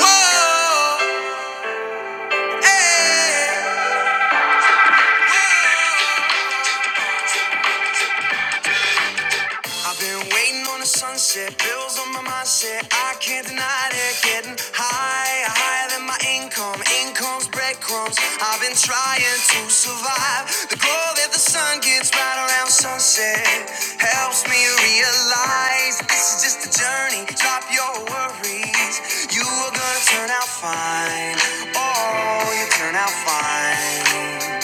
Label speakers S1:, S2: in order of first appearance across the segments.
S1: Whoa, hey. I've been waiting on the sunset, bills on my mindset. I can't deny it. Getting higher, higher than my income. Income's breadcrumbs. I've been trying to survive. The glow that the sun gets right around sunset helps me realize this is just a journey. Drop your worries. You are gonna turn out fine. Oh, you turn out fine.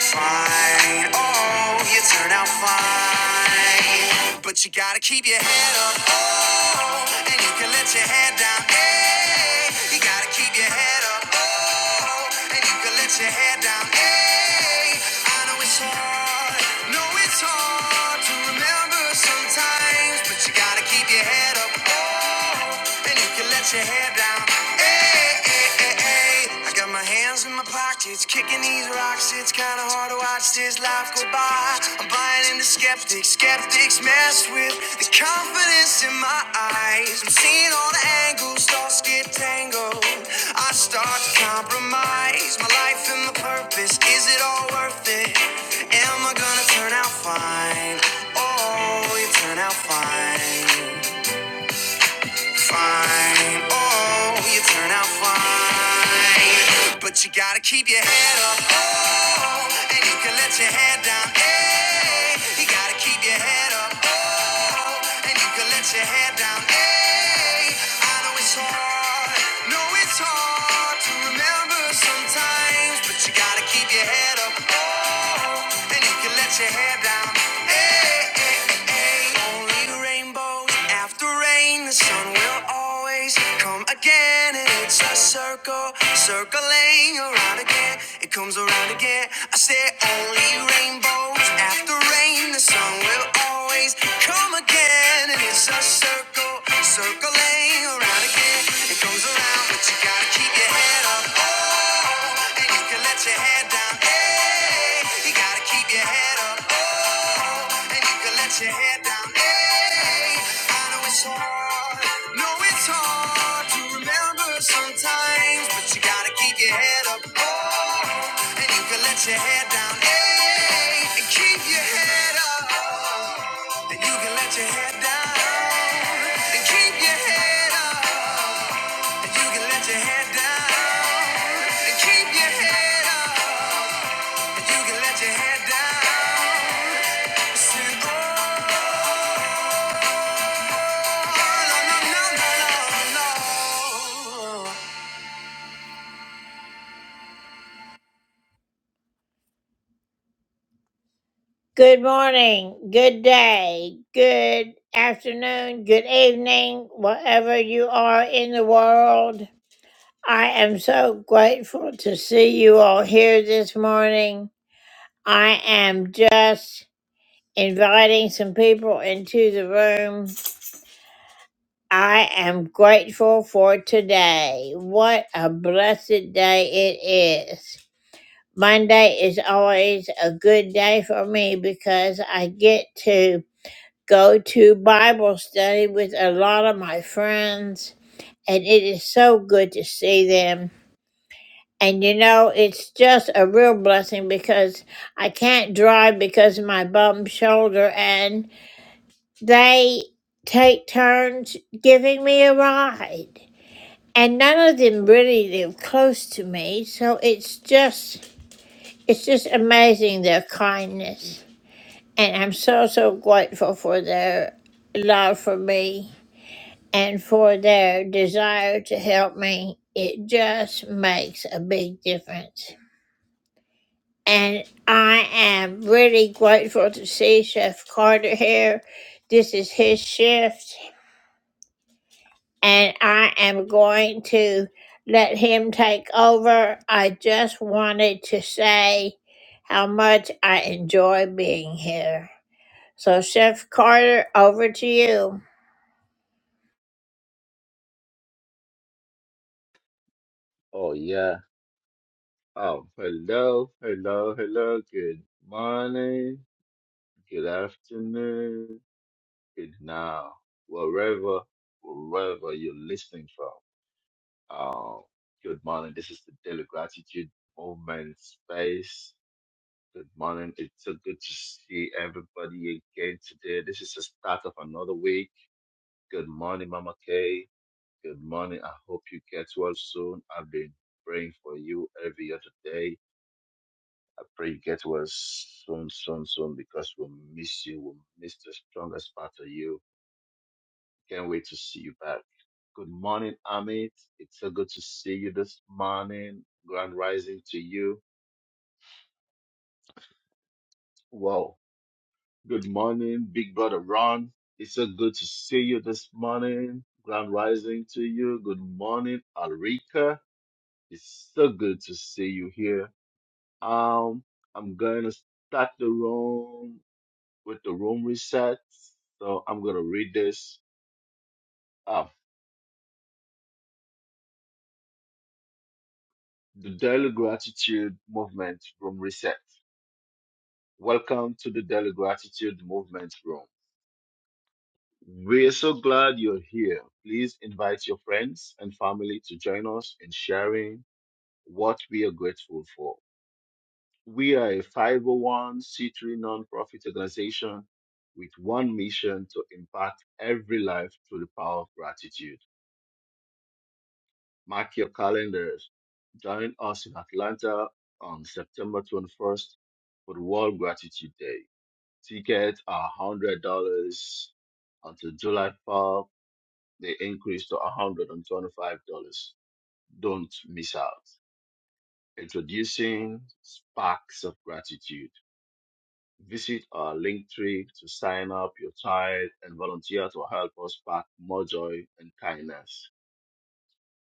S1: Fine. Oh, you turn out fine. But you gotta keep your head up. Oh, and you can let your head down. Hey, you gotta keep your head up. Oh, and you can let your head down. Hey, I know it's hard, know it's hard to remember sometimes, but you gotta keep your head up, oh, and you can let your head down. Hey, hey, hey, hey. I got my hands in my pockets, kicking these rocks. It's kinda hard to watch this life go by. I'm buying into skeptics. Think skeptics mess with the confidence in my eyes. I'm seeing all the angles, thoughts get tangled. I start to compromise my life and my purpose. Is it all worth it? Am I gonna turn out fine? Oh, you turn out fine. Fine. Oh, you turn out fine. But you gotta keep your head up. And you can let your head down, hey. You gotta keep your head up, oh. And you can let your head down, hey. I know it's hard, know it's hard to remember sometimes, but you gotta keep your head up, oh. And you can let your head down, hey, hey, hey, hey. Only rainbows after rain, the sun will always come again, and it's a circle circling around around again, it comes around again. I said only rainbows after rain, the sun will always come again. And it's a circle, circling around again. It comes around, but you gotta keep your head up. Oh, and you can let your head down. Hey, you gotta keep your head up and you can let your head down. Hey, I know it's hard, no, it's hard to remember sometimes, but you gotta keep your head up. Oh, and you can let your head down. Hey, and keep your head up. And you can let your head down. And keep your head up. And you can let your head down. And keep your head up. And you can let your head down. Say,
S2: Oh yeah. Oh, hello, hello, hello. Good morning, good afternoon, good now, wherever, wherever you're listening from. Oh, good morning. This is the Daily Gratitude Movement Space. Good morning. It's so good to see everybody again today. This is the start of another week. Good morning, Mama Kay. Good morning. I hope you get well soon. I've been praying for you every other day I pray you get well soon, soon, soon, because we'll miss you. We'll miss the strongest part of you. Can't wait to see you back. Good morning, Amit. It's so good to see you this morning. Grand rising to you. Wow. Good morning, big brother Ron. It's so good to see you this morning. Grand rising to you. Good morning, Alrika. It's so good to see you here. Um, I'm going to start the room. with the room reset. So I'm going to read this. Ah, the Daily Gratitude Movement Room Reset. Welcome to the Daily Gratitude Movement Room. We're so glad you're here. Please invite your friends and family to join us in sharing what we are grateful for. We are a 501c3 nonprofit organization with one mission to impact every life through the power of gratitude. Mark your calendars. Join us in Atlanta on September 21st for the World Gratitude Day. Tickets are $100 until July 4th. They increase to $125. Don't miss out. Introducing Sparks of Gratitude. Visit our link tree to sign up your child and volunteer to help us spark more joy and kindness.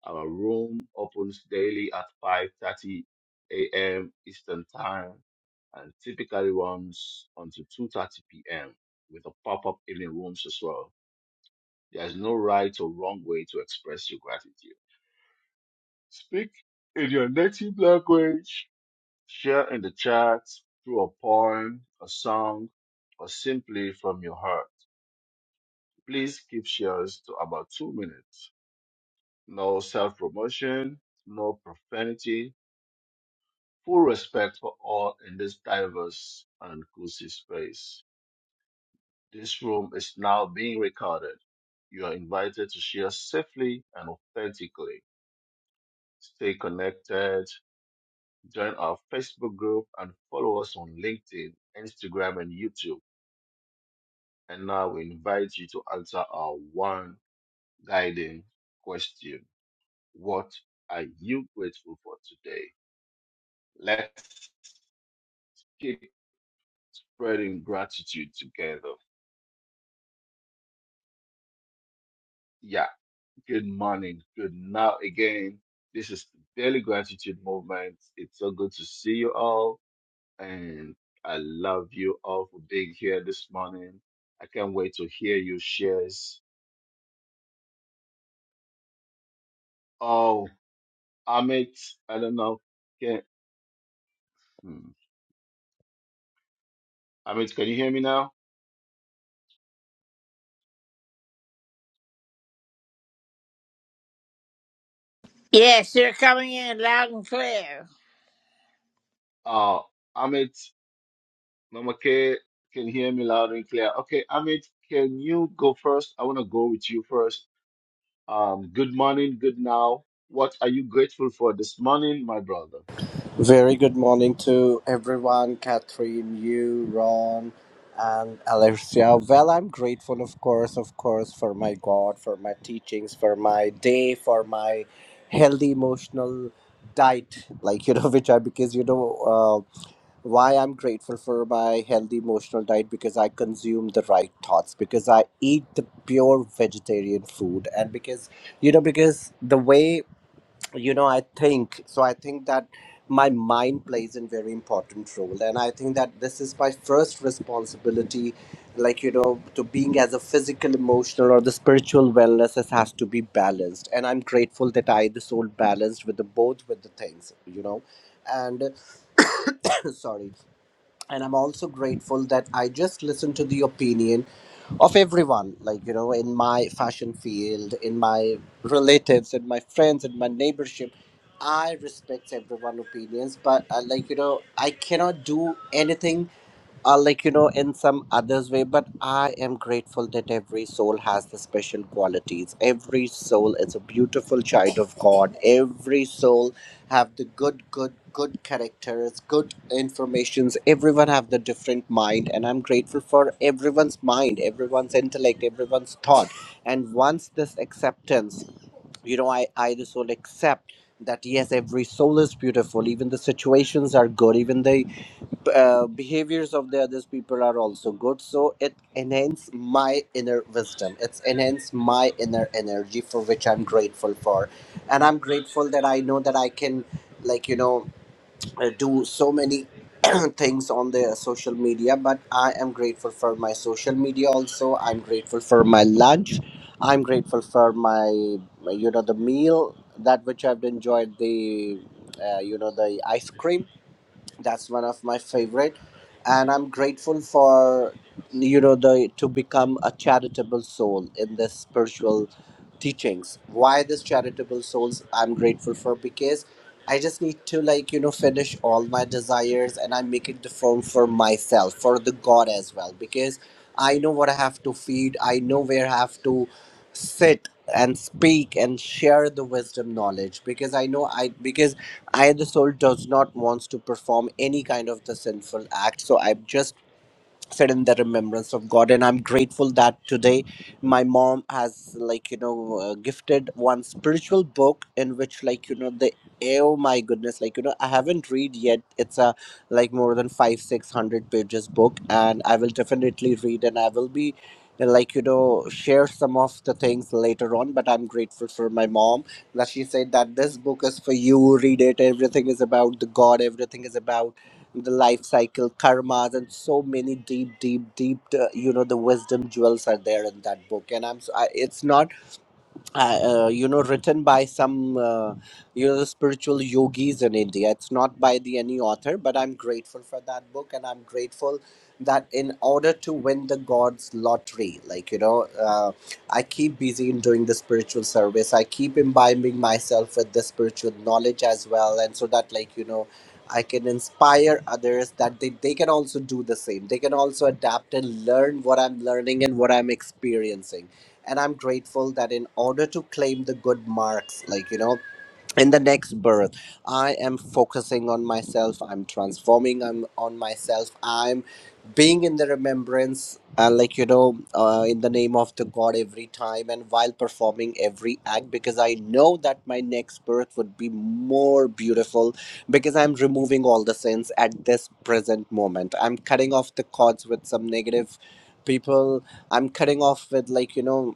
S2: Our room opens daily at 5:30 a.m. Eastern Time and typically runs until 2:30 p.m. with a pop-up evening rooms as well. There's no right or wrong way to express your gratitude. Speak in your native language, share in the chat through a poem, a song, or simply from your heart. Please keep shares to about two minutes. No self-promotion, no profanity, full respect for all in this diverse and inclusive space. This room is now being recorded. You are invited to share safely and authentically. Stay connected, join our Facebook group, and follow us on LinkedIn, Instagram, and YouTube. And now we invite you to answer our one guiding question What are you grateful for today? Let's keep spreading gratitude together. Yeah. Good morning, good now again. This is the Daily Gratitude Movement. It's so good to see you all, and I love you all for being here this morning. I can't wait to hear your shares. Oh, Amit, I don't know. Can hmm. Amit, can you hear me now? Oh, Amit, Mama K, can you hear me loud and clear? Okay, Amit, can you go first? I want to go with you first Um, good morning, good now. What are you grateful for this morning, my brother?
S3: Very good morning to everyone, Catherine, you, Ron, and Alexia. Well, I'm grateful, of course, of course, for my God, for my teachings, for my day, for my healthy emotional diet, like, you know, which I, because, you know, uh, why I'm grateful for my healthy emotional diet, because I consume the right thoughts, because I eat the pure vegetarian food, and because, you know, because the way you know i think so i think that my mind plays a very important role and i think that this is my first responsibility like you know to being as a physical emotional or the spiritual wellness has, has to be balanced and i'm grateful that i this soul balanced with the both with the things you know and sorry and i'm also grateful that i just listen to the opinion of everyone like you know in my fashion field in my relatives in my friends in my neighborship i respect everyone's opinions but uh, like you know i cannot do anything uh, like you know in some others way but i am grateful that every soul has the special qualities every soul is a beautiful child of god every soul have the good good good characters good informations everyone have the different mind and i'm grateful for everyone's mind everyone's intellect everyone's thought and once this acceptance you know i i the soul accept that yes every soul is beautiful even the situations are good even the uh, behaviors of the others people are also good so it enhance my inner wisdom it's enhance my inner energy for which i'm grateful for and i'm grateful that i know that i can like you know uh, do so many things on the social media but i am grateful for my social media also i'm grateful for my lunch i'm grateful for my you know the meal that which i've enjoyed the uh, you know the ice cream that's one of my favorite and i'm grateful for you know the to become a charitable soul in the spiritual teachings why this charitable souls i'm grateful for because i just need to like you know finish all my desires and i make it the form for myself for the god as well because i know what i have to feed i know where i have to sit and speak and share the wisdom knowledge because i know i because I, the soul, does not wants to perform any kind of the sinful act. So I'm just sit in the remembrance of god and i'm grateful that today my mom has like you know uh, gifted one spiritual book in which like you know the oh my goodness like you know i haven't read yet it's a like more than five six hundred pages book and i will definitely read and i will be uh, like you know share some of the things later on but i'm grateful for my mom that she said that this book is for you read it everything is about the god everything is about the life cycle karmas and so many deep deep deep uh, you know the wisdom jewels are there in that book and i'm so I, it's not uh, uh, you know written by some uh, you know spiritual yogis in india it's not by the any author but i'm grateful for that book and i'm grateful that in order to win the god's lottery like you know uh, i keep busy in doing the spiritual service i keep imbibing myself with the spiritual knowledge as well and so that like you know i can inspire others that they, they can also do the same they can also adapt and learn what i'm learning and what i'm experiencing and i'm grateful that in order to claim the good marks like you know in the next birth i am focusing on myself i'm transforming I'm on myself i'm being in the remembrance uh, like you know uh, in the name of the god every time and while performing every act because i know that my next birth would be more beautiful because i'm removing all the sins at this present moment i'm cutting off the cords with some negative people i'm cutting off with like you know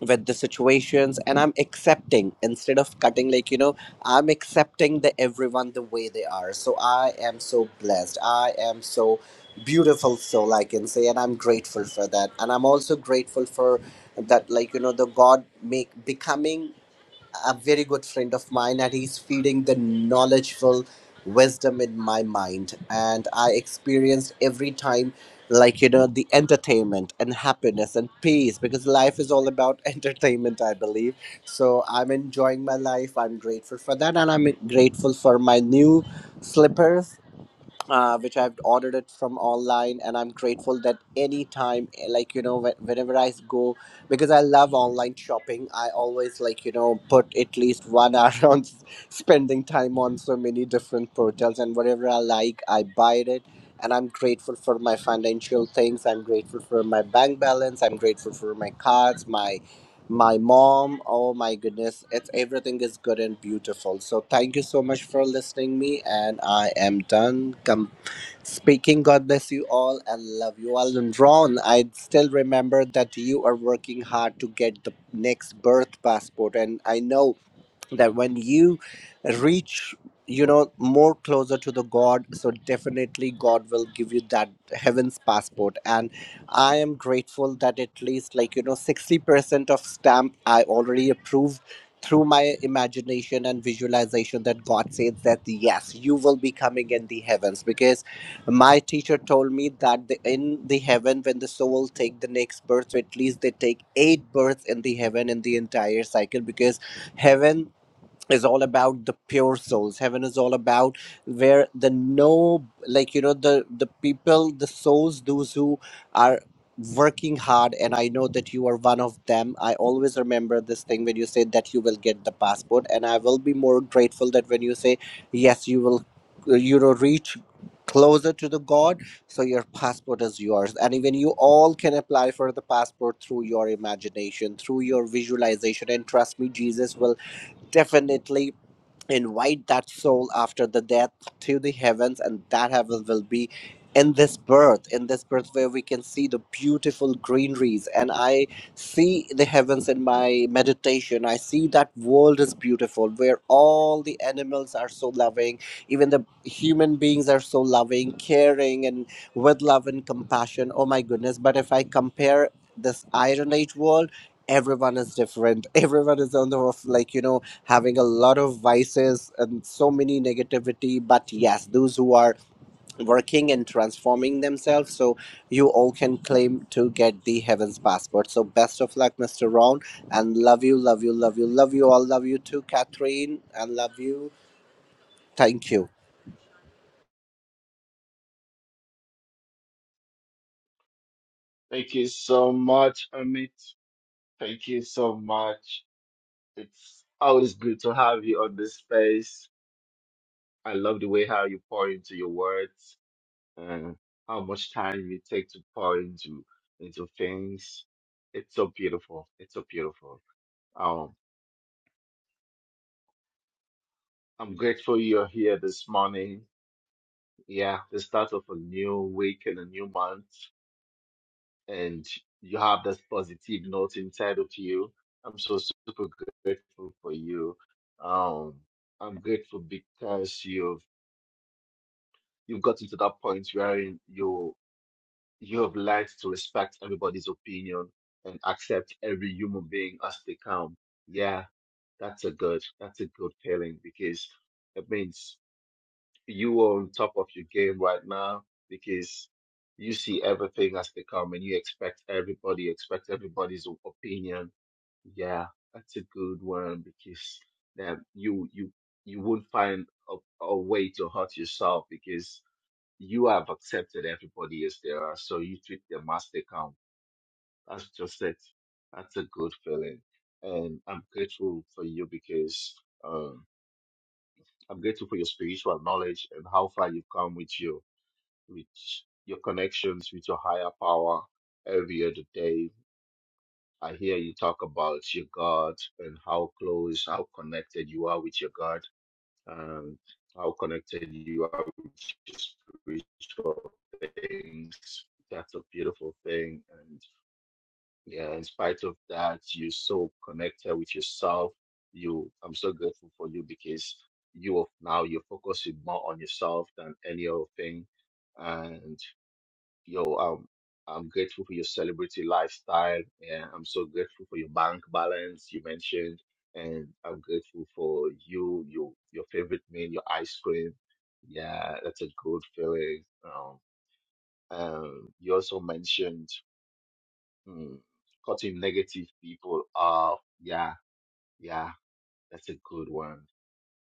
S3: with the situations and i'm accepting instead of cutting like you know i'm accepting the everyone the way they are so i am so blessed i am so beautiful soul i can say and i'm grateful for that and i'm also grateful for that like you know the god make becoming a very good friend of mine and he's feeding the knowledgeful wisdom in my mind and i experienced every time like you know the entertainment and happiness and peace because life is all about entertainment i believe so i'm enjoying my life i'm grateful for that and i'm grateful for my new slippers uh, which I've ordered it from online, and I'm grateful that anytime, eh, like you know, whe- whenever I go, because I love online shopping, I always like you know put at least one hour on s- spending time on so many different portals, and whatever I like, I buy it. And I'm grateful for my financial things. I'm grateful for my bank balance. I'm grateful for my cards, my my mom. Oh my goodness, it's everything is good and beautiful. So thank you so much for listening me, and I am done. Come Speaking, God bless you all and love you all. And Ron, I still remember that you are working hard to get the next birth passport, and I know that when you reach you know more closer to the god so definitely god will give you that heaven's passport and i am grateful that at least like you know 60% of stamp i already approved through my imagination and visualization that god says that yes you will be coming in the heavens because my teacher told me that the, in the heaven when the soul take the next birth so at least they take eight births in the heaven in the entire cycle because heaven is all about the pure souls heaven is all about where the no like you know the the people the souls those who are working hard and i know that you are one of them i always remember this thing when you said that you will get the passport and i will be more grateful that when you say yes you will uh, you know reach closer to the god so your passport is yours and even you all can apply for the passport through your imagination through your visualization and trust me jesus will Definitely invite that soul after the death to the heavens, and that heaven will be in this birth, in this birth where we can see the beautiful greeneries. And I see the heavens in my meditation. I see that world is beautiful, where all the animals are so loving, even the human beings are so loving, caring, and with love and compassion. Oh my goodness. But if I compare this Iron Age world, everyone is different. Everyone is on the roof, like, you know having a lot of vices and so many negativity but yes those who are working and transforming themselves so you all can claim to get the heaven's passport so best of luck mr ron and love you love you love you love you all love you too catherine and love you thank you
S2: Thank you so much, Amit. Thank you so much. It's always good to have you on this space. I love the way how you pour into your words and how much time you take to pour into into things. It's so beautiful. It's so beautiful. Um, I'm grateful you're here this morning. Yeah, the start of a new week and a new month. and you have this positive note inside of you. I'm so super grateful for you. Um, I'm grateful because you've you've gotten to that point where you you have learned to respect everybody's opinion and accept every human being as they come. Yeah, that's a good that's a good feeling because it means you are on top of your game right now because you see everything as they come and you expect everybody, expect everybody's opinion. Yeah, that's a good one because then you you you won't find a, a way to hurt yourself because you have accepted everybody as they are, so you treat them as they come. That's just it. That's a good feeling. And I'm grateful for you because um I'm grateful for your spiritual knowledge and how far you've come with you with your connections with your higher power every other day. I hear you talk about your God and how close, how connected you are with your God, and how connected you are with your spiritual things. That's a beautiful thing. And yeah, in spite of that, you're so connected with yourself. You, I'm so grateful for you because you are now you're focusing more on yourself than any other thing. And Yo, um, I'm grateful for your celebrity lifestyle. Yeah, I'm so grateful for your bank balance you mentioned, and I'm grateful for you, your your favorite meal, your ice cream. Yeah, that's a good feeling. Um, um, you also mentioned hmm, cutting negative people off. Yeah, yeah, that's a good one.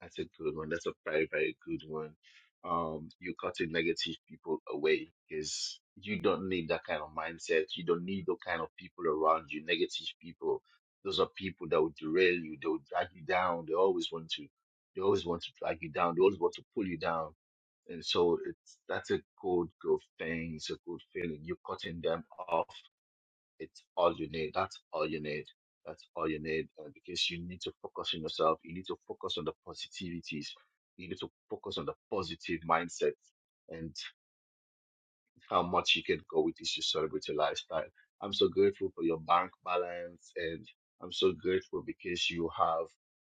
S2: That's a good one. That's a very, very good one. Um, you're cutting negative people away because you don't need that kind of mindset. You don't need those kind of people around you, negative people. Those are people that will derail you. They'll drag you down. They always want to, they always want to drag you down. They always want to pull you down. And so it's, that's a good, good thing. It's a good feeling. You're cutting them off it's all you need. That's all you need. That's all you need uh, because you need to focus on yourself. You need to focus on the positivities. You need to focus on the positive mindset and how much you can go with this to celebrate your lifestyle. I'm so grateful for your bank balance and I'm so grateful because you have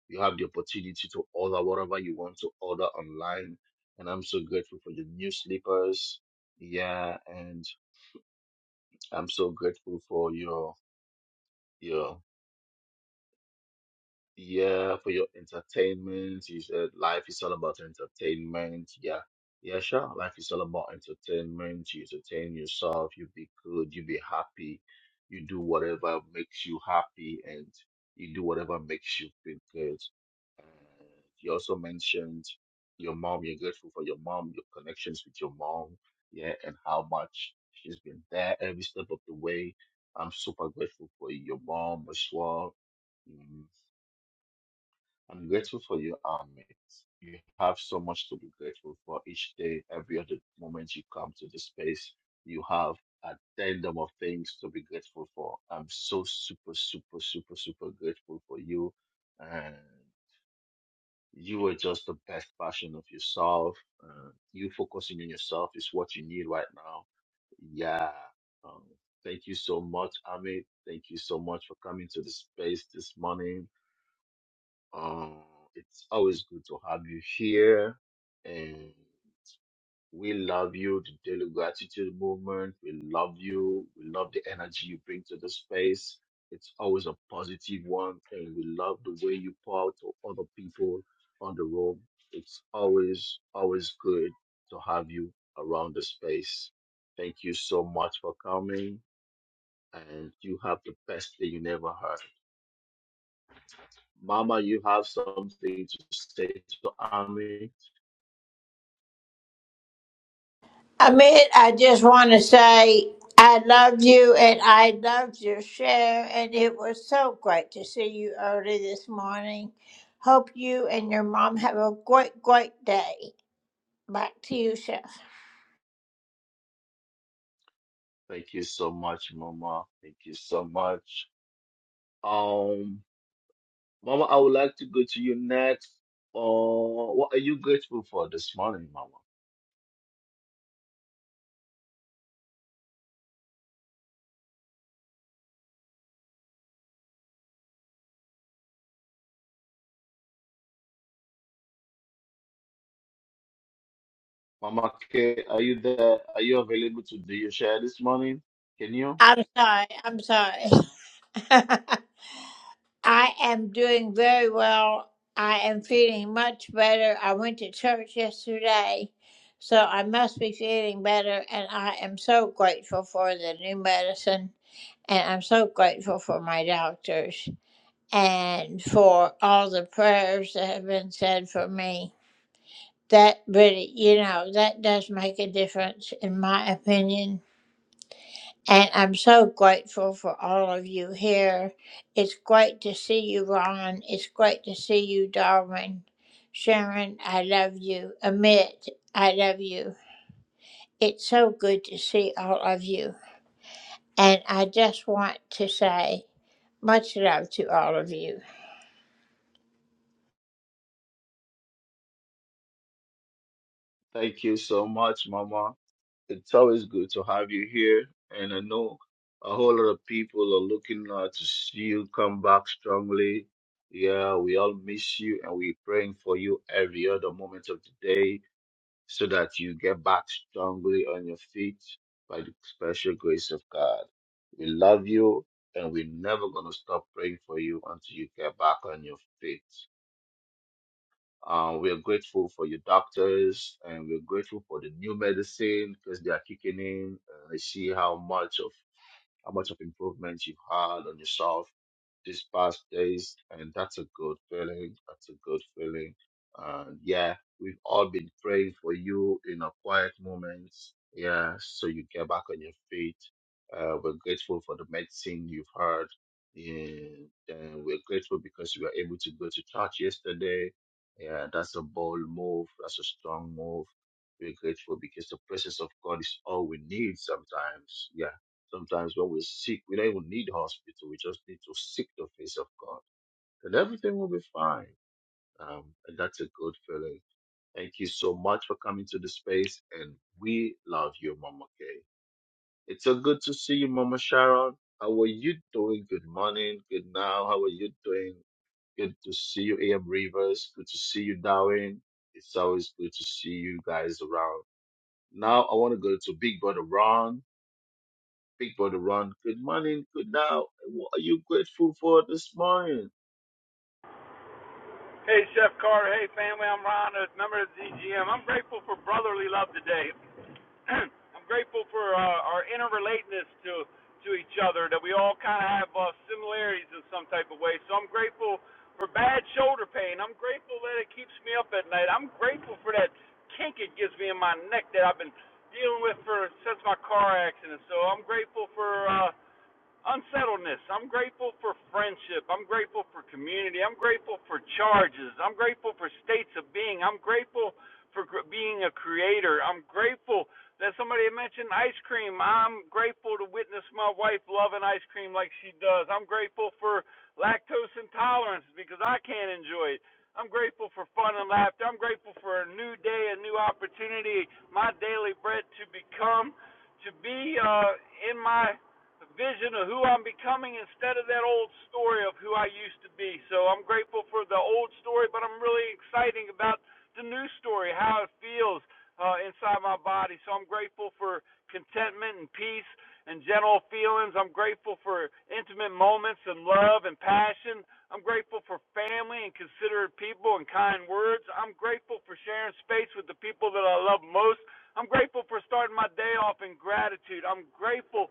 S2: you have the opportunity to order whatever you want to order online. And I'm so grateful for your new slippers. Yeah, and I'm so grateful for your your Yeah, for your entertainment, you said life is all about entertainment. Yeah, yeah, sure. Life is all about entertainment. You entertain yourself, you be good, you be happy, you do whatever makes you happy, and you do whatever makes you feel good. And you also mentioned your mom, you're grateful for your mom, your connections with your mom, yeah, and how much she's been there every step of the way. I'm super grateful for your mom as well. Mm-hmm. I'm grateful for you, Amit. You have so much to be grateful for each day, every other moment you come to the space. You have a tandem of things to be grateful for. I'm so super, super, super, super grateful for you. And you are just the best version of yourself. Uh, you focusing on yourself is what you need right now. Yeah. Um, thank you so much, Amit. Thank you so much for coming to the space this morning um, it's always good to have you here, and we love you, the Daily Gratitude Movement. We love you. We love the energy you bring to the space. It's always a positive one, and we love the way you pour out to other people on the road. It's always, always good to have you around the space. Thank you so much for coming, and you have the best day you never had. Mama, you have something to say to Ami. Thank you so much, Mama. Thank you so much. Um, Mama, I would like to go to you next. Uh, what are you grateful for this morning, Mama? Mama K, are you there? Are you available to do your share this morning? Can you? Thank you so much, Mama. it's always good to have you here. And I know a whole lot of people are looking uh, to see you come back strongly. Yeah, we all miss you and we're praying for you every other moment of the day so that you get back strongly on your feet by the special grace of God. We love you and we're never going to stop praying for you until you get back on your feet. Uh, we are grateful for your doctors and we're grateful for the new medicine because they are kicking in. Uh, I see how much of how much of improvement you've had on yourself these past days, and that's a good feeling. That's a good feeling. And yeah, we've all been praying for you in a quiet moment. Yeah, so you get back on your feet. Uh, we're grateful for the medicine you've heard. And then we're grateful because you were able to go to church yesterday. Yeah, that's a bold move. That's a strong move. We're grateful because the presence of God is all we need sometimes. Yeah. Sometimes when we're sick, we don't even need hospital. We just need to seek the face of God, and everything will be fine. Um, and that's a good feeling. Thank you so much for coming to the space, and we love you, Mama Kay. It's so good to see you, Mama Sharon. How are you doing? Good morning. Good now. How are you doing? Good to see you, AM Rivers. Good to see you, Darwin. It's always good to see you guys around. Now I want to go to Big Brother Ron. people to run. Good morning, good now. What are you grateful for this morning?
S4: Hey, Chef Carter. Hey, family. I'm Ron, a member of ZGM. I'm grateful for brotherly love today. I'm grateful for uh, our interrelatedness to to each other, that we all kind of have uh, similarities in some type of way. So I'm grateful for bad shoulder pain. I'm grateful that it keeps me up at night. I'm grateful for that kink it gives me in my neck that I've been dealing with for since my car accident. So I'm grateful for. Uh, unsettledness. I'm grateful for friendship. I'm grateful for community. I'm grateful for charges. I'm grateful for states of being. I'm grateful for gr- being a creator. I'm grateful that somebody mentioned ice cream. I'm grateful to witness my wife loving ice cream like she does. I'm grateful for lactose intolerance because I can't enjoy it. I'm grateful for fun and laughter. I'm grateful for a new day, a new opportunity, my daily bread to become, to be uh, in my a vision of who I'm becoming instead of that old story of who I used to be. So I'm grateful for the old story, but I'm really excited about the new story, how it feels uh, inside my body. So I'm grateful for contentment and peace and gentle feelings. I'm grateful for intimate moments and love and passion. I'm grateful for family and considerate people and kind words. I'm grateful for sharing space with the people that I love most. I'm grateful for starting my day off in gratitude. I'm grateful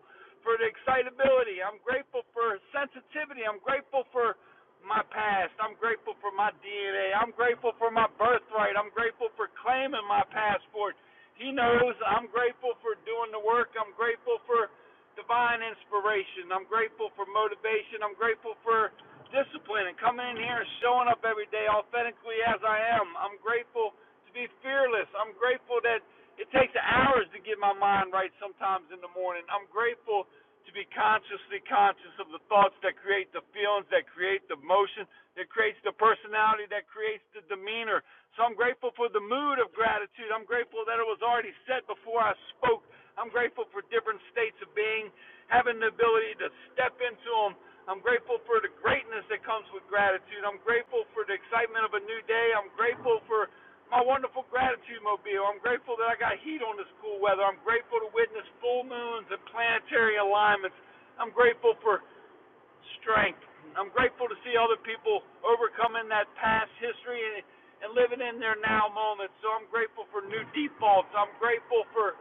S4: for the excitability. I'm grateful for sensitivity. I'm grateful for my past. I'm grateful for my DNA. I'm grateful for my birthright. I'm grateful for claiming my passport. He knows I'm grateful for doing the work. I'm grateful for divine inspiration. I'm grateful for motivation. I'm grateful for discipline and coming in here and showing up every day authentically as I am. I'm grateful to be fearless. I'm grateful that it takes hours to get my mind right sometimes in the morning. I'm grateful to be consciously conscious of the thoughts that create the feelings, that create the motion, that creates the personality, that creates the demeanor. So I'm grateful for the mood of gratitude. I'm grateful that it was already set before I spoke. I'm grateful for different states of being, having the ability to step into them. I'm grateful for the greatness that comes with gratitude. I'm grateful for the excitement of a new day. I'm grateful for my wonderful gratitude mobile. I'm grateful that I got heat on this cool weather. I'm grateful to witness full moons and planetary alignments. I'm grateful for strength. I'm grateful to see other people overcoming that past history and, and living in their now moments. So I'm grateful for new defaults. I'm grateful for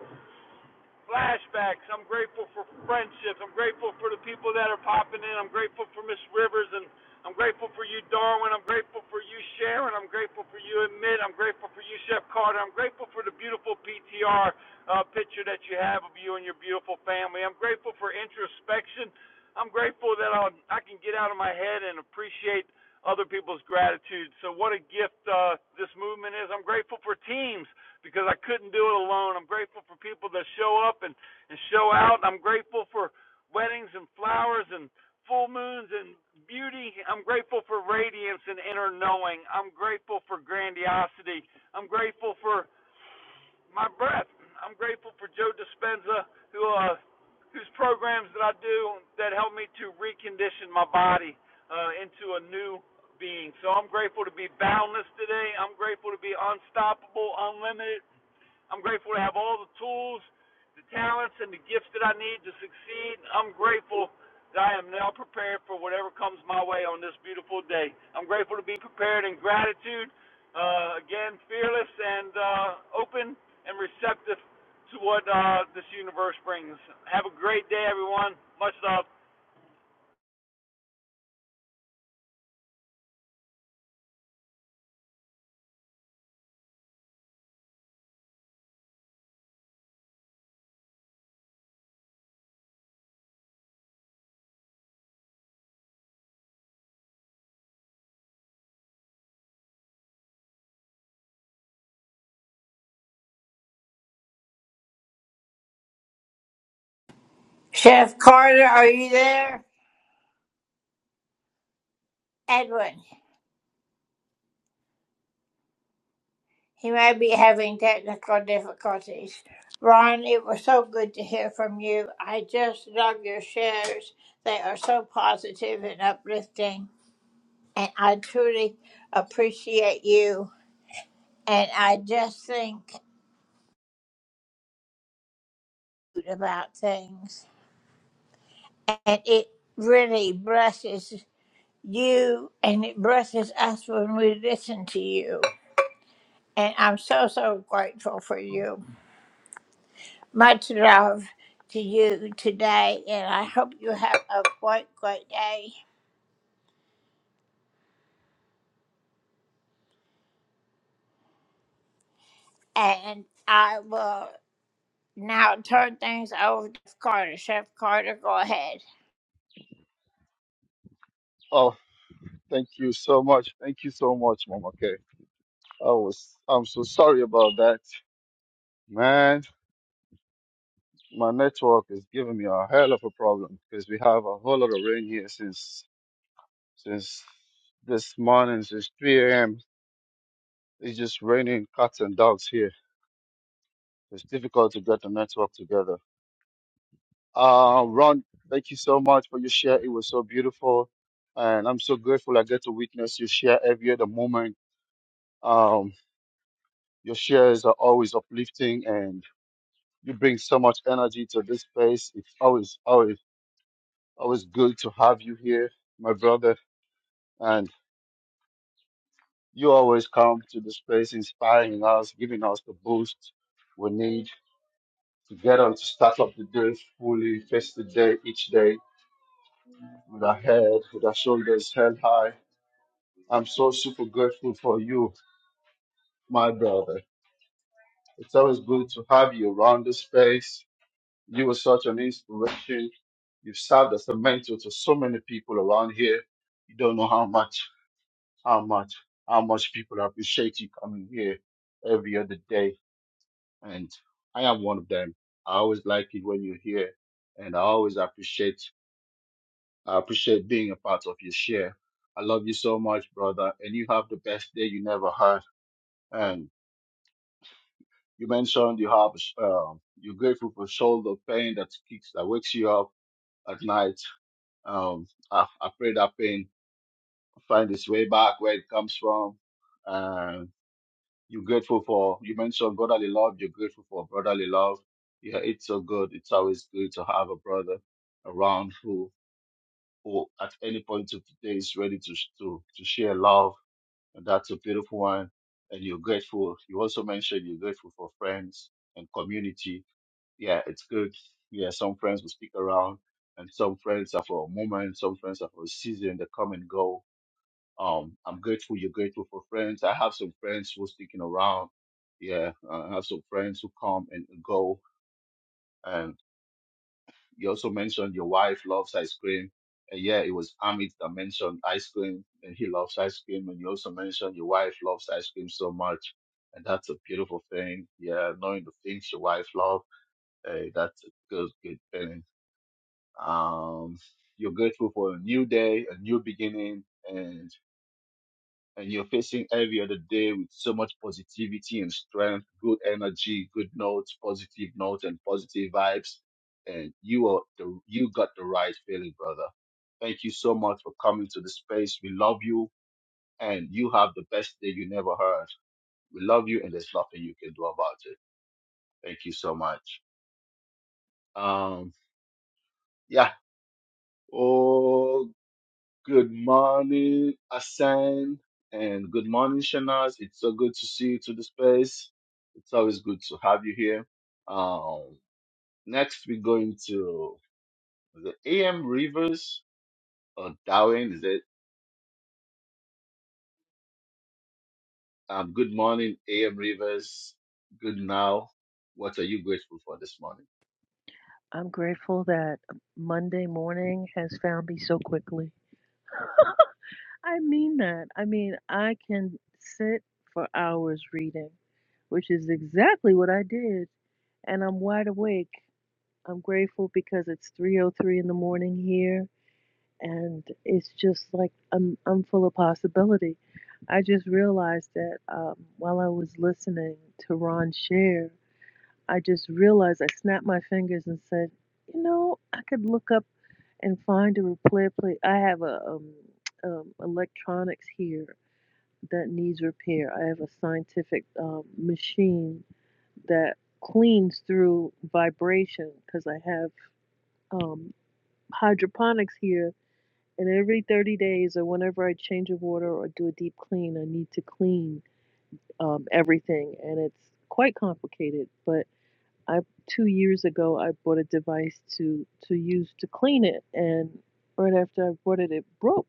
S4: flashbacks. I'm grateful for friendships. I'm grateful for the people that are popping in. I'm grateful for Miss Rivers and I'm grateful for you, Darwin. I'm grateful for you, Sharon. I'm grateful for you, Admit. I'm grateful for you, Chef Carter. I'm grateful for the beautiful PTR uh, picture that you have of you and your beautiful family. I'm grateful for introspection. I'm grateful that I'll, I can get out of my head and appreciate other people's gratitude. So, what a gift uh, this movement is. I'm grateful for teams because I couldn't do it alone. I'm grateful for people that show up and, and show out. I'm grateful for weddings and flowers and full moons and beauty. I'm grateful for radiance and inner knowing. I'm grateful for grandiosity. I'm grateful for my breath. I'm grateful for Joe Dispenza, who uh, whose programs that I do that help me to recondition my body uh, into a new being. So I'm grateful to be boundless today. I'm grateful to be unstoppable, unlimited I'm grateful to have all the tools, the talents, and the gifts that I need to succeed. I'm grateful that I am now prepared for whatever comes my way on this beautiful day. I'm grateful to be prepared in gratitude, uh, again, fearless and uh, open and receptive to what uh, this universe brings. Have a great day, everyone. Much love.
S2: Oh, thank you so much. Thank you so much, Mama K. I was, I'm so sorry about that. Man, my network is giving me a hell of a problem because we have a whole lot of rain here since, since this morning, since 3 a.m. It's just raining cats and dogs here. It's difficult to get the network together. Uh, Ron, thank you so much for your share. It was so beautiful. And I'm so grateful I get to witness your share every other moment. Um, your shares are always uplifting and you bring so much energy to this space. It's always, always, always good to have you here, my brother. And you always come to the space inspiring us, giving us the boost we need to get on to start up the day fully, face the day each day with our head, with our shoulders held high I'm so super grateful for you, my brother. It's always good to have you around this space. You were such an inspiration. You've served as a mentor to so many people around here. You don't know how much, how much, how much people appreciate you coming here every other day. And I am one of them. I always like it when you're here and I always appreciate, I appreciate being a part of your share. I love you so much, brother. And you have the best day you never had. And You mentioned you have um, you're grateful for shoulder pain that kicks that wakes you up at night. Um, I, I pray that pain find its way back where it comes from. And you're grateful for you mentioned brotherly love. You're grateful for brotherly love. Yeah, it's so good. It's always good to have a brother around who who at any point of the day is ready to to to share love. And that's a beautiful one. And you're grateful. You also mentioned you're grateful for friends and community yeah, it's good. Yeah, some friends will stick around, and some friends are for a moment, some friends are for a season. They come and go. Um, I'm grateful. You're grateful for friends. I have some friends who are sticking around. Yeah, uh, I have some friends who come and go. And you also mentioned your wife loves ice cream. And yeah, it was Amit that mentioned ice cream, and he loves ice cream. And you also mentioned your wife loves ice cream so much. And that's a beautiful thing. Yeah, knowing the things your wife loves, uh, that's a good, good thing Um, you're grateful for a new day, a new beginning, and and you're facing every other day with so much positivity and strength, good energy, good notes, positive notes, and positive vibes. And you are the you got the right feeling, brother. Thank you so much for coming to the space. We love you, and you have the best day you never heard. We love you, and there's nothing you can do about it. Thank you so much. Um, yeah. Oh, Good morning, Asan, and good morning, Shanaz. It's so good to see you to the space. It's always good to have you here. Um, next, we're going to the AM Rivers or Darwin. Is it? Um, good morning, AM Rivers. Good now. What are you grateful for this morning?
S5: I'm grateful that Monday morning has found me so quickly. I mean that. I mean, I can sit for hours reading, which is exactly what I did, and I'm wide awake. I'm grateful because it's 3:03 in the morning here and it's just like I'm I'm full of possibility. I just realized that um, while I was listening to Ron share, I just realized I snapped my fingers and said, "You know, I could look up." and find a repair place. I have a um, um, electronics here that needs repair. I have a scientific um, machine that cleans through vibration because I have um, hydroponics here. And every 30 days, or whenever I change a water or do a deep clean, I need to clean um, everything. And it's quite complicated. But I two years ago, I bought a device to to use to clean it, and right after I bought it, it broke.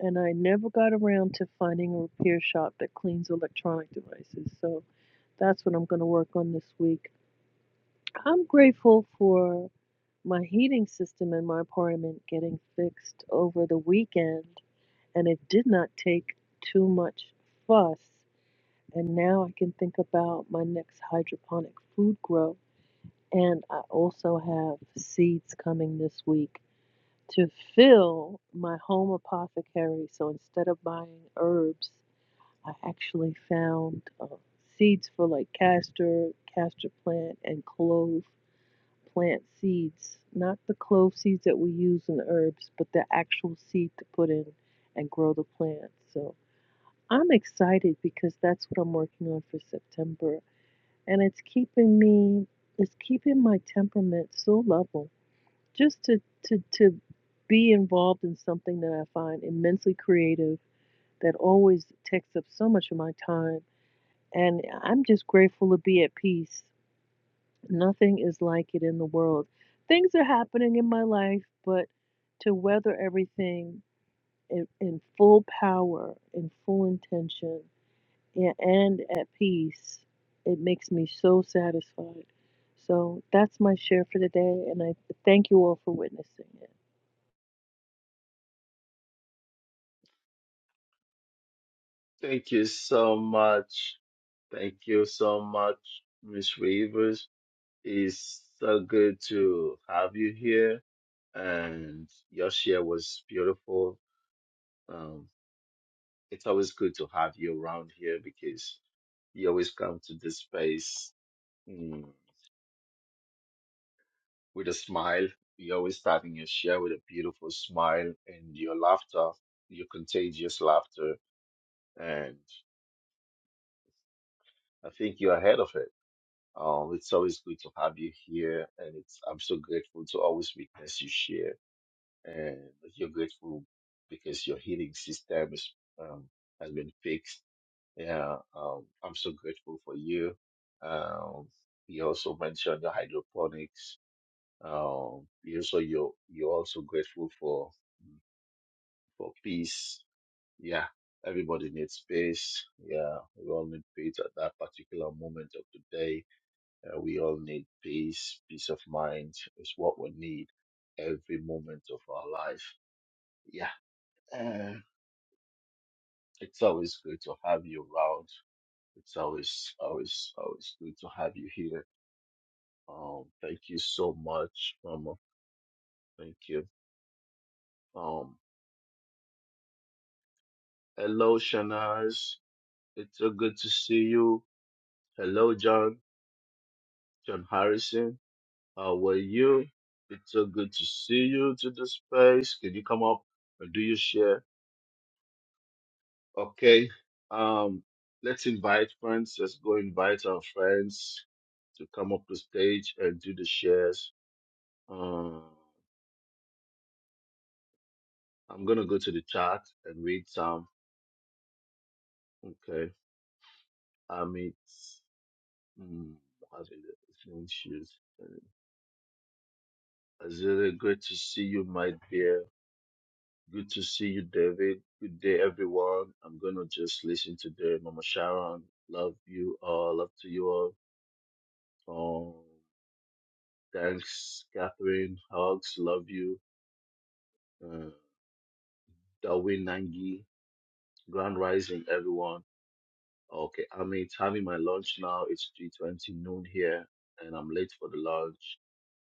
S5: and I never got around to finding a repair shop that cleans electronic devices. So that's what I'm going to work on this week. I'm grateful for my heating system in my apartment getting fixed over the weekend, and it did not take too much fuss. And now I can think about my next hydroponic food grow. And I also have seeds coming this week to fill my home apothecary. So instead of buying herbs, I actually found uh, seeds for like castor, castor plant, and clove plant seeds. Not the clove seeds that we use in herbs, but the actual seed to put in and grow the plant. So I'm excited because that's what I'm working on for September. And it's keeping me, it's keeping my temperament so level just to, to, to be involved in something that I find immensely creative that always takes up so much of my time and I'm just grateful to be at peace. Nothing is like it in the world. Things are happening in my life, but to weather everything in, in full power, in full intention, yeah, and at peace, it makes me so satisfied. So that's my share for the day, and I thank you all for witnessing it.
S2: Thank you so much. Thank you so much, Miss Rivers. It's so good to have you here and your share was beautiful. Um, it's always good to have you around here because you always come to this space mm, with a smile. You're always starting your share with a beautiful smile and your laughter, your contagious laughter. And I think you're ahead of it. Um, it's always good to have you here, and it's I'm so grateful to always witness you share, and you're grateful because your healing system is um, has been fixed Yeah, um, I'm so grateful for you. Um, you also mentioned the hydroponics. Um, you also you you're also grateful for for peace. Yeah, everybody needs space. Yeah, we all need peace at that particular moment of the day. Uh, we all need peace. Peace of mind is what we need every moment of our life. Yeah, uh, it's always good to have you around. It's always always always good to have you here Um, thank you so much, Mama. Thank you. Um, hello, Shanaz. It's so good to see you. Hello, John. John Harrison. How are you? It's so good to see you to the space. Can you come up and do your share? Okay. Um, let's invite friends. Let's go invite our friends to come up to stage and do the shares. Um, I'm gonna go to the chat and read some. Okay. Amit. Mm, hallelujah. Thank you. Azere, great to see you, my dear. Good to see you, David. Good day, everyone. I'm going to just listen today. Mama Sharon, love you all. Love to you all. Um, thanks, Catherine. Hugs, love you. Uh, Darwin Nangi, Grand Rising, everyone. Okay, I'm having my lunch now. It's 3.20 noon here, and I'm late for the lunch.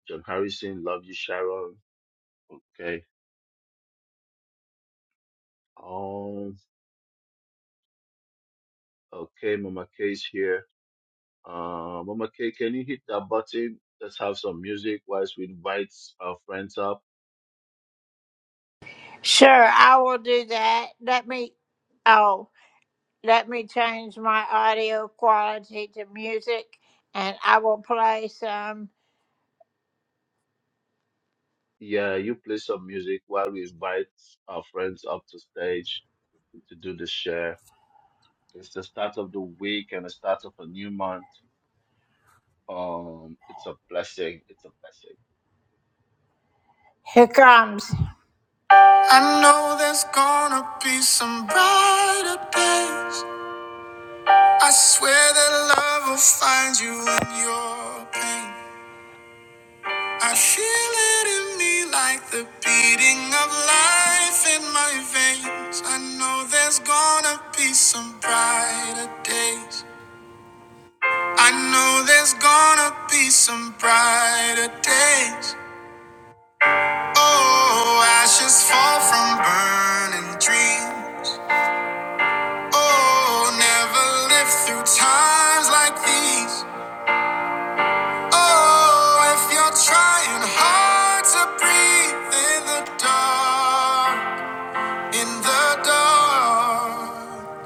S2: John Harrison, love you, Sharon. Okay. Um, Okay, Mama K is here. Uh, Mama K, can you hit that button? Let's have some music whilst we invite our friends up. Yeah, you play some music while we invite our friends up to stage to do the share. It's the start of the week and the start of a new month. Um, it's a blessing. It's a blessing.
S1: I know there's gonna be some brighter days. I swear that love will find you in your pain. I feel it in me like the beating of life in my veins. I know there's gonna be some brighter days. I know there's gonna be some brighter days. Oh, ashes fall from burning dreams. Oh, never lived through times like these. Oh, if you're trying hard to breathe in the dark, in the dark,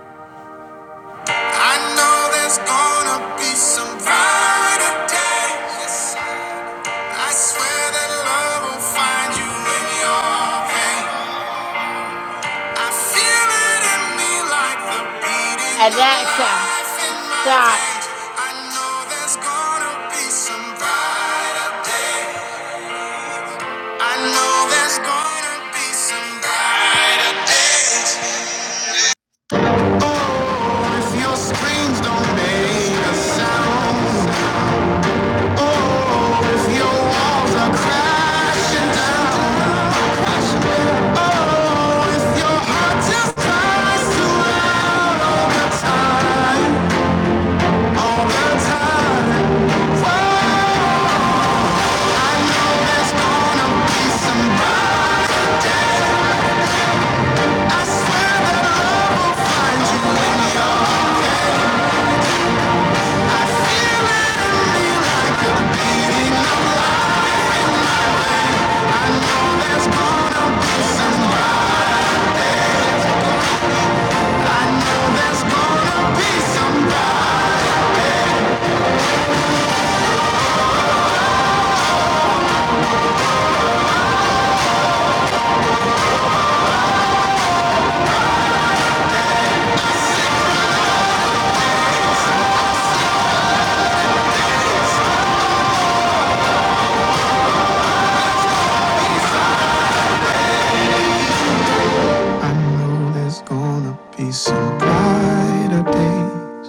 S1: I know there's gonna be some brighter days. Yes, I swear that love will find you in your pain. I feel it in me like the beating. I know there's gonna be some brighter day. I know there's gonna be some brighter days. Oh, if your screams don't make a sound. Oh, if your walls are crashing down. Oh, if your heart just cries too loud all the time, all the time. Some brighter day.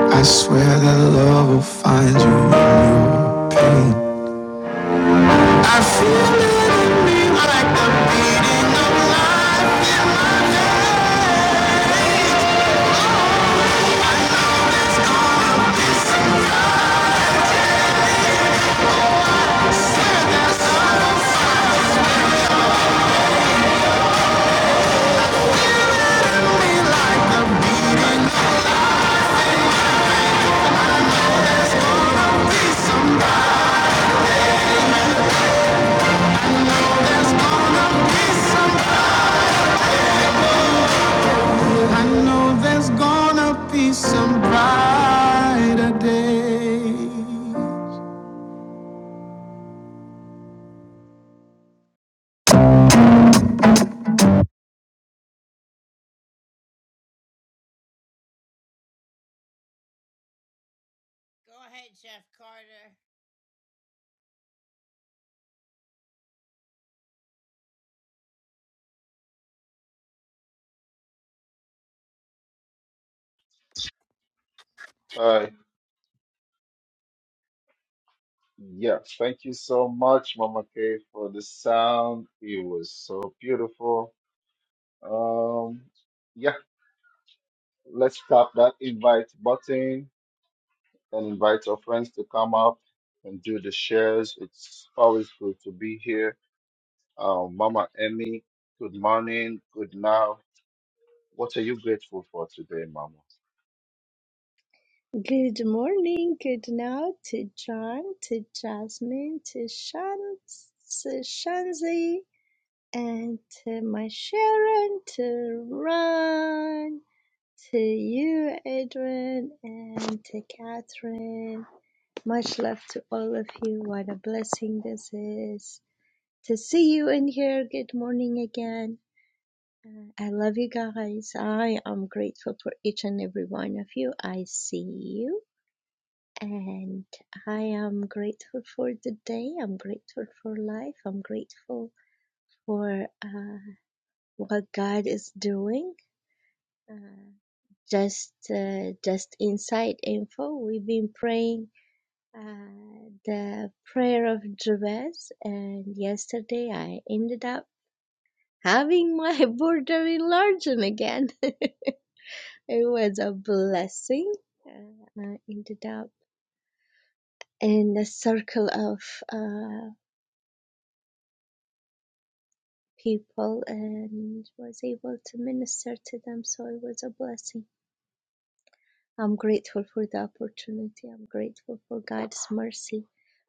S1: I swear that love will find you in your pain. I feel it like the beating of life. I Swear that love will find you. I know there's gonna be some brighter day.
S2: All right. Yeah. Thank you so much, Mama K, for the sound. It was so beautiful. Um, yeah. Let's tap that invite button and invite our friends to come up and do the shares. It's always good to be here. Uh, Mama Emmy, good morning, good now. What are you grateful for today, Mama?
S6: Good morning, good now to John, to Jasmine, to Shan, to Shanzi, and to my Sharon, to Ron, to you, Adrian, and to Catherine. Much love to all of you. What a blessing this is to see you in here. Good morning again. Uh, I love you guys. I am grateful for each and every one of you. I see you and I am grateful for the day. I'm grateful for life. I'm grateful for uh, what God is doing. Uh, just, uh, just inside info, we've been praying uh, the prayer of Jabez, and yesterday I ended up having my border enlarged again. it was a blessing. Uh, I ended up in the circle of. uh, people and was able to minister to them. So it was a blessing. I'm grateful for the opportunity. I'm grateful for God's mercy,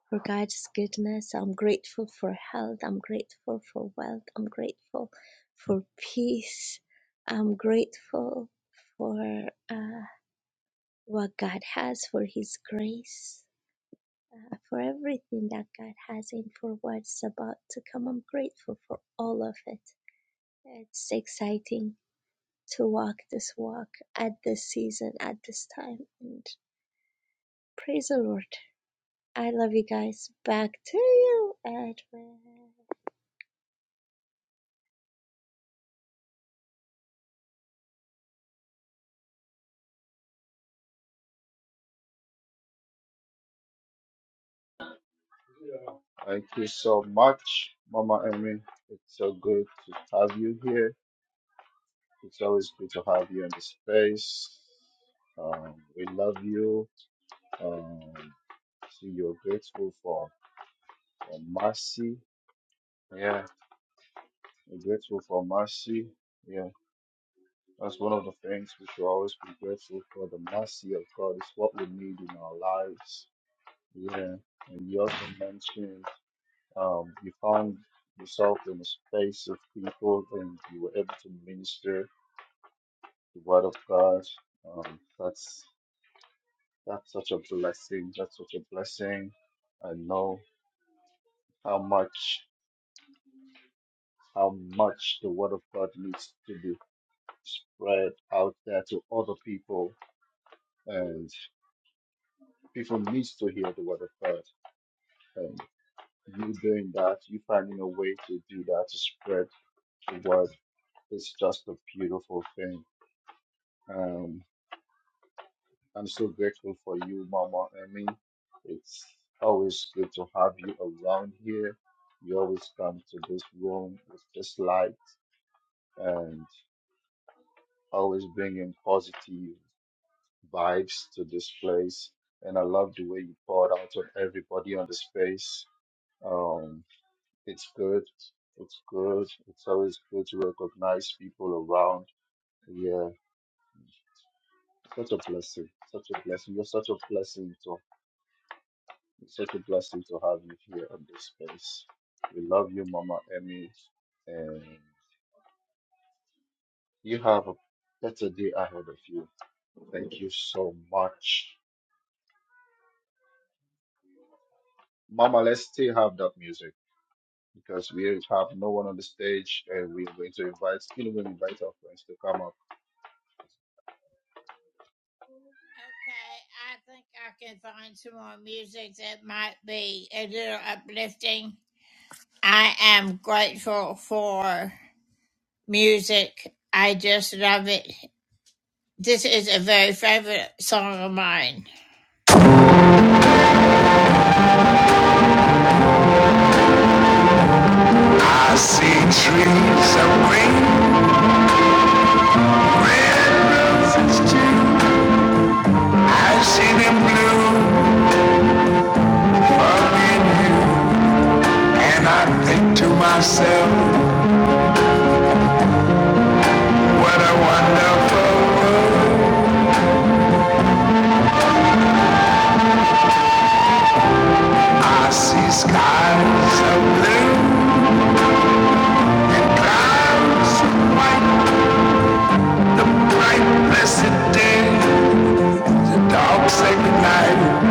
S6: for God's goodness. I'm grateful for health. I'm grateful for wealth. I'm grateful for peace. I'm grateful for uh, what God has, for His grace, uh, for everything that God has, and for what's about to come. I'm grateful for all of it. It's exciting to walk this walk at this season, at this time. And praise the Lord. I love you guys. Back to you, Edwin.
S2: Thank you so much, Mama Emmy. It's so good to have you here. It's always good to have you in the space. Um, we love you. Um, see, you're grateful for, for mercy. Yeah, you're grateful for mercy. Yeah. That's one of the things we should always be grateful for. The mercy of God is what we need in our lives. Yeah. And you also mentioned um, you found yourself in a space of people and you were able to minister the word of God. Um, that's that's such a blessing. That's such a blessing. I know how much how much the word of God needs to be spread out there to other people and people needs to hear the word of God And you doing that, you finding a way to do that, to spread the word, it's just a beautiful thing. Um, I'm so grateful for you, Mama Emmy. It's always good to have you around here. You always come to this room with this light and always bringing positive vibes to this place. And I love the way you poured out on everybody on the space. Um, It's good. It's good. It's always good to recognize people around. Yeah. Such a blessing. Such a blessing. You're such a blessing to it's such a blessing to have you here on this space. We love you, Mama Emmy. And you have a better day ahead of you. Thank you so much. Mama, let's still have that music because we have no one on the stage and we're going to invite, you know, we invite our friends to come up.
S1: I see trees of green, red roses too. I see them blue for me you. And I think to myself, what a wonderful world. I see skies of blue Clouds white, the bright blessed day, the dark sacred night,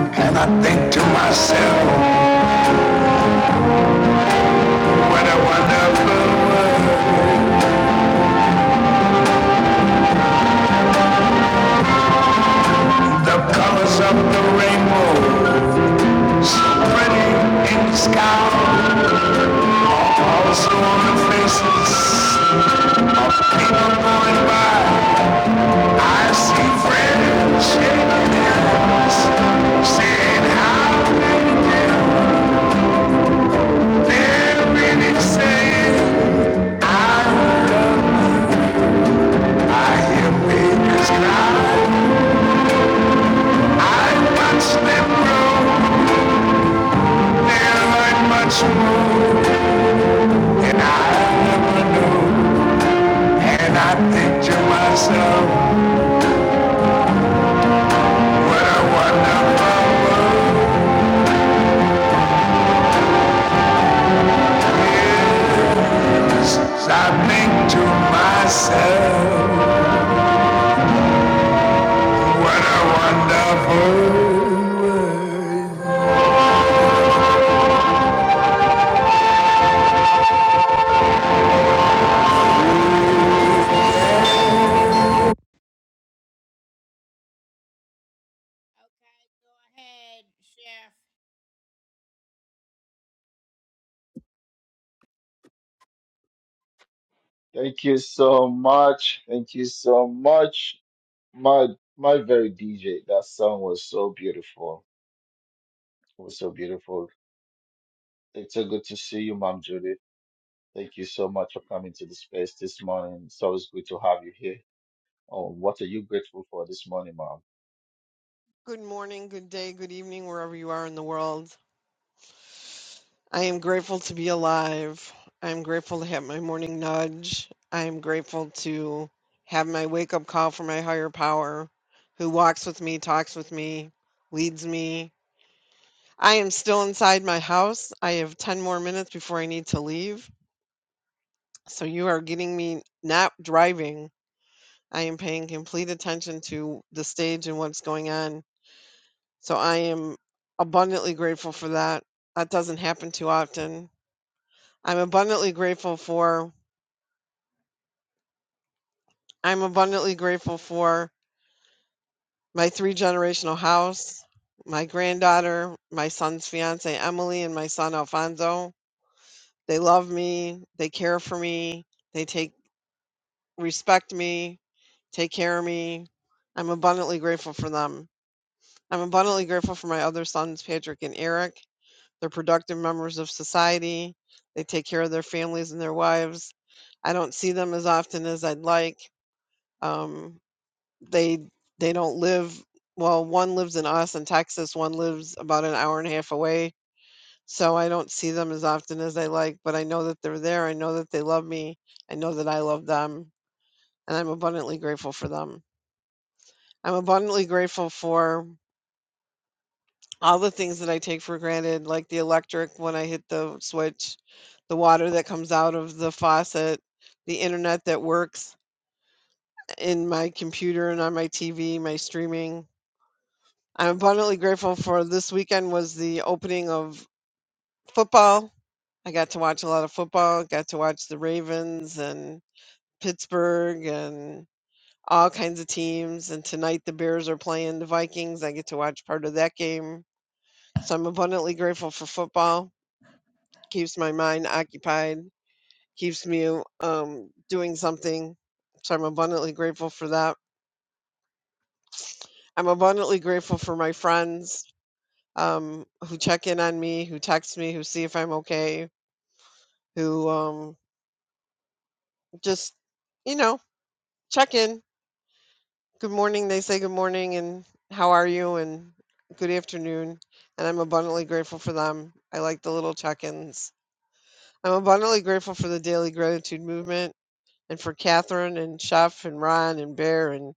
S1: and I think to myself, what a wonderful world. The colors of the rainbow, so pretty in the sky, also on the faces of people going by. I see friends shaking hands, saying how they do. I think to myself, what a wonderful world.
S2: Thank you so much. Thank you so much. My my very DJ, that song was so beautiful. It was so beautiful. It's so good to see you, Mom Judy. Thank you so much for coming to the space this morning. It's always good to have you here. Oh, what are you grateful for this morning, Mom?
S7: Good morning, good day, good evening, wherever you are in the world. I am grateful to be alive. I am grateful to have my morning nudge. I am grateful to have my wake up call from my higher power who walks with me, talks with me, leads me. I am still inside my house. I have 10 more minutes before I need to leave. So you are getting me not driving. I am paying complete attention to the stage and what's going on So I am abundantly grateful for that. That doesn't happen too often. I'm abundantly grateful for I'm abundantly grateful for my three generational house, my granddaughter, my son's fiance Emily and my son Alfonso. They love me, they care for me, they take respect me, take care of me. I'm abundantly grateful for them. I'm abundantly grateful for my other sons Patrick and Eric. They're productive members of society. They take care of their families and their wives. I don't see them as often as I'd like. Um, they they don't live well. One lives in Austin, Texas. One lives about an hour and a half away. So I don't see them as often as I like. But I know that they're there. I know that they love me. I know that I love them, and I'm abundantly grateful for them. I'm abundantly grateful for all the things that I take for granted, like the electric when I hit the switch, the water that comes out of the faucet, the internet that works in my computer and on my TV, my streaming. I'm abundantly grateful for this weekend was the opening of football. I got to watch a lot of football, got to watch the Ravens and Pittsburgh and all kinds of teams. And tonight the Bears are playing the Vikings. I get to watch part of that game. So I'm abundantly grateful for football. keeps my mind occupied, keeps me um, doing something. So I'm abundantly grateful for that. I'm abundantly grateful for my friends um, who check in on me, who text me, who see if I'm okay, who um, just, you know, check in. Good morning. They say good morning and how are you and good afternoon. And I'm abundantly grateful for them. I like the little check ins. I'm abundantly grateful for the daily gratitude movement. and for Catherine and Chef and Ron and Bear and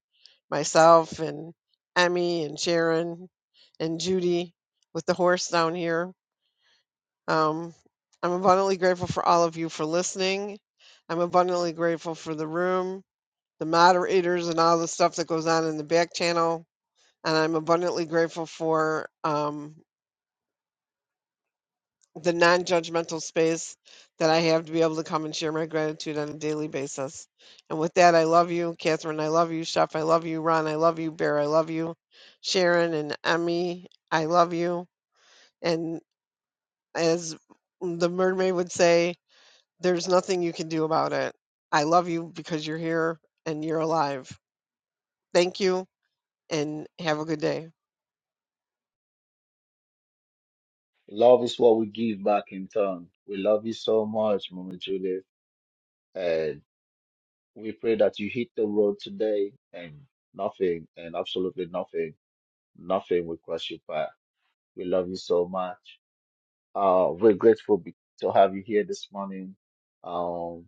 S7: myself and Emmy and Sharon and Judy with the horse down here. Um, I'm abundantly grateful for all of you for listening. I'm abundantly grateful for the room, the moderators, and all the stuff that goes on in the back channel. And I'm abundantly grateful for um, the non-judgmental space that I have to be able to come and share my gratitude on a daily basis. And with that, I love you, Catherine. I love you, Chef. I love you, Ron. I love you, Bear. I love you, Sharon and Emmy. I love you. And as the mermaid would say, there's nothing you can do about it. I love you because you're here and you're alive. Thank you and have a good day.
S2: Love is what we give back in turn. We love you so much, Mama Julie. And we pray that you hit the road today and nothing and absolutely nothing, nothing will cross you. by. We love you so much. Uh, we're grateful be- to have you here this morning. Um,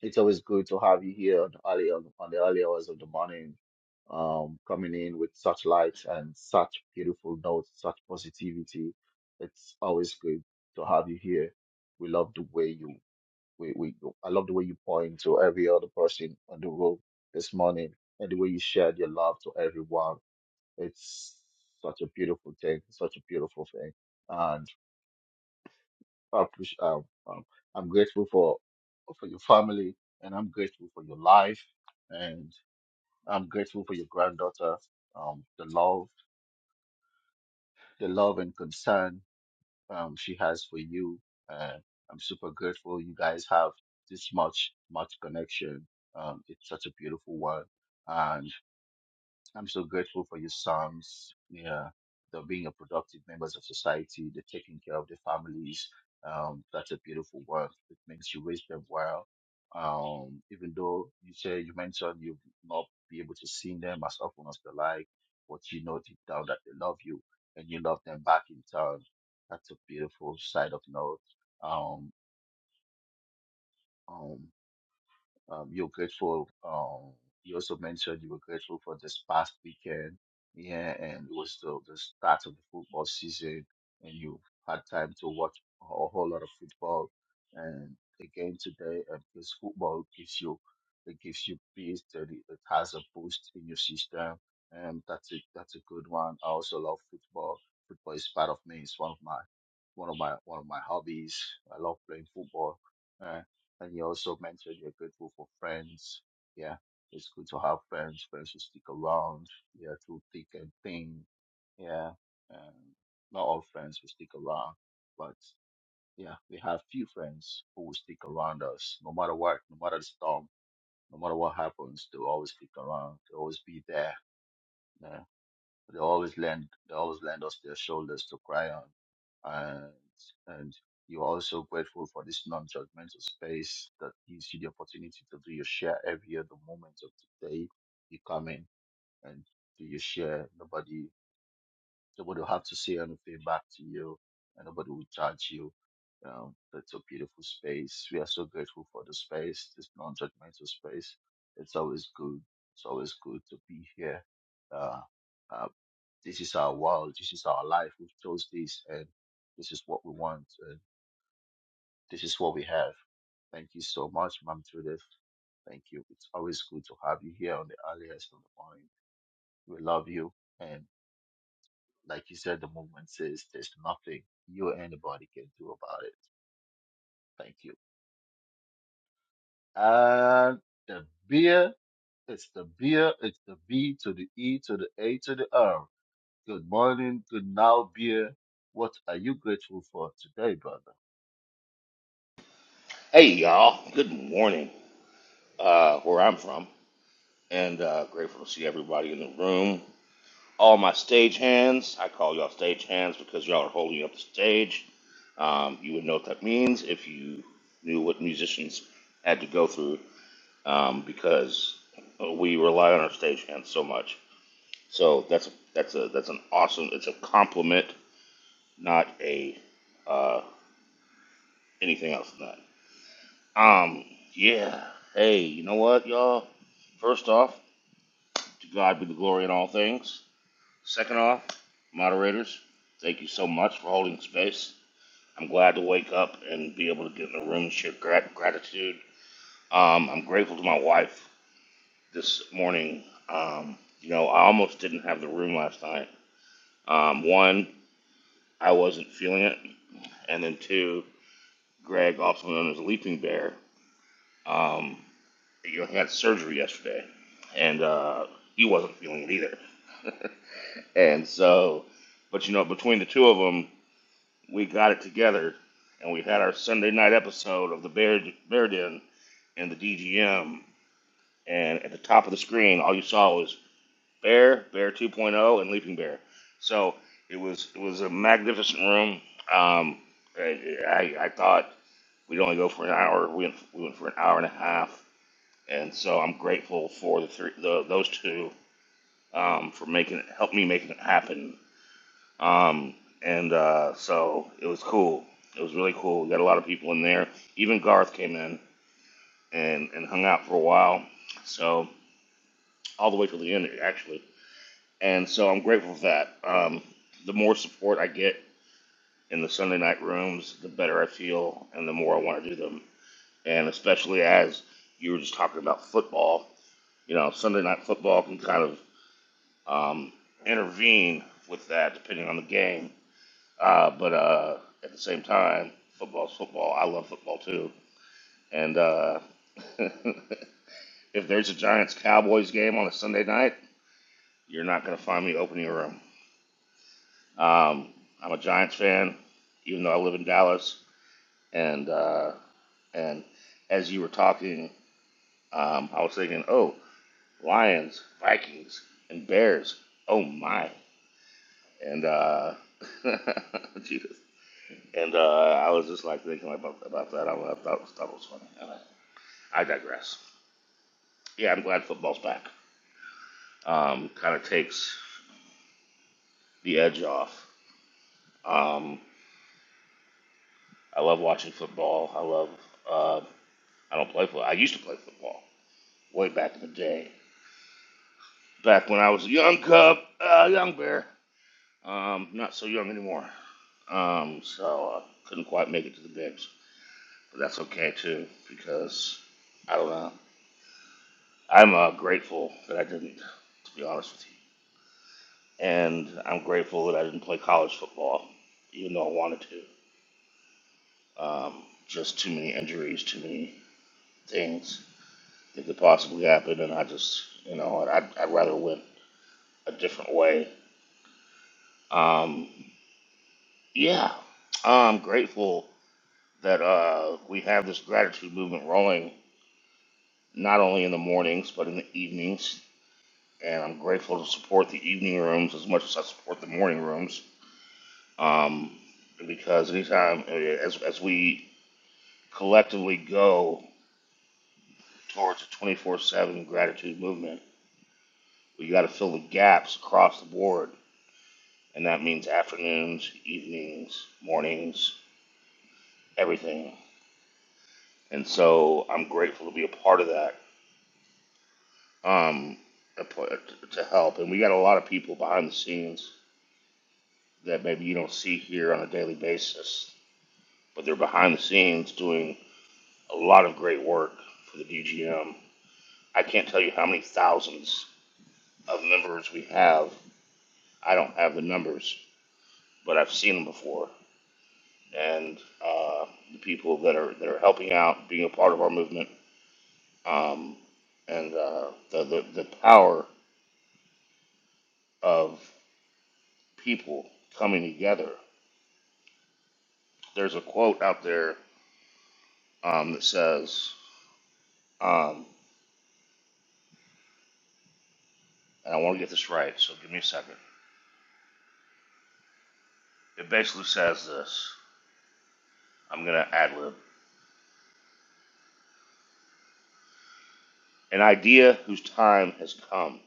S2: it's always good to have you here on the early on, on the early hours of the morning, um, coming in with such light and such beautiful notes, such positivity. It's always good to have you here. We love the way you we, we I love the way you point to every other person on the road this morning and the way you shared your love to everyone. It's such a beautiful thing, such a beautiful thing. I appreciate. Um, um, I'm grateful for for your family, and I'm grateful for your life, and I'm grateful for your granddaughter. Um, the love, the love and concern um, she has for you. Uh, I'm super grateful you guys have this much much connection. Um, it's such a beautiful one, and I'm so grateful for your sons. Yeah, they're being a productive members of society. They're taking care of their families. Um, that's a beautiful work. It means you raised them well. Um, even though you say you mentioned you not be able to see them as often as they like, but you know deep down that they love you and you love them back in turn. That's a beautiful side of note. Um, um, um, you're grateful. Um, you also mentioned you were grateful for this past weekend, yeah, and it was the, the start of the football season, and you had time to watch a whole lot of football. And again today, and because football gives you, it gives you peace. That it, it has a boost in your system, and that's a that's a good one. I also love football. Football is part of me. It's one of my one of my one of my hobbies. I love playing football and you also mentioned you're grateful for friends. Yeah, it's good to have friends, friends who stick around, yeah, through thick and thin. Yeah, um, not all friends will stick around, but yeah, we have few friends who will stick around us no matter what, no matter the storm, no matter what happens, they'll always stick around, they'll always be there. Yeah. They always lend they always lend us their shoulders to cry on. And and you're also grateful for this non judgmental space that gives you the opportunity to do your share every other moment of the day you come in and do your share. Nobody nobody will have to say anything back to you and nobody will judge you. Um, that's a beautiful space. We are so grateful for the space, this non judgmental space. It's always good. It's always good to be here. Uh, uh, this is our world. This is our life. We've chose this, and this is what we want. And this is what we have. Thank you so much, Mom Judith. Thank you. It's always good to have you here on the alias on the point. We love you. And like you said, the movement says there's nothing you or anybody can do about it. Thank you. And the beer, it's the beer, it's the B to the E to the A to the R. Good morning, good now, beer. What are you grateful for today, brother?
S8: Hey y'all, good morning. Uh, where I'm from, and uh, grateful to see everybody in the room. All my stage hands, I call y'all stage hands because y'all are holding up the stage. Um, you would know what that means if you knew what musicians had to go through, um, because we rely on our stage hands so much. So that's a, that's a that's an awesome. It's a compliment, not a uh, anything else than that. Um, yeah. Hey, you know what, y'all? First off, To God be the glory in all things. Second off, moderators, thank you so much for holding space. I'm glad to wake up and be able to get in the room and share grat- gratitude. Um, I'm grateful to my wife this morning. Um, you know, I almost didn't have the room last night. Um, one, I wasn't feeling it. And then two, Greg, also known as Leaping Bear, um, you know, he had surgery yesterday. And uh, he wasn't feeling it either. And so, but you know, between the two of them, we got it together, and we had our Sunday night episode of the Bear Bear Den in the DGM. And at the top of the screen, all you saw was Bear, Bear 2.0, Point Oh, and Leaping Bear. So it was it was a magnificent room. Um, I, I I thought we'd only go for an hour. We went, we went for an hour and a half, and so I'm grateful for the three, the, those two um, for making it help me making it happen Um, and uh, so it was cool. It was really cool. We got a lot of people in there. Even Garth came in and, and hung out for a while. So all the way till the end, actually. And so I'm grateful for that. Um, the more support I get in the Sunday night rooms, the better I feel, and the more I want to do them. And especially as you were just talking about football, you know, Sunday night football can kind of um, intervene with that, depending on the game Uh, but uh, at the same time, football's football. I love football too. And uh, if there's a Giants Cowboys game on a Sunday night, you're not going to find me opening a room. Um, I'm a Giants fan, even though I live in Dallas. And uh, and as you were talking, um, I was thinking, oh, Lions, Vikings, and Bears. Oh my! And uh, Jesus. And uh, I was just like thinking about about that. I, I thought, thought it was funny. I digress. Yeah, I'm glad football's back. Um, kind of takes the edge off. Um, I love watching football. I love. Uh, I don't play football. I used to play football way back in the day, back when I was a young cub, a uh, young bear. Um, not so young anymore. Um, so I couldn't quite make it to the games, but that's okay too because I don't know. I'm uh, grateful that I didn't, to be honest with you, and I'm grateful that I didn't play college football, even though I wanted to. Um, just too many injuries, too many things that could possibly happen, and I just, you know, I'd, I'd rather win a different way. Um, yeah, I'm grateful that uh, we have this gratitude movement rolling, not only in the mornings but in the evenings. And I'm grateful to support the evening rooms as much as I support the morning rooms, um, because anytime uh, as as we collectively go towards a 24/7 gratitude movement We got to fill the gaps across the board, and that means afternoons, evenings, mornings, everything. And so I'm grateful to be a part of that um, to help. And we got a lot of people behind the scenes that maybe you don't see here on a daily basis, but they're behind the scenes doing a lot of great work for the DGM. I can't tell you how many thousands of members we have. I don't have the numbers, but I've seen them before. and uh, the people that are that are helping out, being a part of our movement, um, and uh, the, the the power of people coming together. There's a quote out there um, that says, um, and I want to get this right, so give me a second. It basically says this. I'm gonna ad lib. An idea whose time has come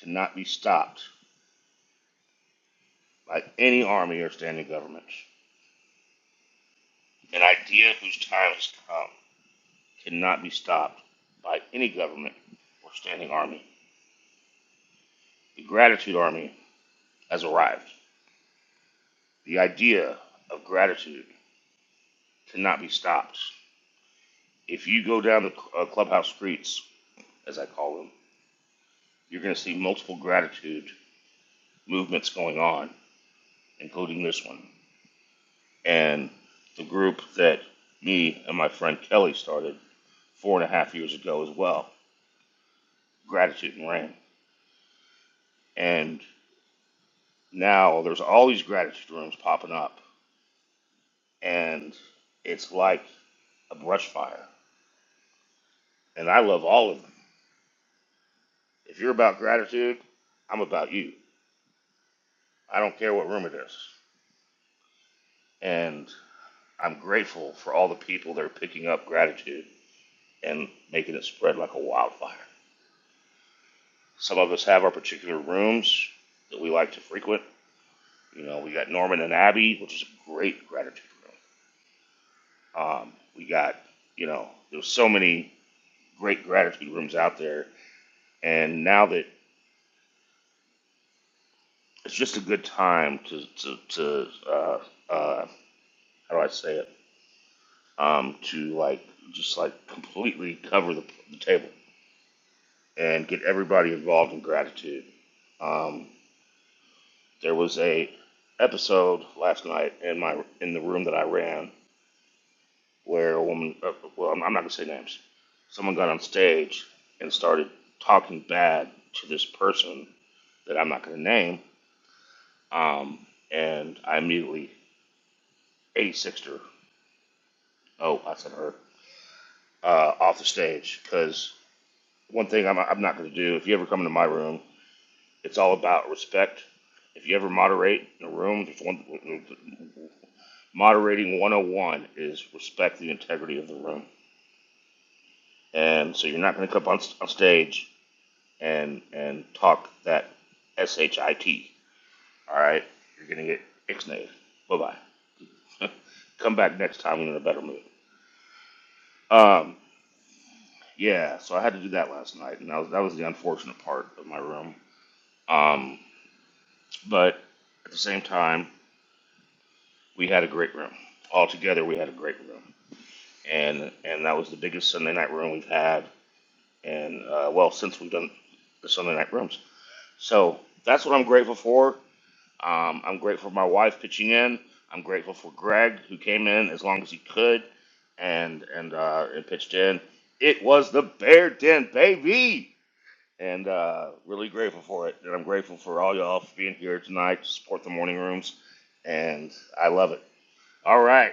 S8: cannot be stopped by any army or standing government. An idea whose time has come cannot be stopped by any government or standing army. The gratitude army has arrived. The idea of gratitude cannot be stopped. If you go down the uh, clubhouse streets, as I call them, you're going to see multiple gratitude movements going on, including this one. And the group that me and my friend Kelly started four and a half years ago as well, Gratitude and Rain. And now there's all these gratitude rooms popping up and it's like a brush fire. And I love all of them. If you're about gratitude, I'm about you. I don't care what room it is. And I'm grateful for all the people that are picking up gratitude and making it spread like a wildfire. Some of us have our particular rooms that we like to frequent. You know, we got Norman and Abby, which is a great gratitude room. Um, we got, you know, there's so many great gratitude rooms out there. And now that it's just a good time to to to uh, uh, how do I say it? Um, to like just like completely cover the, the table and get everybody involved in gratitude. Um, there was a episode last night in my in the room that I ran where a woman, uh, well, I'm not gonna say names. Someone got on stage and started talking bad to this person that I'm not gonna name, um, and I immediately eighty sixed her. Oh, I said her. uh, off the stage. Because one thing I'm, I'm not going to do, if you ever come into my room, it's all about respect. If you ever moderate in a room, there's one, moderating 101 is respect the integrity of the room. And so you're not going to come on, on stage and, and talk that S-H-I-T, all right? You're going to get ixnayed. Bye-bye. come back next time when you're in a better mood. Um, yeah, so I had to do that last night, and that was, that was the unfortunate part of my room. Um, But at the same time, we had a great room. Altogether, we had a great room, and and that was the biggest Sunday night room we've had, and uh, well, since we've done the Sunday night rooms. So that's what I'm grateful for. Um, I'm grateful for my wife pitching in. I'm grateful for Greg who came in as long as he could, and and uh, and pitched in. It was the Bear Den, baby. and uh, really grateful for it. And I'm grateful for all y'all for being here tonight to support the morning rooms, and I love it. All right,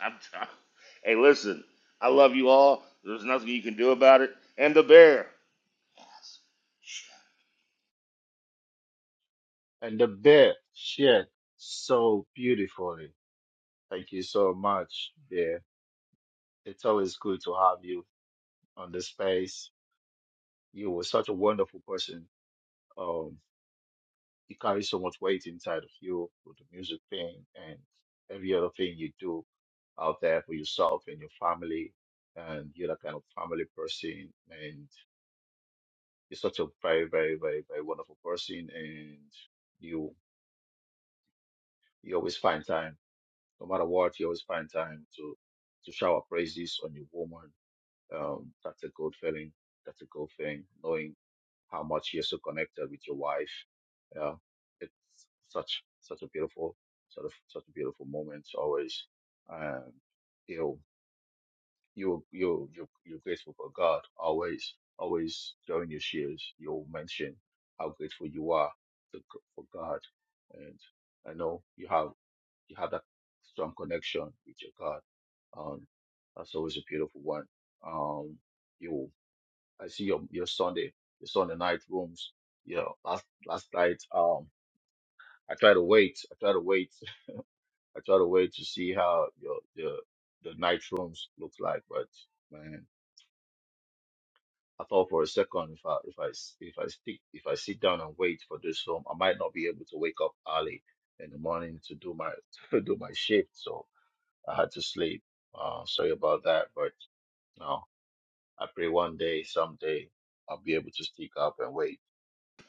S8: I'm done. Hey, listen, I love you all. There's nothing you can do about it. And the bear,
S2: And the bear shared so beautifully. Thank you so much, bear. It's always good to have you on the space. You were such a wonderful person. Um, you carry so much weight inside of you with the music thing and every other thing you do out there for yourself and your family. And you're that kind of family person. And you're such a very, very, very, very wonderful person. And you you always find time No matter what, you always find time to to shower praises on your woman. Um, that's a good feeling. That's a good thing. Knowing how much you're so connected with your wife. Yeah, it's such such a beautiful sort of such a beautiful moment always. And you know, you you you you're grateful for God always. Always during your shares, you'll mention how grateful you are to, for God, and I know you have you have that strong connection with your God. Um, that's always a beautiful one. Um, you, I see your your Sunday, your Sunday night rooms. You know, last last night, um, I try to wait. I try to wait. I try to wait to see how your the the night rooms look like. But man, I thought for a second if I if I s- if I stick if I sit down and wait for this room, I might not be able to wake up early in the morning to do my to do my shift. So I had to sleep. Uh, sorry about that, but you know, I pray one day, someday, I'll be able to stick up and wait.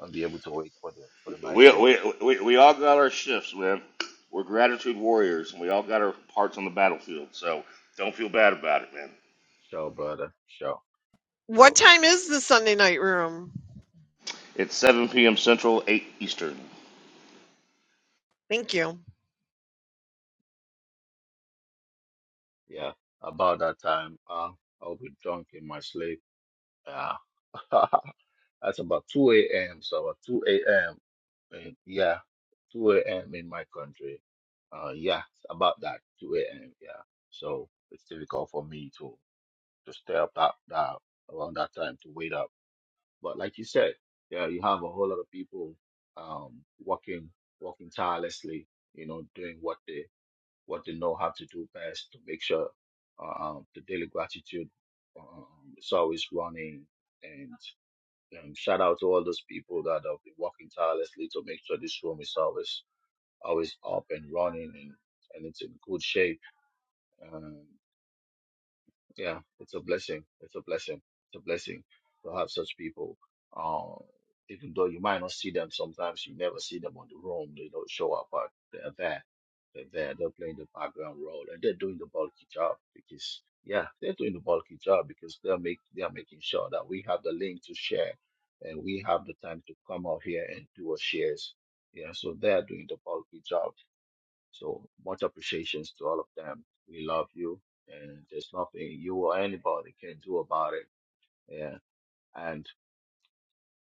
S2: I'll be able to wait for the for the night
S8: we we
S2: rooms.
S8: we, we all got our shifts, man. We're gratitude warriors, and we all got our parts on the battlefield. So don't feel bad about it, man.
S2: Sure, brother. Sure,
S7: What
S2: sure.
S7: time is the Sunday night room?
S8: It's 7 p.m. Central, 8 Eastern.
S7: Thank you.
S2: Yeah, about that time, uh, I'll be drunk in my sleep. Yeah, that's about two a.m. So about two a.m. in- Yeah, two a.m. in my country. Uh, yeah, about that two a.m. Yeah, so it's difficult for me to. to stay up that, that around that time to wait up. But like you said, yeah, you have a whole lot of people um working working tirelessly, you know, doing what they what they know how to do best to make sure uh, um the daily gratitude um, is always running and um, shout out to all those people that have been working tirelessly to make sure this room is always always up and running and, and it's in good shape. yeah, it's a blessing. It's a blessing. It's a blessing to have such people. Uh, even though you might not see them sometimes, you never see them on the room. They don't show up, but they're there. They're there. They're playing the background role, and they're doing the bulky job because yeah, they're doing the bulky job because they're make they are making sure that we have the link to share, and we have the time to come out here and do our shares. Yeah, so they're doing the bulky job so much appreciations to all of them. We love you, and there's nothing you or anybody can do about it. Yeah, and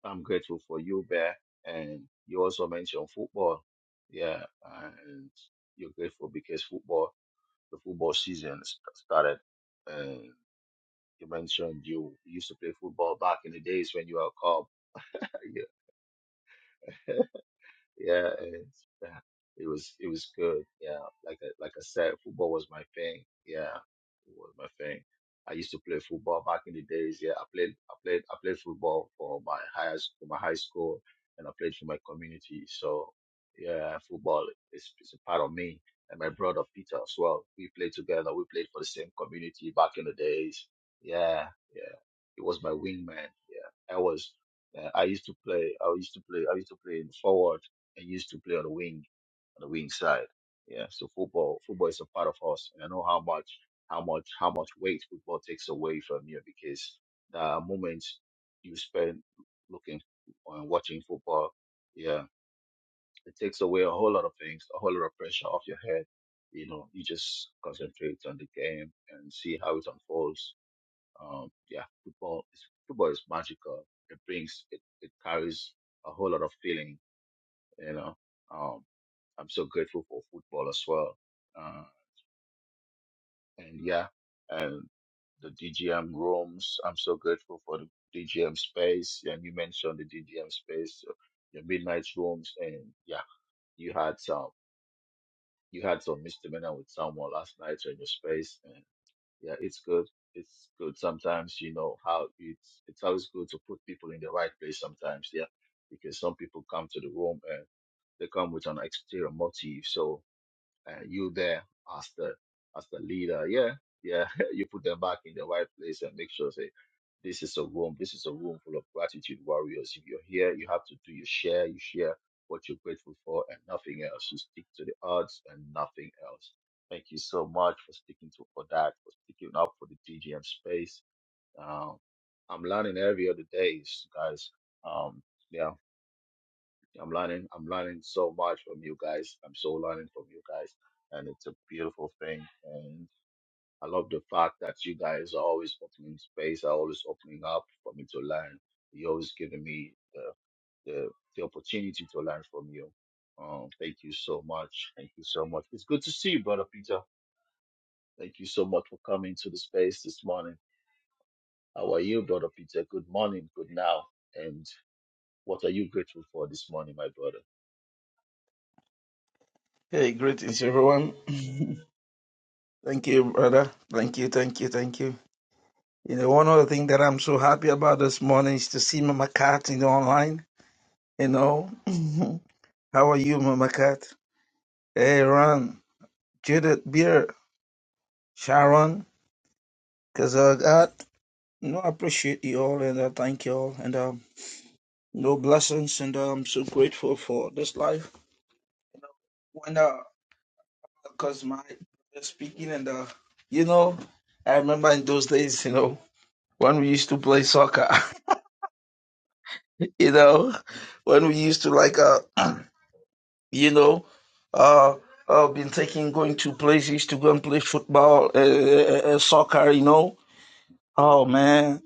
S2: I'm grateful for you, Bear. And you also mentioned football. Yeah, and you're grateful because football, the football season s- started. And you mentioned you used to play football back in the days when you were a cop. Yeah. yeah, and yeah, it was it was good. Yeah, like I, like I said, football was my thing. Yeah, it was my thing. I used to play football back in the days. Yeah, I played I played I played football for my high s- for my high school, and I played for my community. So yeah, football is is a part of me. And my brother Peter as well. We played together. We played for the same community back in the days. Yeah, yeah. He was my wingman. Yeah, I was. Uh, I used to play. I used to play. I used to play in forward. I used to play on the wing on the wing side. Yeah, so football football is a part of us, and I know how much how much how much weight football takes away from you because the moments you spend looking and watching football, yeah, it takes away a whole lot of things, a whole lot of pressure off your head. You know, you just concentrate on the game and see how it unfolds. Um, yeah, football is football is magical. It brings it, it carries a whole lot of feeling you know, um, I'm so grateful for football as well. Uh, and yeah, and the DGM rooms. I'm so grateful for the DGM space. And you mentioned the DGM space, uh, your midnight rooms, and yeah, you had some you had some misdemeanor with someone last night on your space, and yeah, it's good. It's good. Sometimes you know how it's it's always good to put people in the right place. Sometimes, yeah, because some people come to the room and they come with an exterior motive, so And you there as the as the leader. Yeah, yeah. you put them back in the right place and make sure say this is a room. This is a room full of gratitude warriors. If you're here, you have to do your share. You share what you're grateful for and nothing else. You stick to the odds and nothing else. Thank you so much for sticking to for that, for sticking up for the DGM space. Um, I'm learning every other day, guys. Um, yeah. I'm learning. I'm learning so much from you guys. I'm so learning from you guys, and it's a beautiful thing. And I love the fact that you guys are always opening space, are always opening up for me to learn. You're always giving me the the, the opportunity to learn from you. Um, thank you so much. Thank you so much. It's good to see you, brother Peter. Thank you so much for coming to the space this morning. How are you, brother Peter? Good morning. Good now. And what are you grateful for this morning, my brother?
S9: Hey, greetings, everyone. thank you, brother. Thank you, thank you, thank you. You know, one other thing that I'm so happy about this morning is to see Mama Cat in the online. You know, how are you, Mama Cat? Hey, Ron, Judith, Beer, Sharon, Kazagat. You know, I appreciate you all and I thank you all. And, um, no blessings, and uh, I'm so grateful for this life. When, uh, because my speaking and, uh, you know, I remember in those days, you know. when we used to play soccer, you know, when we used to like, uh, you know, uh, uh, been taking going to places to go and play football, uh, uh, uh, soccer, you know. Oh man,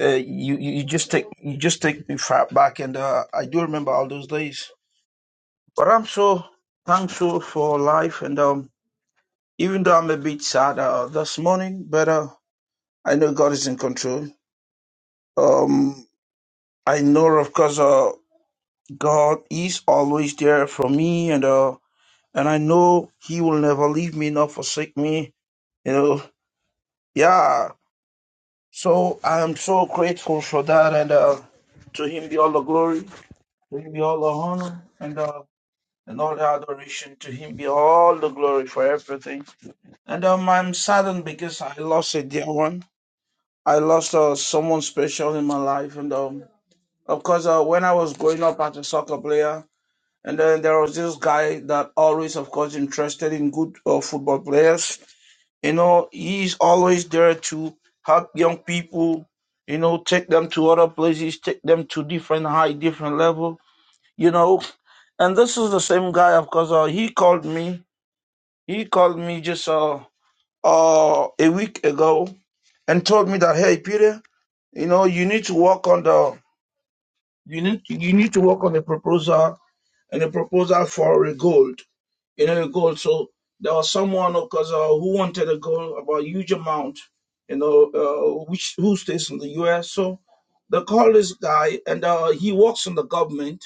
S9: uh, you you you just take you just take me far back, and uh, I do remember all those days. But I'm so thankful for life, and um, even though I'm a bit sad uh, this morning, but uh, I know God is in control. Um, I know, of course. Uh, God is always there for me, and uh, and I know He will never leave me nor forsake me. You know, yeah. So I am so grateful for that, and uh, to Him be all the glory, to Him be all the honor, and uh, and all the adoration. To Him be all the glory for everything. And um, I'm saddened because I lost a dear one. I lost uh, someone special in my life, and um, of course, uh, when I was growing up as a soccer player. And then there was this guy that always, of course, interested in good uh, football players. You know, he's always there to help young people. You know, take them to other places, take them to different high, different level. You know, and this is the same guy, of course. Uh, he called me. He called me just uh, uh a week ago and told me that hey, Peter, you know, you need to work on the you need you need to work on the proposal and a proposal for a goal you know, the gold. So there was someone because uh, who wanted a gold about a huge amount, you know, uh, which who stays in the U.S. So they call this guy, and uh, he works in the government.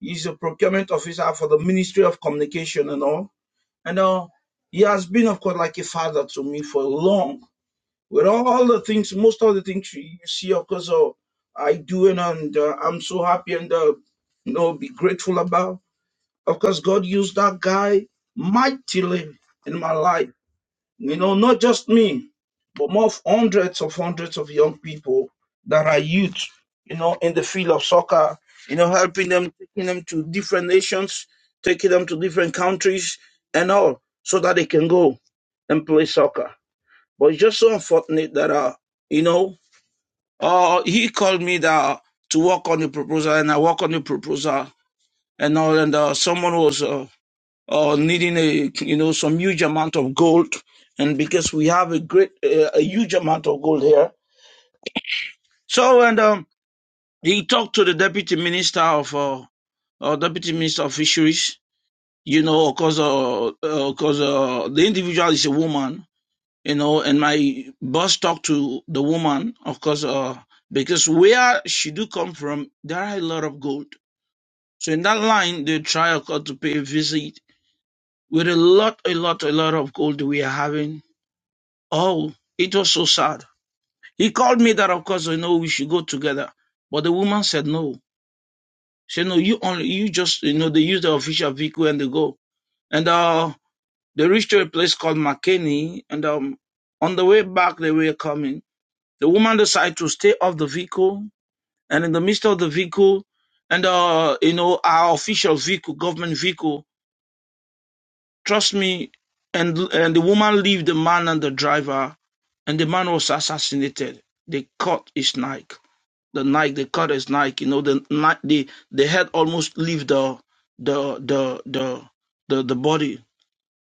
S9: He's a procurement officer for the Ministry of Communication and all. And uh, he has been, of course, like a father to me for long. With all the things, most of the things you you see, of course, uh, I do, and, and uh, I'm so happy and uh, you know, be grateful about. Of course, God used that guy mightily in my life. You know, not just me, but more of hundreds of hundreds of young people that are youth, you know, in the field of soccer, you know, helping them, taking them to different nations, taking them to different countries and all, so that they can go and play soccer. But it's just so unfortunate that, uh, you know, uh, he called me that, to work on the proposal, and I work on the proposal and all, and uh, someone was. Uh, or needing a you know some huge amount of gold and because we have a great uh, a huge amount of gold here so and um he talked to the deputy minister of uh, uh deputy minister of fisheries you know because uh, uh, 'cause, uh, the individual is a woman you know and my boss talked to the woman of course uh because where she do come from there are a lot of gold so in that line they try of course to pay a visit with a lot a lot a lot of gold we are having Oh, it was so sad. He called me that of course you know we should go together. But the woman said no. She said no, you only you just you know they use the official vehicle and they go. And uh they reached to a place called McKinney and um on the way back they were coming. The woman decided to stay off the vehicle and in the midst of the vehicle and uh you know our official vehicle, government vehicle Trust me. And and the woman leave the man and the driver, and the man was assassinated. They cut his neck. The neck they cut his neck. You know the neck the the head almost leave the the the the the the body.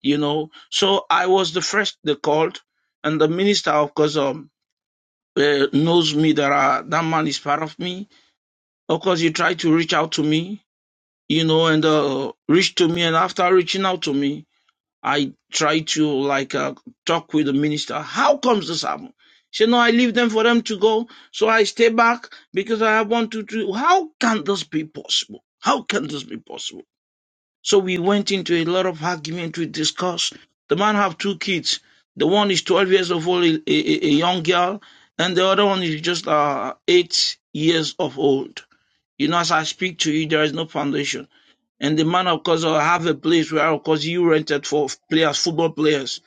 S9: You know. So I was the first they called, and the minister of course um, uh, knows me that uh, that man is part of me. Of course he tried to reach out to me. You know, and uh, reached to me, and after reaching out to me. I tried to like uh, talk with the minister. How comes this happen? She said, no, I leave them for them to go. So I stay back because I want to do. How can this be possible? How can this be possible? So we went into a lot of argument. We discussed. The man have two kids. The one is 12 years of old, a, a, a young girl, and the other one is just uh, eight years of old. You know, as I speak to you, there is no foundation. And the man, of course, will have a place where, of course, you rented for players, football players,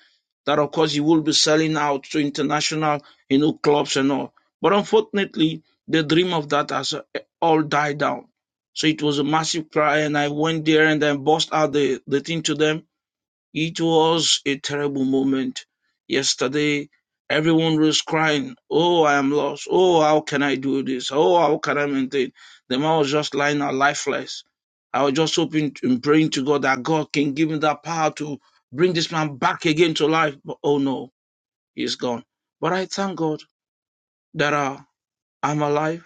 S9: that, of course, you will be selling out to international, you know, clubs and all. But unfortunately, the dream of that has uh, all died down. So it was a massive cry, and I went there and I bust out the, the thing to them it was a terrible moment. Yesterday, everyone was crying, Oh, I am lost. Oh, how can I do this? Oh, how can I maintain? The man was just lying out lifeless. I was just hoping and praying to God that God can give me that power to bring this man back again to life. But oh no, he's gone. But I thank God that uh, I'm alive.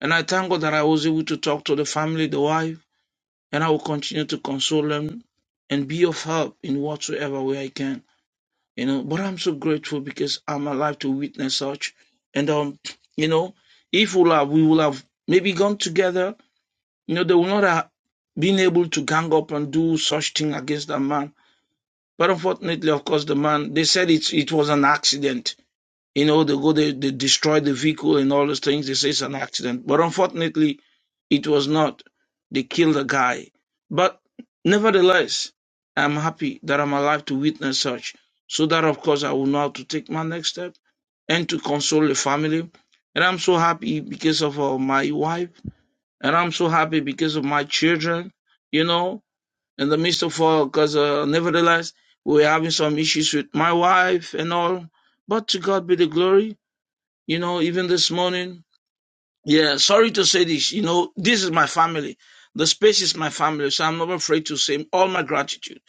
S9: And I thank God that I was able to talk to the family, the wife, and I will continue to console them and be of help in whatsoever way I can you know but i'm so grateful because i'm alive to witness such and um you know if we'll have, we will have maybe gone together you know they will not have been able to gang up and do such thing against that man but unfortunately of course the man they said it, it was an accident you know, they go, they, they destroy the vehicle and all those things. They say it's an accident. But unfortunately, it was not. They killed a guy. But nevertheless, I'm happy that I'm alive to witness such. So that, of course, I will know how to take my next step and to console the family. And I'm so happy because of uh, my wife. And I'm so happy because of my children, you know, in the midst of all, because uh, nevertheless, we were having some issues with my wife and all. But to God be the glory. You know, even this morning, yeah, sorry to say this, you know, this is my family. The space is my family, so I'm not afraid to say all my gratitude.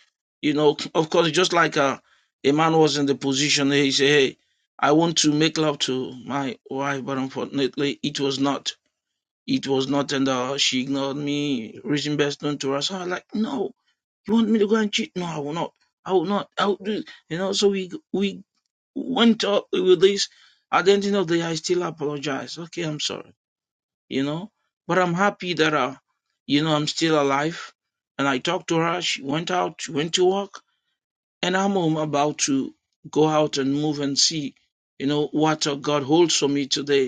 S9: You know, of course, just like a, a man was in the position, he said, hey, I want to make love to my wife, but unfortunately, it was not. It was not, and uh, she ignored me, reason best known to her. So I was like, no, you want me to go and cheat? No, I will not. I will not. I will do, it." you know, so we, we went up with this at the end of the day i still apologize okay i'm sorry you know but i'm happy that uh you know i'm still alive and i talked to her she went out she went to work and i'm home about to go out and move and see you know what uh, god holds for me today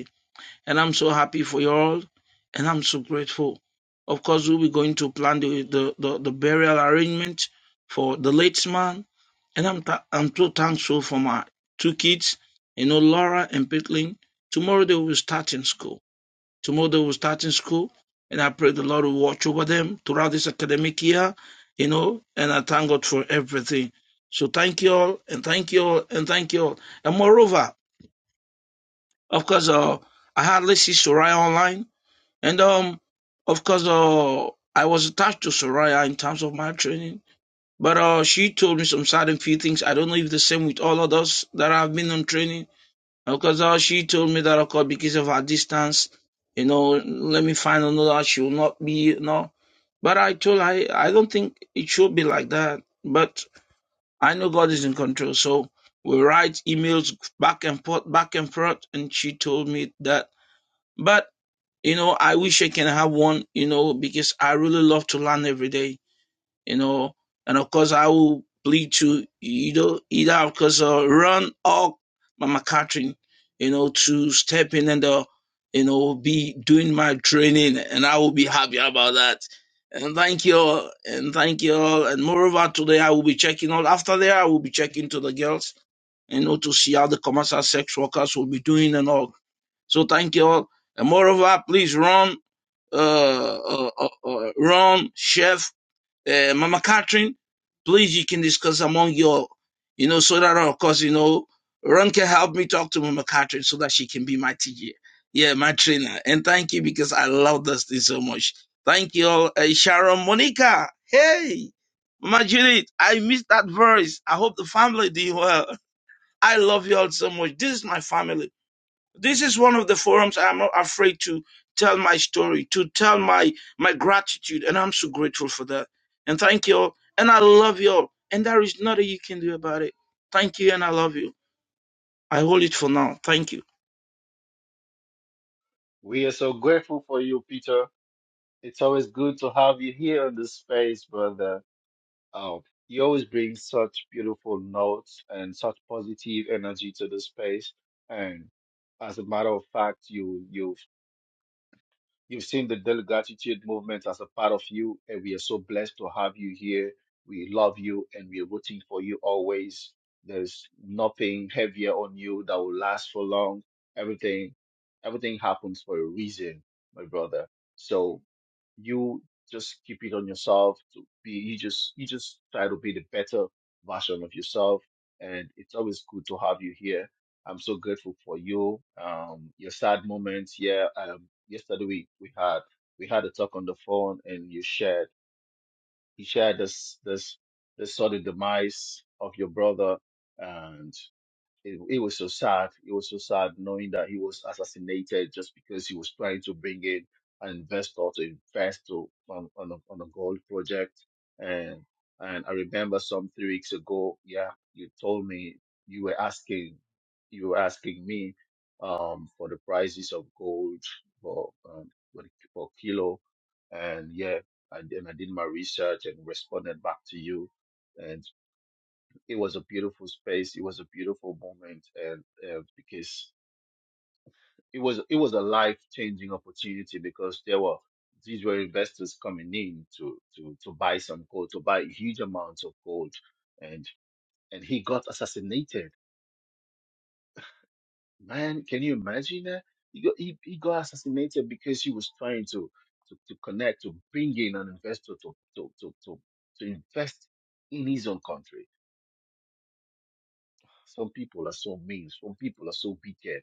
S9: and I'm so happy for you all. And I'm so grateful. Of course, we'll be going to plan the, the, the, the burial arrangement for the late man. And I'm, th- I'm so thankful for my two kids, you know, Laura and Pitlin. Tomorrow they will start in school. Tomorrow they will start in school. And I pray the Lord will watch over them throughout this academic year, you know, and I thank God for everything. So thank you all, and thank you all, and thank you all. And moreover, of course, uh, I hardly see Soraya online and um, of course, uh, I was attached to Soraya in terms of my training, but uh, she told me some certain few things. I don't know if the same with all others that have been on training. Because uh, she told me that, of course, because of her distance, you know, let me find another. She will not be, you know. But I told her, I, I don't think it should be like that. But I know God is in control. So we write emails back and forth, back and forth. And she told me that. But. You know, I wish I can have one, you know, because I really love to learn every day, you know. And of course, I will plead to, you know, either, of course, uh, Ron or Mama Catherine, you know, to step in and, uh, you know, be doing my training. And I will be happy about that. And thank you all. And thank you all. And moreover, today I will be checking all. After there, I will be checking to the girls, you know, to see how the commercial sex workers will be doing and all. So thank you all. And moreover, please run uh, uh, uh, uh, Ron, Chef, uh, Mama Catherine, please you can discuss among your, you know, so that of course you know Ron can help me talk to Mama Catherine so that she can be my teacher, yeah, my trainer. And thank you because I love this thing so much. Thank you all, uh, Sharon, Monica, hey, Mama Judith, I miss that voice. I hope the family doing well. I love you all so much. This is my family. This is one of the forums I'm not afraid to tell my story, to tell my my gratitude, and I'm so grateful for that. And thank you all, and I love you all, and there is nothing you can do about it. Thank you, and I love you. I hold it for now. Thank you.
S2: We are so grateful for you, Peter. It's always good to have you here in this space, brother. Oh, you always bring such beautiful notes and such positive energy to the space. And as a matter of fact, you you You've seen the Daily Gratitude Movement as a part of you, and we are so blessed to have you here. We love you and we're rooting for you always. There's nothing heavier on you that will last for long. Everything, everything happens for a reason, my brother. So you just keep it on yourself to be you just you just try to be the better version of yourself and it's always good to have you here I'm so grateful for you. Um, your sad moments. Yeah. Um, yesterday we, we had we had a talk on the phone, and you shared he shared this this this sort of demise of your brother, and. It, it was so sad. It was so sad knowing that he was assassinated just because he was trying to bring in an investor to invest to, on, on, a, on a gold project. And and I remember some three weeks ago, yeah, you told me you were asking you were asking me um, for the prices of gold for um, for, the- for kilo, and yeah, I, and I did my research and responded back to you it was a beautiful space. It was a beautiful moment, and uh, because it was it was a life changing opportunity because there were these were investors coming in to to to buy some gold, to buy huge amounts of gold, and and he got assassinated. Man, can you imagine that? He got he, he got assassinated because he was trying to to, to connect to bring in an investor to to to to, to invest in his own country. Some people are so mean. Some people are so wicked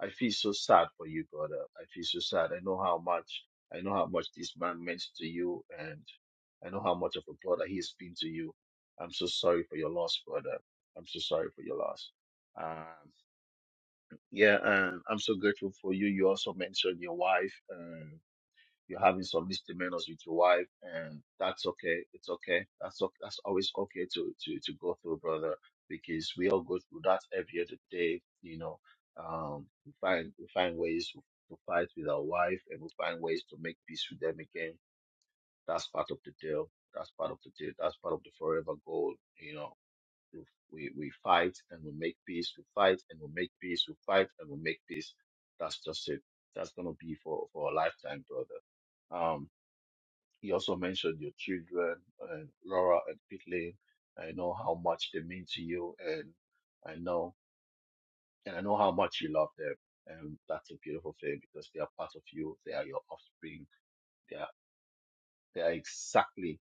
S2: I feel so sad for you, brother. I feel so sad. I know how much I know how much this man meant to you, and I know how much of a brother he has been to you. I'm so sorry for your loss, brother. I'm so sorry for your loss. Um, yeah, and I'm so grateful for you. You also mentioned your wife. You're having some misdemeanors with your wife, and that's okay. It's okay. That's o- that's always okay to to to go through, brother, because we all go through that every other day. You know, um, we find we find ways to, to fight with our wife, and we find ways to make peace with them again. That's part of the deal. That's part of the deal. That's part of the forever goal. You know, we we we fight and we make peace. We fight and we make peace. We fight and we make peace. That's just it. That's gonna be for for a lifetime, brother. Um, you also mentioned your children, and Laura and Caitlin. I know how much they mean to you, and I know, and I know how much you love them. And that's a beautiful thing because they are part of you. They are your offspring. They are they are exactly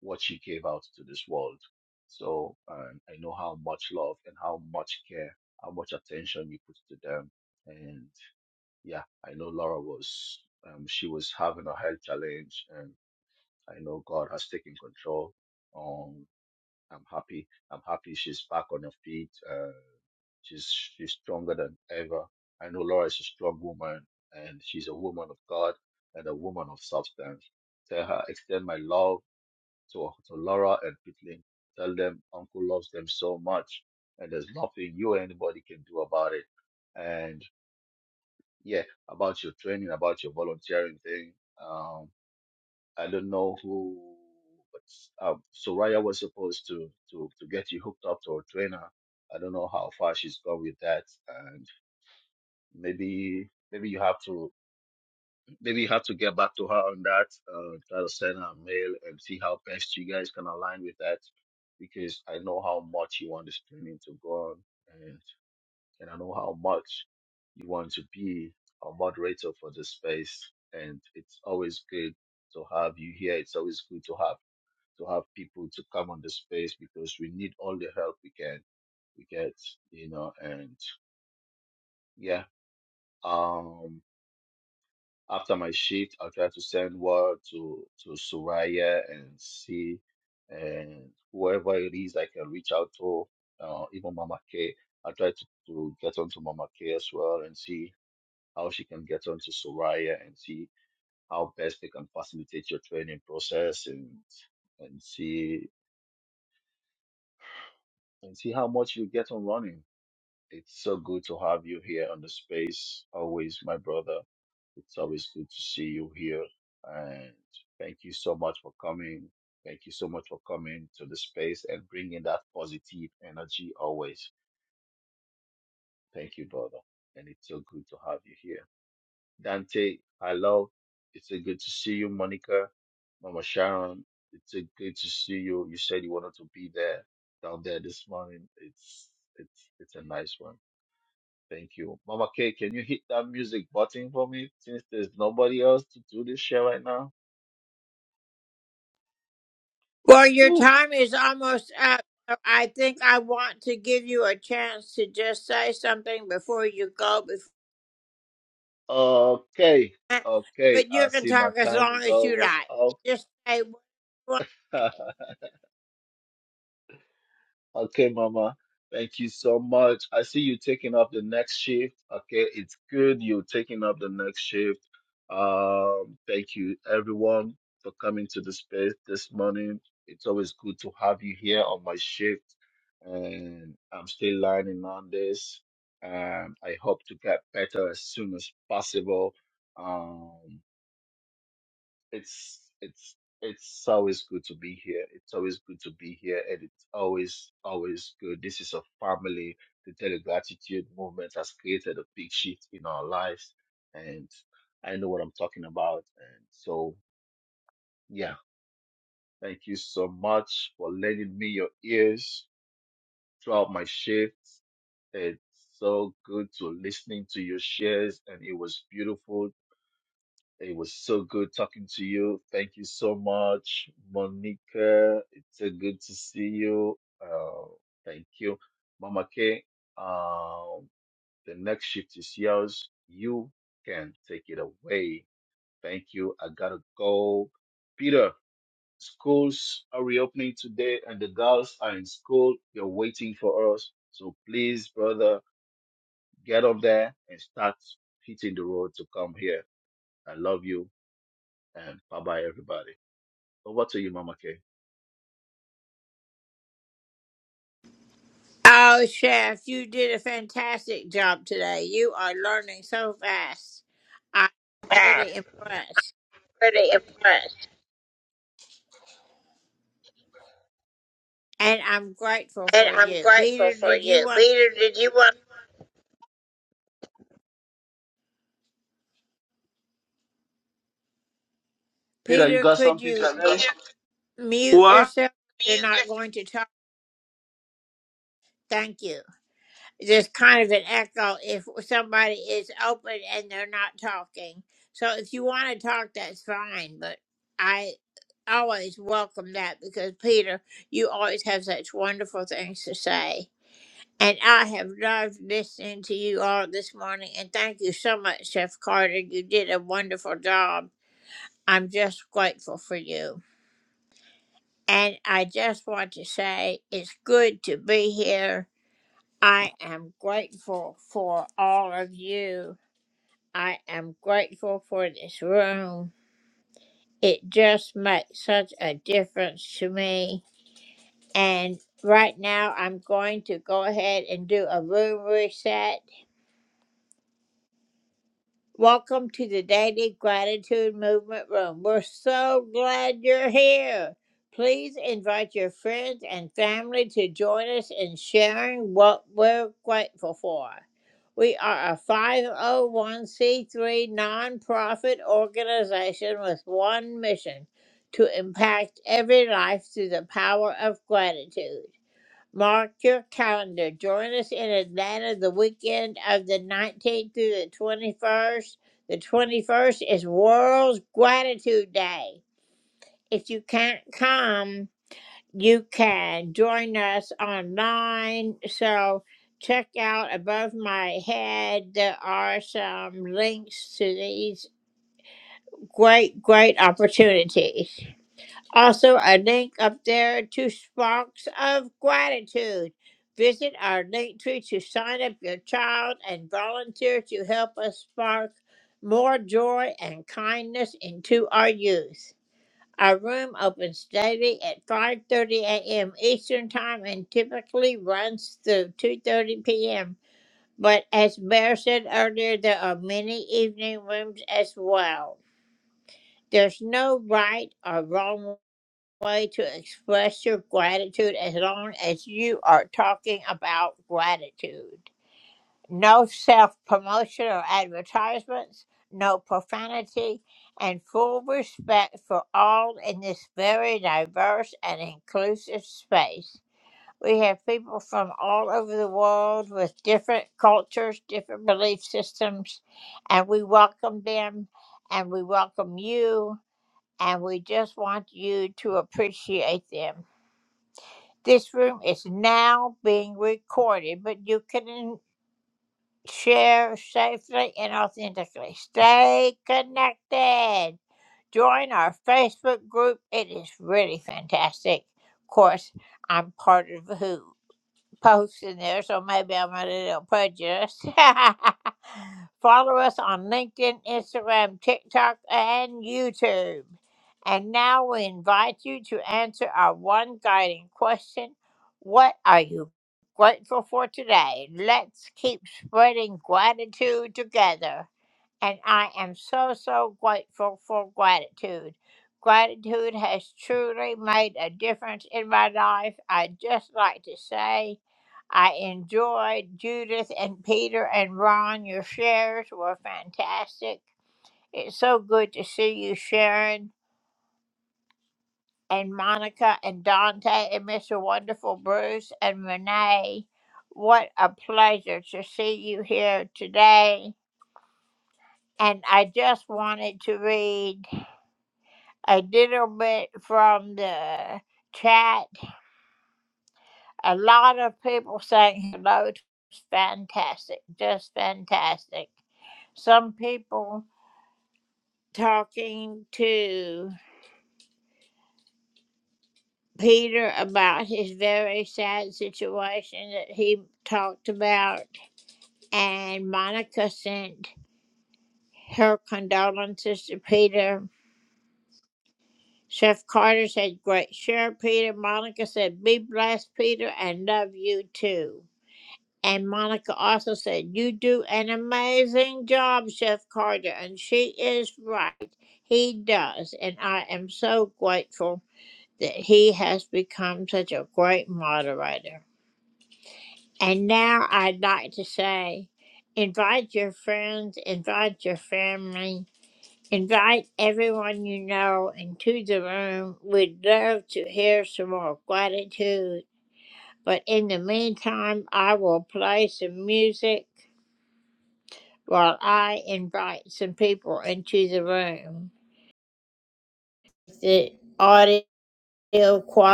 S2: what you gave out to this world. So um, I know how much love and how much care, how much attention you put to them. And yeah, I know Laura was um, she was having a health challenge, and I know God has taken control I'm happy. I'm happy she's back on her feet. Uh, she's she's stronger than ever. I know Laura is a strong woman, and she's a woman of God and a woman of substance. Tell her, extend my love to, to Laura and Pitling. Tell them Uncle loves them so much, and there's nothing you or anybody can do about it. And yeah, about your training, about your volunteering thing. Um, I don't know who, but uh, Soraya was supposed to, to, to get you hooked up to a trainer. I don't know how far she's gone with that, and maybe maybe you have to maybe you have to get back to her on that. Uh, try to send her a mail and see how best you guys can align with that, because I know how much you want this training to go on, and and I know how much you want to be a moderator for the space, and it's always good to have you here. It's always good to have to have people to come on the space because we need all the help we can we get, you know, and yeah. Um after my shift I'll try to send word to to Soraya and see and whoever it is I can reach out to, uh, even Mama K. I'll try to, to get onto Mama K as well and see how she can get onto Soraya and see how best they can facilitate your training process and and see and see how much you get on running It's so good to have you here on the space. Always, my brother. It's always good to see you here. And thank you so much for coming. Thank you so much for coming to the space and bringing that positive energy always. Thank you, brother. And it's so good to have you here. Dante, hello. It's so good to see you, Monica. Mama Sharon, it's so good to see you. You said you wanted to be there down there this morning. It's it's it's a nice one. Thank you. Mama K, can you hit that music button for me since there's nobody else to do this shit right now? Oof. Okay. Okay. I see my time is almost up. Okay, Mama. Thank you so much. I see you taking up the next shift. Okay, it's good you're taking up the next shift. Um, thank you everyone for coming to the space this morning. It's always good to have you here on my shift, and I'm still learning on this. Um, I hope to get better as soon as possible. Um, it's it's it's always good to be here. It's always good to be here, and it's always always good. This is a family. The Daily Gratitude Movement has created a big shift in our lives, and I know what I'm talking about. And so, yeah, thank you so much for lending me your ears throughout my shifts. It's so good to listening to your shares, and it was beautiful It was so good talking to you. Thank you so much, Monica. It's uh, good to see you. Uh, thank you, Mama K. Um, the next shift is yours. You can take it away. Thank you. I gotta go. Peter, schools are reopening today, and the girls are in school. They're waiting for us. So please, brother, get up there and start hitting the road to come here. I love you, and bye bye, everybody. Over to you, Mama K.
S9: That's pretty impressed. And I'm grateful for you. Peter, did you want
S2: Peter, you got something to
S9: to
S2: say?
S9: mute? What? Mute yourself.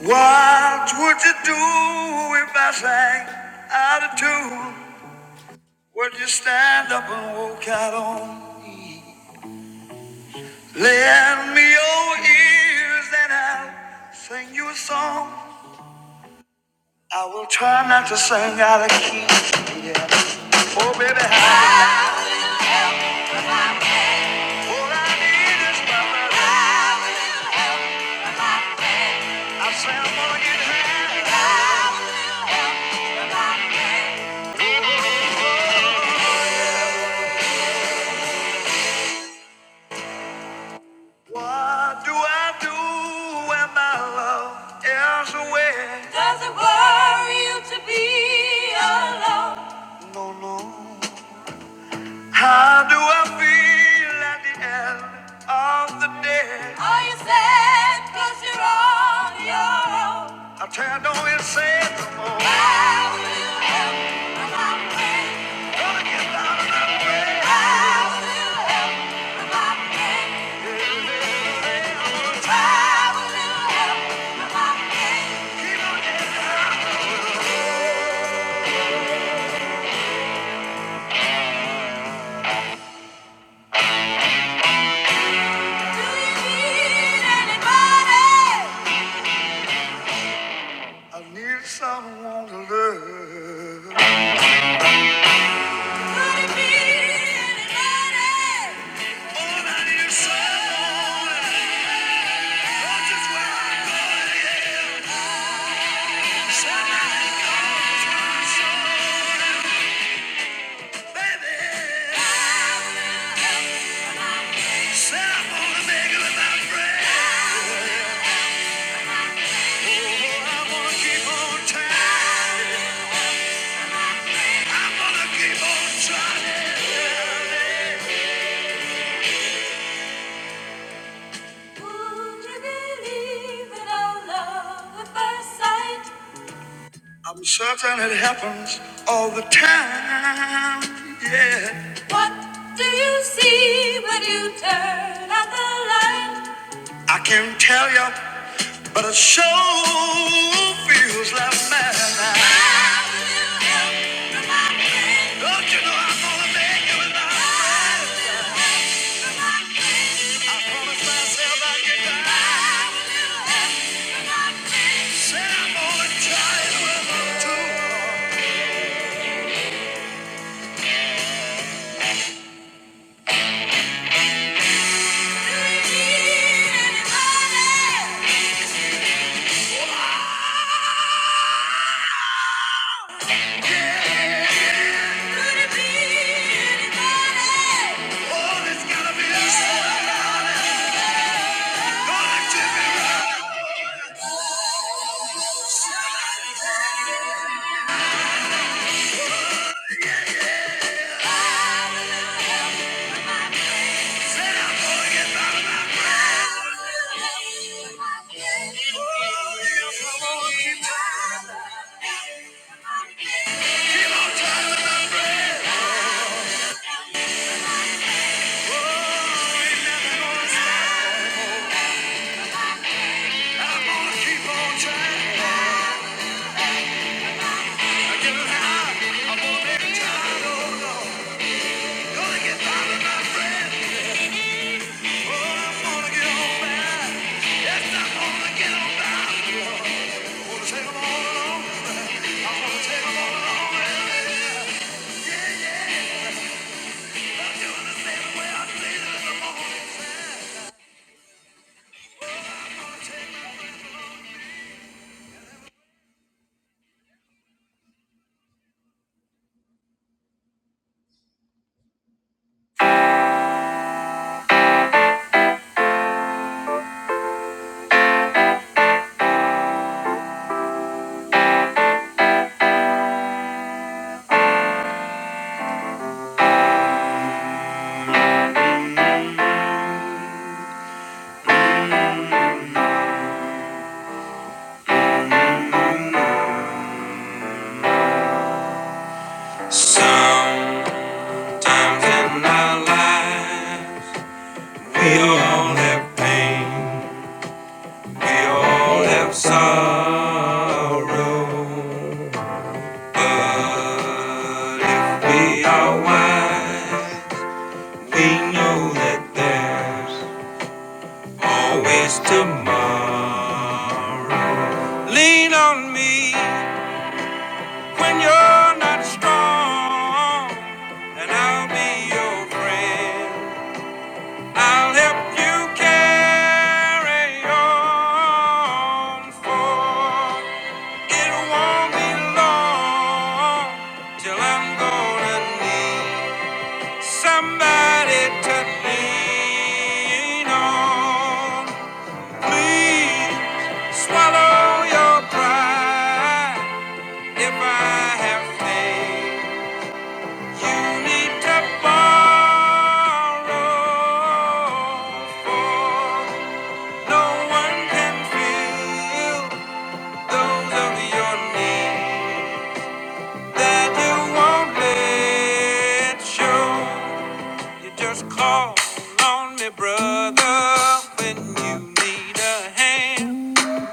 S1: What would you do if I sang out of tune? Would you stand up and walk out on? Lend me your ears and I'll sing you a song. I will try not to sing out of key. Yeah. Oh, baby, how? All I need is my love. I say I'm gonna get high. What do I do when my love is away? Does it worry you to be alone? No, no. How do I feel at the end of the day? Are you sad because you're on your own? I tell you, don't you say no more. How will you help when I'm away? Gonna get down and out of the way. How will you help when I'm away? I need someone to love. Do you need anybody? Oh, I need someone. Oh, just where I'm Somebody knows my soul. Baby, said I'm gonna make it without breath. Oh, I'm gonna keep on trying. I'm gonna keep on trying. I'm certain it happens all the time. Yeah. What do you see when you turn out the light? I can't tell you, but it sure feels like madness. How will you ever find? Don't you know I'm gonna make it without a fight? I promised myself I'd get back. I'm gonna try to anybody. All it be is gonna tip me right. Said I'm to get out Oh, yes, I'm gonna keep trying. Keep Oh, I'm gonna keep on trying. Sometimes in our life, we all have pain, we all have sorrow. But if we are wise, we know that there's always tomorrow. Lean on me when you're not strong, and I'll be your friend. I'll help you carry on, for it won't be long till I'm gonna need somebody to lean on. Please swallow your pride if I have faith. You need to borrow, No one can fill those of your need that you won't let show. You just call on me, brother, when you need a hand.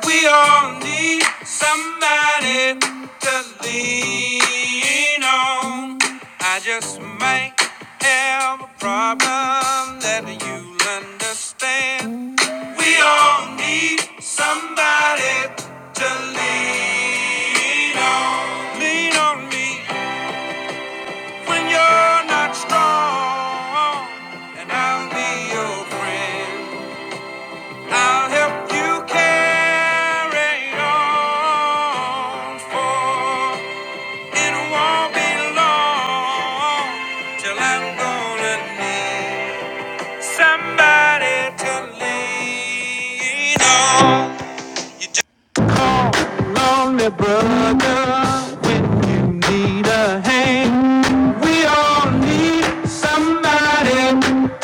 S1: We all need somebody to lean on. I just might have a problem that you'll understand. We all need somebody to lean on. Lean on me when you're not strong, and I'll be your friend. I'll help you carry on, for it won't be long till I'm gonna need somebody to lean on. need a hand. We all need somebody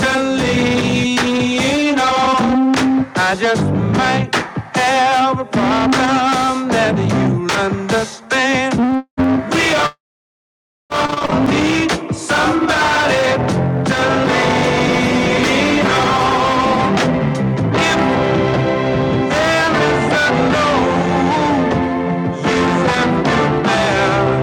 S1: to lean on. I just might have a problem that you understand. We all need somebody to lean on. If there is a load you have to bear.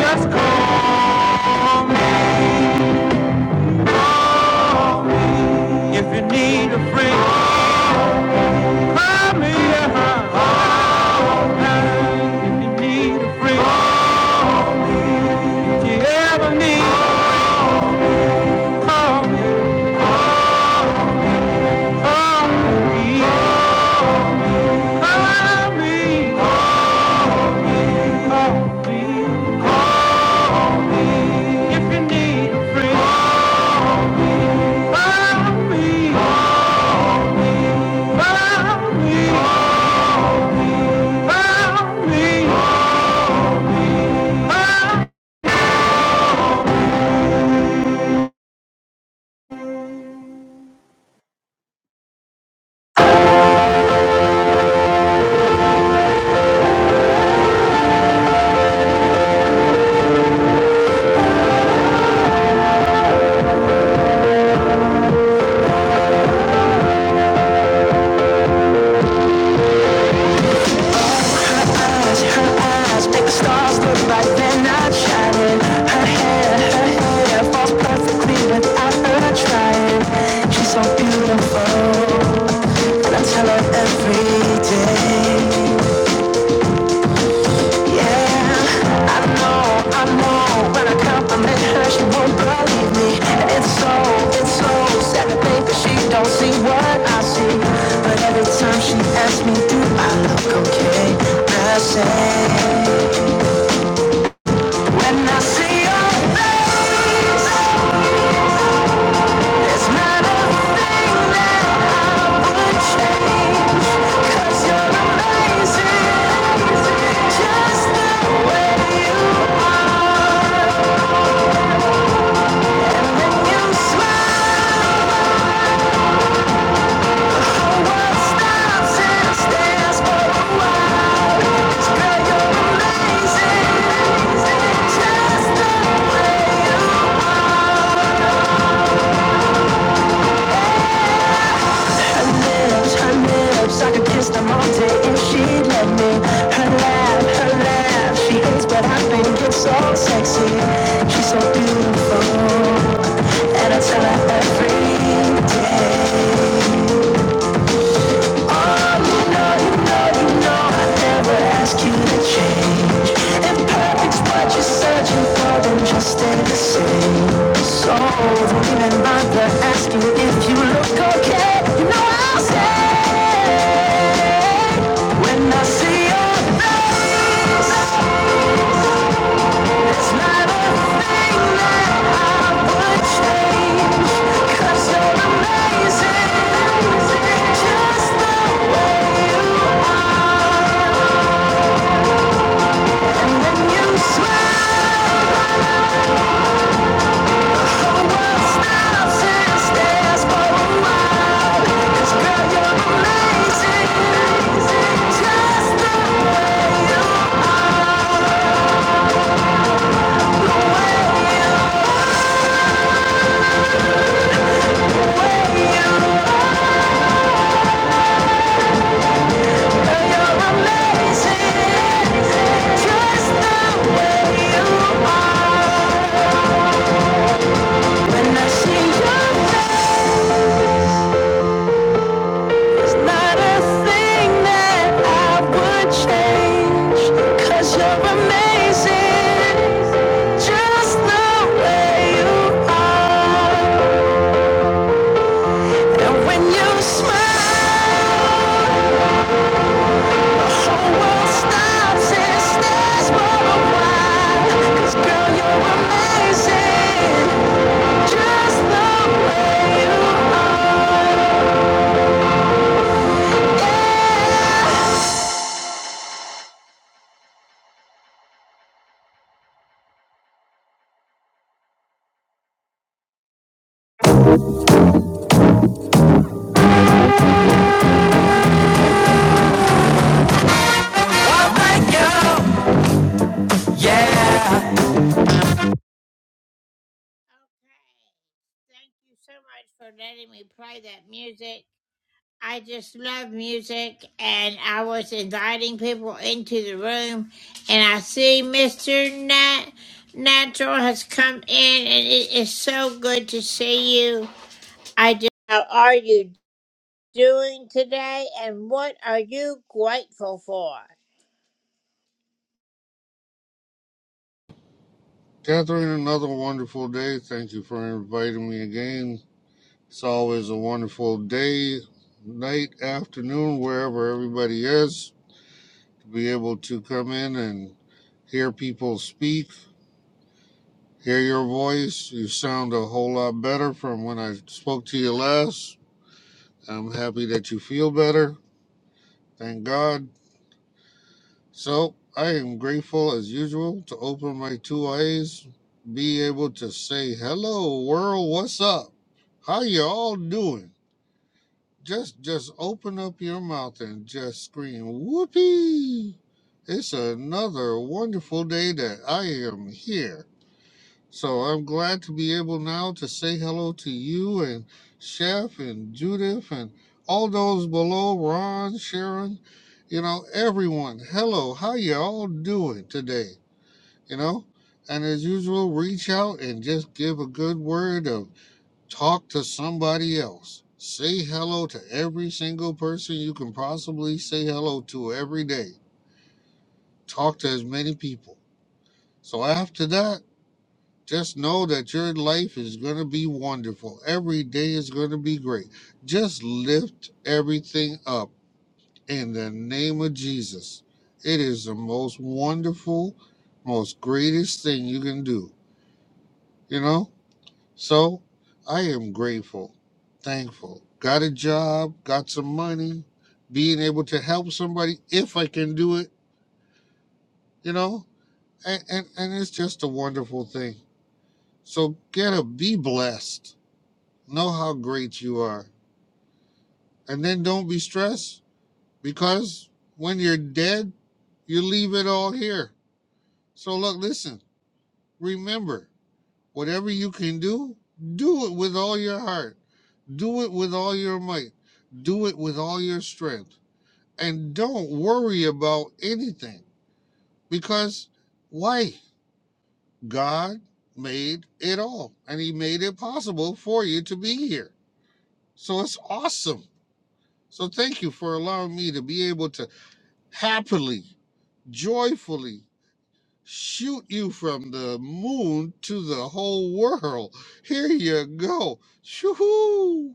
S1: Just call me, call me if you need a friend. Call me if you need a friend. If you ever need, call me, call me, call me. Trying. She's so beautiful, and I tell her every day. Yeah, I know, I know. When I compliment her, she won't believe me. it's so, it's so sad to think that she don't see what I see. But every time she asks me, do I look okay? I say, when I see your face, it's not a thing that I would change. 'Cause you're amazing, just the way you. I could kiss them all day if she'd let me. Her laugh, her laugh. She hates, but I think it's so sexy. She's so beautiful, and I tell her every day. Just the way you are, and then you smile. Cause you're amazing Just the way you are, and when you smile, the world stops and stares for a while. 'Cause girl, you're amazing, just the way you are. yeah.
S10: Catherine, another wonderful day. Thank you for inviting me again. It's always a wonderful day, night, afternoon, wherever everybody is, to be able to come in and hear people speak, hear your voice. You sound a whole lot better from when I spoke to you last. I'm happy that you feel better. Thank God. So I am grateful as usual to open my two eyes, be able to say hello world, what's up? How you all doing? Just just open up your mouth and just scream whoopee. It's another wonderful day that I am here. So I'm glad to be able now to say hello to you and Chef and Judith and all those below, Ron, Sharon, you know, everyone. Hello, how you all doing today? You know? And as usual, reach out and just give a good word of talk to somebody else. Say hello to every single person you can possibly say hello to every day. Talk to as many people. So after that, just know that your life is going to be wonderful. Every day is going to be great. Just lift everything up in the name of Jesus. It is the most wonderful, most greatest thing you can do, you know? So I am grateful, thankful. Got a job, got some money, being able to help somebody if I can do it, you know? And, and, and it's just a wonderful thing. So get a be blessed Know how great you are. And then don't be stressed because when you're dead, you leave it all here. So, look, listen, remember, whatever you can do, do it with all your heart. Do it with all your might. Do it with all your strength. And don't worry about anything because why? God made it all and He made it possible for you to be here. So it's awesome. So thank you for allowing me to be able to. happily, joyfully shoot you from the moon to the whole world. Here you go. Shoo-hoo.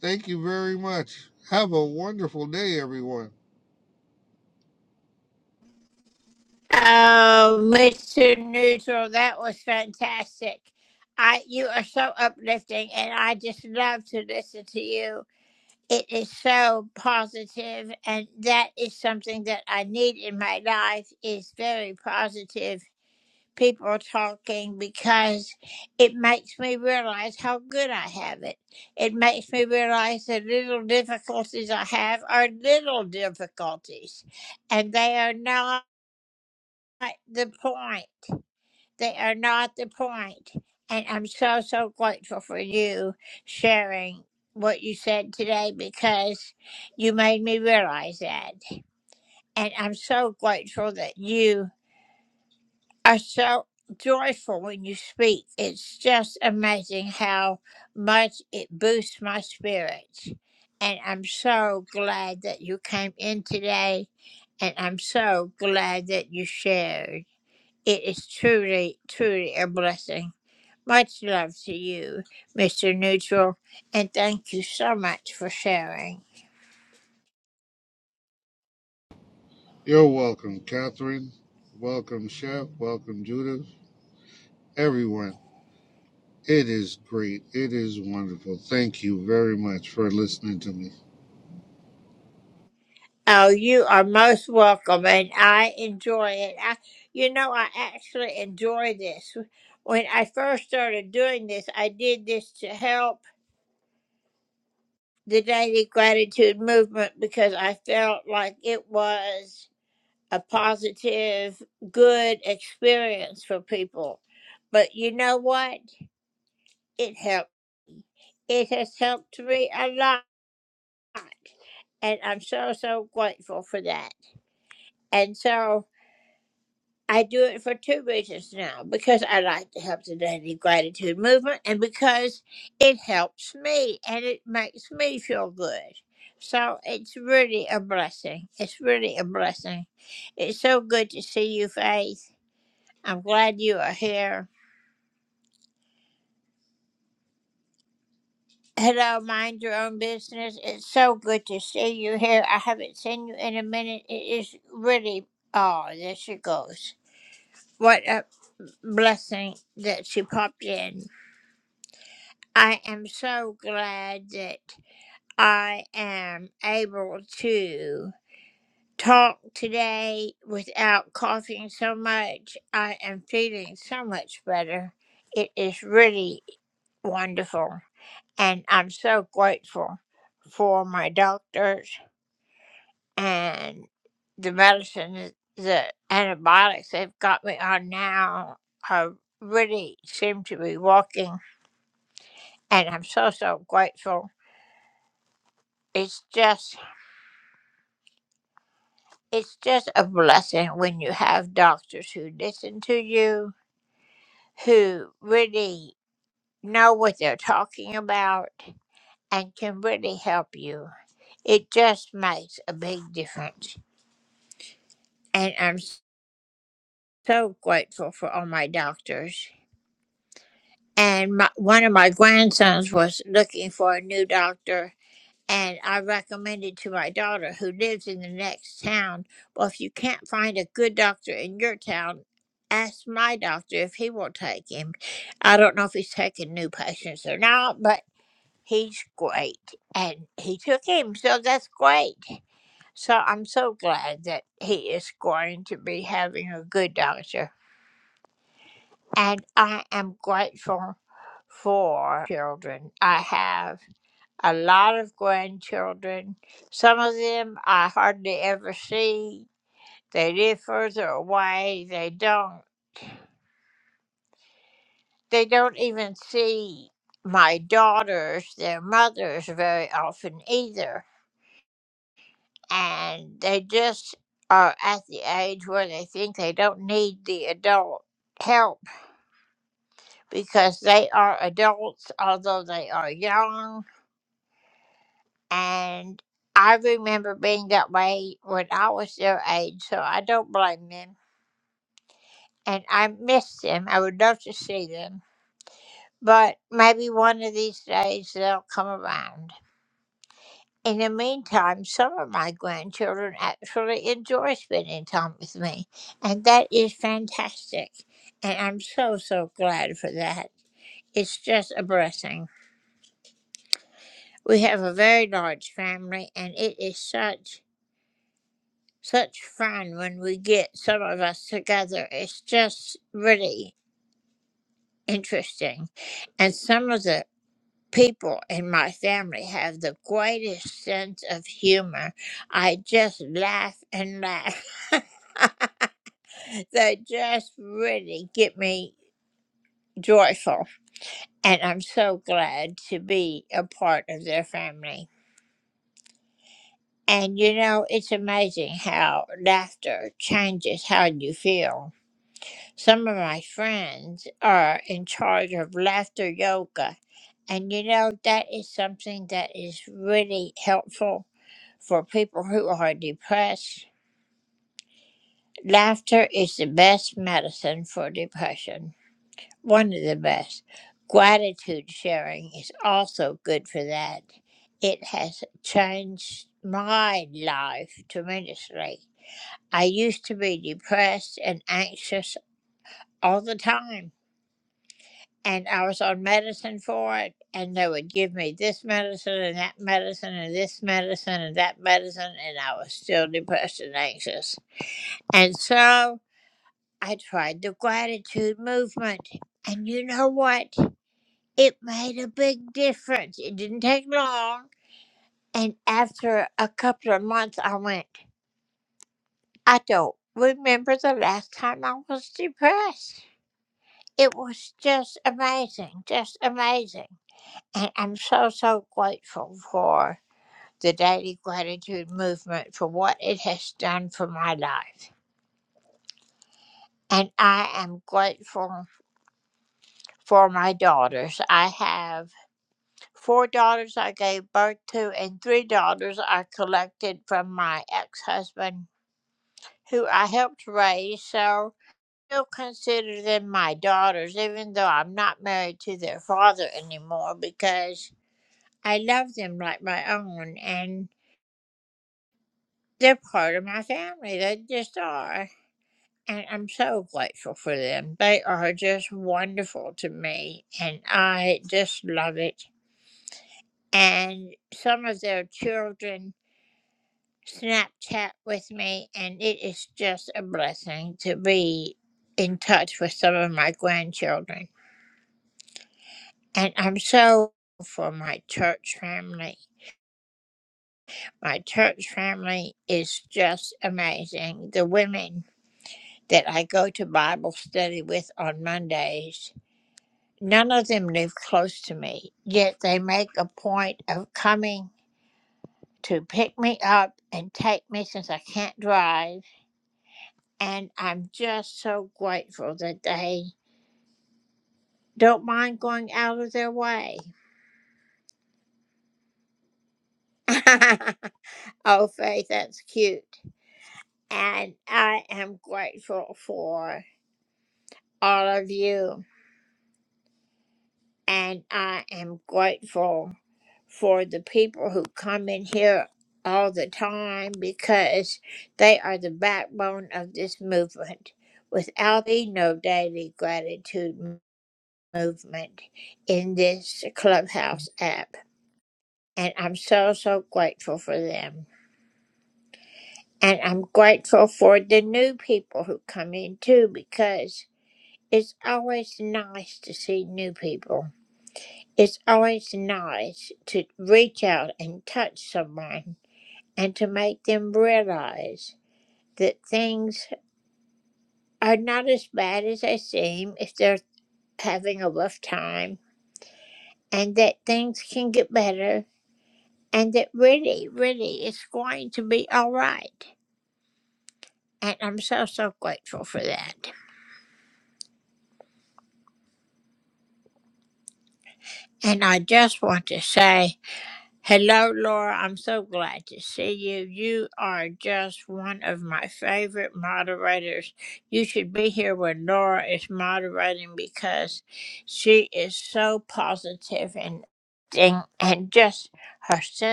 S10: Thank you very much. Have a wonderful day, everyone. You're welcome, Catherine. Welcome, Chef. Welcome, Judith. Everyone. It is great. It is wonderful. Thank you very much for listening to me.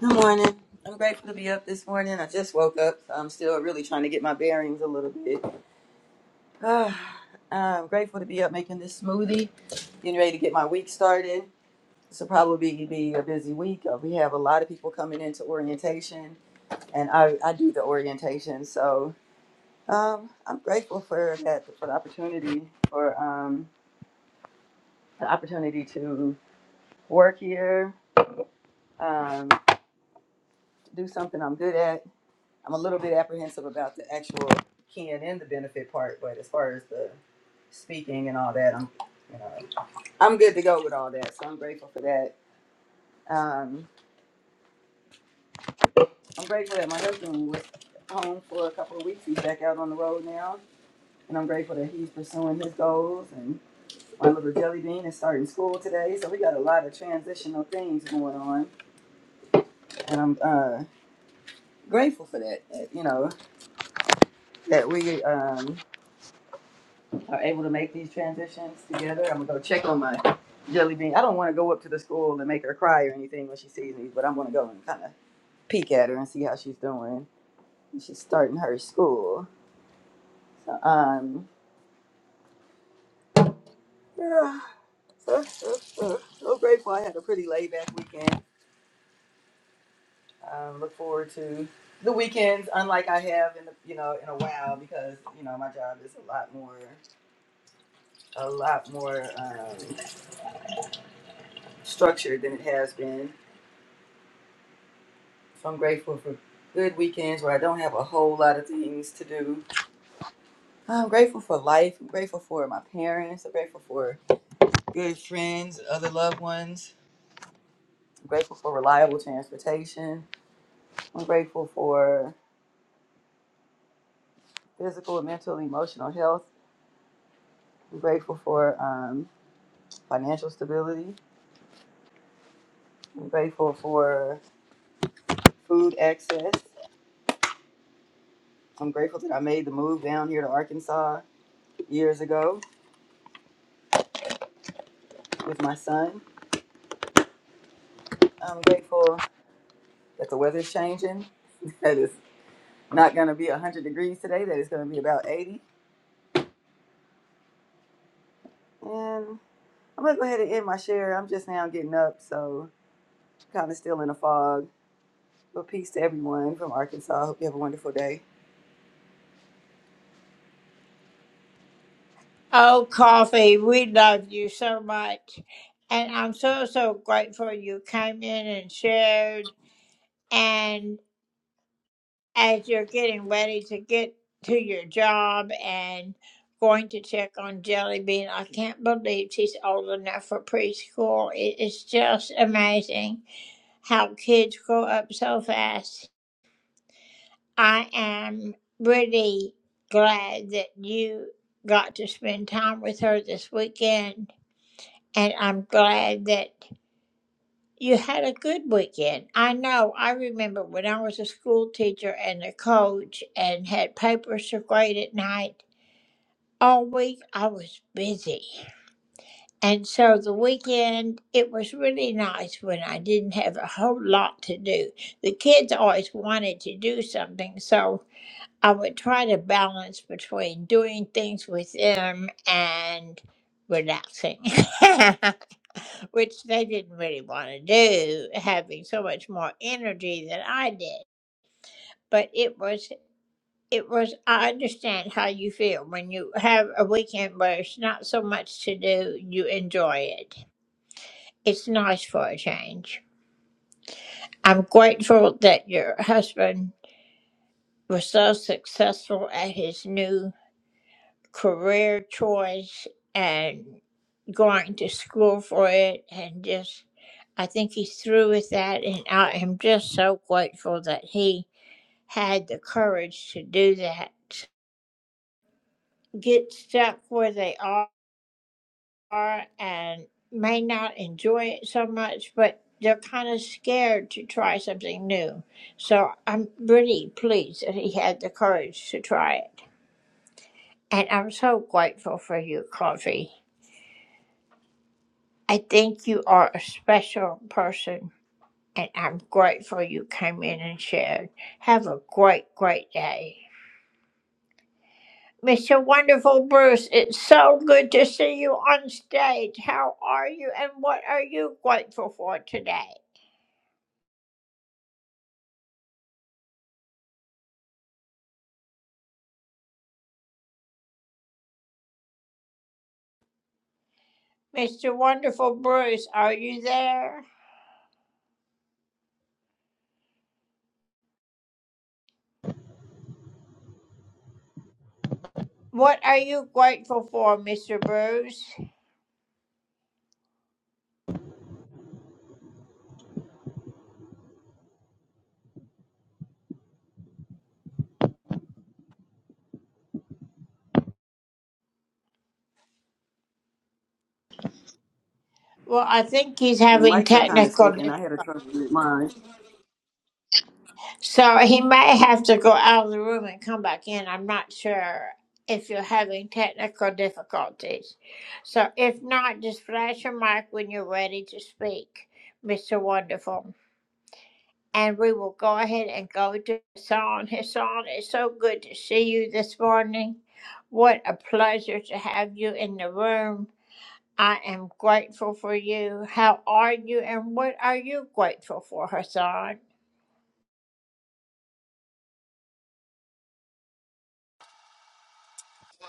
S11: Good morning. I'm grateful to be up this morning. I just woke up. so I'm still really trying to get my bearings a little bit. Ah, I'm grateful to be up making this smoothie, getting ready to get my week started. This will probably be a busy week. Uh, We have a lot of people coming into orientation, and I, I do the orientation. So um, I'm grateful for that, for the opportunity, for um, the opportunity to work here, um, do something I'm good at I'm a little bit apprehensive about the actual keying in the benefit part, but as far as the speaking and all that, I'm you know, I'm good to go with all that. So I'm grateful for that. Um, I'm grateful that my husband was home for a couple of weeks. He's back out on the road now, and I'm grateful that he's pursuing his goals. And my little jelly bean is starting school today, so we got a lot of transitional things going on, and I'm uh, grateful for that. that, You know that we um, are able to make these transitions together. I'm gonna go check on my jelly bean. I don't want to go up to the school and make her cry or anything when she sees me, but I'm gonna go and kind of peek at her and see how she's doing. She's starting her school, so um, yeah, uh, uh, uh, so grateful. I had a pretty laid back weekend. Um, look forward to the weekends, unlike I have in the, you know in a while, because you know my job is a lot more a lot more um, structured than it has been So I'm grateful for good weekends where I don't have a whole lot of things to do. I'm grateful for life. I'm grateful for my parents. I'm grateful for good friends and other loved ones. I'm grateful for reliable transportation. I'm grateful for physical mental and emotional health. I'm grateful for um, financial stability. I'm grateful for food access. I'm grateful that I made the move down here to Arkansas years ago with my son. I'm grateful that the weather's changing. That is. not going to be 100 degrees today, that it's going to be about 80. And I'm going to go ahead and end my share. I'm just now getting up, so kind of still in a fog. But peace to everyone from Arkansas. Hope you have a wonderful day. The mics are kind of sticking. I had a trouble with mine.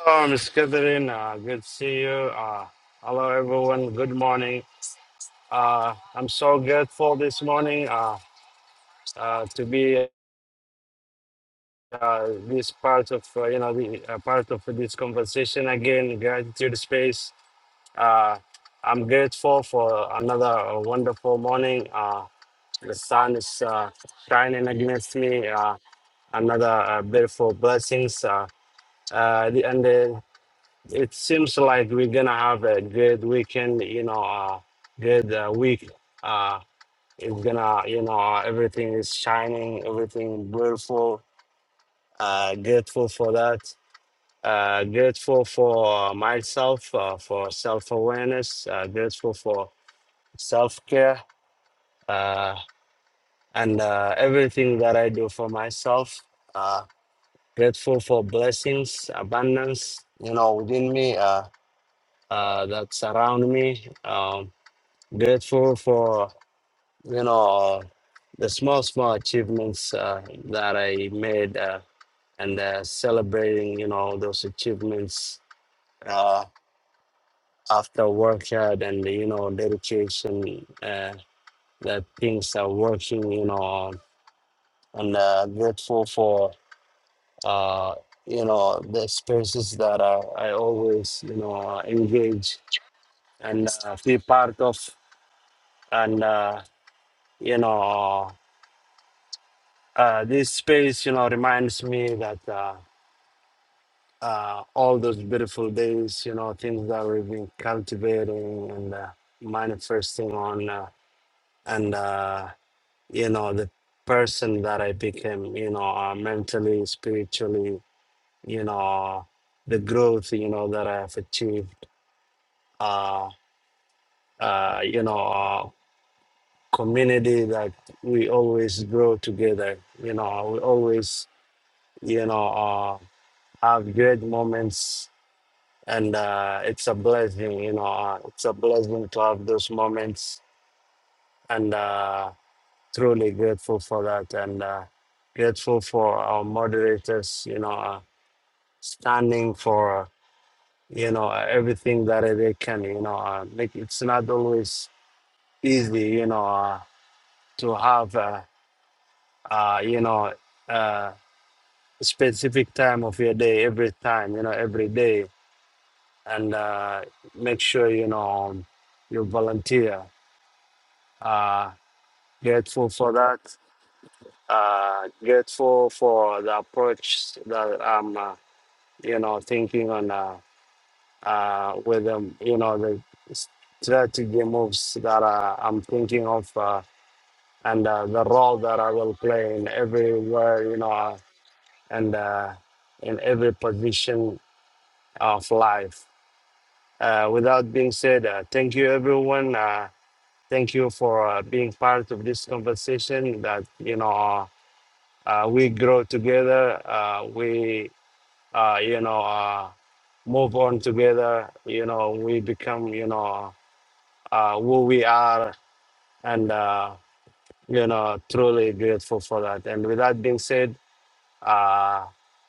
S12: Hello, Miss Catherine. Uh, good to see you. Uh, hello, everyone. Good morning. Uh, I'm so grateful this morning uh, uh, to be uh, this part of uh, you know the uh, part of this conversation again. Gratitude space. Uh, I'm grateful for another uh, wonderful morning. Uh, the sun is uh, shining against me. Uh, another uh, beautiful blessings. Uh, uh, the- and the it seems like we're gonna have a good weekend, you know, uh, good uh, week. Uh, it's gonna, you know, uh, everything is shining, everything beautiful. Uh, grateful for that. Uh, grateful for myself, uh, for self awareness. Uh, grateful for self care uh, and uh, everything that I do for myself. Uh, grateful for blessings, abundance, you know, within me. Uh, uh, that surround me. Um, Grateful for, you know, uh, the small, small achievements uh, that I made uh, and uh, celebrating, you know, those achievements uh, after work hard and, you know, dedication uh, that things are working, you know, and uh, grateful for, uh, you know, the spaces that uh, I always, you know, engage and uh, be part of and, uh, you know, uh, this space, you know, reminds me that uh, uh, all those beautiful days, you know, things that we've been cultivating and uh, manifesting on, uh, and uh, you know, the person that I became, you know, uh, mentally, spiritually, you know, the growth, you know, that I have achieved, uh, uh, you know. Uh, community that we always grow together you know we always you know uh, have great moments and uh, it's a blessing, you know, uh, it's a blessing to have those moments, and uh, truly grateful for that, and uh, grateful for our moderators, you know, uh, standing for you know uh, everything that they can, you know, uh, make it's not always easy, you know, uh, to have, uh, uh, you know, uh, specific time of your day every time, you know, every day, and uh, make sure you know um, you volunteer Uh, grateful for that. Uh, grateful for the approach that I'm, uh, you know, thinking on uh, uh, with them, you know, the strategy moves that uh, I'm thinking of uh, and uh, the role that I will play in everywhere, you know, uh, and uh, in every position of life. Uh, without being said, uh, thank you, everyone. Uh, thank you for uh, being part of this conversation that, you know, Uh, we grow together. Uh, we, uh, you know, uh, move on together. You know, we become, you know, uh, who we are, and uh, you know, truly grateful for that. And with that being said, uh,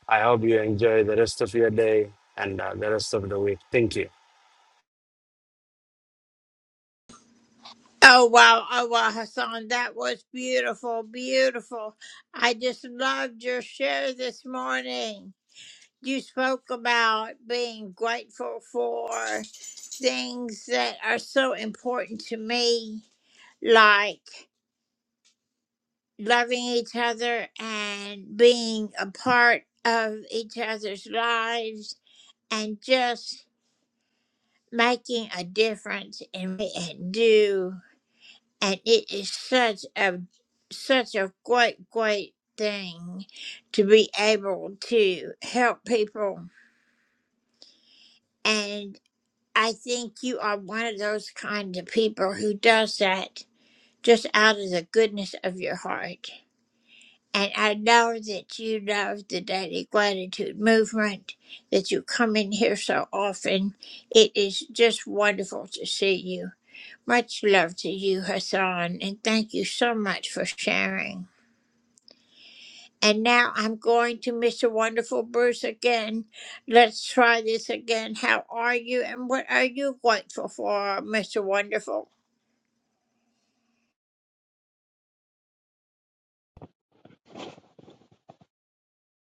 S12: I hope you enjoy the rest of your day and uh, the rest of the week. Thank you.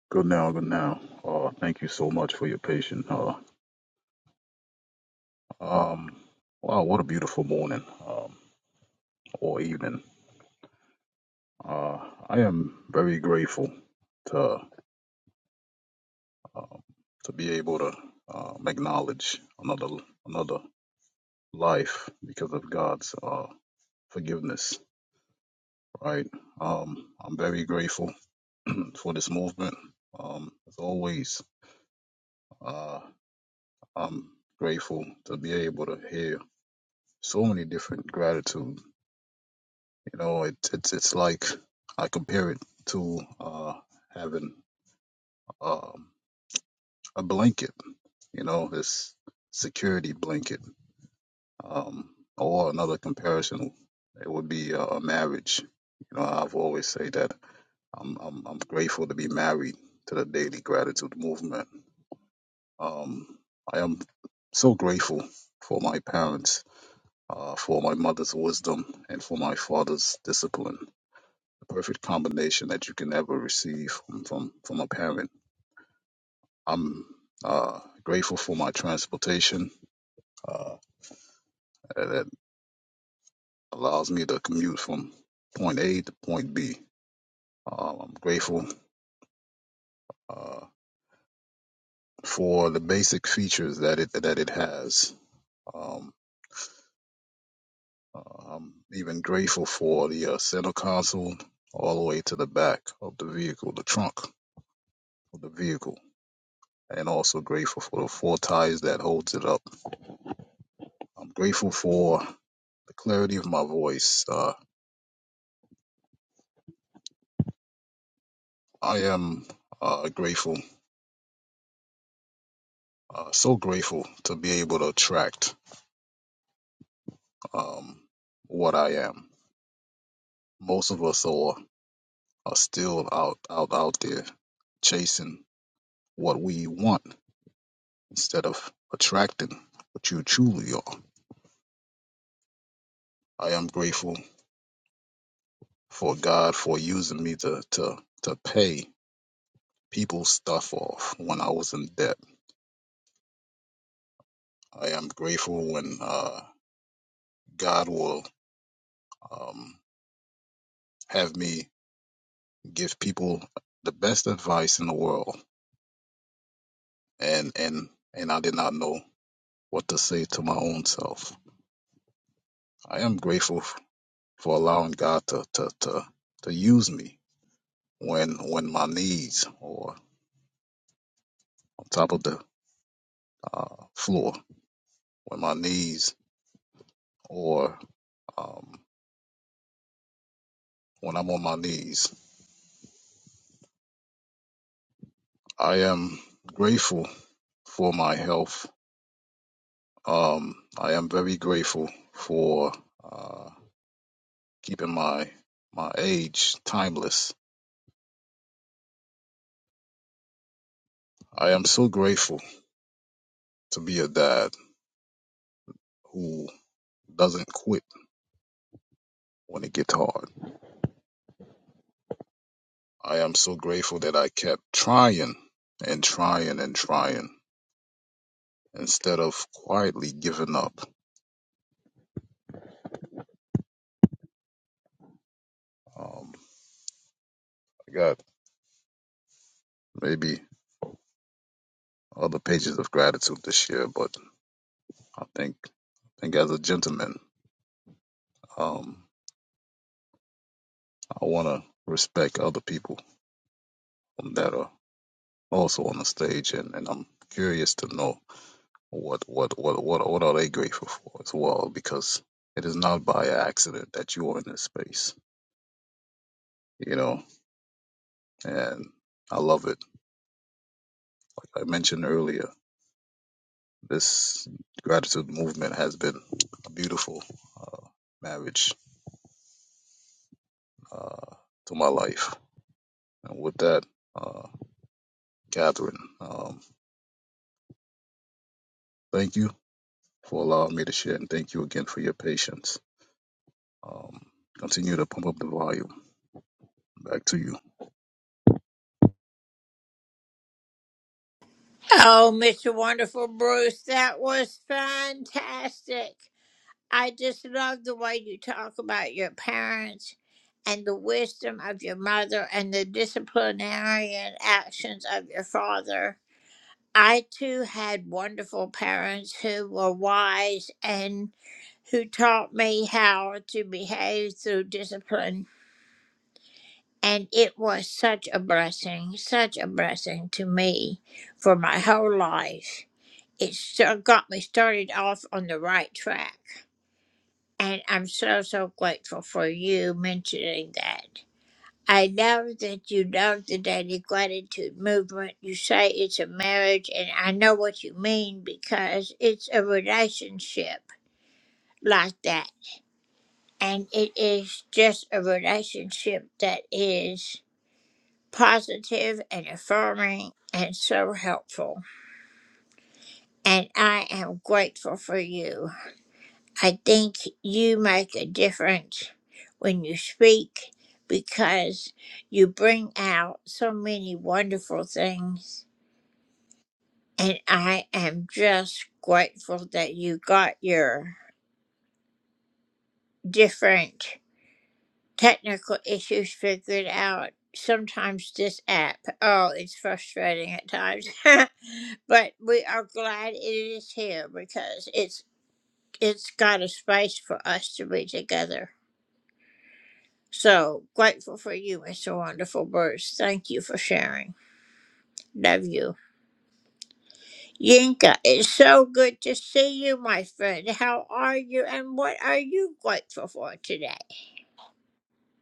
S13: Good now, good now. Uh, thank you so much for your patience. Uh, um, wow, what a beautiful morning um, or evening. Uh, I am very grateful to um to be able to um, acknowledge another another life because of God's uh, forgiveness. Right. Um, I'm very grateful for this movement. Um, as always, uh, I'm grateful to be able to hear so many different gratitudes You know, it, it's it's like I compare it to uh, having um, a blanket. You know, this security blanket, um, or another comparison, it would be uh, a marriage. You know, I've always say that I'm I'm I'm grateful to be married to the Daily Gratitude Movement. Um, I am so grateful for my parents, uh, for my mother's wisdom, and for my father's discipline the perfect combination that you can ever receive from from, from a parent. I'm uh, grateful for my transportation uh, that allows me to commute from point A to point B. Uh, I'm grateful uh, for the basic features that it that it has. Um, uh, I'm even grateful for the uh, center console all the way to the back of the vehicle, the trunk of the vehicle, and also grateful for the four tires that holds it up. I'm grateful for the clarity of my voice. Uh, I am uh, grateful, uh, so grateful to be able to attract um, what I am. Most of us are, are still out, out, out there chasing what we want instead of attracting what you truly are. I am grateful for God for using me to, to, to pay people's stuff off when I was in debt. I am grateful when uh, God will um, have me give people the best advice in the world and and and I did not know what to say to my own self. I am grateful f- for allowing God to to to, to use me when when my knees or on top of the uh, floor when my knees or um, when I'm on my knees. I am grateful for my health. Um, I am very grateful for uh, keeping my my age timeless I am so grateful to be a dad who doesn't quit when it gets hard. I am so grateful that I kept trying and trying and trying instead of quietly giving up. Um, I got maybe other pages of gratitude this year, but I think I think as a gentleman, um, I want to respect other people that are also on the stage, and, and I'm curious to know what what what what what are they grateful for as well? Because it is not by accident that you are in this space, you know. And I love it. I mentioned earlier, this gratitude movement has been a beautiful uh, marriage uh, to my life. And with that, uh, Catherine, um, thank you for allowing me to share, and thank you again for your patience. Um, continue to pump up the volume. Back to you.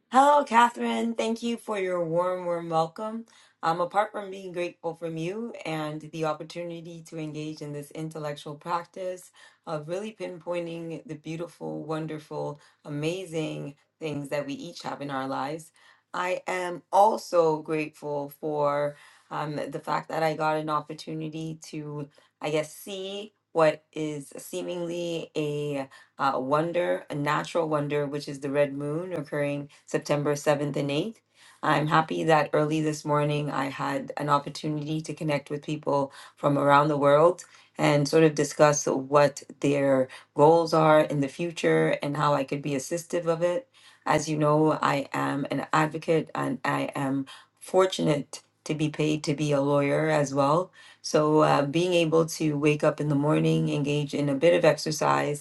S14: Hello, Catherine. Thank you for your warm, warm welcome. Um, apart from being grateful from you and the opportunity to engage in this intellectual practice of really pinpointing the beautiful, wonderful, amazing things that we each have in our lives, I am also grateful for um, the fact that I got an opportunity to, I guess, see what is seemingly uh, wonder, a natural wonder, which is the red moon occurring September 7th and 8th. I'm happy that early this morning I had an opportunity to connect with people from around the world and sort of discuss what their goals are in the future and how I could be assistive of it. As you know, I am an advocate and I am fortunate to be paid to be a lawyer as well. So, uh, being able to wake up in the morning, engage in a bit of exercise,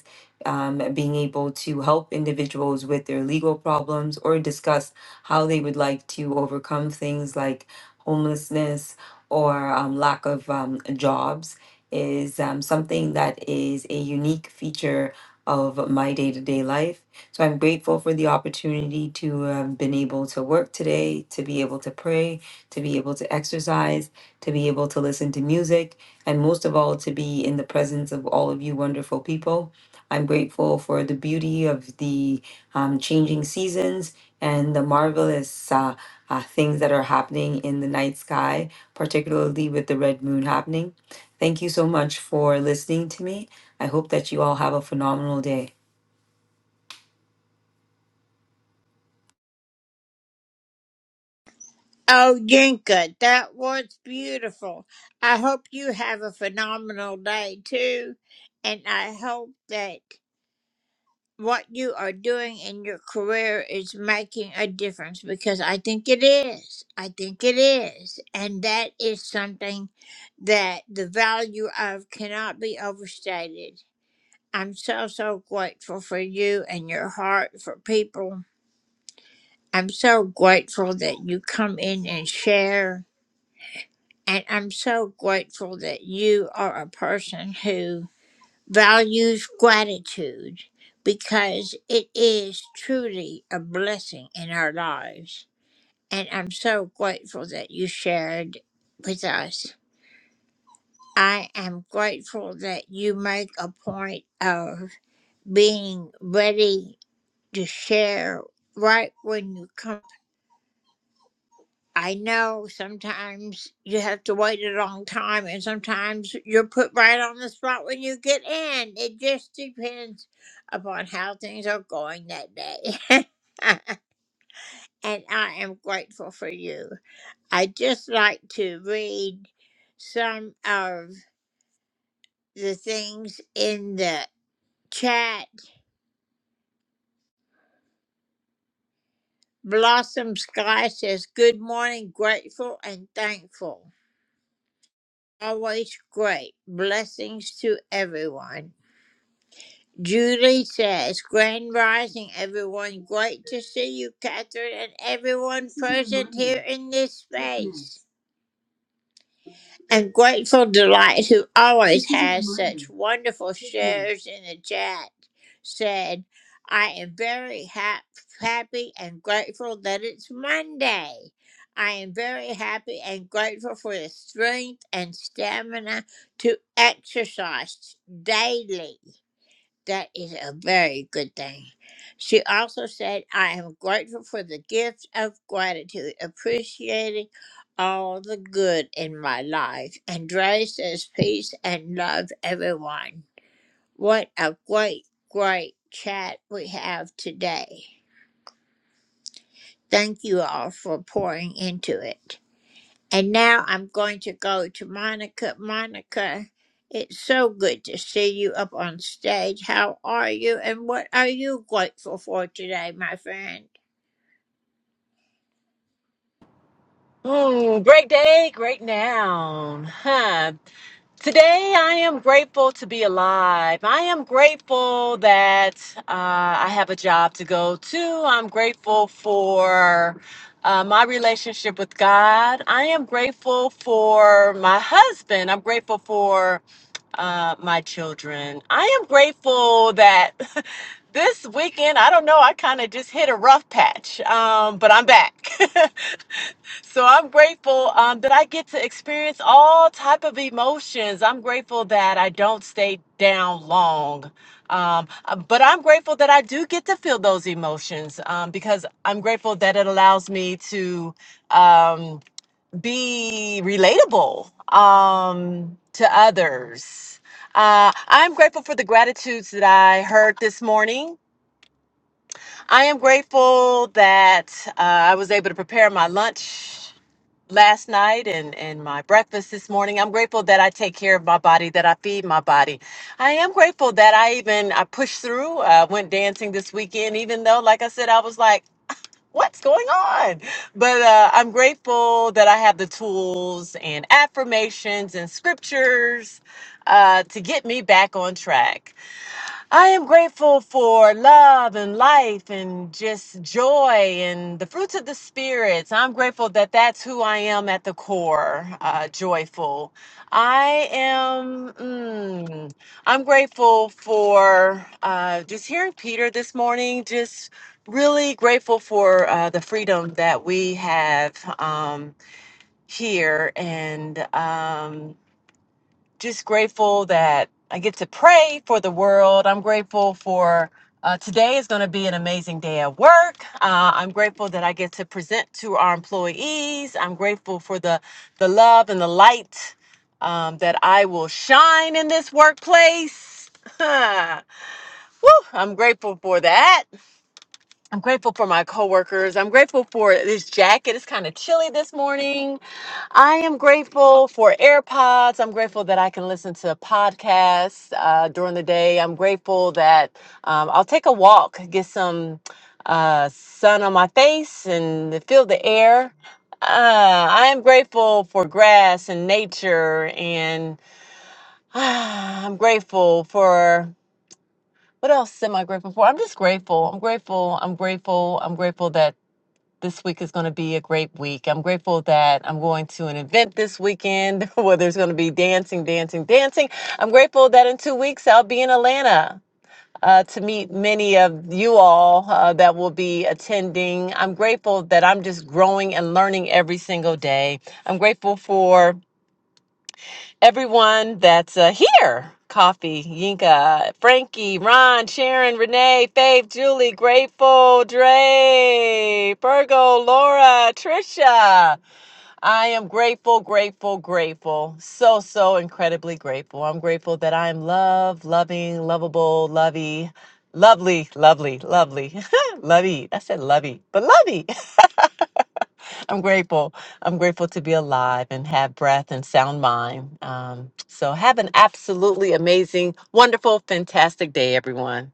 S14: um, being able to help individuals with their legal problems or discuss how they would like to overcome things like homelessness or um, lack of um, jobs is um, something that is a unique feature of my day to day life. So I'm grateful for the opportunity to have been able to work today, to be able to pray, to be able to exercise, to be able to listen to music, and most of all, to be in the presence of all of you wonderful people. I'm grateful for the beauty of the um, changing seasons and the marvelous uh, uh, things that are happening in the night sky, particularly with the red moon happening. Thank you so much for listening to me. I hope that you all have a phenomenal day.
S15: Mm, great day, great noun. Huh. Today, I am grateful to be alive. I am grateful that uh, I have a job to go to. I'm grateful for uh, my relationship with God. I am grateful for my husband. I'm grateful for uh, my children. I am grateful that this weekend, I don't know, I kind of just hit a rough patch, um, but I'm back. So I'm grateful um, that I get to experience all type of emotions. I'm grateful that I don't stay down long, um, uh, but I'm grateful that I do get to feel those emotions um, because I'm grateful that it allows me to um, be relatable um, to others. Uh, I'm grateful for the gratitudes that I heard this morning. I am grateful that uh, I was able to prepare my lunch last night and, and my breakfast this morning. I'm grateful that I take care of my body, that I feed my body. I am grateful that I even I pushed through. I went dancing this weekend, even though, like I said, I was like, what's going on? But uh, I'm grateful that I have the tools and affirmations and scriptures uh, to get me back on track. I am grateful for love and life and just joy and the fruits of the spirits. I'm grateful that that's who I am at the core, uh, joyful. I am. Mm, I'm grateful for uh, just hearing Peter this morning. Just really grateful for uh, the freedom that we have um, here and. Um, just grateful that I get to pray for the world. I'm grateful for uh, today is going to be an amazing day at work. Uh, I'm grateful that I get to present to our employees. I'm grateful for the the love and the light um, that I will shine in this workplace. Woo! I'm grateful for that. I'm grateful for my coworkers. I'm grateful for this jacket. It's kind of chilly this morning. I am grateful for AirPods. I'm grateful that I can listen to podcasts uh, during the day. I'm grateful that um, I'll take a walk, get some uh, sun on my face, and feel the air. Uh, I am grateful for grass and nature, and I'm grateful for what else am I grateful for? I'm just grateful. I'm grateful. I'm grateful. I'm grateful that this week is going to be a great week. I'm grateful that I'm going to an event this weekend where there's going to be dancing, dancing, dancing. I'm grateful that in two weeks I'll be in Atlanta. Uh, to meet many of you all uh, that will be attending. I'm grateful that I'm just growing and learning every single day. I'm grateful for everyone that's uh, here. Coffee, Yinka, Frankie, Ron, Sharon, Renee, Faith, Julie, Grateful, Dre, Virgo, Laura, Trisha. I am grateful, grateful, grateful. So, so incredibly grateful. I'm grateful that I'm love, loving, lovable, lovey, lovely, lovely, lovely, lovey. I said lovey, but lovey. I'm grateful. I'm grateful to be alive and have breath and sound mind. Um, so, have an absolutely amazing, wonderful, fantastic day, everyone.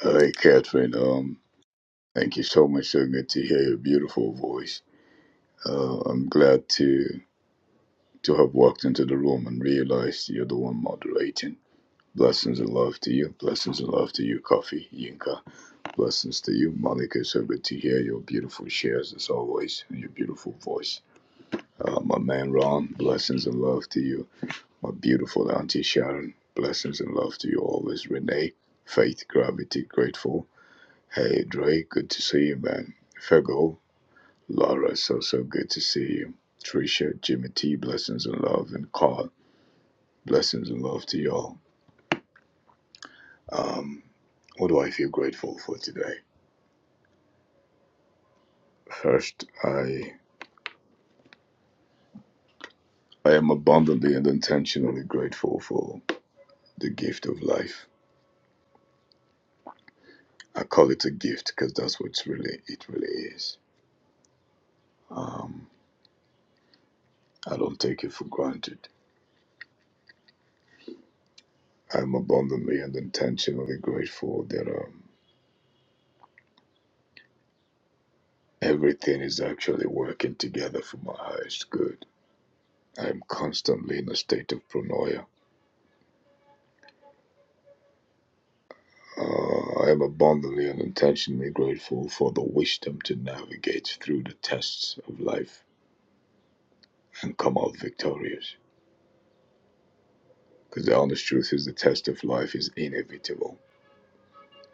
S16: Hey, Catherine. Um, thank you so much. So good to hear your beautiful voice. Uh, I'm glad to to have walked into the room and realized you're the one moderating. Blessings and love to you. Blessings and love to you, Coffee Yinka. Blessings to you, Malika. So good to hear your beautiful shares as always and your beautiful voice. Uh, my man Ron, blessings and love to you. My beautiful Auntie Sharon, blessings and love to you always. Renee, Faith, Gravity, Grateful. Hey Dre, good to see you, man. Fego, Laura, so so good to see you. Trisha, Jimmy T, blessings and love, and Carl, blessings and love to y'all. Um, what do I feel grateful for today? First, I I am abundantly and intentionally grateful for the gift of life. I call it a gift because that's what it's really it really is. Um, I don't take it for granted. I'm abundantly and intentionally grateful that. Um, Everything is actually working together for my highest good. I am constantly in a state of paranoia. Uh, I am abundantly and intentionally grateful for the wisdom to navigate through the tests of life and come out victorious. Because the honest truth is, the test of life is inevitable.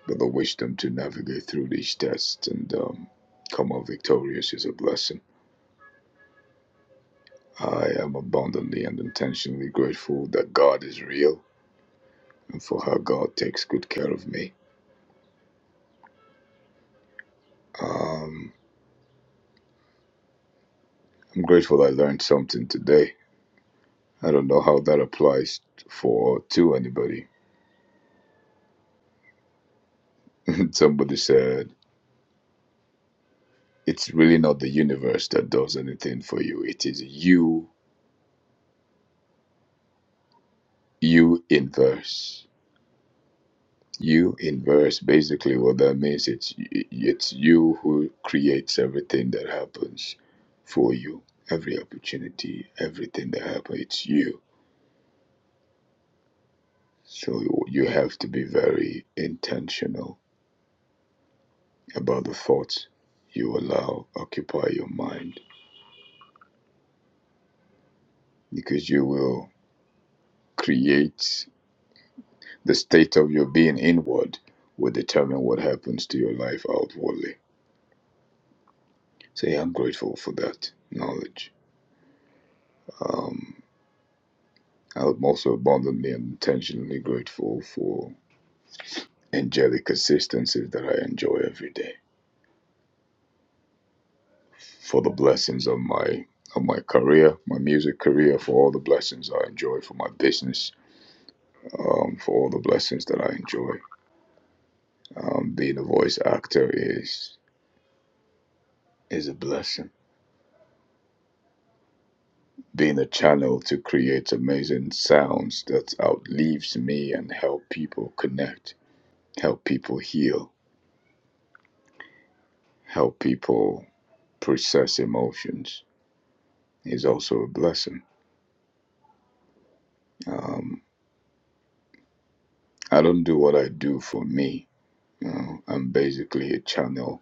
S16: But the wisdom to navigate through these tests and um, come out victorious is a blessing. I am abundantly and intentionally grateful that God is real and for how God takes good care of me. Um, I'm grateful I learned something today. I don't know how that applies for to anybody. Somebody said it's really not the universe that does anything for you. It is you, you inverse, you inverse. Basically, what that means it's it's you who creates everything that happens for you. Every opportunity, everything that happens, it's you. So you have to be very intentional about the thoughts you allow occupy your mind because you will create the state of your being inward will determine what happens to your life outwardly so yeah i'm grateful for that knowledge um, i'm also abundantly and intentionally grateful for angelic assistances that i enjoy every day for the blessings of my of my career my music career for all the blessings i enjoy for my business um, for all the blessings that i enjoy Um, being a voice actor is is a blessing. Being a channel to create amazing sounds that outlives me and help people connect, help people heal, help people process emotions is also a blessing. Um, I don't do what I do for me. You know, I'm basically a channel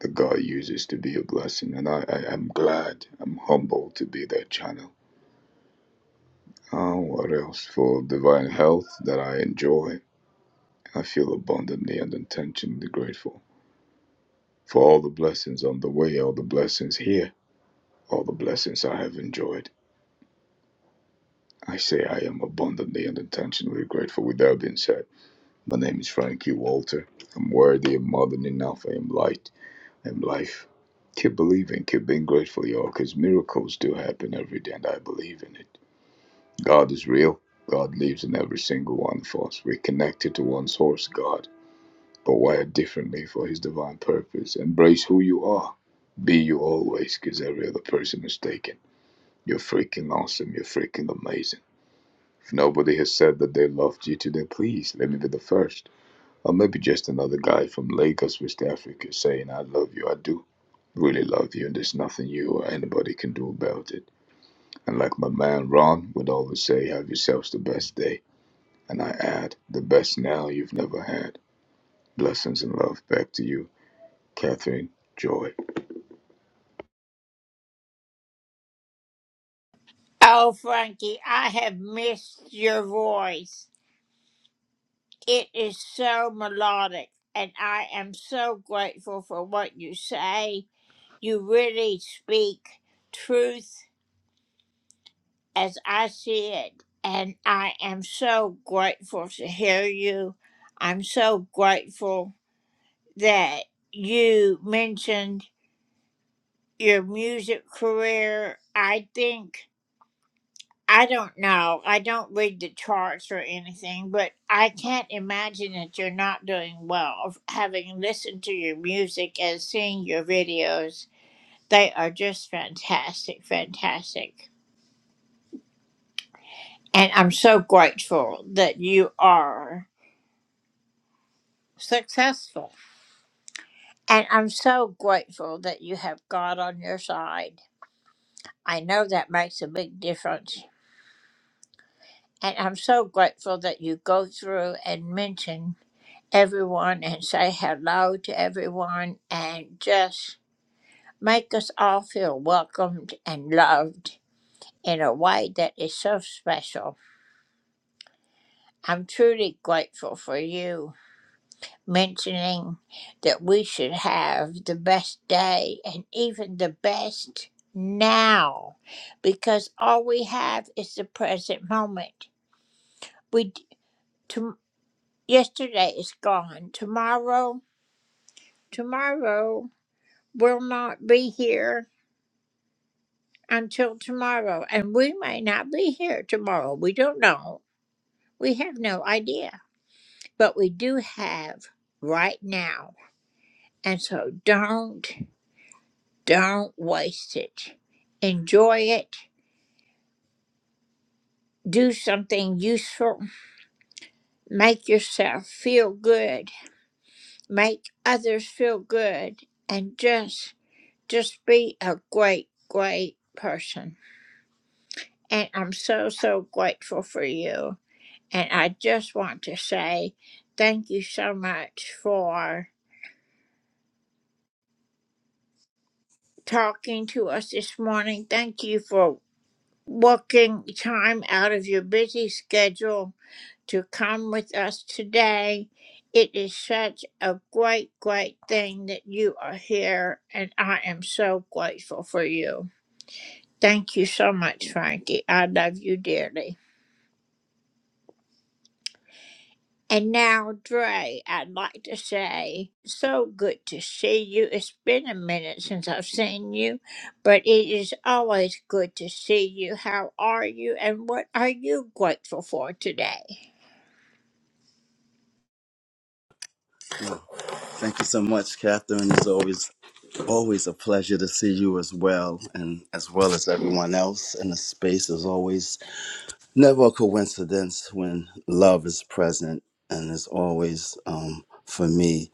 S16: that God uses to be a blessing, and I, I I'm glad, I'm humbled to be that channel. Uh, what else for divine health that I enjoy? I feel abundantly and intentionally grateful for all the blessings on the way, all the blessings here, all the blessings I have enjoyed. I say I am abundantly and intentionally grateful. With that being said, my name is Frankie Walter. I'm worthy, I'm more than enough, I am light, I am life. Keep believing, keep being grateful, y'all, because miracles do happen every day, and I believe in it. God is real. God lives in every single one of us. We're connected to one source, God. but wired differently for his divine purpose. Embrace who you are. Be you always, because every other person is taken. You're freaking awesome. You're freaking amazing. If nobody has said that they loved you today, please let me be the first. Or maybe just another guy from Lagos, West Africa, saying, I love you. I do really love you, and there's nothing you or anybody can do about it. And like my man Ron would always say, have yourselves the best day. And I add, the best now you've never had. Blessings and love back to you, Catherine Joy.
S17: Thank you so much, Catherine. It's always always a pleasure to see you as well, and as well as everyone else in the space. Is always never a coincidence when love is present, and it's always um, for me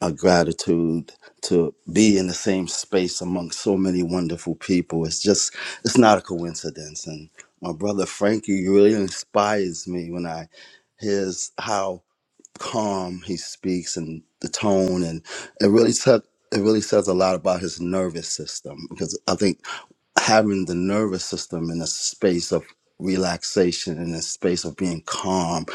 S17: a gratitude to be in the same space amongst so many wonderful people. It's just it's not a coincidence, and my brother Frankie really inspires me when I hears how calm he speaks and the tone and it really took it really says a lot about his nervous system because I think having the nervous system in a space of relaxation in a space of being calm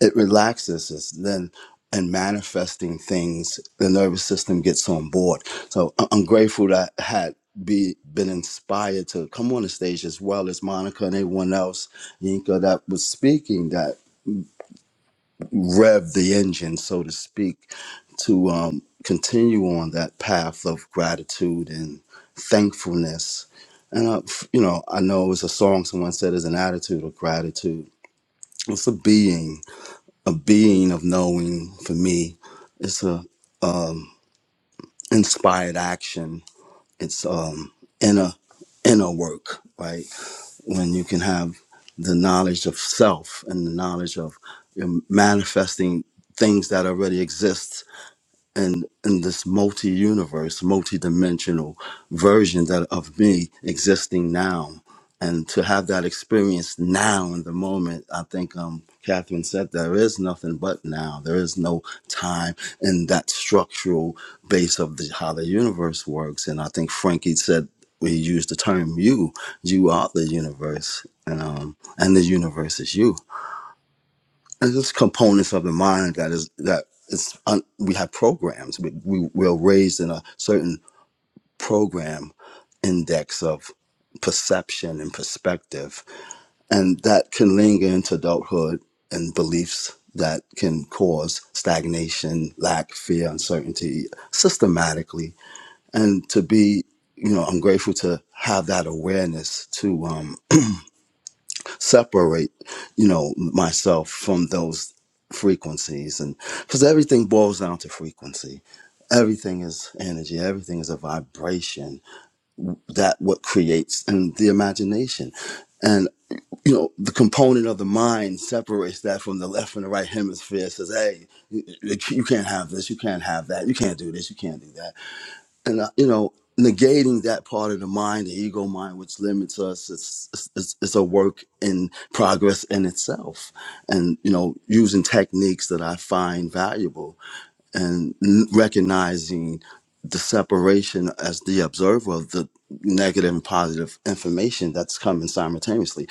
S17: it relaxes us then and manifesting things the nervous system gets on board so I- i'm grateful that I had be been inspired to come on the stage as well as monica and everyone else yinka that was speaking that rev the engine, so to speak, to um, continue on that path of gratitude and thankfulness. And, uh, f- you know, I know it was a song someone said is an attitude of gratitude. It's a being, a being of knowing for me. It's a um, inspired action. It's um, inner inner work, right? When you can have the knowledge of self and the knowledge of you know, manifesting things that already exist and in this multi-universe, multi-dimensional version that of me existing now, and to have that experience now in the moment, I think um, Catherine said there is nothing but now. There is no time in that structural base of the, how the universe works, and I think Frankie said we used the term "you." You are the universe, and um, and the universe is you and there's components of the mind that is that is un, we have programs we, we we're raised in a certain program index of perception and perspective and that can linger into adulthood and beliefs that can cause stagnation lack fear uncertainty systematically and to be you know i'm grateful to have that awareness to um, separate you know myself from those frequencies and because everything boils down to frequency everything is energy everything is a vibration that what creates and the imagination and you know the component of the mind separates that from the left and the right hemisphere says hey you you can't have this you can't have that you can't do this you can't do that and uh, you know negating that part of the mind the ego mind which limits us it's, it's it's a work in progress in itself and you know using techniques that i find valuable and n- recognizing the separation as the observer of the negative and positive information that's coming simultaneously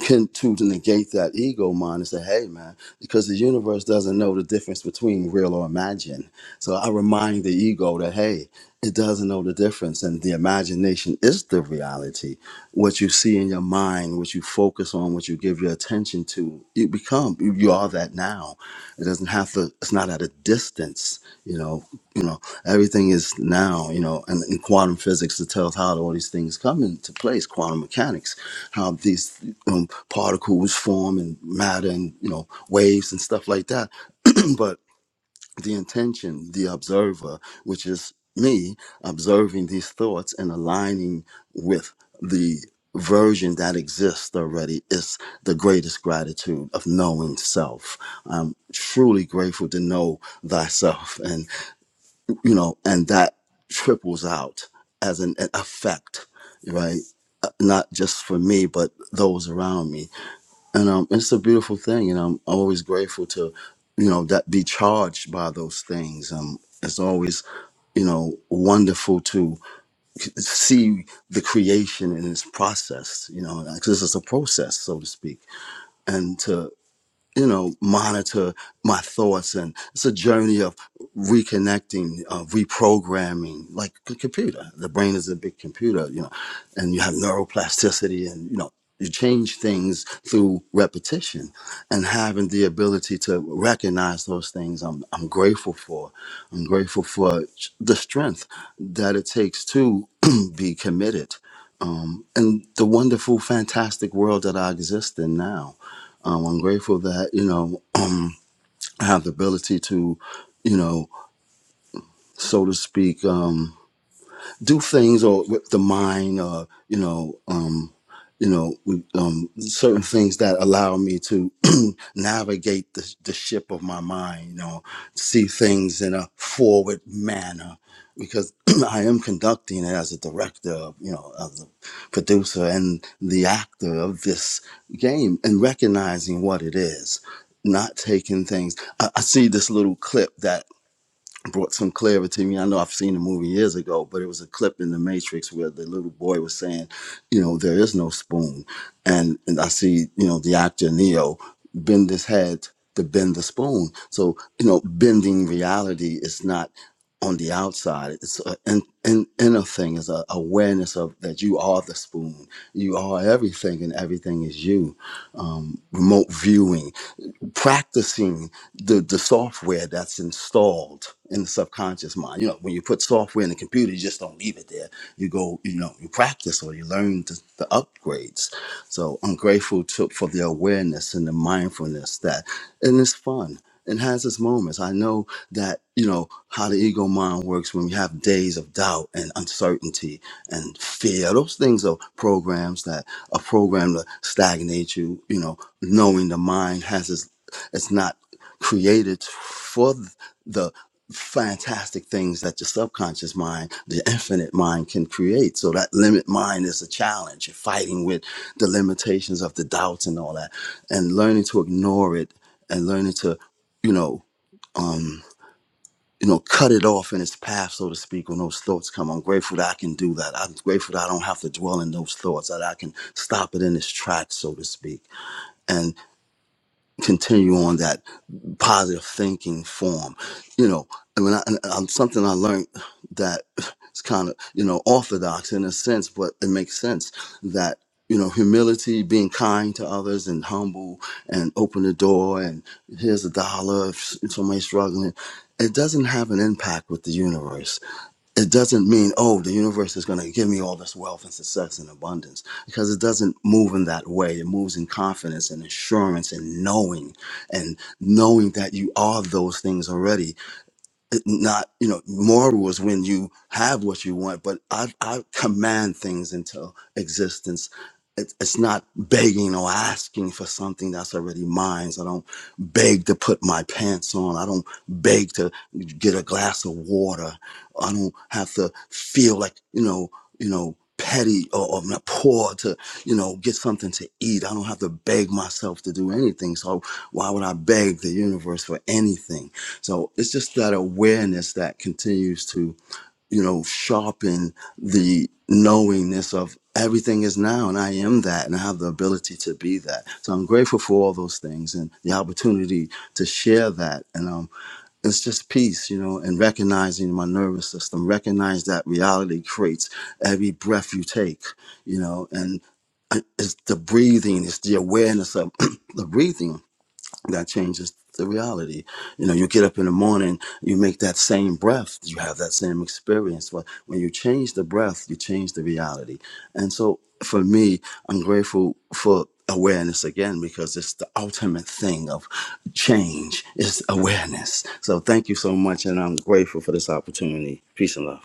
S17: can to negate that ego mind and say, hey man, because the universe doesn't know the difference between real or imagined. So I remind the ego that hey, it doesn't know the difference and the imagination is the reality. What you see in your mind, what you focus on, what you give your attention to, you become you, you are that now. It doesn't have to. It's not at a distance. You know. You know. Everything is now. You know. And in quantum physics, it tells how all these things come into place. Quantum mechanics, how these um, particles form and matter, and you know, waves and stuff like that. but the intention, the observer, which is me observing these thoughts and aligning with the version that exists already is the greatest gratitude of knowing self. I'm truly grateful to know thyself and you know and that triples out as an, an effect, right? Uh, Not just for me but those around me and um, it's a beautiful thing, and I'm always grateful to, you know, that be charged by those things. Um, it's always, you know, wonderful to c- see the creation in its process. You know, because it's a process, so to speak, and to you know, monitor my thoughts. And it's a journey of reconnecting, uh, reprogramming, like a computer. The brain is a big computer, you know, and you have neuroplasticity and, you know, you change things through repetition and having the ability to recognize those things I'm, I'm grateful for. I'm grateful for the strength that it takes to be committed um, and the wonderful, fantastic world that I exist in now um, I'm grateful that you know I have the ability to, you know, so to speak. Um, do things or with the mind or you know um you know we- um certain things that allow me to navigate the, the ship of my mind you know see things in a forward manner because i am conducting it as a director you know as a producer and the actor of this game and recognizing what it is not taking things i, I see this little clip that brought some clarity to me. I know I've seen the movie years ago, but it was a clip in The Matrix where the little boy was saying, you know, there is no spoon. And, and I see, you know, the actor Neo bend his head to bend the spoon. So, you know, bending reality is not on the outside. It's an in, in, inner thing. It's a awareness of that you are the spoon. You are everything and everything is you. Um, remote viewing practicing the, the software that's installed in the subconscious mind. You know, when you put software in the computer, you just don't leave it there. You go, you know, you practice or you learn the, the upgrades. So I'm grateful to, for the awareness and the mindfulness that, and it's fun. It has its moments. I know that, you know, how the ego mind works when we have days of doubt and uncertainty and fear. Those things are programs that are programmed to stagnate you, you know, knowing the mind has its it's not created for th- the fantastic things that your subconscious mind, the infinite mind can create. So that limit mind is a challenge. You're fighting with the limitations of the doubts and all that and learning to ignore it and learning to, you know, um, you know, cut it off in its path, so to speak, when those thoughts come. I'm grateful that I can do that. I'm grateful that I don't have to dwell in those thoughts, that I can stop it in its tracks, so to speak continue on that positive thinking form. You know, and when I, and, um, something I learned that it's kind of you know orthodox in a sense, but it makes sense that you know humility, being kind to others, and humble, and open the door, and here's a dollar if somebody's struggling. It doesn't have an impact with the universe it doesn't mean oh the universe is going to give me all this wealth and success and abundance because it doesn't move in that way it moves in confidence and assurance and knowing and knowing that you are those things already not you know moral is when you have what you want but i i command things into existence It- it's not begging or asking for something that's already mine i don't beg to put my pants on i don't beg to get a glass of water i don't have to feel like you know you know petty or, or not poor to you know get something to eat i don't have to beg myself to do anything so why would i beg the universe for anything so it's just that awareness that continues to, you know, sharpen the knowingness of everything is now and I am that and I have the ability to be that. So I'm grateful for all those things and the opportunity to share that. And um it's just peace, you know, and recognizing my nervous system, recognize that reality creates every breath you take, you know, and I- it's the breathing, it's the awareness of the breathing that changes the reality. You know, you get up in the morning, you make that same breath, you have that same experience. But when you change the breath, you change the reality. And so for me, I'm grateful for awareness again because it's the ultimate thing of change is awareness. So thank you so much and I'm grateful for this opportunity. Peace and love.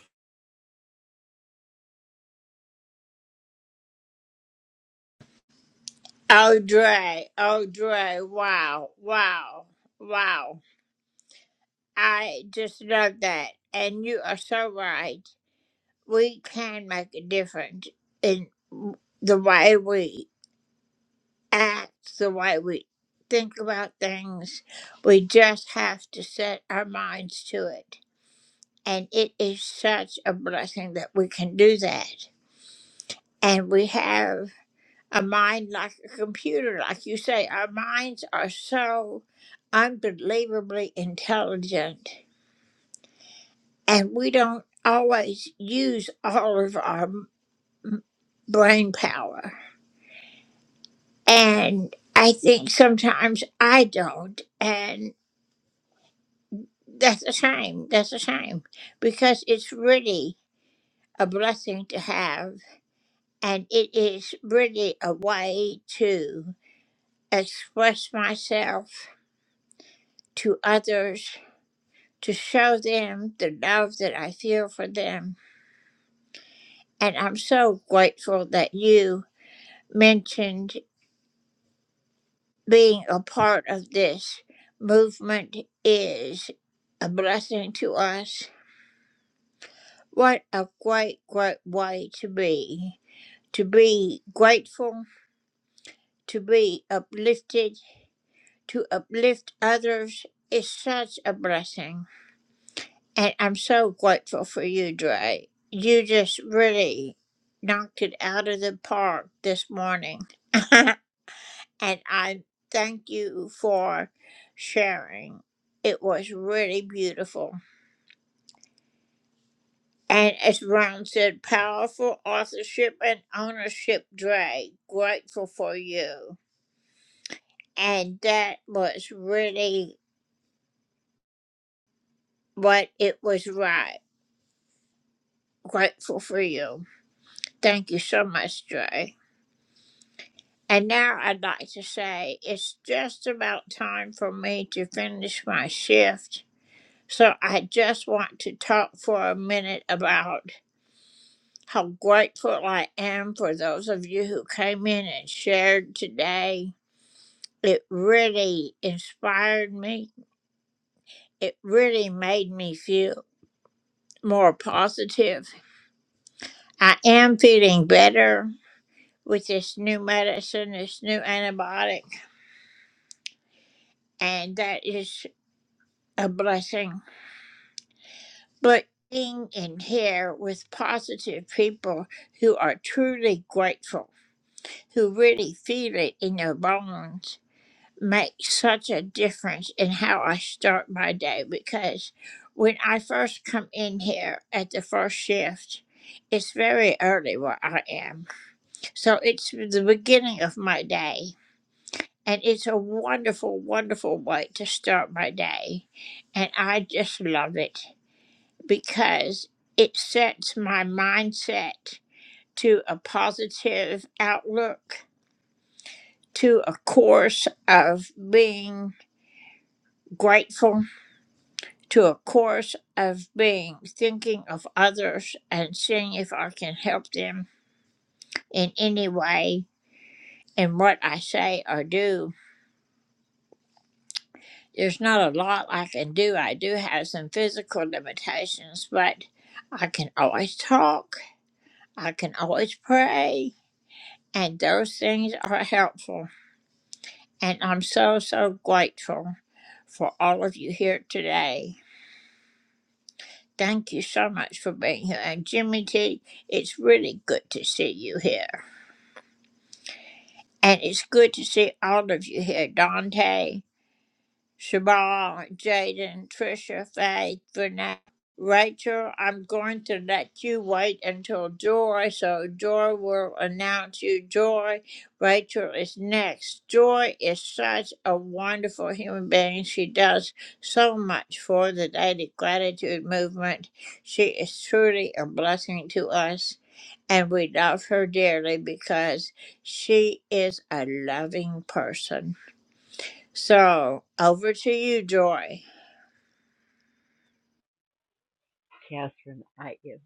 S18: Catherine, I am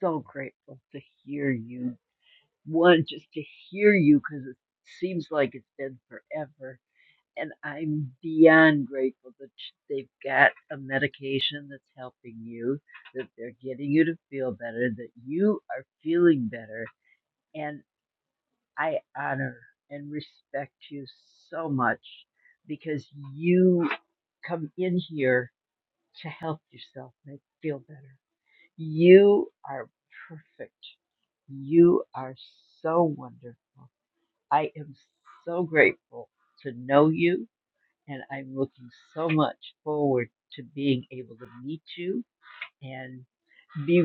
S18: so grateful to hear you. One, just to hear you because it seems like it's been forever. And I'm beyond grateful that sh- they've got a medication that's helping you, that they're getting you to feel better, that you are feeling better. And I honor and respect you so much because you come in here to help yourself make feel better you are perfect. You are so wonderful. I am so grateful to know you, and I'm looking so much forward to being able to meet you and be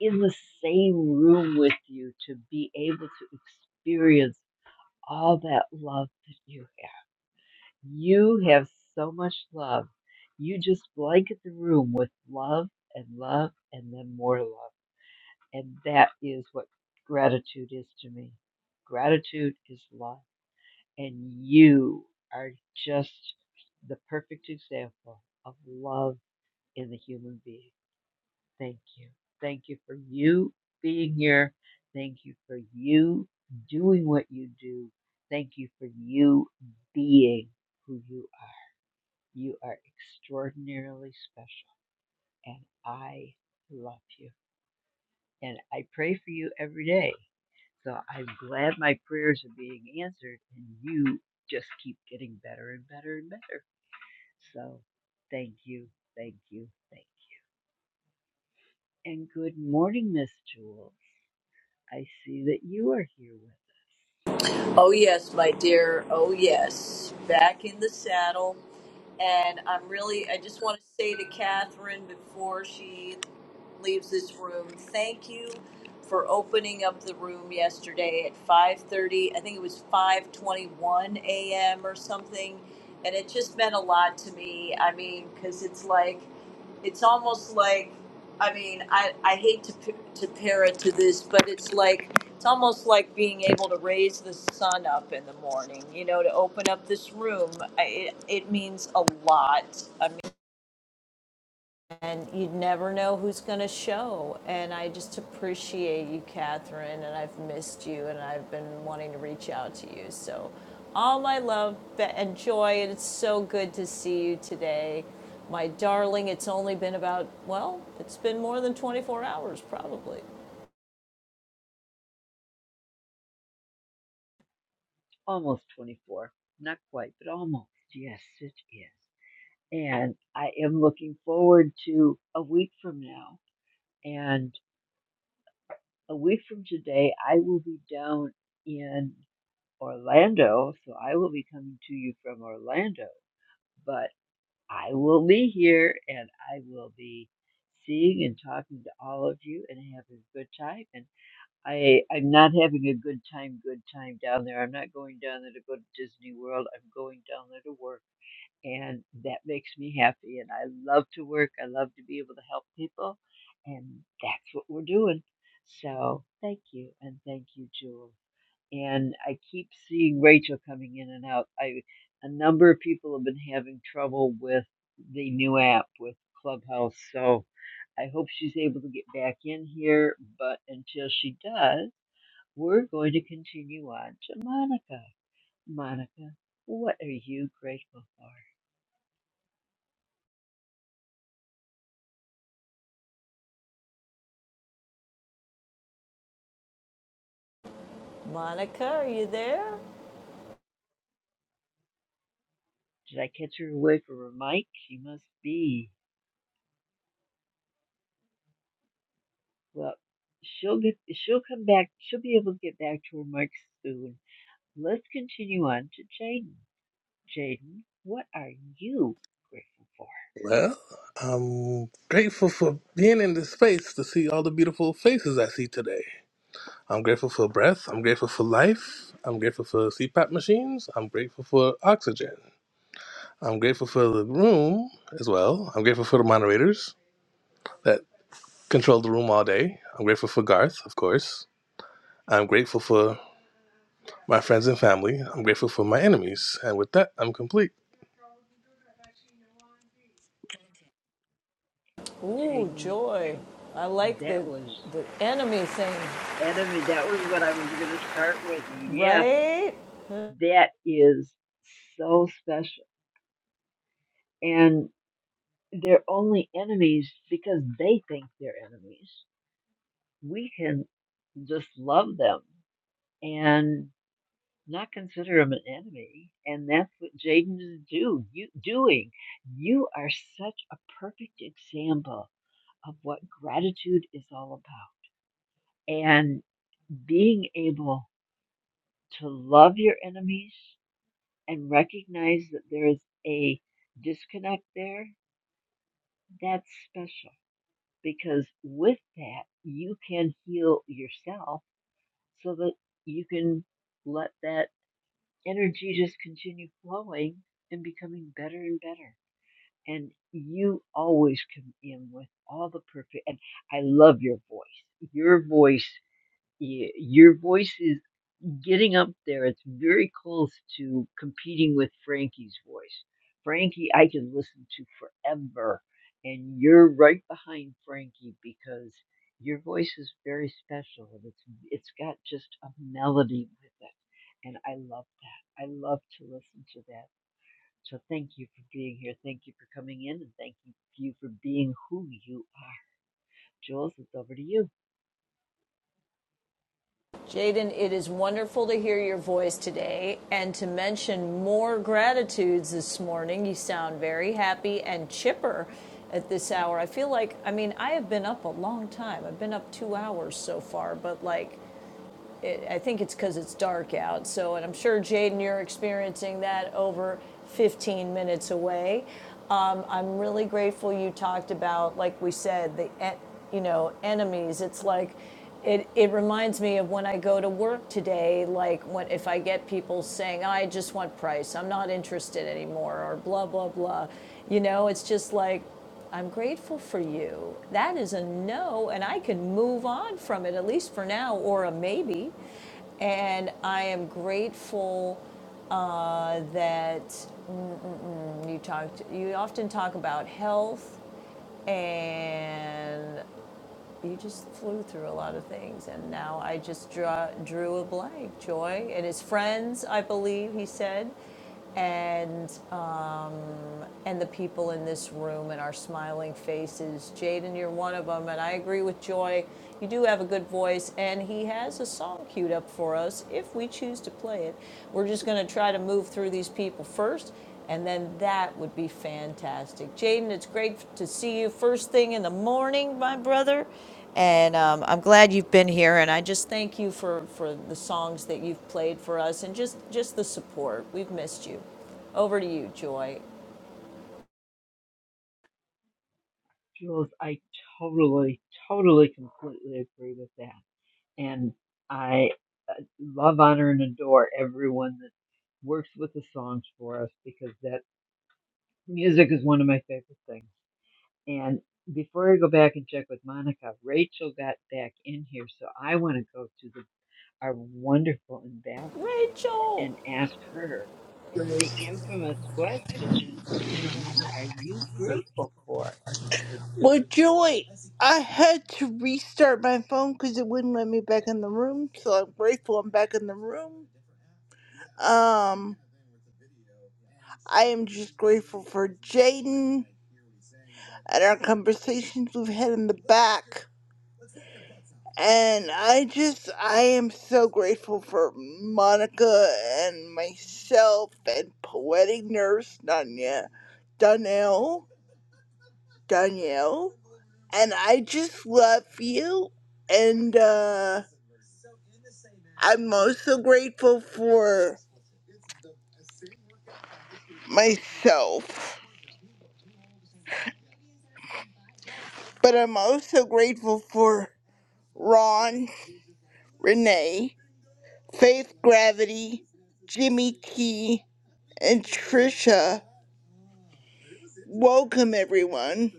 S18: in the same room with you to be able to experience all that love that you have. You have so much love. You just blanket the room with love and love and then more love. And that is what gratitude is to me. Gratitude is love. And you are just the perfect example of love in the human being. Thank you. Thank you for you being here. Thank you for you doing what you do. Thank you for you being who you are. You are extraordinarily special. And I love you. And I pray for you every day So I'm glad my prayers are being answered, and you just keep getting better and better and better. So thank you, thank you, thank you. And good morning, Miss Jules. I see that you are here with us.
S19: Oh, yes, my dear. Oh, yes. Back in the saddle. And I'm really, I just want to say to Catherine before she leaves this room, thank you for opening up the room yesterday at 5.30. I think it was 5.21 a.m. or something. And it just meant a lot to me. I mean, because it's like, it's almost like, I mean, I, I hate to, p- to pair it to this, but it's like, it's almost like being able to raise the sun up in the morning, you know, to open up this room. I, it, it means a lot. I mean, and you never know who's going to show. And I just appreciate you, Catherine, and I've missed you, and I've been wanting to reach out to you. So, all my love and joy, and it's so good to see you today. My darling, it's only been about, well, it's been more than 24 hours, probably.
S18: Almost 24. Not quite, but almost. Yes, it is. And I am looking forward to a week from now. And a week from today, I will be down in Orlando. So I will be coming to you from Orlando. But I will be here and I will be seeing and talking to all of you and having a good time. And I, I'm not having a good time, good time down there. I'm not going down there to go to Disney World. I'm going down there to work. And that makes me happy. And I love to work. I love to be able to help people. And that's what we're doing. So thank you. And thank you, Jewel and I keep seeing Rachel coming in and out. I a number of people have been having trouble with the new app with Clubhouse, so I hope she's able to get back in here. But until she does, we're going to continue on to Monica. Monica, what are you grateful for?
S19: Monica, are you there?
S18: Did I catch her away from her mic? She must be. Well, she'll get. She'll come back. She'll be able to get back to her mic soon. Let's continue on to Jaden. Jaden, what are you grateful for?
S20: Well, I'm grateful for being in this space to see all the beautiful faces I see today. I'm grateful for breath. I'm grateful for life. I'm grateful for CPAP machines. I'm grateful for oxygen. I'm grateful for the room as well. I'm grateful for the moderators that control the room all day. I'm grateful for Garth, of course. I'm grateful for my friends and family. I'm grateful for my enemies. And with that, I'm complete.
S19: Ooh,
S18: Jaden,
S19: joy. I like the
S18: that was
S19: the enemy thing,
S18: enemy. That was what I was going to start with. Yes,
S19: right?
S18: that is so special. And they're only enemies because they think they're enemies. We can just love them and not consider them an enemy. And that's what Jaden is do, you, doing. You are such a perfect example of what gratitude is all about and being able to love your enemies and recognize that there is a disconnect there, that's special because with that, you can heal yourself so that you can let that energy just continue flowing and becoming better and better. And you always come in with all the perfect. And I love your voice. Your voice, y- your voice is getting up there, it's very close to competing with Frankie's voice. Frankie, I can listen to forever, and you're right behind Frankie because your voice is very special, and it's it's got just a melody with it, and I love that. I love to listen to that. So thank you for being here. Thank you for coming in, and thank you you for being who you are. Jules, it's over to you.
S19: Jaden, it is wonderful to hear your voice today and to mention more gratitudes this morning. You sound very happy and chipper at this hour. I feel like, I mean, I have been up a long time. I've been up two hours so far, but like, it, I think it's because it's dark out. So, and I'm sure Jaden, you're experiencing that over 15 minutes away. Um, I'm really grateful you talked about, like we said, the e, you know enemies. It's like it, it reminds me of when I go to work today, like when if I get people saying, I just want price, I'm not interested anymore, or blah, blah, blah. You know, it's just like, I'm grateful for you. That is a no, and I can move on from it, at least for now, or a maybe. And I am grateful uh, that you talked. You often talk about health, and you just flew through a lot of things. And now I just draw, drew a blank. Joy and his friends, I believe he said, and and the people in this room and our smiling faces. Jaden, you're one of them, and I agree with Joy. You do have a good voice, and he has a song queued up for us if we choose to play it. We're just going to try to move through these people first, and then that would be fantastic. Jaden, it's great to see you first thing in the morning, my brother. And um, I'm glad you've been here, and I just thank you for, for the songs that you've played for us and just, just the support. We've missed you. Over to you, Joy.
S18: Jules, I totally, totally, completely agree with that. and I uh, love, honor, and adore everyone that works with the songs for us because that music is one of my favorite things. And before I go back and check with Monica, Rachel got back in here, so I want to go to the, our wonderful ambassador
S19: Rachel!
S18: and ask her the infamous question: What are you grateful for?
S21: Well, Joy, I had to restart my phone because it wouldn't let me back in the room. So I'm grateful I'm back in the room. Um, I am just grateful for Jaden and our conversations we've had in the back. And I just, I am so grateful for Monica and myself and poetic nurse Danya, Danielle, Danielle. And I just love you. And, uh, I'm also grateful for myself, but I'm also grateful for Ron, Renee, Faith Gravity, Jimmy T, and Trisha. Welcome, everyone.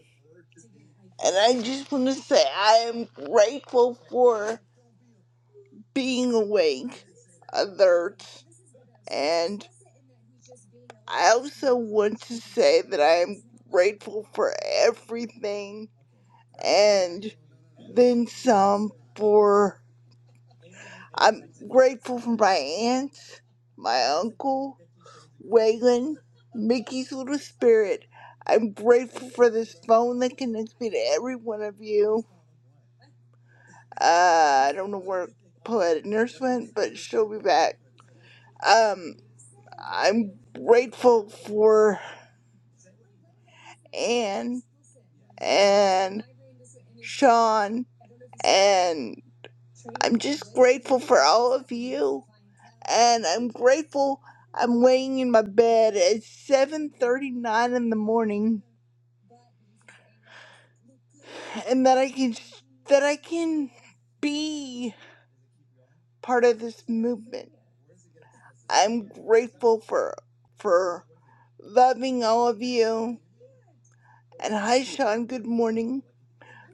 S21: And I just want to say I am grateful for being awake, alert, and I also want to say that I am grateful for everything. And been some for I'm grateful for my aunts, my uncle, Waylon, Mickey's little spirit. I'm grateful for this phone that connects me to every one of you. Uh, I don't know where Poetic Nurse went, but she'll be back. Um, I'm grateful for Anne and Sean, and I'm just grateful for all of you. and I'm grateful I'm laying in my bed at 7:39 in the morning and that I can that I can be part of this movement. I'm grateful for for loving all of you. And hi Sean, good morning.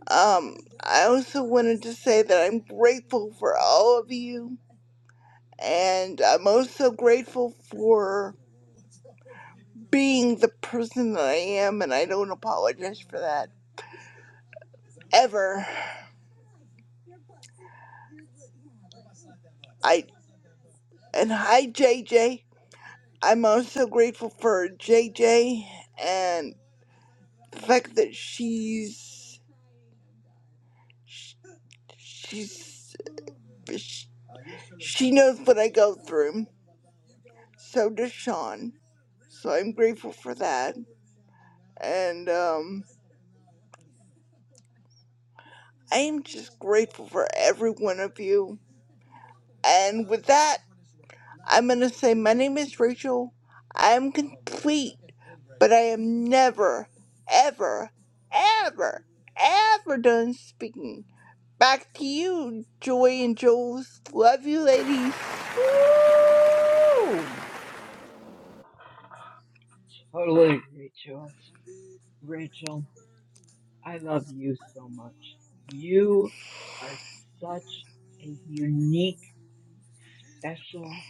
S21: Um I also wanted to say that I'm grateful for all of you and I'm also grateful for being the person that I am and I don't apologize for that. ever. I and hi JJ. I'm also grateful for JJ and the fact that she's she's she knows what I go through. So does Sean. So I'm grateful for that. And um I am just grateful for every one of you. And with that I'm going to say, My name is Rachel. I am complete, but I am never, ever, ever, ever done speaking. Back to you, Joy and Jules. Love you, ladies.
S19: Woo!
S18: Totally, Rachel. Rachel. I love you so much. You are such a unique, special,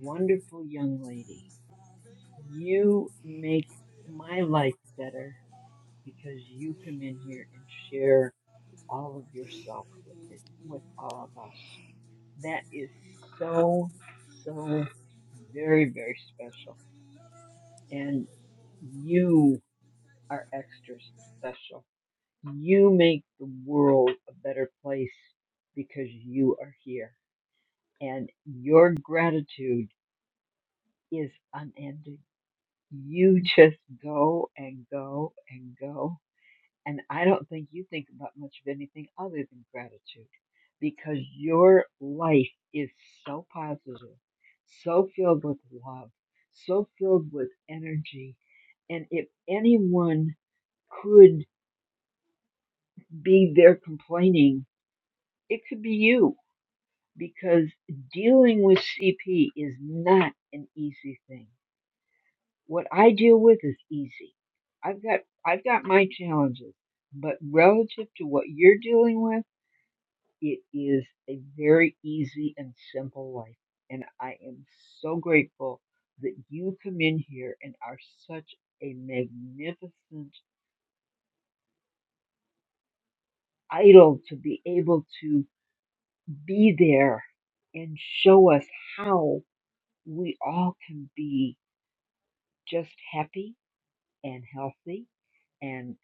S18: wonderful young lady. You make my life better because you come in here and share all of yourself with it, with all of us. That is so, so very, very special. And you are extra special you make the world a better place because you are here and your gratitude is unending. You just go and go and go. And I don't think you think about much of anything other than gratitude because your life is so positive, so filled with love, so filled with energy. And if anyone could be there complaining, it could be you because dealing with CP is not an easy thing. What I deal with is easy. I've got I've got my challenges, but relative to what you're dealing with, it is a very easy and simple life. And I am so grateful that you come in here and are such a magnificent idol to be able to be there and show us how we all can be just happy and healthy and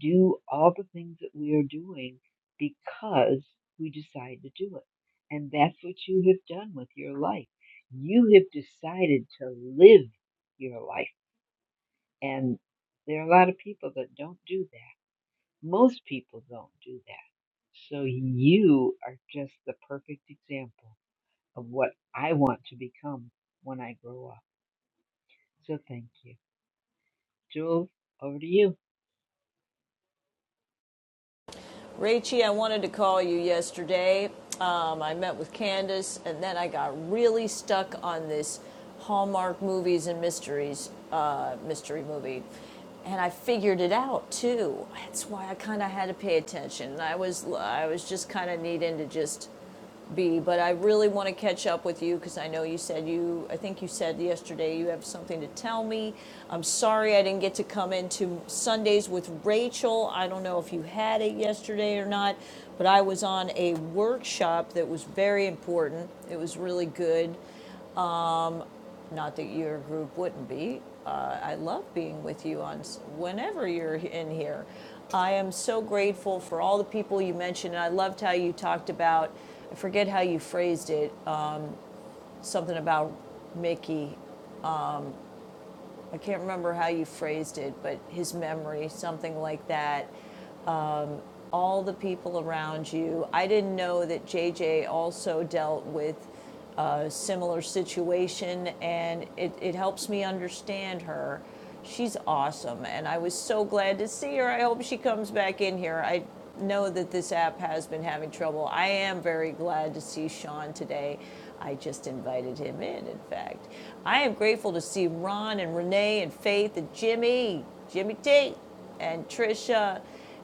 S18: do all the things that we are doing because we decide to do it. And that's what you have done with your life. You have decided to live your life. And there are a lot of people that don't do that. Most people don't do that. So you are just the perfect example of what I want to become when I grow up. So thank you. Jules, over to you.
S19: Rachie, I wanted to call you yesterday. Um, I met with Candace, and then I got really stuck on this Hallmark movies and mysteries uh, mystery movie, and I figured it out too. That's why I kind of had to pay attention. I was I was just kind of needing to just be, but I really want to catch up with you because I know you said you, I think you said yesterday you have something to tell me. I'm sorry I didn't get to come into Sundays with Rachel. I don't know if you had it yesterday or not, but I was on a workshop that was very important. It was really good. Not that your group wouldn't be. Uh, I love being with you on s- whenever you're in here. I am so grateful for all the people you mentioned. And I loved how you talked about I forget how you phrased it, something about Mickey. I can't remember how you phrased it, but his memory, something like that. all the people around you. I didn't know that JJ also dealt with a similar situation, and it, it helps me understand her. She's awesome, and I was so glad to see her. I hope she comes back in here. I know that this app has been having trouble. I am very glad to see Sean today. I just invited him in, in fact. I am grateful to see Ron and Renee and Faith and Jimmy, Jimmy T, and Trisha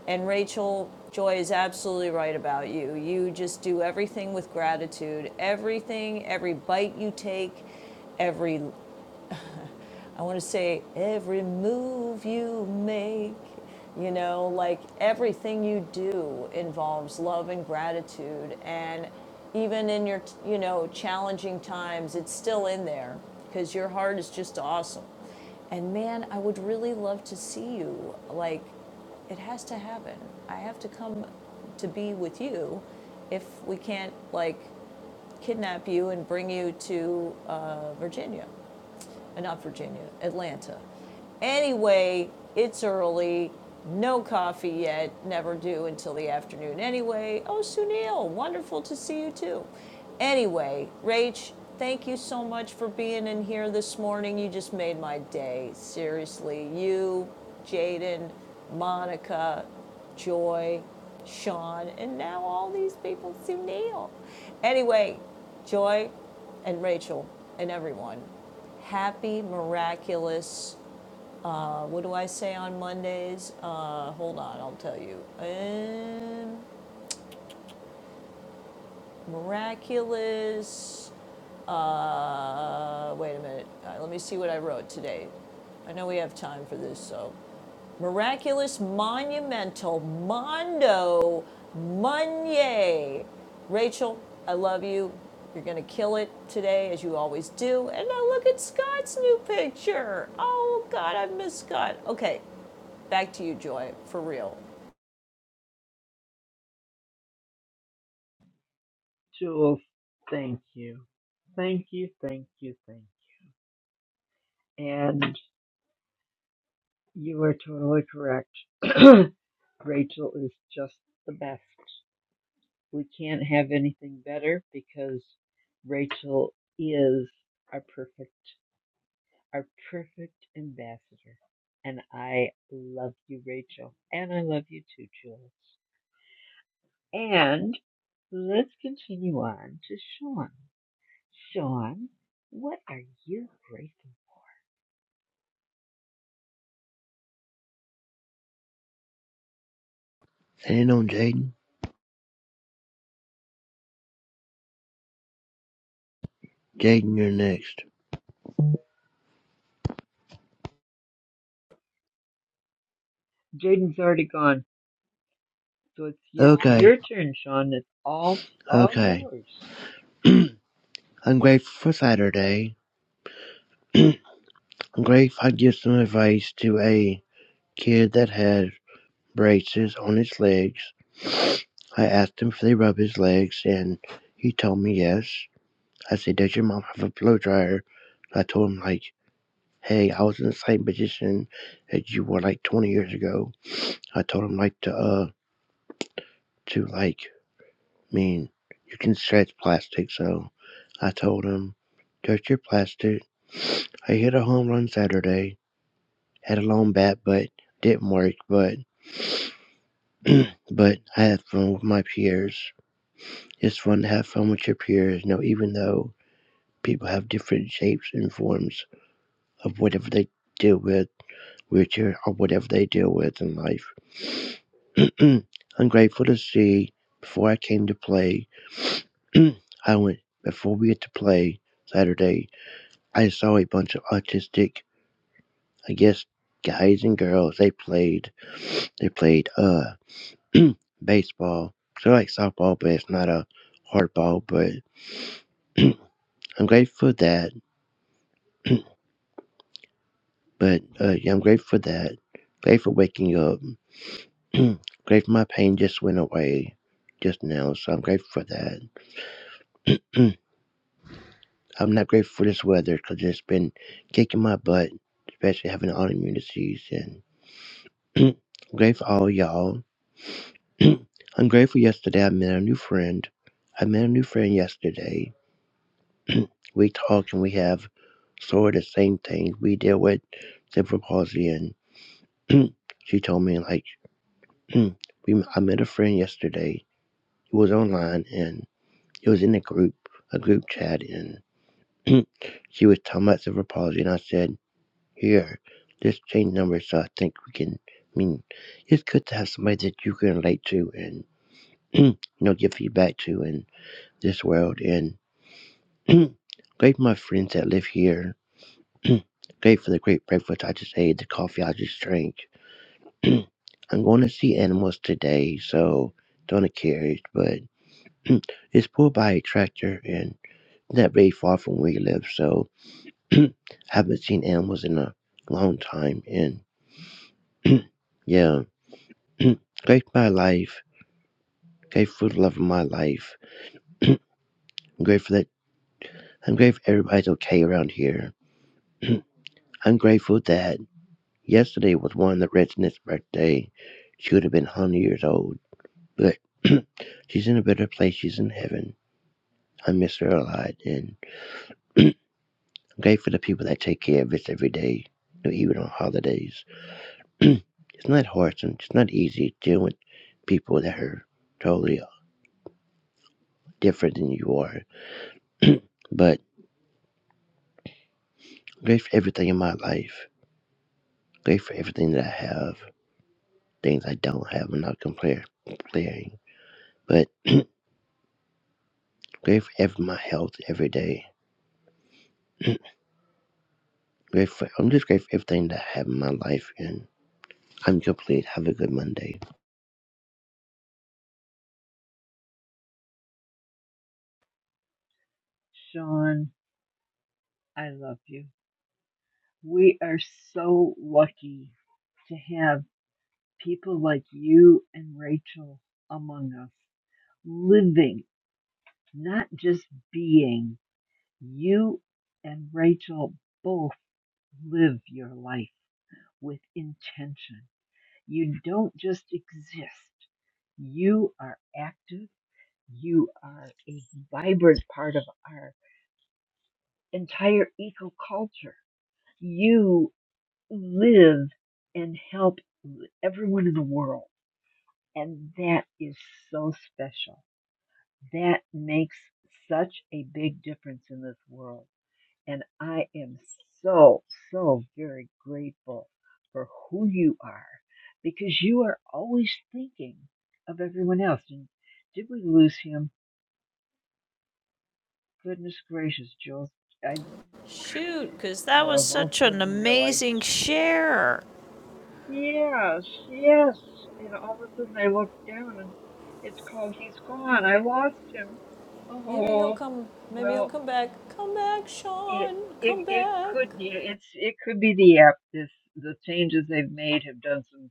S19: and Rachel, Joy is absolutely right about you. You just do everything with gratitude. Everything, every bite you take, every I want to say every move you make, you know, like everything you do involves love and gratitude. And even in your, you know, challenging times, it's still in there because your heart is just awesome. And man, I would really love to see you. Like, it has to happen. I have to come to be with you if we can't, like, kidnap you and bring you to uh, Virginia uh, not Virginia, Atlanta. Anyway, it's early. No coffee yet. Never do until the afternoon. Anyway, oh, Sunil, wonderful to see you too. Anyway, Rach, thank you so much for being in here this morning. You just made my day. Seriously, you, Jaden, Monica, Joy, Sean, and now all these people, Sunil. Anyway, Joy and Rachel and everyone, happy, miraculous. Uh, what do I say on Mondays? Uh, hold on, I'll tell you. Um, miraculous. Uh, wait a minute. Uh, let me see what I wrote today. I know we have time for this, so. Miraculous, monumental, mondo, monye. Rachel, I love you. You're going to kill it today, as you always do. And now look at Scott's new picture. Oh, God, I miss Scott. Okay, Back to you, Joy, for real.
S18: Jules, thank you. Thank you, thank you, thank you. And you are totally correct. Rachel is just the best. We can't have anything better because Rachel is our perfect, our perfect ambassador. And I love you, Rachel. And I love you too, Jules. And let's continue on to Sean. Sean, what are you grateful for?
S22: Landing on Jaden, Jaden you're next.
S18: Jaden's already gone, so it's you,
S22: Okay,
S18: your turn, Sean. It's all all
S22: okay.
S18: yours.
S22: I'm grateful for Saturday. I'm grateful I give some advice to a kid that had braces on his legs. I asked him if they rub his legs, and he told me yes. I said, "Does your mom have a blow dryer?" I told him like, "Hey, I was in the same position that you were like 20 years ago." I told him like to uh to like I mean, you can stretch plastic, so I told him, Touch your plastic. I hit a home run Saturday. Had a long bat, but didn't work. But but I had fun with my peers. It's fun to have fun with your peers. You know, even though people have different shapes and forms of whatever they deal with, which or whatever they deal with in life. I'm grateful to see before I came to play I went before we get to play Saturday. I saw a bunch of autistic, I guess, guys and girls. They played, they played uh baseball, so like softball, but it's not a hardball. But I'm grateful for that. But uh, yeah, I'm grateful for that. Grateful for waking up. grateful my pain just went away just now, so I'm grateful for that. I'm not grateful for this weather because it's been kicking my butt, especially having autoimmune disease and. grateful all y'all. I'm grateful yesterday I met a new friend. I met a new friend yesterday. We talk and we have sort of the same thing. We deal with cerebral palsy and she told me like we I met a friend yesterday. He was online and it was in a group a group chat and she was talking about cerebral palsy and I said, Here, let's change numbers so I think we can I mean it's good to have somebody that you can relate to and." you know, give feedback to in this world. And great for my friends that live here. great for the great breakfast I just ate, the coffee I just drank. I'm going to see animals today, so don't get carried, but it's pulled by a tractor and not very far from where you live, so I haven't seen animals in a long time. And yeah, great for my life, great for the love of my life. I'm grateful that I'm grateful everybody's okay around here. I'm grateful that yesterday was one of the Reginald's birthday. She would have been 100 years old, but she's in a better place. She's in heaven. I miss her a lot, and I'm grateful to people that take care of us every day, even on holidays. it's not hard, and it's not easy dealing with people that are totally different than you are, but I'm grateful for everything in my life. I'm Grateful for everything that I have, things I don't have. I'm not compar- comparing, but I'm grateful for every, my health every day. grateful. I'm just grateful for everything that I have in my life, and I'm complete. Have a good Monday.
S18: Sean, I love you. We are so lucky to have people like you and Rachel among us, living, not just being. You and Rachel both live your life with intention. You don't just exist, you are active You are a vibrant part of our entire eco culture. You live and help everyone in the world. And that is so special. That makes such a big difference in this world. And I am so, so very grateful for who you are because you are always thinking of everyone else. And did we lose him? Goodness gracious, Jules. I
S19: Shoot, because
S18: I
S19: that was
S18: have
S19: such an
S18: often realized,
S19: amazing share.
S18: yes, yes. And all of a sudden I look down and it's called He's Gone. I lost him.
S19: Maybe he'll
S18: Oh,
S19: come. Maybe he'll
S18: well,
S19: come back. Come back,
S18: it,
S19: Sean.
S18: it,
S19: Come
S18: it
S19: back.
S18: could, it's, it could be the app. This, the changes they've made have done some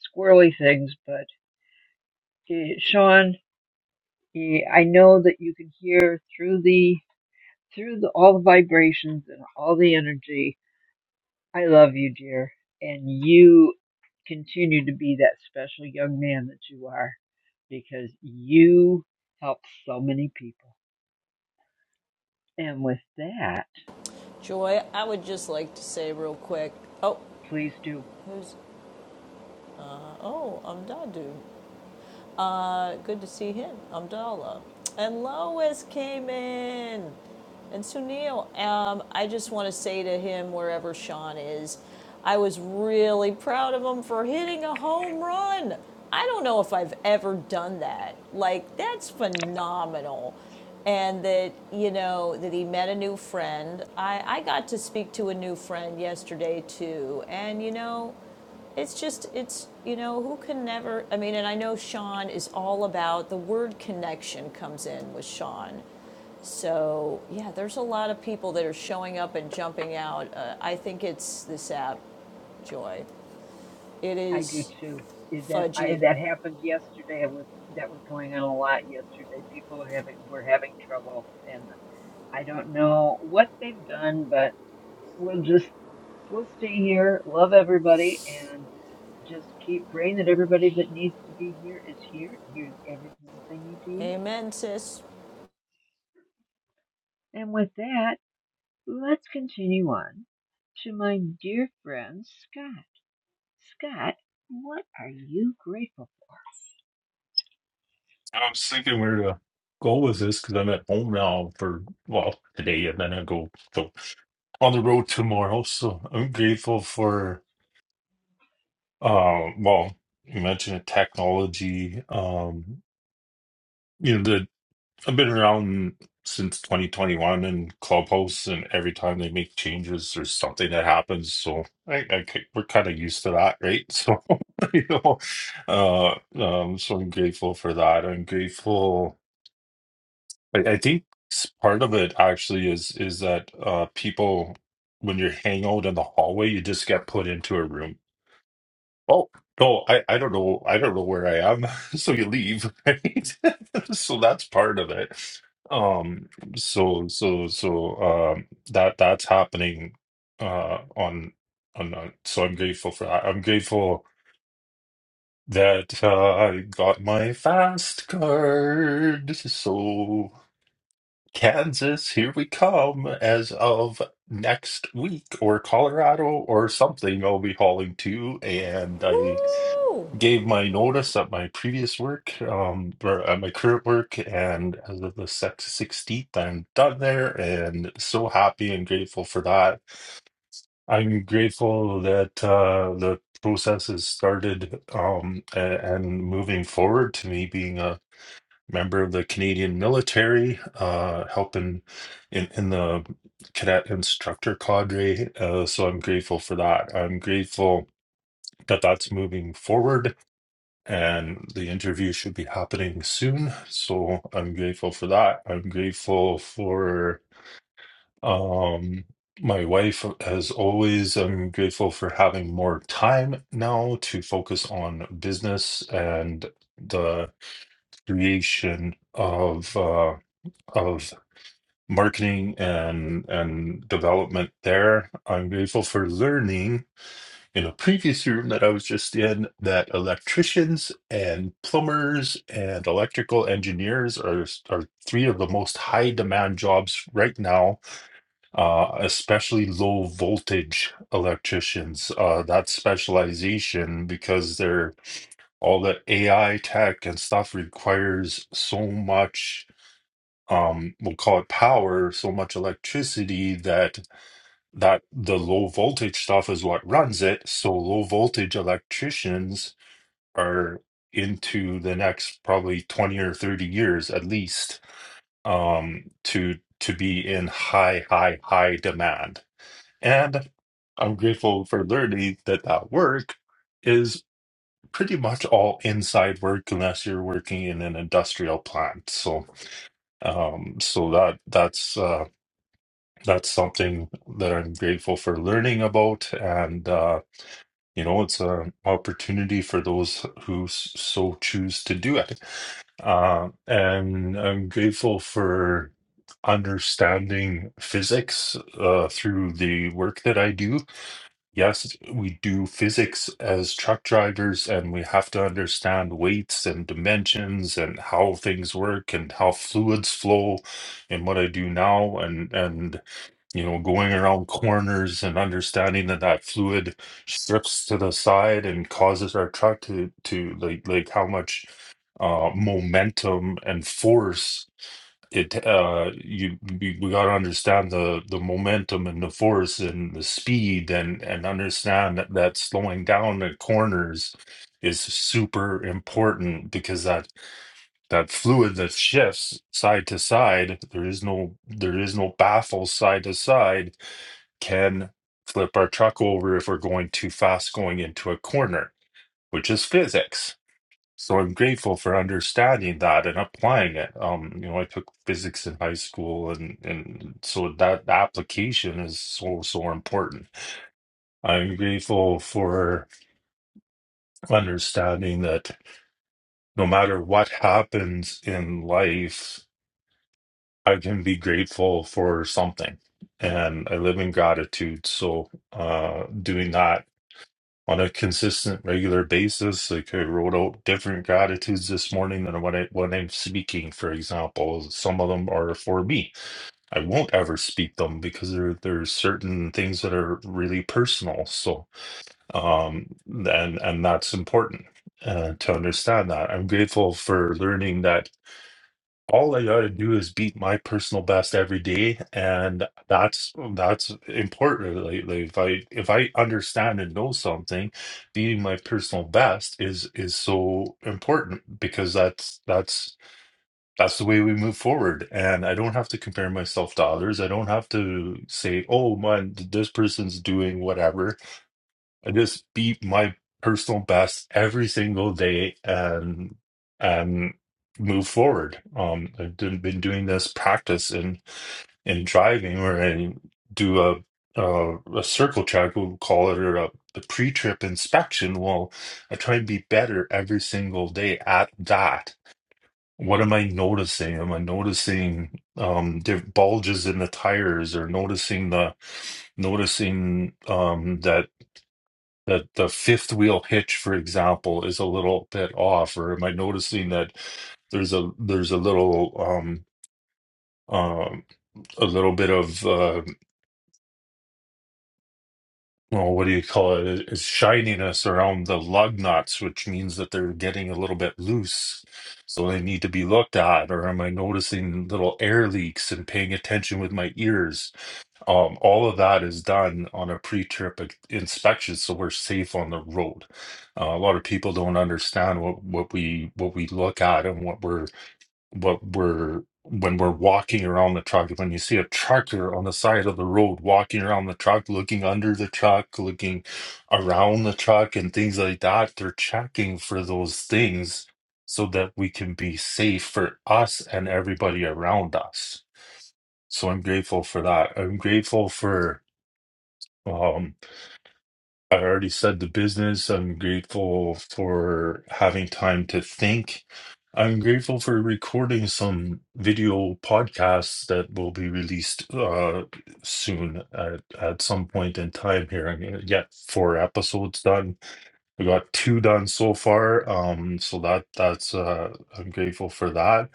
S18: squirrely things, but eh, Sean, eh, I know that you can hear through the, through the, all the vibrations and all the energy I love you, dear, and you continue to be that special young man that you are because you help so many people. And with that,
S19: Joy, I would just like to say real quick. Oh,
S18: please do.
S19: who's? Oh, Amdadu. Uh, good to see him, Amdallah. And Lois came in. And so, Neil, um, I just want to say to him, wherever Sean is, I was really proud of him for hitting a home run. I don't know if I've ever done that. Like, that's phenomenal. And that, you know, that he met a new friend. I, I got to speak to a new friend yesterday, too. And, you know, it's just, it's, you know, who can never, I mean, and I know Sean is all about the word connection comes in with Sean so, yeah, there's a lot of people that are showing up and jumping out. Uh, I think it's this app, Joy. It
S18: I do
S19: is
S18: too. Did That I,
S19: fudgy.
S18: that happened yesterday. It was that was going on a lot yesterday. People are having were having trouble, and I don't know what they've done, but we'll just we'll stay here, love everybody, and. Just keep praying that everybody that needs to be here is here, hears everything they need to hear.
S19: Amen, sis.
S18: And with that, let's continue on to my dear friend Scott. Scott, what are you grateful
S23: I was thinking where to go with this because I'm at home now for, well, today and then I go to, on the road tomorrow. So I'm grateful for, uh, well, you mentioned technology. Um, you know, the, I've been around since 2021 in Clubhouse, and every time they make changes, there's something that happens. So I, I ki- we're kind of used to that, right? So, you know, uh, um, so I'm grateful for that. I'm grateful. I, I think s- part of it actually is is that uh people when you're hanging out in the hallway, you just get put into a room. Oh no, I, I don't know I don't know where I am. So you leave, right? So that's part of it. Um so so so um that that's happening uh on on on- so I'm grateful for that. I'm grateful that uh, I got my fast card. So Kansas, here we come as of next week, or Colorado, or something I'll be hauling to. And I
S19: Woo!
S23: gave my notice at my previous work, um, or at my current work, and as of the 16th, I'm done there and so happy and grateful for that. I'm grateful that uh, the process has started um, a- and moving forward to me being a member of the Canadian military, uh, helping in, in the cadet instructor cadre. Uh, so I'm grateful for that. I'm grateful that that's moving forward and the interview should be happening soon. So I'm grateful for that. I'm grateful for um, my wife, as always. I'm grateful for having more time now to focus on business and the creation of. Uh, of marketing and and development there. I'm grateful for learning in a previous room that I was just in that electricians and plumbers and electrical engineers are are three of the most high demand jobs right now, uh, especially low voltage electricians. Uh, that specialization because they're all the AI tech and stuff requires so much um we'll call it power so much electricity that that the low voltage stuff is what runs it so low voltage electricians are into the next probably 20 or 30 years at least um to to be in high high high demand and i'm grateful for learning that that work is pretty much all inside work unless you're working in an industrial plant so um so that that's uh that's something that I'm grateful for learning about. And, uh, you know, it's an opportunity for those who s- so choose to do it. Uh, and I'm grateful for understanding physics uh, through the work that I do. Yes, we do physics as truck drivers, and we have to understand weights and dimensions and how things work and how fluids flow and what I do now. And, and, you know, going around corners and understanding that that fluid strips to the side and causes our truck to to like like how much uh, momentum and force it uh you we, we got to understand the the momentum and the force and the speed and and understand that, that slowing down at corners is super important because that that fluid that shifts side to side there is no there is no baffle side to side can flip our truck over if we're going too fast going into a corner, which is physics. So I'm grateful for understanding that and applying it. Um, you know, I took physics in high school, and and so that application is so so important. I'm grateful for understanding that no matter what happens in life, I can be grateful for something, and I live in gratitude. So, uh, doing that on a consistent, regular basis. Like I wrote out different gratitudes this morning than when I when I'm speaking. For example, some of them are for me. I won't ever speak them because there there's certain things that are really personal. So um, and and that's important uh, to understand that. I'm grateful for learning that all I gotta do is beat my personal best every day, and that's that's important. Like, like if I if I understand and know something, beating my personal best is is so important because that's that's that's the way we move forward. And I don't have to compare myself to others. I don't have to say, oh man, this person's doing whatever I just beat my personal best every single day and and move forward. Um, I've done- been doing this practice in in driving where I do a uh, a circle check, we'll call it, or a, a pre-trip inspection. Well, I try and be better every single day at that. What am I noticing? Am I noticing um, diff- bulges in the tires, or noticing the noticing um, that? that the fifth wheel hitch, for example, is a little bit off, or am I noticing that there's a there's a little um um a little bit of uh well what do you call it? It's shininess around the lug nuts, which means that they're getting a little bit loose, so they need to be looked at, or am I noticing little air leaks and paying attention with my ears? Um, all of that is done on a pre-trip i- inspection, so we're safe on the road. Uh, a lot of people don't understand what what we what we look at and what we're what we're when we're walking around the truck. When you see a trucker on the side of the road walking around the truck, looking under the truck, looking around the truck, and things like that, they're checking for those things so that we can be safe for us and everybody around us. So I'm grateful for that. I'm grateful for um, I already said the business. I'm grateful for having time to think. I'm grateful for recording some video podcasts that will be released uh, soon at, at some point in time here. I'm gonna get four episodes done. I got two done so far. Um, so that that's uh, I'm grateful for that.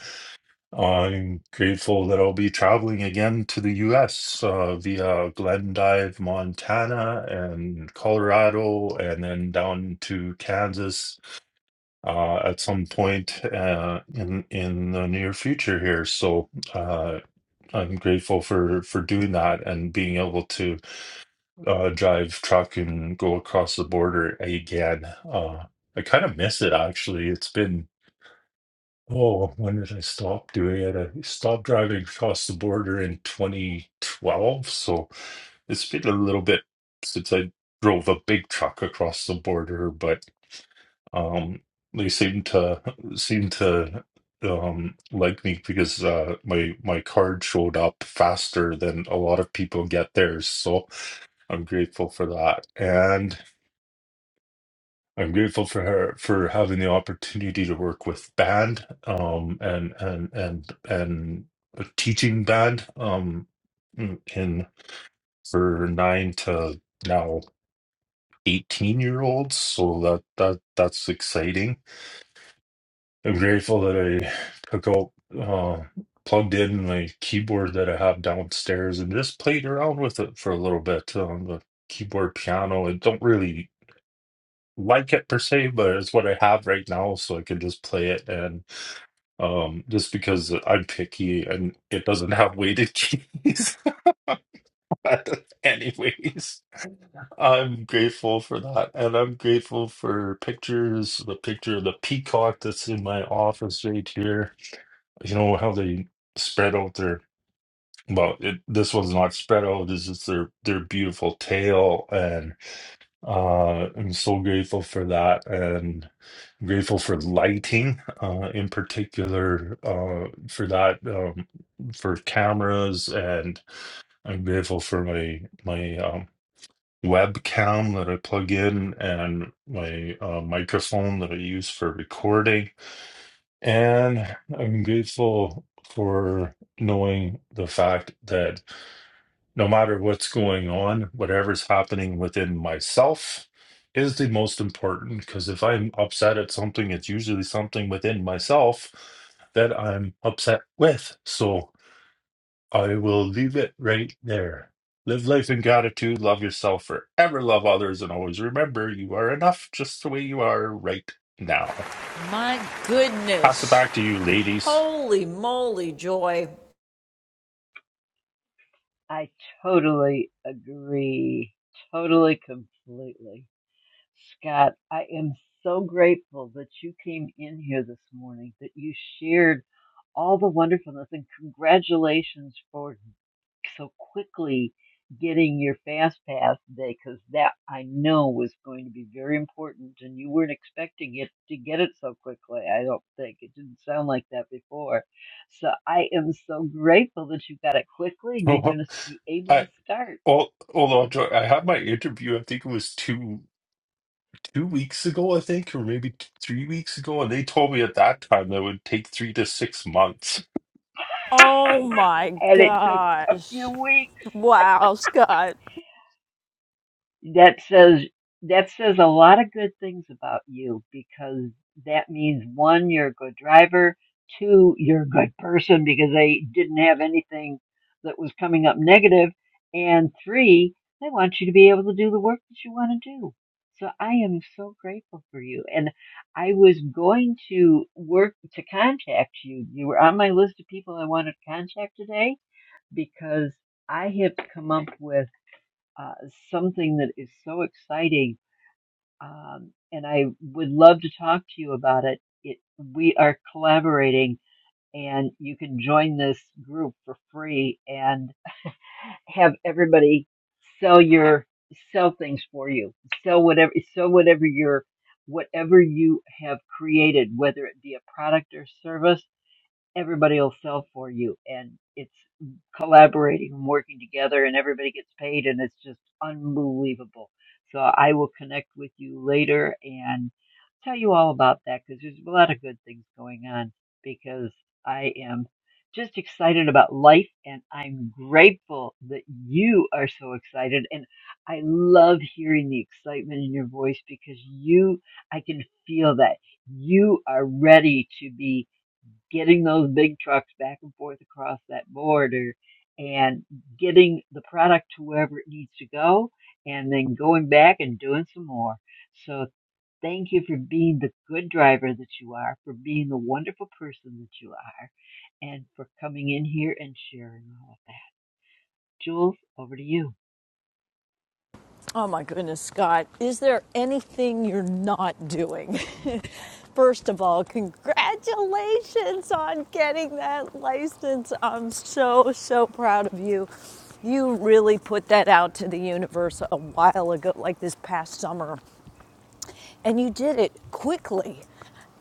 S23: I'm grateful that I'll be traveling again to the US uh, via Glendive, Montana, and Colorado, and then down to Kansas uh, at some point uh, in in the near future here. So uh, I'm grateful for for doing that and being able to uh, drive truck and go across the border again. Uh, I kind of miss it actually. It's been Oh, when did I stop doing it? I stopped driving across the border in 2012. So it's been a little bit since I drove a big truck across the border, but um, they seem to seem to um, like me because uh, my my card showed up faster than a lot of people get theirs. So I'm grateful for that. And I'm grateful for her for having the opportunity to work with band um and and and and a teaching band um in for nine to now 18 year olds so that that that's exciting I'm grateful that I took out uh plugged in my keyboard that I have downstairs and just played around with it for a little bit um the keyboard piano I don't really like it per se, but it's what I have right now, so I can just play it. And um, just because I'm picky and it doesn't have weighted keys, anyways, I'm grateful for that, and I'm grateful for pictures. The picture of the peacock that's in my office right here. You know how they spread out their well, it, this one's not spread out. This is their their beautiful tail and. Uh, I'm so grateful for that and grateful for lighting, uh, in particular, uh, for that, um, for cameras and I'm grateful for my my um, webcam that I plug in and my uh, microphone that I use for recording. And I'm grateful for knowing the fact that no matter what's going on, whatever's happening within myself is the most important. Because if I'm upset at something, it's usually something within myself that I'm upset with. So I will leave it right there. Live life in gratitude, love yourself forever, love others, and always remember you are enough just the way you are right now.
S19: My
S23: Pass it
S19: goodness.
S23: back to you, ladies.
S19: Holy moly, Joy.
S18: for? I totally agree. Totally, completely. Scott, I am so grateful that you came in here this morning, that you shared all the wonderfulness, and congratulations for so quickly getting your fast pass today because that I know was going to be very important and you weren't expecting it to get it so quickly. I don't think it didn't sound like that before. So I am so grateful that you got it quickly and you're
S23: I,
S18: going to be able to start.
S23: al- although I had my interview, I think it was two. two weeks ago, I think, or maybe t- three weeks ago, and they told me at that time that it would take three to six months.
S19: Oh my
S18: And it took a
S19: gosh.
S18: few weeks.
S19: Wow, Scott.
S18: that says that says a lot of good things about you because that means one you're a good driver two you're a good person because they didn't have anything that was coming up negative and three they want you to be able to do the work that you want to do so i am so grateful for you and i was going to work to contact you you were on my list of people i wanted to contact today because i have come up with uh, something that is so exciting. Um, and I would love to talk to you about it. it. We are collaborating and you can join this group for free and have everybody sell your, sell things for you. Sell whatever, sell whatever your, whatever you have created, whether it be a product or service everybody will sell for you and it's collaborating and working together and everybody gets paid and it's just unbelievable so i will connect with you later and tell you all about that because there's a lot of good things going on because i am just excited about life and i'm grateful that you are so excited and i love hearing the excitement in your voice because you i can feel that you are ready to be getting those big trucks back and forth across that border and getting the product to wherever it needs to go and then going back and doing some more. So thank you for being the good driver that you are, for being the wonderful person that you are, and for coming in here and sharing all of that. Jules, over to you.
S19: Oh my goodness, Scott, is there anything you're not doing? First of all, congratulations on getting that license. I'm so, so proud of you. You really put that out to the universe a while ago, like this past summer. And you did it quickly.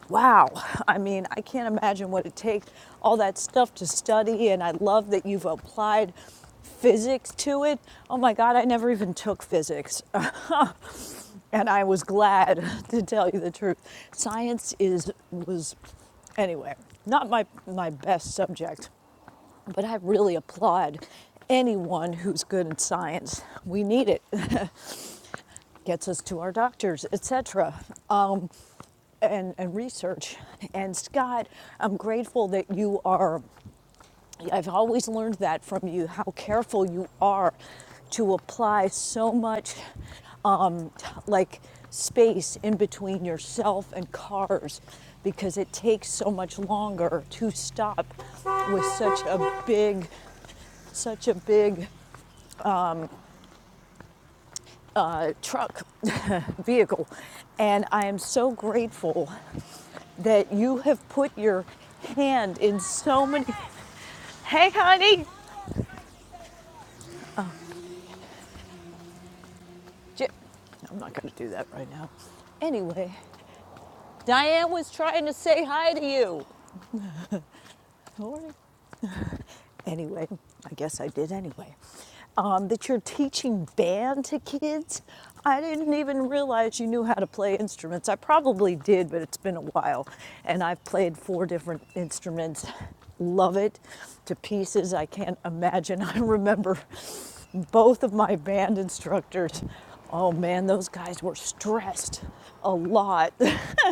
S19: Wow. I mean, I can't imagine what it takes, all that stuff to study. And I love that you've applied physics to it. Oh my God, I never even took physics. and I was glad to tell you the truth. Science is, was, anyway, not my, my best subject, but I really applaud anyone who's good at science. We need it. Gets us to our doctors, etc. and, and research. And Scott, I'm grateful that you are, I've always learned that from you, how careful you are to apply so much um, like space in between yourself and cars because it takes so much longer to stop with such a big such a big uh, truck vehicle and i am so grateful that you have put your hand in so many Hey, honey. J- I'm not going to do that right now. anyway, Diane was trying to say hi to you. All anyway, I guess I did anyway, um, that you're teaching band to kids. I didn't even realize you knew how to play instruments. I probably did, but it's been a while. And I've played four different instruments. Love it to pieces. I can't imagine. I remember both of my band instructors. Oh man, those guys were stressed a lot.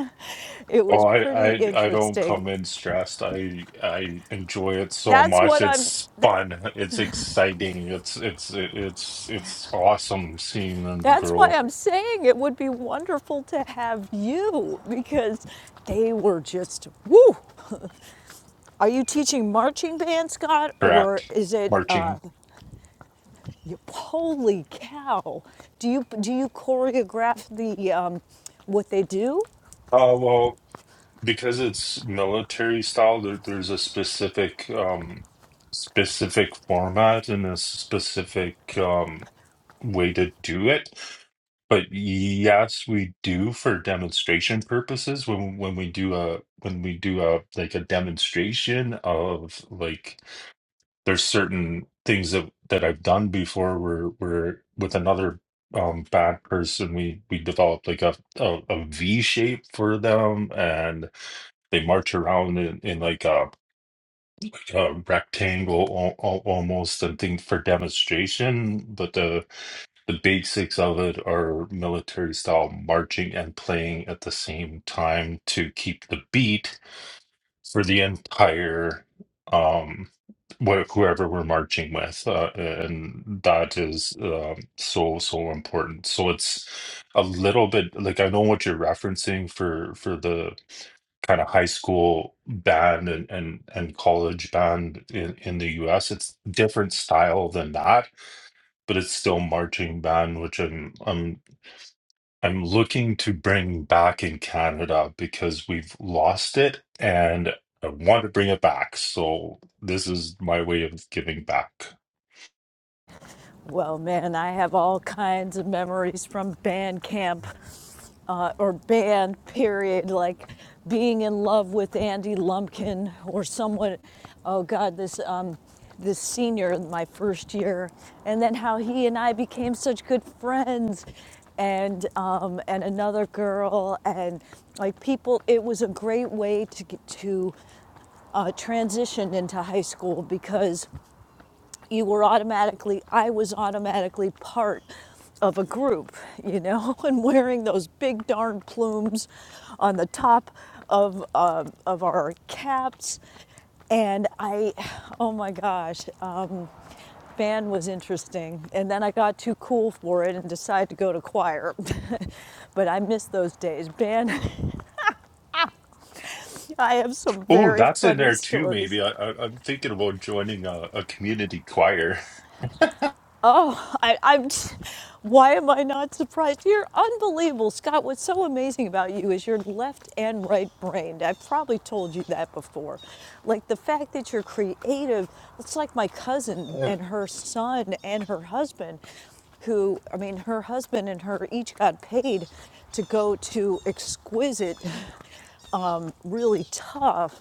S19: it
S23: Oh,
S19: was
S23: I,
S19: pretty
S23: I I don't come
S19: interesting.
S23: in stressed. I I enjoy it so
S19: That's
S23: much.
S19: what I'm.
S23: It's fun. It's exciting. It's it's it's it's awesome seeing them
S19: That's why
S23: grow.
S19: I'm saying it would be wonderful to have you because they were just woo. Are you teaching marching band, Scott, or
S23: Correct.
S19: is it? Uh,
S23: Marching.
S19: holy cow! Do you do you choreograph the um, what they do?
S23: Oh well. because it's military style, there, there's a specific um specific format and a specific um way to do it. But yes, we do for demonstration purposes when when we do a when we do a like a demonstration of like there's certain things that that I've done before where where with another um bad person we we developed like a a, a V shape for them they march around in, in like a, a rectangle al al almost, I think, for demonstration. But the the basics of it are military style marching and playing at the same time to keep the beat for the entire um wh- whoever we're marching with uh, and that is um so so important so it's a little bit like i know what you're referencing for for the kind of high school band and and, and college band in, in the US. It's different style than that, but it's still marching band, which I'm I'm I'm looking to bring back in Canada because we've lost it and I want to bring it back. So this is my way of giving back.
S19: Well, man, I have all kinds of memories from band camp uh, or band, period, like being in love with Andy Lumpkin or someone. Oh God, this um, this senior in my first year, and then how he and I became such good friends, and um, and another girl, and like people. It was a great way to get to uh, transition into high school because you were automatically, I was automatically part of a group, you know, and wearing those big darn plumes on the top of, um, of our caps. And I, oh my gosh, um, band was interesting. And then I got too cool for it and decided to go to choir. but I miss those days. Band, I have some
S23: Oh,
S19: very
S23: that's in
S19: funny
S23: there too,
S19: stories
S23: maybe. I, I, I'm thinking about joining a, a community choir.
S19: Oh, I, I'm. Why am I not surprised? You're unbelievable, Scott. What's so amazing about you is you're left and right brained. I've probably told you that before. Like the fact that you're creative, it's like my cousin
S23: And,
S19: and her son and her husband, who, I mean, her husband and her each got paid to go to exquisite um, really tough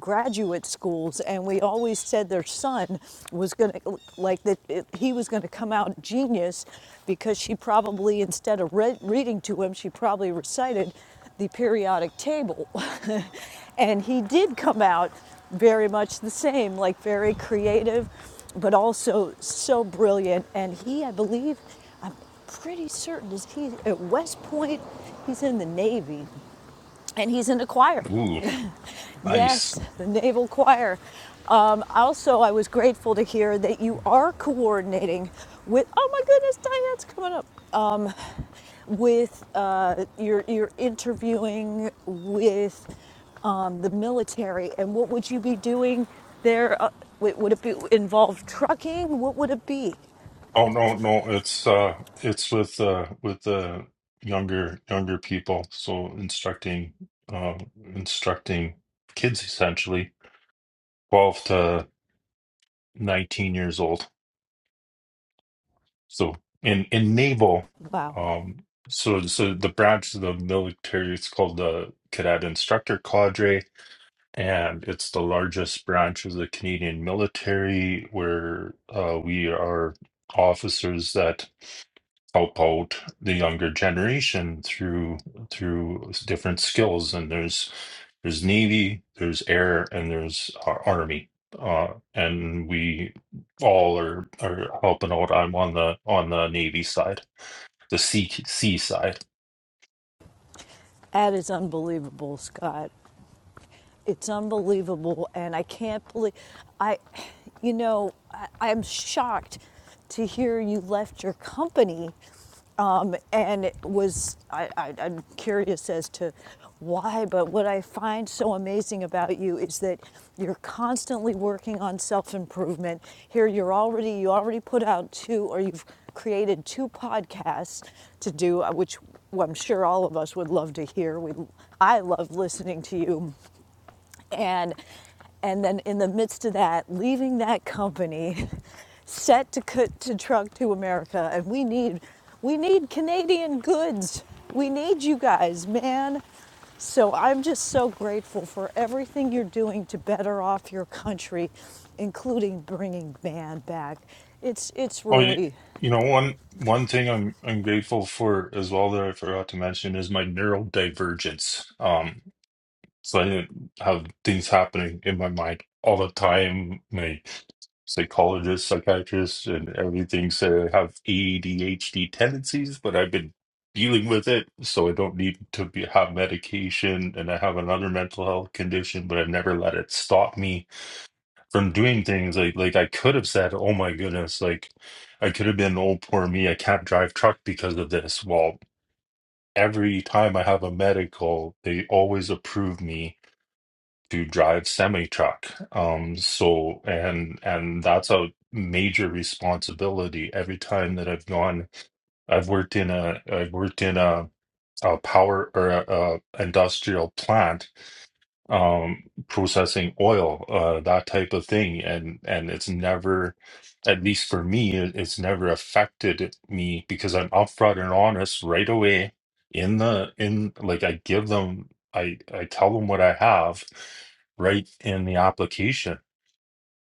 S19: graduate schools and we always said their son was going to like that he was going to come out genius because she probably instead of read, reading to him she probably recited the periodic table and he did come out very much the same like very creative but also so brilliant and he i believe i'm pretty certain is he at west point he's in the navy and he's in the choir.
S23: ooh, nice.
S19: Yes, the Naval Choir. Um, also, I was grateful to hear that you are coordinating with. Oh my goodness, Diane's coming up. Um, with uh, you're you're interviewing with um, the military, and what would you be doing there? Uh, would would it be involve trucking? What would it be?
S23: Oh no, no, it's uh it's with uh with the younger younger people, so instructing uh instructing kids essentially, 12 to 19 years old. So in in naval
S19: Wow,
S23: um so so the branch of the military it's called the Cadet Instructor Cadre and it's the largest branch of the Canadian military where uh we are officers that. help out the younger generation through through different skills and there's there's navy there's air and there's uh, army uh and we all are are helping out i'm on the on the navy side the sea sea side
S19: that is unbelievable, Scott. It's unbelievable, and I can't believe I, you know, I, I'm shocked to hear you left your company, um, and it was I, I, I'm curious as to why. But what I find so amazing about you is that you're constantly working on self improvement. Here, you're already you already put out two, or you've created two podcasts to do, uh, which well, I'm sure all of us would love to hear. We, I love listening to you and and then in the midst of that leaving that company set to cut to truck to america and we need we need canadian goods we need you guys man so i'm just so grateful for everything you're doing to better off your country including bringing man back it's it's
S23: oh you,
S19: really
S23: you know one one thing i'm i'm grateful for as well that i forgot to mention is my neurodivergence um So I didn't have things happening in my mind all the time. My psychologist, psychiatrist, and everything said I have ADHD tendencies, but I've been dealing with it, so I don't need to be, have medication. And I have another mental health condition, but I've never let it stop me from doing things. Like like I could have said, "Oh my goodness!" Like I could have been, "Oh poor me, I can't drive truck because of this." Well. Every time I have a medical, they always approve me to drive semi truck. Um, so and and that's a major responsibility. Every time that I've gone, I've worked in a I've worked in a, a power or a, a industrial plant um processing oil uh that type of thing and and it's never at least for me it- it's never affected me because I'm upfront and honest right away in the in like I give them I I tell them what I have right in the application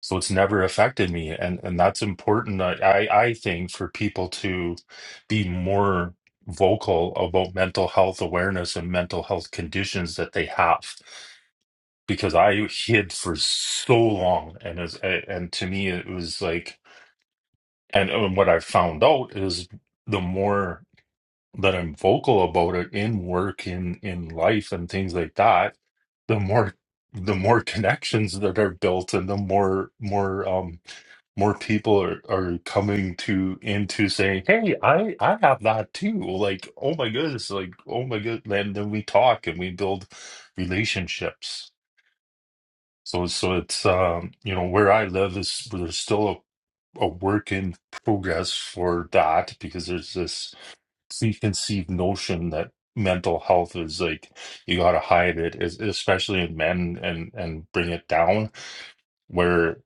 S23: so it's never affected me and and that's important I I I think for people to be more vocal about mental health awareness and mental health conditions that they have because I hid for so long, and as and to me it was like, and, and what I found out is the more that I'm vocal about it in work, in in life, and things like that, the more the more connections that are built, and the more more um more people are are coming to into saying, hey, I I have that too. Like, oh my goodness, like oh my goodness, and then we talk and we build relationships so so it's um, you know where I live is there's still a, a work in progress for that because there's this preconceived notion that mental health is like you gotta hide it, es- especially in men and and bring it down. Where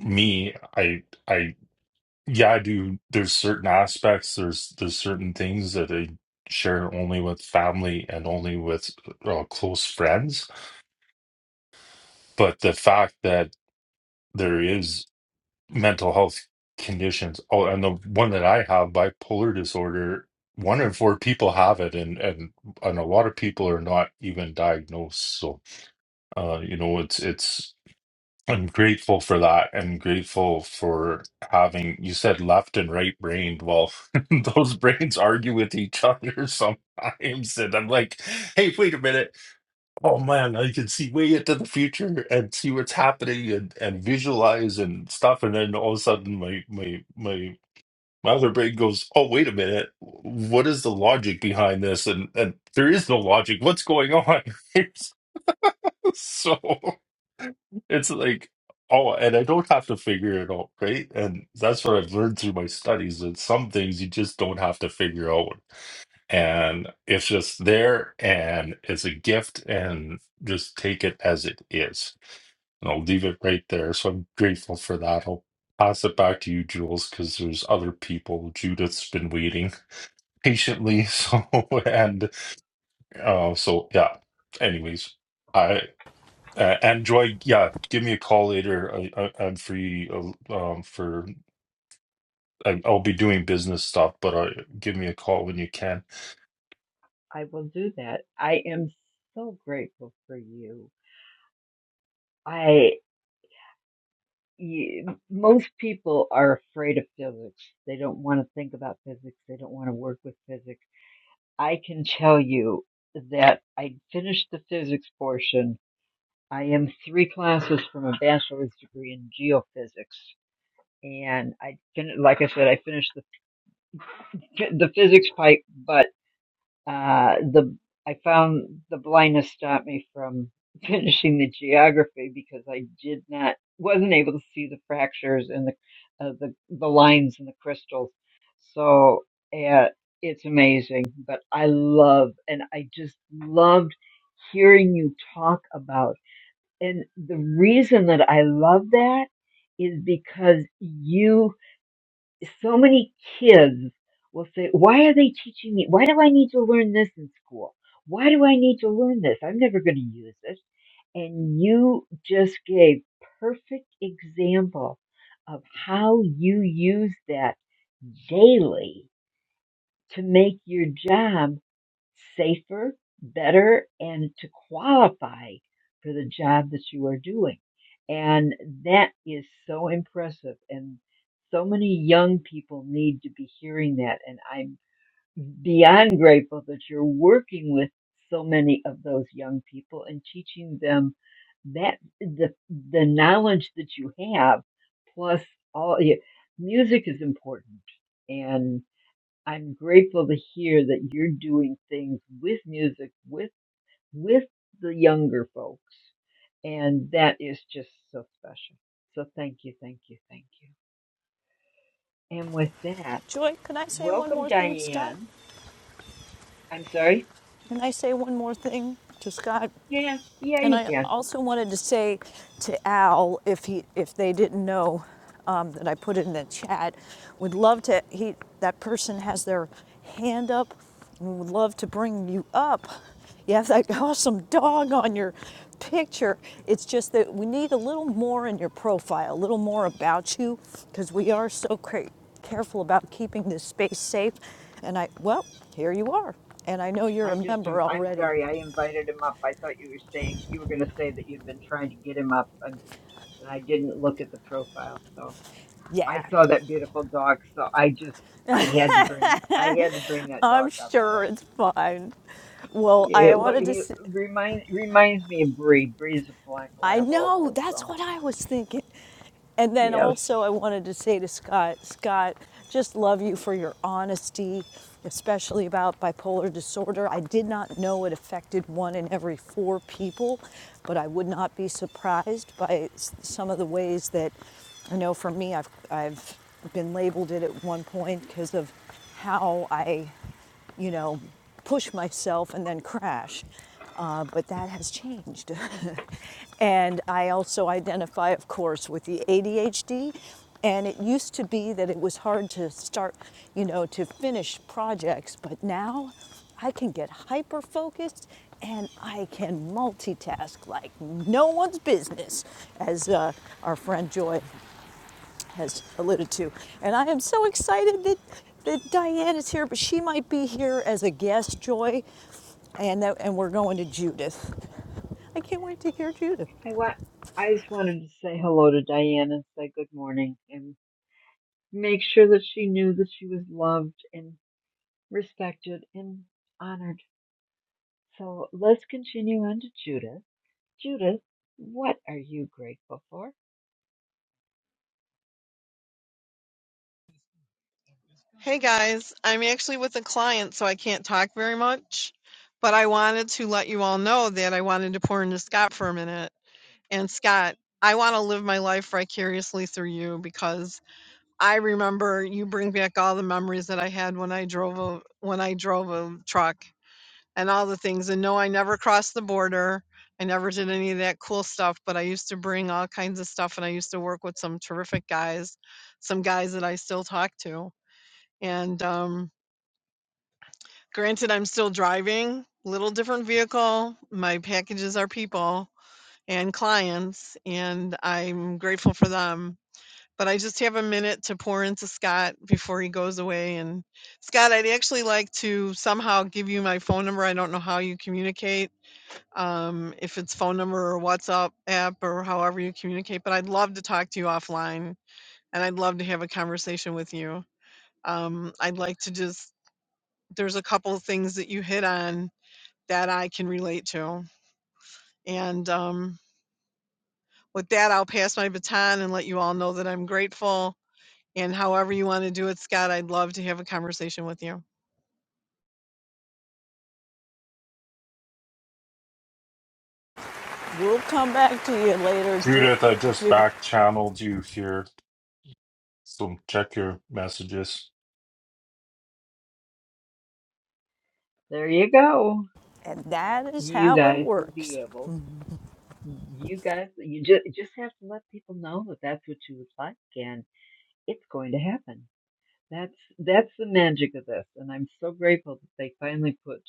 S23: me, I I yeah, I do. There's certain aspects. There's there's certain things that I share only with family and only with uh, close friends. But the fact that there is. mental health conditions. Oh, and the one that I have, bipolar disorder, one in four people have it, and and and a lot of people are not even diagnosed. So, uh, you know, it's it's. I'm grateful for that. I'm grateful for having, you said left and right brained. Well, those brains argue with each other sometimes. And I'm like, hey, wait a minute. Oh man, I can see way into the future and see what's happening and, and visualize and stuff. And then all of a sudden, my my my my other brain goes, "Oh, wait a minute, what is the logic behind this?" And and there is no logic. What's going on? So it's like, oh, and I don't have to figure it out, right? And that's what I've learned through my studies that some things you just don't have to figure out and it's just there and it's a gift and just take it as it is and i'll leave it right there so i'm grateful for that i'll pass it back to you jules because there's other people judith's been waiting patiently so and uh, so yeah anyways i uh, and Joy, yeah, give me a call later. I, I, I'm free uh, um, for I, I'll be doing business stuff, but uh, give me a call when you can.
S18: I will do that. I am so grateful for you. I you, most people are afraid of physics. They don't want to think about physics. They don't want to work with physics. I can tell you that I finished the physics portion. I am three classes from a bachelor's degree in geophysics. And I, fin- like I said, I finished the, the physics pipe, but. Uh, the I found the blindness stopped me from finishing the geography because I did not wasn't able to see the fractures and the uh, the the lines and the crystals. So uh, it's amazing, but I love and I just loved hearing you talk about. And the reason that I love that is because you so many kids will say, why are they teaching me? Why do I need to learn this in school? Why do I need to learn this? I'm never going to use this. And you just gave perfect example of how you use that daily to make your job safer, better, and to qualify for the job that you are doing. And that is so impressive. And so many young people need to be hearing that. And I'm beyond grateful that you're working with so many of those young people and teaching them that the the knowledge that you have plus all yeah, music is important I'm grateful to hear that you're doing things with music with with the younger folks, and that is just so special. So thank you, thank you, thank you. And with that,
S19: joy can i say one
S18: welcome
S19: more thing to scott
S18: Diane. I'm sorry.
S19: can i say one more thing to scott
S18: Yeah, yeah,
S19: And
S18: you
S19: I
S18: can.
S19: also wanted to say to Al, if he, if they didn't know um, that I put it in the chat, would love to. He, that person has their hand up, and would love to bring you up. You have that awesome dog on your picture. It's just that we need a little more in your profile, a little more about you, because we are so cra- careful about keeping this space safe. And I, well, here you are. And I know you're
S18: I
S19: a
S18: just am,
S19: member
S18: I'm
S19: already.
S18: sorry. I invited him up. I thought you were saying you were going to say that you've been trying to get him up, and, and I didn't look at the profile. So I
S19: Yeah.
S18: saw that beautiful dog, so I just I had to bring I had to bring that
S19: I'm
S18: dog up.
S19: sure
S18: So
S19: it's fine. Well,
S18: yeah,
S19: I
S18: it,
S19: wanted to.
S18: he
S19: say,
S18: remind reminds me of Bree. Bree's a black
S19: I
S18: lab
S19: know
S18: also.
S19: that's
S18: So
S19: what I was thinking, and then
S18: yes,
S19: also I wanted to say to Scott, Scott, just love you for your honesty, especially about bipolar disorder. I did not know it affected one in every four people, but I would not be surprised by some of the ways that I know for me, I've I've been labeled it at one point because of how I you know, push myself and then crash. Uh, but that has changed. and I also identify, of course, with the ADHD. And it used to be that it was hard to start, you know, to finish projects, but now I can get hyper focused and I can multitask like no one's business, as uh, our friend Joy has alluded to. And I am so excited that, that Diane is here, but she might be here as a guest, Joy. And, that, and we're going to Judith. I can't wait to hear Judith.
S18: I want I just wanted to say hello to Diane and say good morning and make sure that she knew that she was loved and respected and honored. So let's continue on to Judith. Judith, what are you grateful for?
S7: Hey guys, I'm actually with a client, so I can't talk very much, but I wanted to let you all know that I wanted to pour into Scott for a minute. And Scott, I want to live my life vicariously through you because I remember you bring back all the memories that I had when I drove a when I drove a truck and all the things. And no, I never crossed the border. I never did any of that cool stuff, but I used to bring all kinds of stuff and I used to work with some terrific guys, some guys that I still talk to. And um Granted, I'm still driving, little different vehicle. My packages are people and clients, and I'm grateful for them. But I just have a minute to pour into Scott before he goes away. And Scott, I'd actually like to somehow give you my phone number. I don't know how you communicate, um, if it's phone number or WhatsApp app or however you communicate, but I'd love to talk to you offline and I'd love to have a conversation with you. Um, I'd like to just, there's a couple of things that you hit on that I can relate to, and, um, with that, I'll pass my baton and let you all know that I'm grateful, and however you wanna do it, Scott, I'd love to have a conversation with you.
S19: We'll come back to you later,
S23: Judith, I just
S19: Judith.
S23: back channeled you here So check your messages.
S18: There you go.
S19: And that is
S18: You
S19: how it
S18: guys will
S19: works.
S18: be able you guys, you just just have to let people know that that's what you would like, and it's going to happen. That's that's the magic of this, and I'm so grateful that they finally put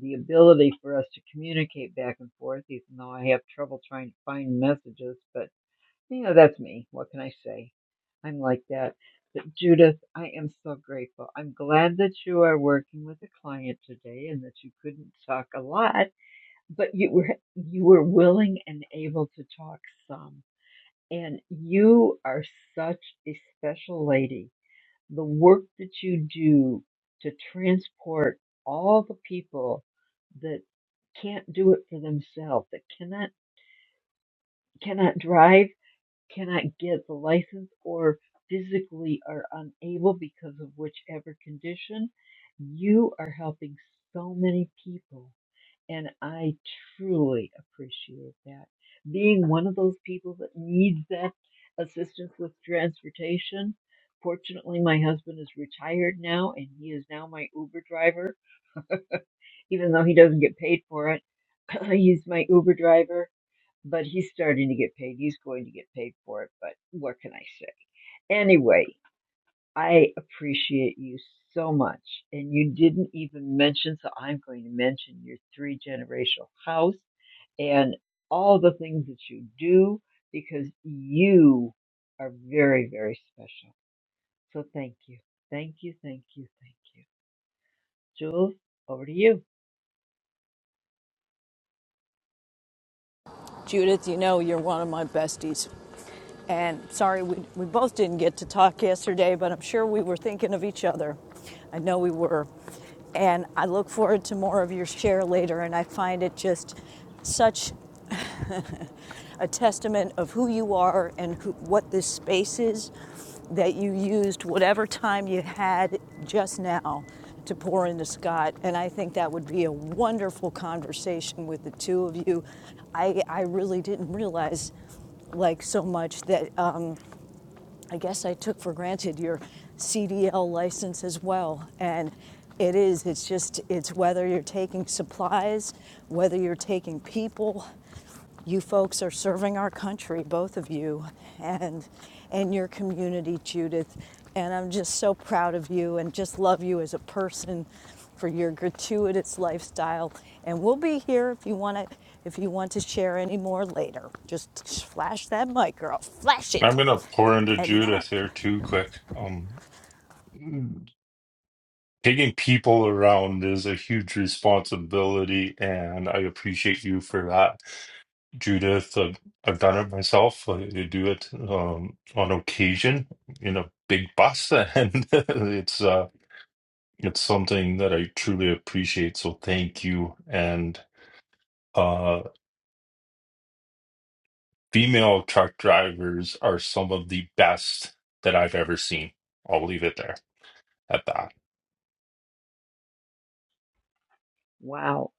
S18: the ability for us to communicate back and forth, even though I have trouble trying to find messages. But you know, that's me. What can I say? I'm like that. But Judith, I am so grateful. I'm glad that you are working with a client today and that you couldn't talk a lot but you were you were willing and able to talk some and you are such a special lady the work that you do to transport all the people that can't do it for themselves that cannot cannot drive cannot get the license or physically are unable because of whichever condition you are helping so many people and I truly appreciate that. Being one of those people that needs that assistance with transportation. Fortunately, my husband is retired now and he is now my Uber driver, even though he doesn't get paid for it. he's my Uber driver, but he's starting to get paid. He's going to get paid for it, but what can I say? Anyway, I appreciate you so much. And you didn't even mention, so I'm going to mention your three generational house and all the things that you do because you are very, very special. So thank you. Thank you. Thank you. Thank you. Jules, over to you.
S19: Judith, you know you're one of my besties. And sorry, we, we both didn't get to talk yesterday, but I'm sure we were thinking of each other. I know we were. And I look forward to more of your share later, and I find it just such a testament of who you are and who, what this space is that you used whatever time you had just now to pour into Scott. And I think that would be a wonderful conversation with the two of you. I, I really didn't realize like so much that uh, I guess I took for granted your CDL license as well. And it is, it's just, it's whether you're taking supplies, whether you're taking people, you folks are serving our country, both of you, and and your community, Judith. And I'm just so proud of you and just love you as a person for your gratuitous lifestyle. And we'll be here if you want to if you want to share any more later. Just flash that mic, girl. Flash it.
S23: I'm gonna pour into
S19: And now,
S23: Judith here too quick. Um, taking people around is a huge responsibility, and I appreciate you for that, Judith. Uh, I've done it myself. I do it um, on occasion in a big bus, and it's uh, it's something that I truly appreciate. So thank you, and. uh, Female truck drivers are some of the best that I've ever seen. I'll leave it there at that.
S18: Wow.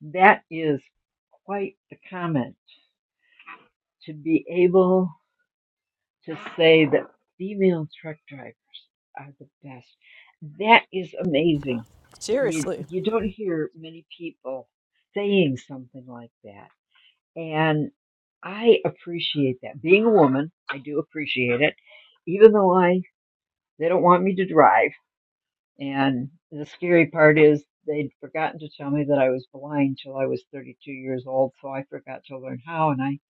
S18: That is quite the comment to be able to say that female truck drivers are the best. That is amazing You
S19: seriously,
S18: you don't hear many people saying something like that, and I appreciate that. Being a woman, I do appreciate it, even though I they don't want me to drive. And the scary part is they'd forgotten to tell me that I was blind till I was 32 years old, so I forgot to learn how, and I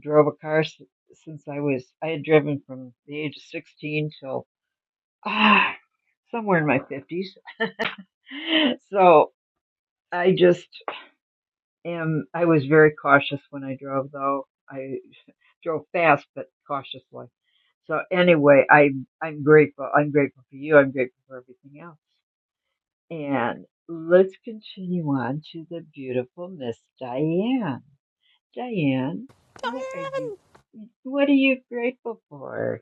S18: drove a car s- since I was I had driven from the age of 16 till ah somewhere in my 50s. So I just Um, I was very cautious when I drove, though. I drove fast, but cautiously. So anyway, I, I'm grateful. I'm grateful for you. I'm grateful for everything else. And let's continue on to the beautiful Miss Diane. Diane, what are you,
S19: Diane.
S18: what are you grateful for?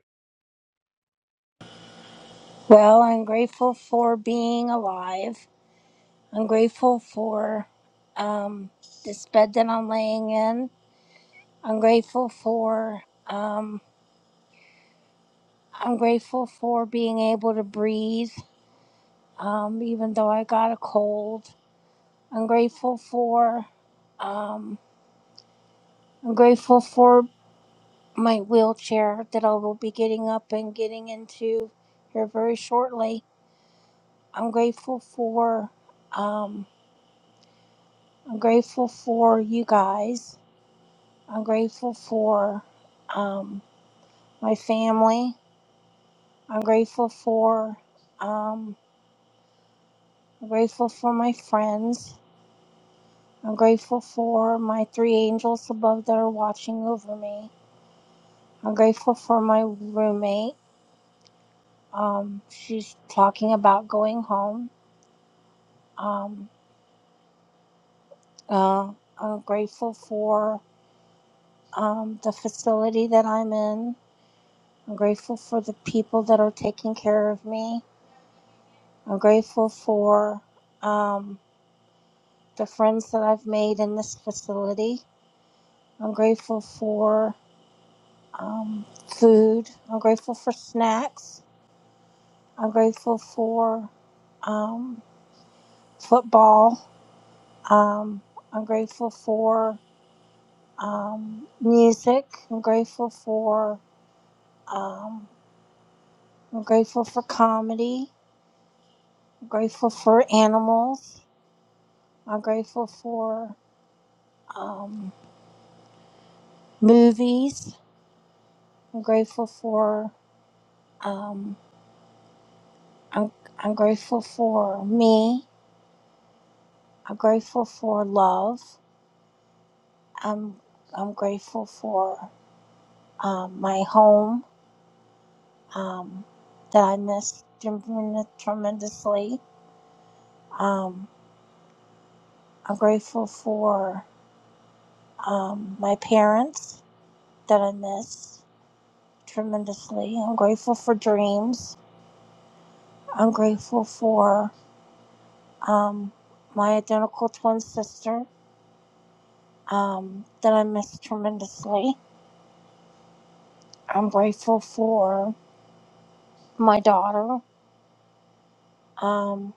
S24: Well, I'm grateful for being alive. I'm grateful for um, this bed that I'm laying in. I'm grateful for um, I'm grateful for being able to breathe, um, even though I got a cold. I'm grateful for um, I'm grateful for my wheelchair that I will be getting up and getting into here very shortly. I'm grateful for um, I'm grateful for you guys. I'm grateful for um, my family. I'm grateful for um, I'm grateful for my friends. I'm grateful for my three angels above that are watching over me. I'm grateful for my roommate. Um, she's talking about going home. Um, uh, I'm grateful for um, the facility that I'm in. I'm grateful for the people that are taking care of me. I'm grateful for. Um, the friends that I've made in this facility. I'm grateful for um, food. I'm grateful for snacks. I'm grateful for um, football. Um, I'm grateful for um, music. I'm grateful for um, I'm grateful for comedy. I'm grateful for animals. I'm grateful for um, movies. I'm grateful for um, I'm I'm grateful for me. I'm grateful for love. I'm I'm grateful for um, my home um, that I miss tremen- tremendously. Um, I'm grateful for um, my parents that I miss tremendously. I'm grateful for dreams. I'm grateful for um, my identical twin sister um, that I miss tremendously. I'm grateful for my daughter. Um,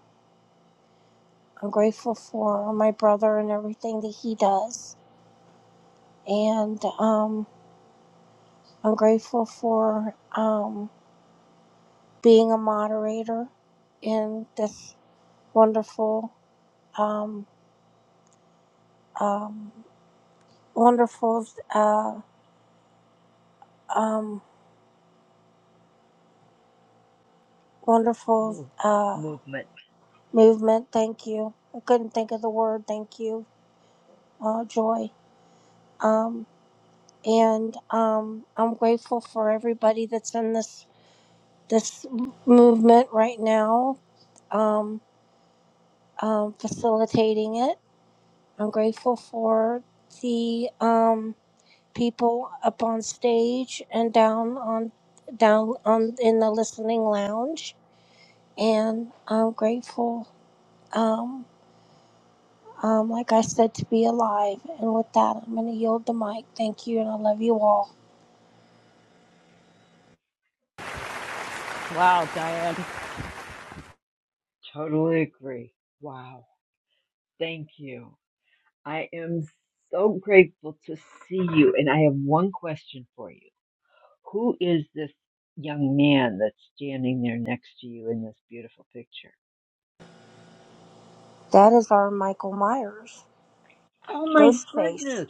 S24: I'm grateful for my brother and everything that he does. And um, I'm grateful for um, being a moderator in this wonderful, um, um, wonderful, uh, um, wonderful
S18: Move,
S24: uh,
S18: movement.
S24: movement. Thank you. I couldn't think of the word. Thank you, uh, Joy. Um, and um, I'm grateful for everybody that's in this this movement right now, um, um, facilitating it. I'm grateful for the um, people up on stage and down on down on in the listening lounge, and I'm grateful, um, um, like I said, to be alive. And with that, I'm going to yield the mic. Thank you, and I love you all.
S19: Wow, Diane.
S18: Totally agree. Wow. Thank you. I am so grateful to see you. And I have one question for you Who is this young man that's standing there next to you in this beautiful picture?
S24: That is our Michael Myers
S18: Oh my
S24: Ghostface.
S18: goodness.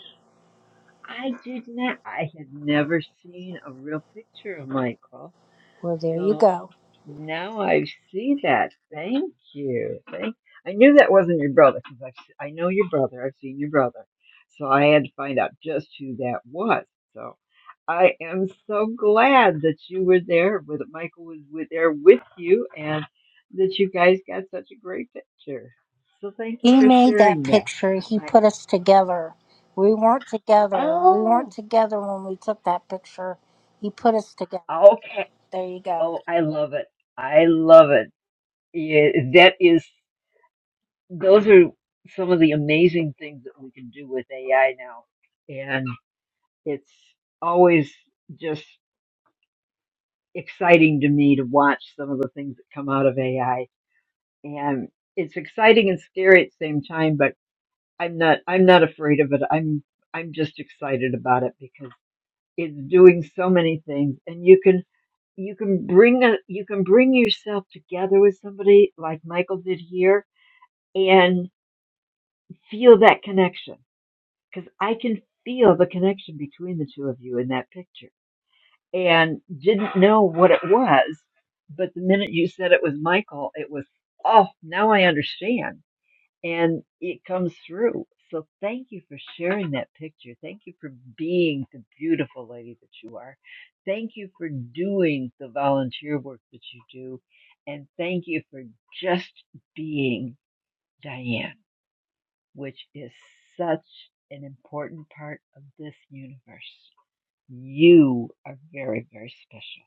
S18: I did not I had never seen a real picture of Michael.
S24: Well, there you
S18: So.
S24: go.
S18: Now I see that. Thank you. Thank. I knew that wasn't your brother because I I know your brother. I've seen your brother, so I had to find out just who that was. So I am so glad that you were there. With Michael was with, there with you, and that you guys got such a great picture. So thank you
S24: He
S18: for
S24: made that
S18: sharing that.
S24: picture. He
S18: I
S24: put us together. We weren't together. We weren't
S18: oh
S24: together when we took that picture. He put us together.
S18: okay.
S24: There you go.
S18: Oh, I love it. I love it. Yeah, that is those are some of the amazing things that we can do with AI now. And it's always just exciting to me to watch some of the things that come out of AI. And it's exciting and scary at the same time, but I'm not I'm not afraid of it. I'm I'm just excited about it because it's doing so many things and you can you can bring a, you can bring yourself together with somebody like Michael did here and feel that connection because I can feel the connection between the two of you in that picture and didn't know what it was. But the minute you said it was Michael, it was, oh, now I understand. And it comes through. So thank you for sharing that picture. Thank you for being the beautiful lady that you are. Thank you for doing the volunteer work that you do. And thank you for just being Diane which is such an important part of this universe. You are very, very special.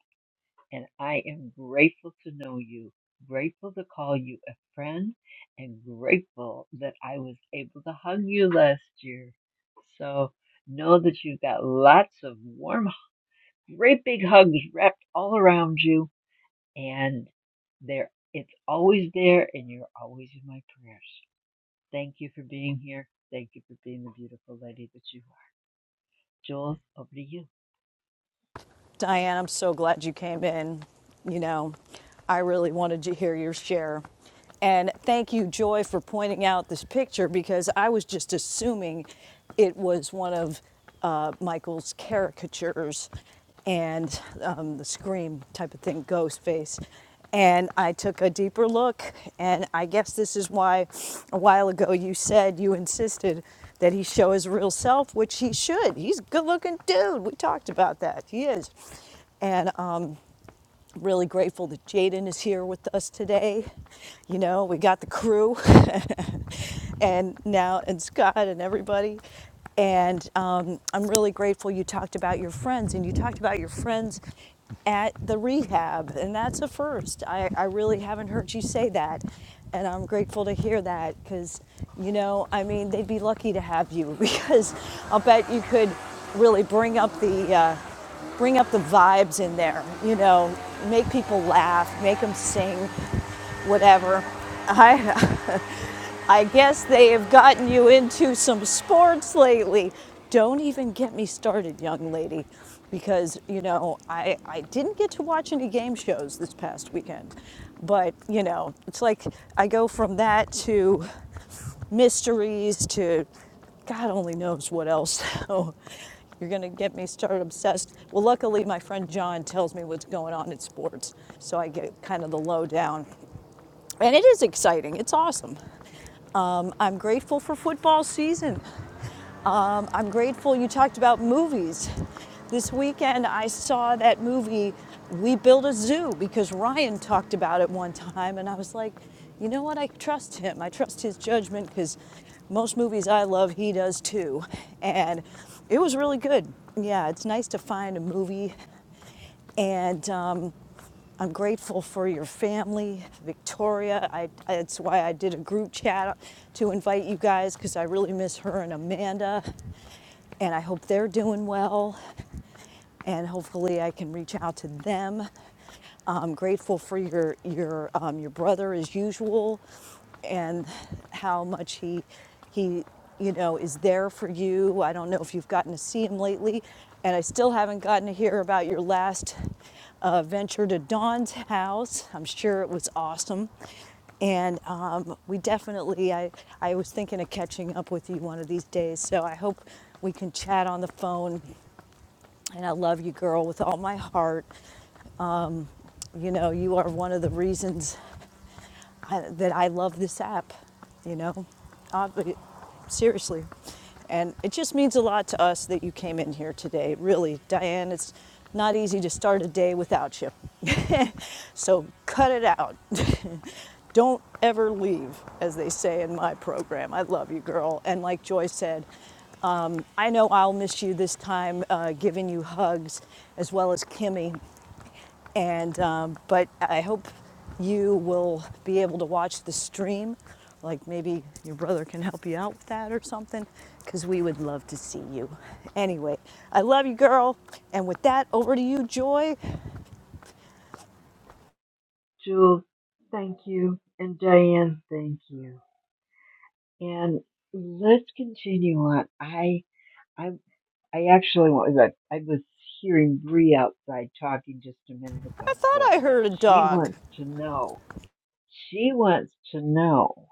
S18: And I am grateful to know you, grateful to call you a friend, and grateful that I was able to hug you last year. So know that you've got lots of warm, great big hugs wrapped all around you, and there it's always there, and you're always in my prayers. Thank you for being here. Thank you for being the beautiful lady that you are. Jules, over to you.
S19: Diane, I'm so glad you came in. You know, I really wanted to hear your share. And thank you, Joy, for pointing out this picture because I was just assuming it was one of uh, Michael's caricatures and um, the scream type of thing, ghost face. And I took a deeper look, and I guess this is why a while ago you said you insisted that he show his real self, which he should. He's a good looking dude. We talked about that. He is. And um, really grateful that Jaden is here with us today. You know, we got the crew and now and Scott and everybody. And um, I'm really grateful you talked about your friends and you talked about your friends at the rehab. And that's a first. I, I really haven't heard you say that. And I'm grateful to hear that because, you know, I mean, they'd be lucky to have you because I'll bet you could really bring up the. Uh, bring up the vibes in there, you know, make people laugh, make them sing whatever. I, I guess they have gotten you into some sports lately. Don't even get me started, young lady, because you know I, I didn't get to watch any game shows this past weekend, but you know it's like I go from that to mysteries to God only knows what else. So you're going to get me started obsessed. Well, luckily, my friend John tells me what's going on in sports, so I get kind of the lowdown. And it is exciting. It's awesome. Um, I'm grateful for football season. Um, I'm grateful you talked about movies. This weekend I saw that movie, We Build a Zoo, because Ryan talked about it one time. And I was like, you know what? I trust him. I trust his judgment because most movies I love, he does too. And it was really good. Yeah, it's nice to find a movie and um, I'm grateful for your family, Victoria. I, I- why I did a group chat to invite you guys because I really miss her and Amanda. And I hope they're doing well and hopefully I can reach out to them. I'm grateful for your your um, your brother as usual, and how much he he you know is there for you. I don't know if you've gotten to see him lately, and I still haven't gotten to hear about your last uh, venture to Dawn's house. I'm sure it was awesome. And um, we definitely, I, I was thinking of catching up with you one of these days. So I hope we can chat on the phone and I love you, girl, with all my heart. You know, you are one of the reasons I, that I love this app, you know, Uh, seriously. And it just means a lot to us that you came in here today. Really, Diane, it's not easy to start a day without you. so cut it out. Don't ever leave, as they say in my program. I love you, girl. And like Joy said, um, I know I'll miss you this time, uh, giving you hugs, as well as Kimmy. And um, but I hope you will be able to watch the stream. Like maybe your brother can help you out with that or something, because we would love to see you. Anyway, I love you, girl. And with that, over to you, Joy.
S18: Jules, thank you. And Diane, thank you. And let's continue on. I I I actually want I was hearing Bree outside talking just a minute
S19: I
S18: ago,
S19: thought
S18: so
S19: I heard a
S18: she
S19: dog.
S18: wants to know. She wants to know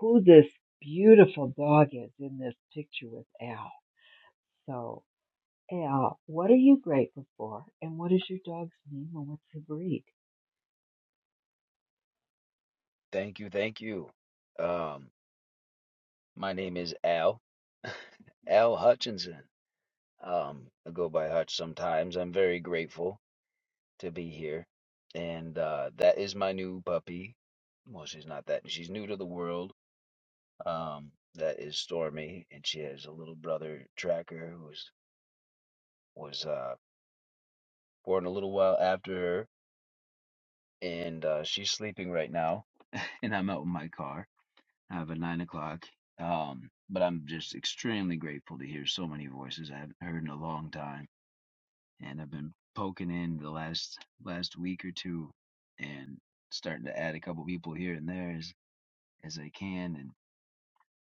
S18: who this beautiful dog is in this picture with Al. So. Hey Al, what are you grateful for? And what is your dog's name and what's her breed?
S25: Thank you, thank you. Um, my name is Al, Al Hutchinson. Um, I go by Hutch sometimes. I'm very grateful to be here, and uh, that is my new puppy. Well, she's not that. She's new to the world. Um, that is Stormy, and she has a little brother Tracker, who was was uh, born a little while after her, and uh, she's sleeping right now. And I'm out in my car. have at nine o'clock. Um, but I'm just extremely grateful to hear so many voices I haven't heard in a long time, and I've been poking in the last last week or two, and starting to add a couple people here and there as as I can, and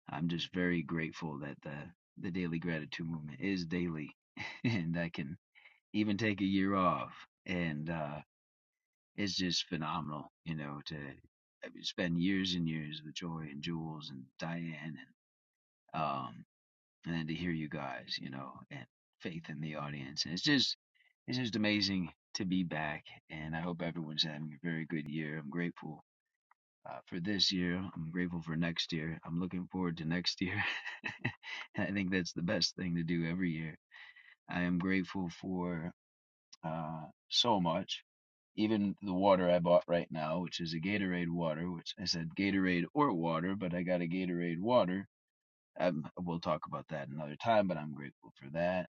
S25: I'm just very grateful that the the daily gratitude movement is daily, and I can even take a year off, and uh, it's just phenomenal, you know, to I mean, spend years and years with Joy and Jules and Diane and um and then to hear you guys, you know, and Faith in the audience. And it's just it's just amazing to be back. And I hope everyone's having a very good year. I'm grateful uh, for this year. I'm grateful for next year. I'm looking forward to next year. I think that's the best thing to do every year. I am grateful for uh, so much. Even the water I bought right now, which is a Gatorade water, which I said Gatorade or water, but I got a Gatorade water um, we'll talk about that another time, but I'm grateful for that.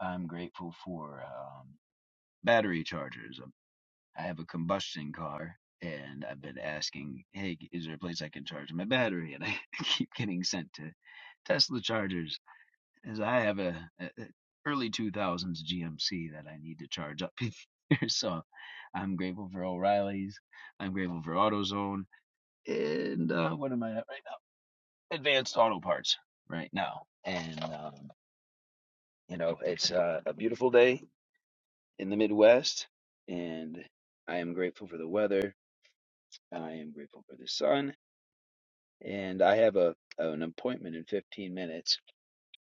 S25: I'm grateful for um, battery chargers. Um, I have a combustion car, and I've been asking, hey, is there a place I can charge my battery? And I keep getting sent to Tesla chargers, as I have a, a a early 2000s GMC that I need to charge up here. So I'm grateful for O'Reilly's. I'm grateful for AutoZone. And uh, what am I at right now? Advanced Auto Parts right now. And um, You know, it's uh, a beautiful day in the Midwest, and I am grateful for the weather. I am grateful for the sun, and I have a an appointment in 15 minutes,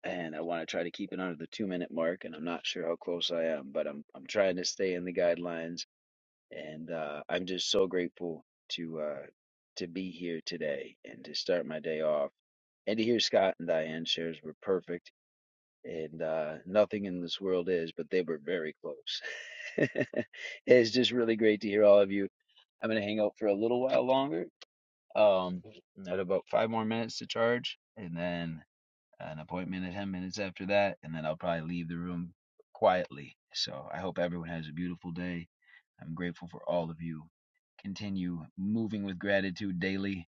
S25: and I want to try to keep it under the two minute mark. And I'm not sure how close I am, but I'm I'm trying to stay in the guidelines, and uh, I'm just so grateful to uh, to be here today and to start my day off and to hear Scott and Diane shares were perfect and uh, nothing in this world is, but they were very close. it's just really great to hear all of you. I'm going to hang out for a little while longer. Um, I have about five more minutes to charge, and then an appointment at 10 minutes after that, and then I'll probably leave the room quietly. So I hope everyone has a beautiful day. I'm grateful for all of you. Continue moving with gratitude daily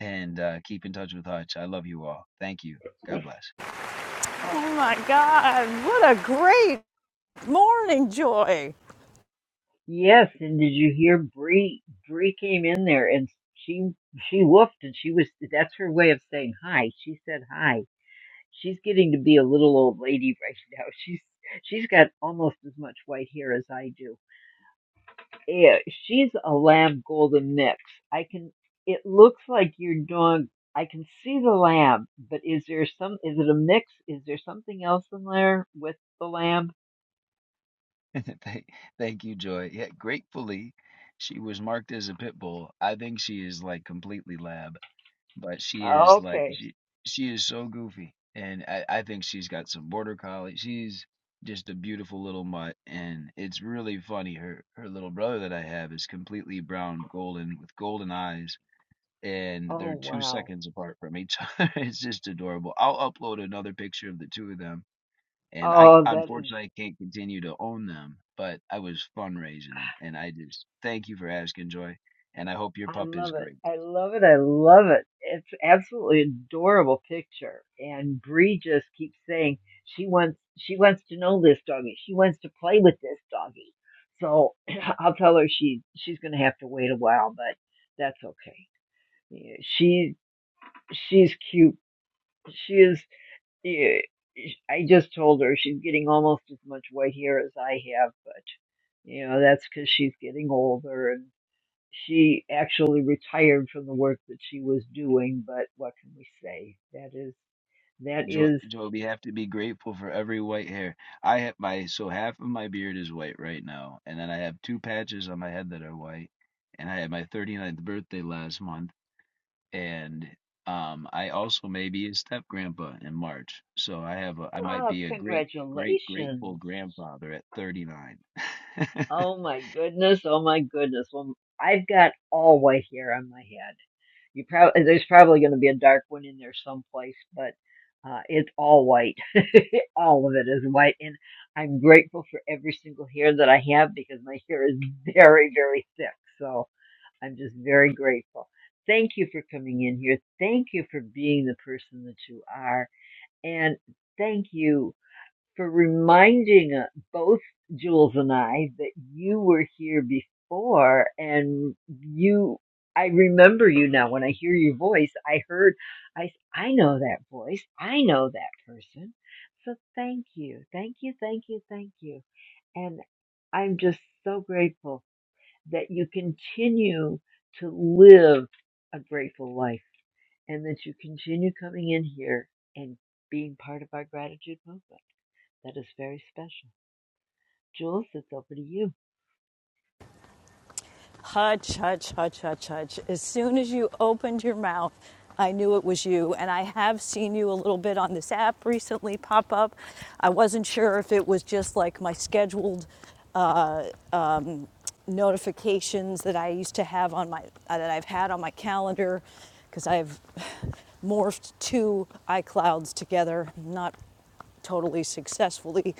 S25: and uh, keep in touch with Hutch. I love you all. Thank you. God bless.
S18: Oh,
S19: Oh my God! What a great morning, Joy.
S18: yes. And did you hear Bree? Bree came in there and she she woofed and she was that's her way of saying hi. She said hi. She's getting to be a little old lady right now. She's she's got almost as much white hair as I do. Yeah, she's a lamb golden mix. I can. It looks like your dog. I can see the lamb, but is there some? Is it a mix? Is there something else in there with the lamb?
S25: Thank, thank you, Joy. Yeah, gratefully, she was marked as a pit bull. I think she is like completely lab, but she is like
S18: Okay.
S25: she she is so goofy, and I, I think she's got some border collie. She's just a beautiful little mutt, and it's really funny. Her her little brother that I have is completely brown golden with golden eyes, and
S18: Oh
S25: they're two
S18: wow.
S25: seconds apart from each other. It's just adorable. I'll upload another picture of the two of them and I
S18: Oh, that is.
S25: unfortunately I can't continue to own them, but I was fundraising them, and I just thank you for asking, Joy, and I hope your
S18: I
S25: pup is
S18: love it.
S25: great.
S18: I love it. I love it. It's absolutely adorable picture. And Bree just keeps saying she wants she wants to know this doggy. She wants to play with this doggy. So I'll tell her she she's going to have to wait a while, but that's okay. Yeah, She she's cute. She is. yeah, I just told her she's getting almost as much white hair as I have, but you know that's because she's getting older and she actually retired from the work that she was doing, but what can we say? That is, that
S25: Joy,
S18: is,
S25: Joy, we have to be grateful for every white hair. I have my so half of my beard is white right now, and then I have two patches on my head that are white, and I had my 39th birthday last month, and um, I also may be a step grandpa in March, so I have a, I might
S18: oh,
S25: be a great great grateful
S18: congratulations.
S25: grandfather at 39.
S18: Oh my goodness. Oh my goodness. Well, I've got all white hair on my head. You probably, there's probably going to be a dark one in there someplace, but uh, it's all white. all of it is white. And I'm grateful for every single hair that I have because my hair is very, very thick. So. I'm just very grateful. Thank you for coming in here. Thank you for being the person that you are. And thank you for reminding uh, both Jules and I that you were here before and you, I remember you now. When I hear your voice, I heard, I, I know that voice. I know that person. So thank you. Thank you. Thank you. Thank you. And I'm just so grateful that you continue to live a grateful life and that you continue coming in here and being part of our gratitude movement. That is very special. Jules, it's over to you.
S19: Hutch, Hutch, Hutch, Hutch, Hutch. As soon as you opened your mouth, I knew it was you. And I have seen you a little bit on this app recently pop up. I wasn't sure if it was just like my scheduled uh, um, notifications that I used to have on my uh, that I've had on my calendar because I've morphed two iClouds together, not totally successfully,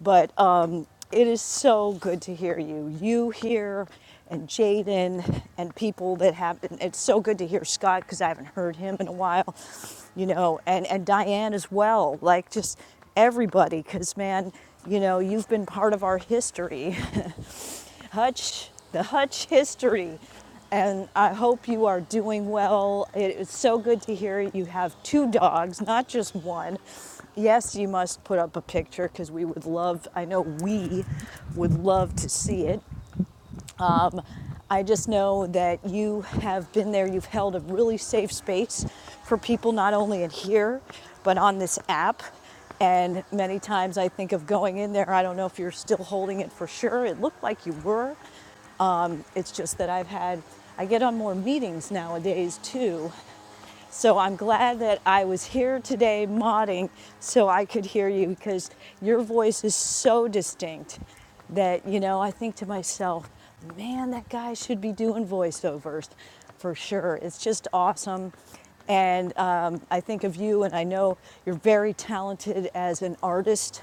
S19: but um, it is so good to hear you. You here and Jaden and people that have. It's so good to hear Scott because I haven't heard him in a while, you know, and and Diane as well. Like just everybody, because man, you know, you've been part of our history. Hutch, the Hutch history. And I hope you are doing well. It is so good to hear you have two dogs, not just one. Yes, you must put up a picture because we would love, I know we would love to see it. Um, I just know that you have been there. You've held a really safe space for people, not only in here, but on this app. And many times I think of going in there. I don't know if you're still holding it for sure. It looked like you were, it's just that I've had, I get on more meetings nowadays too, so I'm glad that I was here today modding so I could hear you because your voice is so distinct that, you know, I think to myself, man, that guy should be doing voiceovers for sure. It's just awesome. And um, I think of you, and I know you're very talented as an artist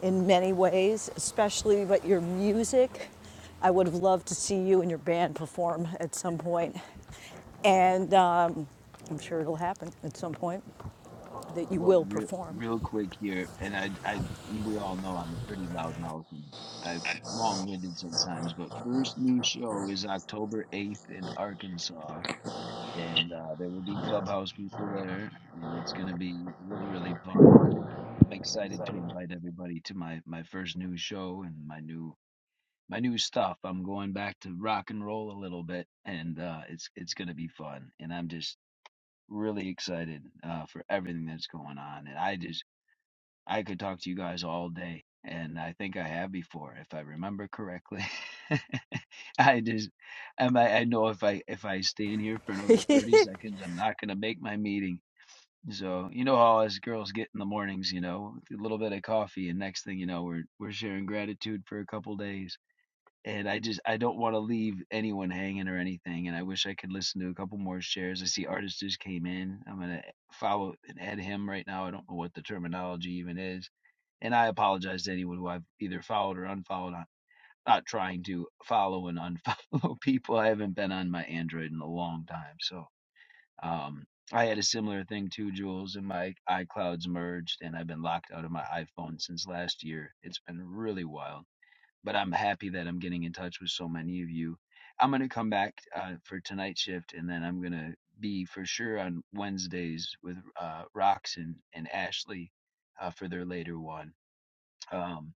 S19: in many ways, especially but your music. I would have loved to see you and your band perform at some point. And um, I'm sure it'll happen at some point that you
S25: Well,
S19: will
S25: real,
S19: perform.
S25: real quick here, and I, I, we all know I'm a pretty loud mouth and I'm long-winded sometimes, but first new show is October 8th in Arkansas, and uh, there will be clubhouse people there, and it's going to be really, really fun. And I, I'm excited to invite everybody to my my first new show and my new my new stuff. I'm going back to rock and roll a little bit, and uh, it's it's going to be fun. And I'm just really excited uh, for everything that's going on, and I just I could talk to you guys all day, and I think I have before, if I remember correctly. I just, I I know if I if I stand here for another thirty seconds, I'm not gonna make my meeting. So you know how us girls get in the mornings, you know, with a little bit of coffee, and next thing you know, we're we're sharing gratitude for a couple days. And I just I don't want to leave anyone hanging or anything. And I wish I could listen to a couple more shares. I see artist just came in. I'm gonna follow and add him right now. I don't know what the terminology even is and I apologize to anyone who I've either followed or unfollowed. I'm not trying to follow and unfollow people. I haven't been on my Android in a long time. So um, I had a similar thing too, Jules, and my iClouds merged, and I've been locked out of my iPhone since last year. It's been really wild. But I'm happy that I'm getting in touch with so many of you. I'm going to come back uh, for tonight's shift, and then I'm going to be for sure on Wednesdays with uh, Rox and, and Ashley uh, for their later one. Um,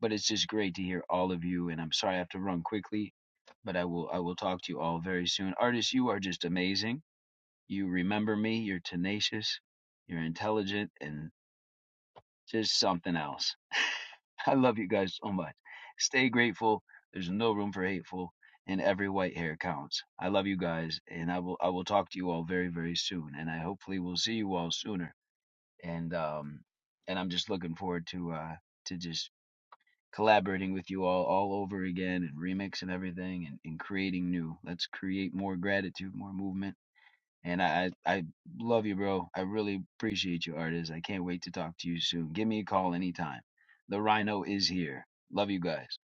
S25: but it's just great to hear all of you. And I'm sorry I have to run quickly, but I will I will talk to you all very soon. Artists, you are just amazing. You remember me. You're tenacious. You're intelligent and just something else. I love you guys so much. Stay grateful. There's no room for hateful, and every white hair counts. I love you guys, and I will I will talk to you all very very soon. And I hopefully will see you all sooner. And um and I'm just looking forward to uh to just collaborating with you all all over again and remix and everything and, and creating new. Let's create more gratitude, more movement. And I, I I love you, bro. I really appreciate you, artist. I can't wait to talk to you soon. Give me a call anytime. The Rhino is here. Love you guys.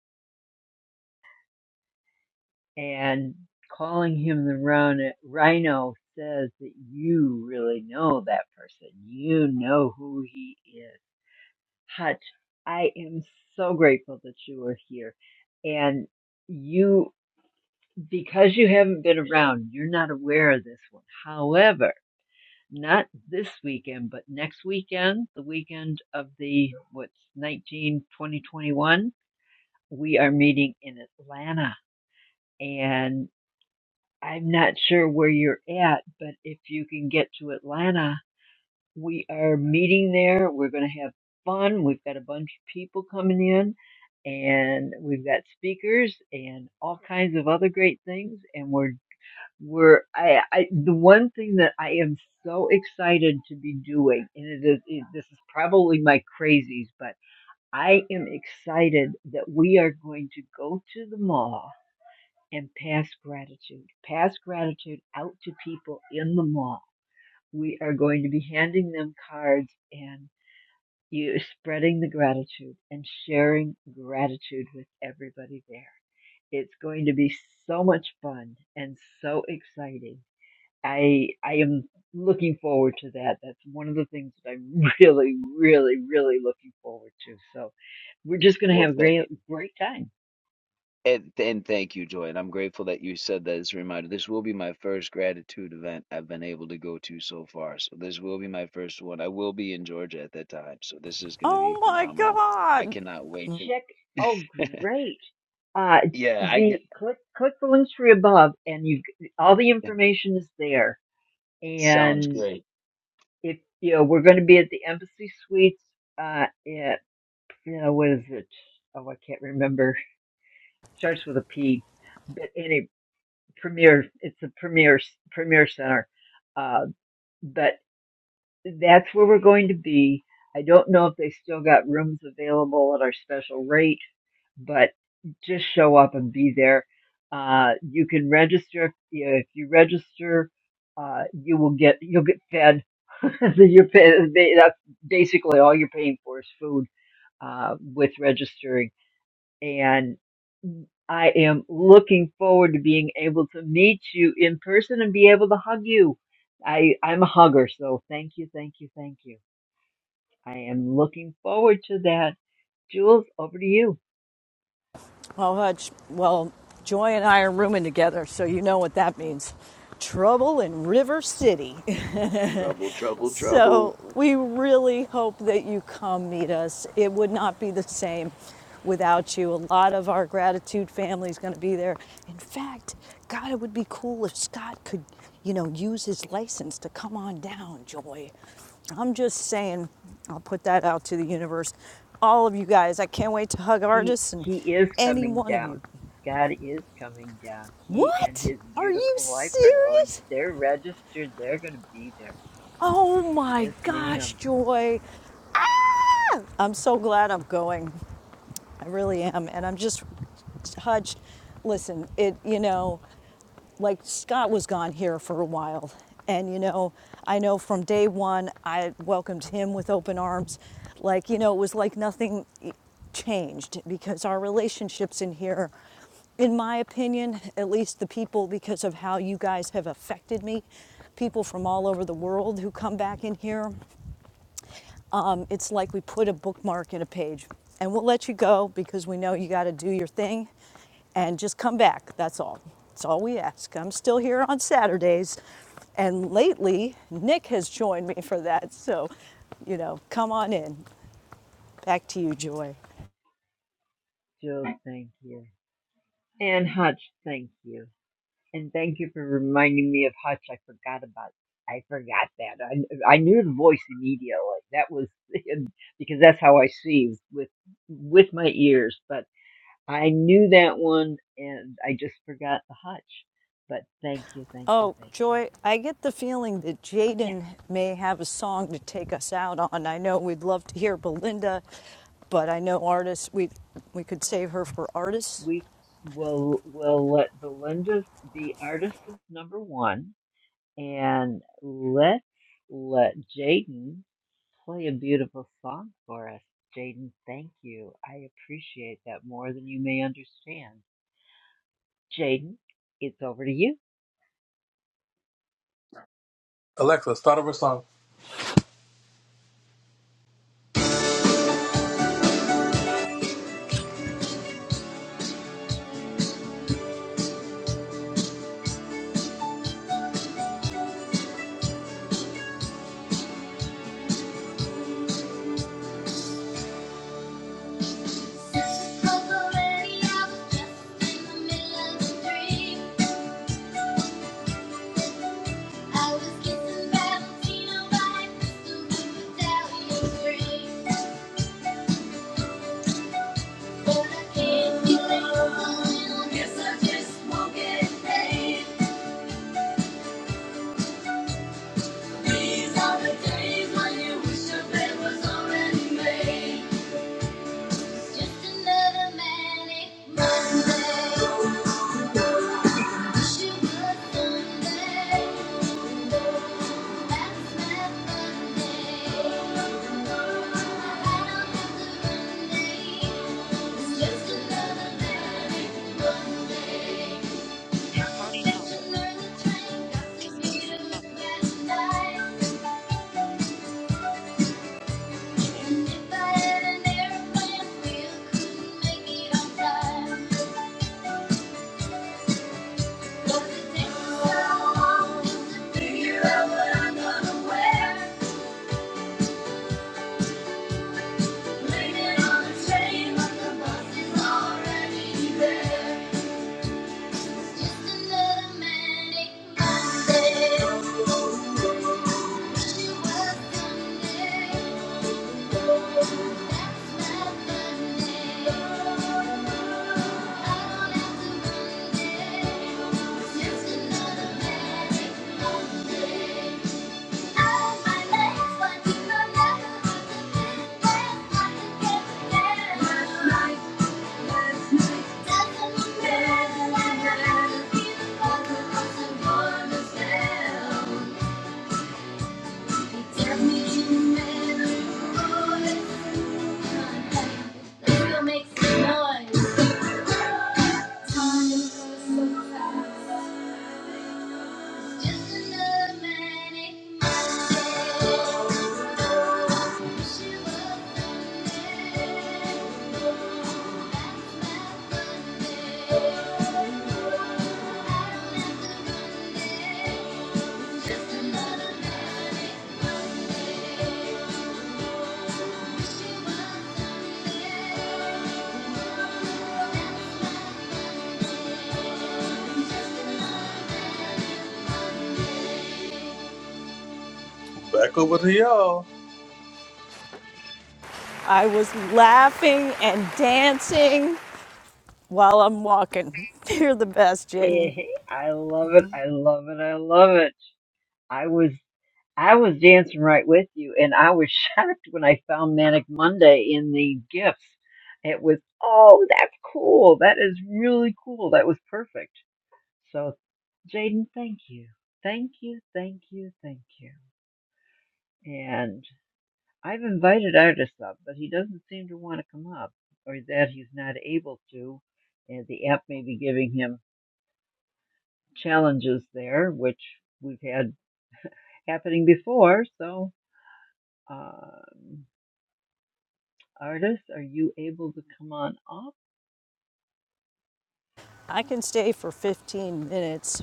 S18: And calling him the rhino, rhino says that you really know that person. You know who he is. Hutch, I am so grateful that you are here. And you because you haven't been around, you're not aware of this one. However, not this weekend, but next weekend, the weekend of the what's 19 2021, we are meeting in Atlanta. And I'm not sure where you're at, but if you can get to Atlanta, we are meeting there. We're going to have fun. We've got a bunch of people coming in and we've got speakers and all kinds of other great things. And we're We're I, I the one thing that I am so excited to be doing, and it is it, this is probably my crazies, but I am excited that we are going to go to the mall and pass gratitude, pass gratitude out to people in the mall. We are going to be handing them cards and you spreading the gratitude and sharing gratitude with everybody there. It's going to be so much fun and so exciting I I am looking forward to that. That's one of the things that I'm really, really, really looking forward to. So we're just gonna
S25: Well,
S18: have a
S25: th-
S18: great great time.
S25: And, and thank you, Joy. And I'm grateful that you said that as a reminder. This will be my first gratitude event I've been able to go to so far. So this will be my first one. I will be in Georgia at that time. So this is going to
S19: Oh
S25: be
S19: my
S25: phenomenal. I
S19: God!
S25: cannot wait to.
S18: Check oh great. Uh
S25: yeah, I
S18: the
S25: get.
S18: click click the links tree above and you all the information is there.
S25: Sounds
S18: And
S25: great.
S18: if you know we're gonna be at the embassy suites uh at you know what is it? Oh I can't remember. Starts with a P. But anyway premier it's a premier premier center uh, but that's where we're going to be i don't know if they still got rooms available at our special rate but just show up and be there uh, you can register if you, if you register uh, you will get you'll get fed so you're pay, that's basically all you're paying for is food uh, with registering and I am looking forward to being able to meet you in person and be able to hug you. I, I'm a hugger, so thank you, thank you, thank you. I am looking forward to that. Jules, over to you.
S19: Well, Hutch, well, Joy and I are rooming together, so you know what that means. Trouble in River City.
S25: Trouble, trouble, trouble.
S19: So we really hope that you come meet us. It would not be the same without you. A lot of our gratitude family is going to be there. In fact, God, it would be cool if Scott could, you know, use his license to come on down, Joy. I'm just saying, I'll put that out to the universe. All of you guys, I can't wait to hug
S18: He
S19: artists and
S18: he is
S19: any
S18: coming
S19: one of you.
S18: down. Scott is coming down. He and
S19: What?
S18: his
S19: Are you
S18: beautiful wife are going.
S19: serious?
S18: They're registered. They're going to be there.
S19: Oh my
S18: Yes,
S19: gosh,
S18: ma'am.
S19: Joy. Ah! I'm so glad I'm going. I really am. And I'm just, Hutch, listen, it, you know, like Scott was gone here for a while. And, you know, I know from day one, I welcomed him with open arms. Like, you know, it was like nothing changed because our relationships in here, in my opinion, at least the people, because of how you guys have affected me, people from all over the world who come back in here um, it's like we put a bookmark in a page. And we'll let you go because we know you got to do your thing and just come back. That's all. That's all we ask. I'm still here on Saturdays. And lately, Nick has joined me for that. So, you know, come on in. Back to you, Joy.
S18: Jules, thank you. And Hutch, thank you. And thank you for reminding me of Hutch. I forgot about. I forgot that. I I knew the voice immediately. That was because that's how I see with with my ears. But I knew that one, and I just forgot the Hutch. But thank you, thank you,
S19: Oh,
S18: thank you.
S19: Joy, I get the feeling that
S18: Yes,
S19: Jaden may have a song to take us out on. I know we'd love to hear Belinda, but I know artists, we, we could save her for artists.
S18: we will will let Belinda be artist is number one, and let's let Jaden. Play a beautiful song for us, Jaden. Thank you. I appreciate that more than you may understand. Jaden, it's over to you.
S20: Alexa, start over song. I was kissing Valentino by crystal blue Italian rain. But I can't get over you. Guess I just won't get These are the days when you wish your bed was already made. just another manic Monday. Figure out what I'm gonna wear. Thank you. Makes noise. Time goes so Just another Monday. Wish it was Sunday. That's my Monday. Another Monday. Back over to y'all.
S19: I was laughing and dancing while I'm walking. You're the best, Jaden.
S18: Hey, I love it. I love it. I love it. I was I was dancing right with you and I was shocked when I found Manic Monday in the gifts. It was oh, that's cool. That is really cool. That was perfect. So, Jaden, thank you. Thank you. Thank you. Thank you. And. I've invited Artis up, but he doesn't seem to want to come up, or that he's not able to. And the app may be giving him challenges there, which we've had happening before. So, um, Artis, are you able to come on up?
S19: I can stay for 15 minutes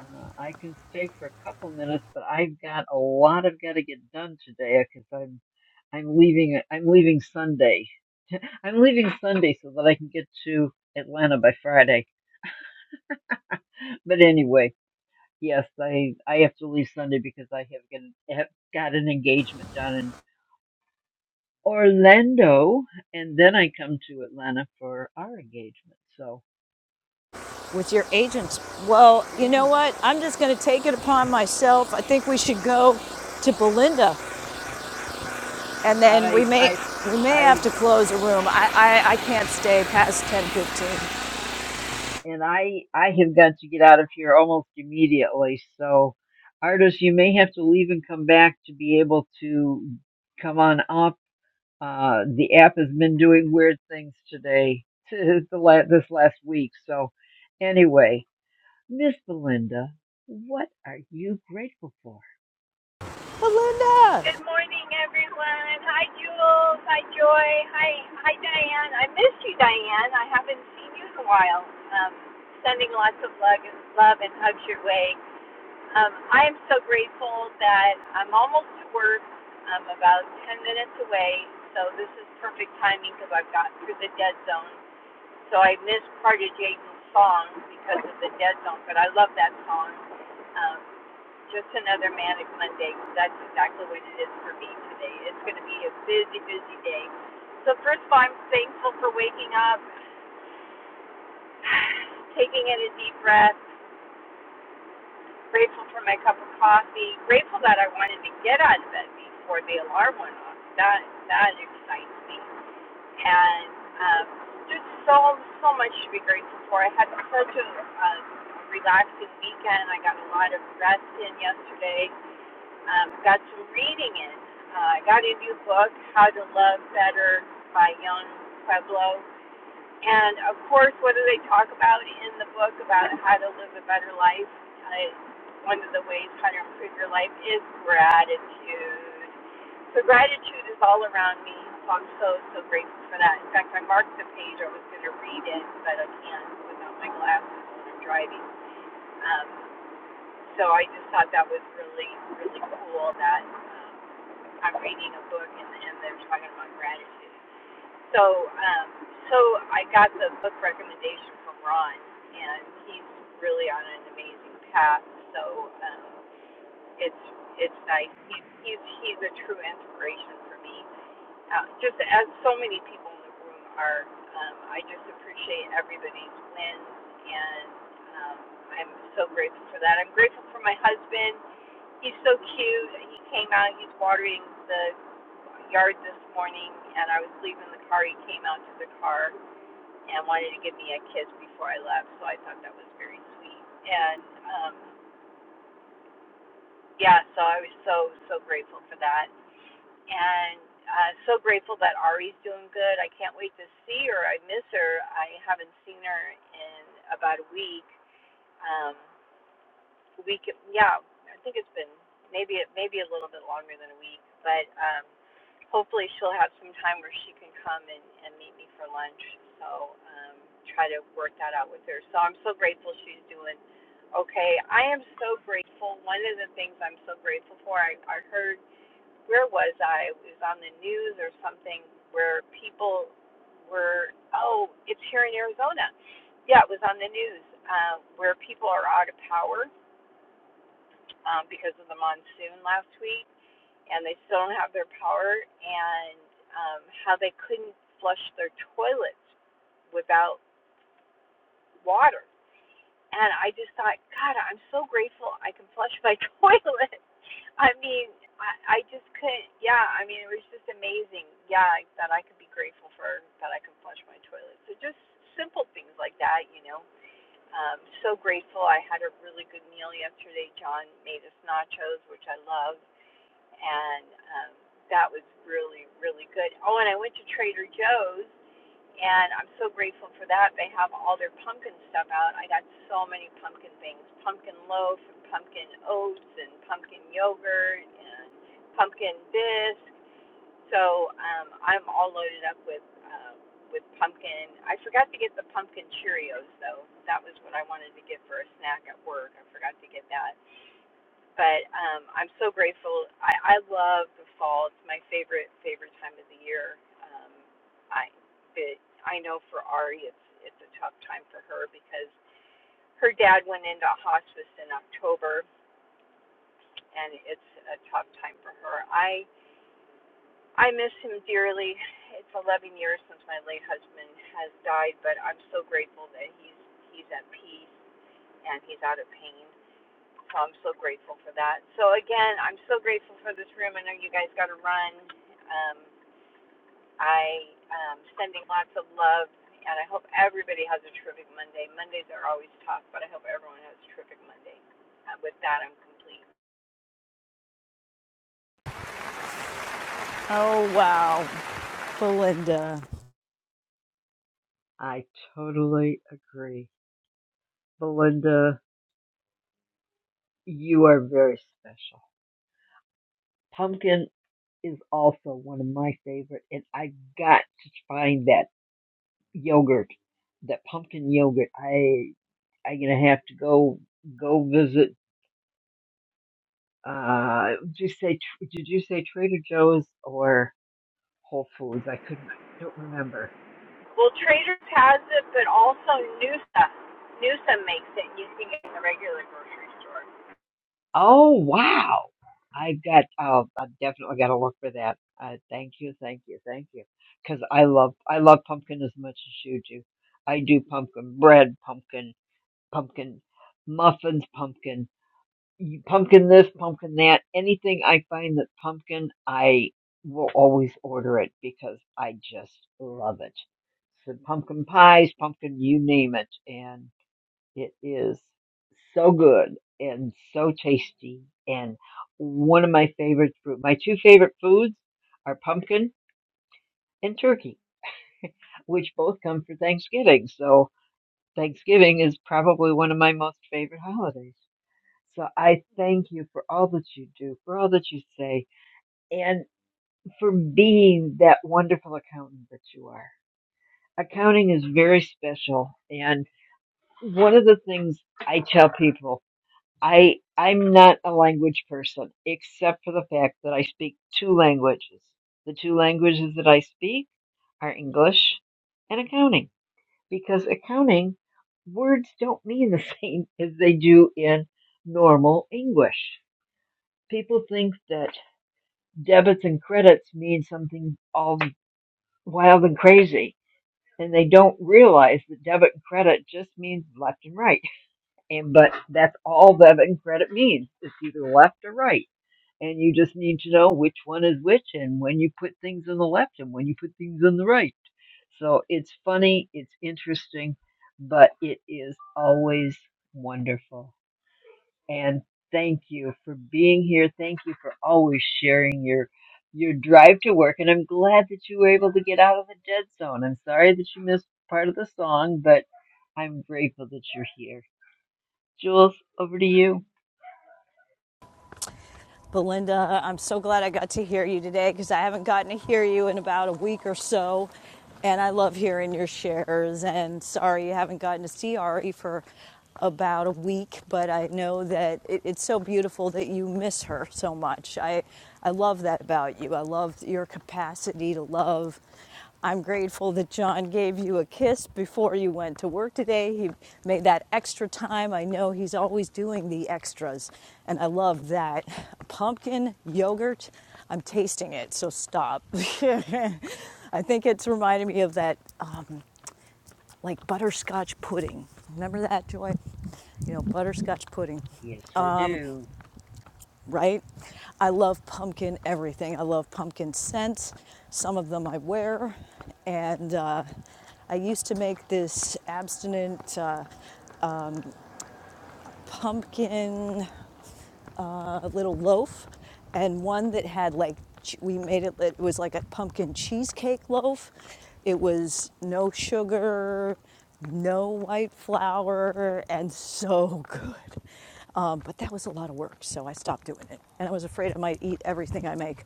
S18: Uh, I can stay for a couple minutes, but I've got a lot I've got to get done today because I'm I'm leaving I'm leaving Sunday. I'm leaving Sunday so that I can get to Atlanta by Friday. But anyway. Yes, I I have to leave Sunday because I have, got have got an engagement down in Orlando, and then I come to Atlanta for our engagement. So
S19: with your agents. Well, you know
S18: mm,
S19: what? I'm just going to take it upon myself. I think we should go to Belinda, and then we
S18: I
S19: may
S18: I
S19: we may
S18: I
S19: have to close a room. I I, I can't stay past 10:15.
S18: and I I have got to get out of here almost immediately. So artists, you may have to leave and come back to be able to come on up. Uh, the app has been doing weird things today, the la- this last week. So anyway. Miss Belinda, what are you grateful for?
S19: Belinda.
S26: Good morning, everyone. Hi, Jules. Hi, Joy. Hi, hi, Diane. I missed you, Diane. I haven't seen you in a while. Um, sending lots of love and love and hugs your way. Um, I am so grateful that I'm almost to work. I'm about 10 minutes away, so this is perfect timing because I've gotten through the dead zone. So I missed part of Jaden's song because of the dead zone, but I love that song. Um, just another manic Monday. That's exactly what it is for me today. It's going to be a busy, busy day. So, first of all, I'm thankful for waking up, taking in a deep breath, grateful for my cup of coffee, grateful that I wanted to get out of bed before the alarm went off. That that excites me. And um, just so, so much to be grateful for. I had such a um, relaxing weekend. I got a lot of rest in yesterday um, got some reading in. Uh, I got a new book, How to Love Better by Young Pueblo. And of course, what do they talk about in the book about how to live a better life? Uh, one of the ways how to improve your life is gratitude. So gratitude is all around me. So I'm so, so grateful for that. In fact, I marked the page I was going to read it, but I can't without my glasses when I'm driving. Um, so I just thought that was really, really cool that um, I'm reading a book and, and they're talking about gratitude. So, um, so I got the book recommendation from Ron, and he's really on an amazing path. So um, it's it's nice. He's he's he's a true inspiration for me. Uh, just as so many people in the room are, um, I just appreciate everybody's wins, and um, I'm so grateful for that. I'm grateful for my husband He's so cute. He came out. He's watering the yard this morning, and I was leaving the car. He came out to the car and wanted to give me a kiss before I left. So I thought that was very sweet. And um, yeah, so I was so so grateful for that, and uh, so grateful that Ari's doing good. I can't wait to see her. I miss her. I haven't seen her in about a week. Um, week yeah i think it's been maybe it maybe a little bit longer than a week but um hopefully she'll have some time where she can come and and meet me for lunch so um try to work that out with her so i'm so grateful she's doing okay i am so grateful one of the things i'm so grateful for i i heard where was i it was on the news or something where people were oh it's here in arizona yeah it was on the news uh, where people are out of power um, because of the monsoon last week, and they still don't have their power, and um, how they couldn't flush their toilets without water. And I just thought, God, I'm so grateful I can flush my toilet. I mean, I, I just couldn't. Yeah, I mean, it was just amazing. Yeah, that I could be grateful for that I can flush my toilet. So just simple things like that, you know. Um, so grateful. I had a really good meal yesterday. John made us nachos, which I love, and um, that was really really good. Oh, and I went to Trader Joe's, and I'm so grateful for that. They have all their pumpkin stuff out. I got so many pumpkin things: pumpkin loaf, and pumpkin oats, and pumpkin yogurt, and pumpkin this. So um, I'm all loaded up with um, with pumpkin. I forgot to get the pumpkin Cheerios though. That was what I wanted to get for a snack at work. I forgot to get that but um, I'm so grateful. I, I love the fall. It's my favorite favorite time of the year. Um, I but I know for Ari, it's it's a tough time for her because her dad went into hospice in October, and it's a tough time for her. I I miss him dearly. It's 11 years since my late husband has died, but I'm so grateful that he's he's at peace and he's out of pain. So I'm so grateful for that. So again, I'm so grateful for this room. I know you guys got to run. Um, I am sending lots of love, and I hope everybody has a terrific Monday. Mondays are always tough, but I hope everyone has a terrific Monday. Uh, with that, I'm complete.
S19: Oh wow, Belinda.
S18: I totally agree. Belinda, you are very special. Pumpkin is also one of my favorite, and I got to find that yogurt, that pumpkin yogurt. I I'm gonna have to go go visit. Uh, did you say did you say Trader Joe's or Whole Foods? I couldn't don't remember.
S26: Well, Traders has it, but also Noosa. Noosa makes it. and You can get it in the regular grocery store.
S18: Oh wow! I got. Oh, I definitely got to look for that. Uh, thank you, thank you, thank you. Because I love, I love pumpkin as much as you do. I do pumpkin bread, pumpkin, pumpkin muffins, pumpkin, you- pumpkin this, pumpkin that. Anything I find that pumpkin, I will always order it because I just love it. So pumpkin pies, pumpkin, you name it, and. It is so good and so tasty and one of my favorite fruit. My two favorite foods are pumpkin and turkey, which both come for Thanksgiving. So Thanksgiving is probably one of my most favorite holidays. So I thank you for all that you do, for all that you say, and for being that wonderful accountant that you are. Accounting is very special and one of the things I tell people I I'm not a language person, except for the fact that I speak two languages. The two languages that I speak are English and accounting, because accounting words don't mean the same as they do in normal English. People think that debits and credits mean something all wild and crazy, and they don't realize that debit and credit just means left and right. And but that's all debit and credit means. It's either left or right and you just need to know which one is which and when you put things on the left and when you put things on the right. So it's funny, it's interesting, but it is always wonderful. And thank you for being here. Thank you for always sharing your your drive to work and I'm glad that you were able to get out of the dead zone. I'm sorry that you missed part of the song, but I'm grateful that you're here. Jules, over to you.
S19: Belinda, I'm so glad I got to hear you today because I haven't gotten to hear you in about a week or so. And I love hearing your shares. And sorry you haven't gotten to see Ari for about a week, but I know that it, it's so beautiful that you miss her so much. I, I love that about you. I love your capacity to love. I'm grateful that John gave you a kiss before you went to work today. He made that extra time. I know he's always doing the extras, and I love that. Pumpkin yogurt, I'm tasting it, so stop. I think it's reminding me of that, uh, like butterscotch pudding. Remember that, Joy? You know, butterscotch pudding.
S18: Yes, I do.
S19: right? I love pumpkin everything. I love pumpkin scents. Some of them I wear. And uh, I used to make this abstinent uh, pumpkin a little loaf and one that had like we made it it was like a pumpkin cheesecake loaf it was no sugar no white flour and so good um, but that was a lot of work so i stopped doing it and i was afraid i might eat everything i make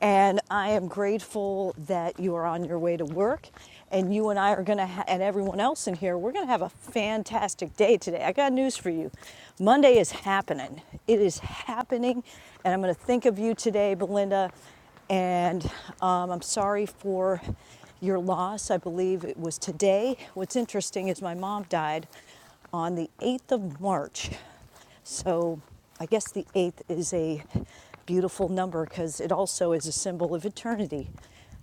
S19: and i am grateful that you are on your way to work and you and I are going to, ha- and everyone else in here, we're going to have a fantastic day today. I got news for you. Monday is happening. It is happening, and I'm going to think of you today, Belinda. And um, I'm sorry for your loss. I believe it was today. What's interesting is my mom died on the 8th of March. So I guess the eighth is a beautiful number because it also is a symbol of eternity.